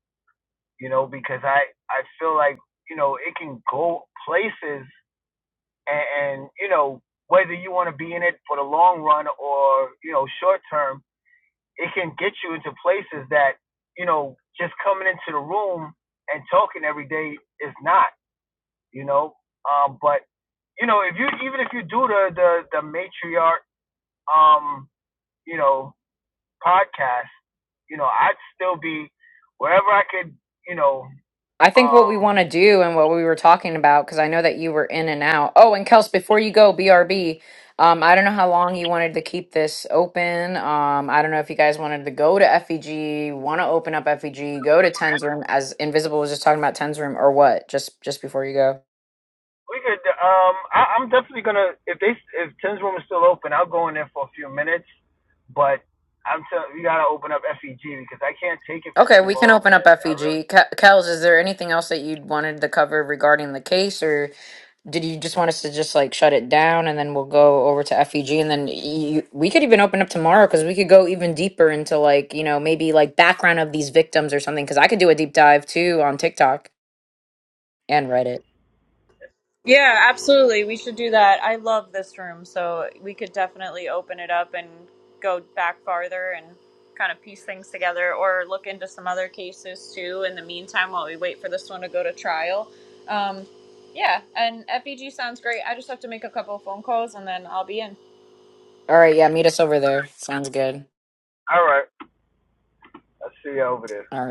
Speaker 2: you know, because I, I feel like, you know, it can go places and, and you know, whether you want to be in it for the long run or, you know, short term, it can get you into places that, you know, just coming into the room and talking every day is not, you know. Um, but you know, if you even if you do the the, the matriarch um you know, podcast, you know, I'd still be wherever I could, you know,
Speaker 4: I think what we
Speaker 2: um,
Speaker 4: want to do and what we were talking about, because I know that you were in and out. Oh, and Kels, before you go, BRB, um, I don't know how long you wanted to keep this open. Um, I don't know if you guys wanted to go to FEG, want to open up FEG, go to Ten's room as Invisible was just talking about Ten's room or what, just just before you go.
Speaker 2: we could, um, I, I'm definitely gonna if they if Tim's room is still open, I'll go in there for a few minutes, but I'm telling you, gotta open up FEG because I can't take it for
Speaker 4: Okay,
Speaker 2: too
Speaker 4: we can
Speaker 2: long,
Speaker 4: open up
Speaker 2: man. I really.
Speaker 4: FEG. Ke- Kels, is there anything else that you'd wanted to cover regarding the case, or did you just want us to just like shut it down and then we'll go over to FEG and then you, we could even open up tomorrow because we could go even deeper into like you know maybe like background of these victims or something because I could do a deep dive too on TikTok and Reddit.
Speaker 1: Yeah, absolutely. We should do that. I love this room, so we could definitely open it up and go back farther and kind of piece things together or look into some other cases too in the meantime while we wait for this one to go to trial. Um, yeah, and FEG sounds great. I just have to make a couple of phone calls and then I'll be in.
Speaker 4: All right, yeah, meet us over there. Sounds good.
Speaker 2: All right, I'll see you over there.
Speaker 4: All right.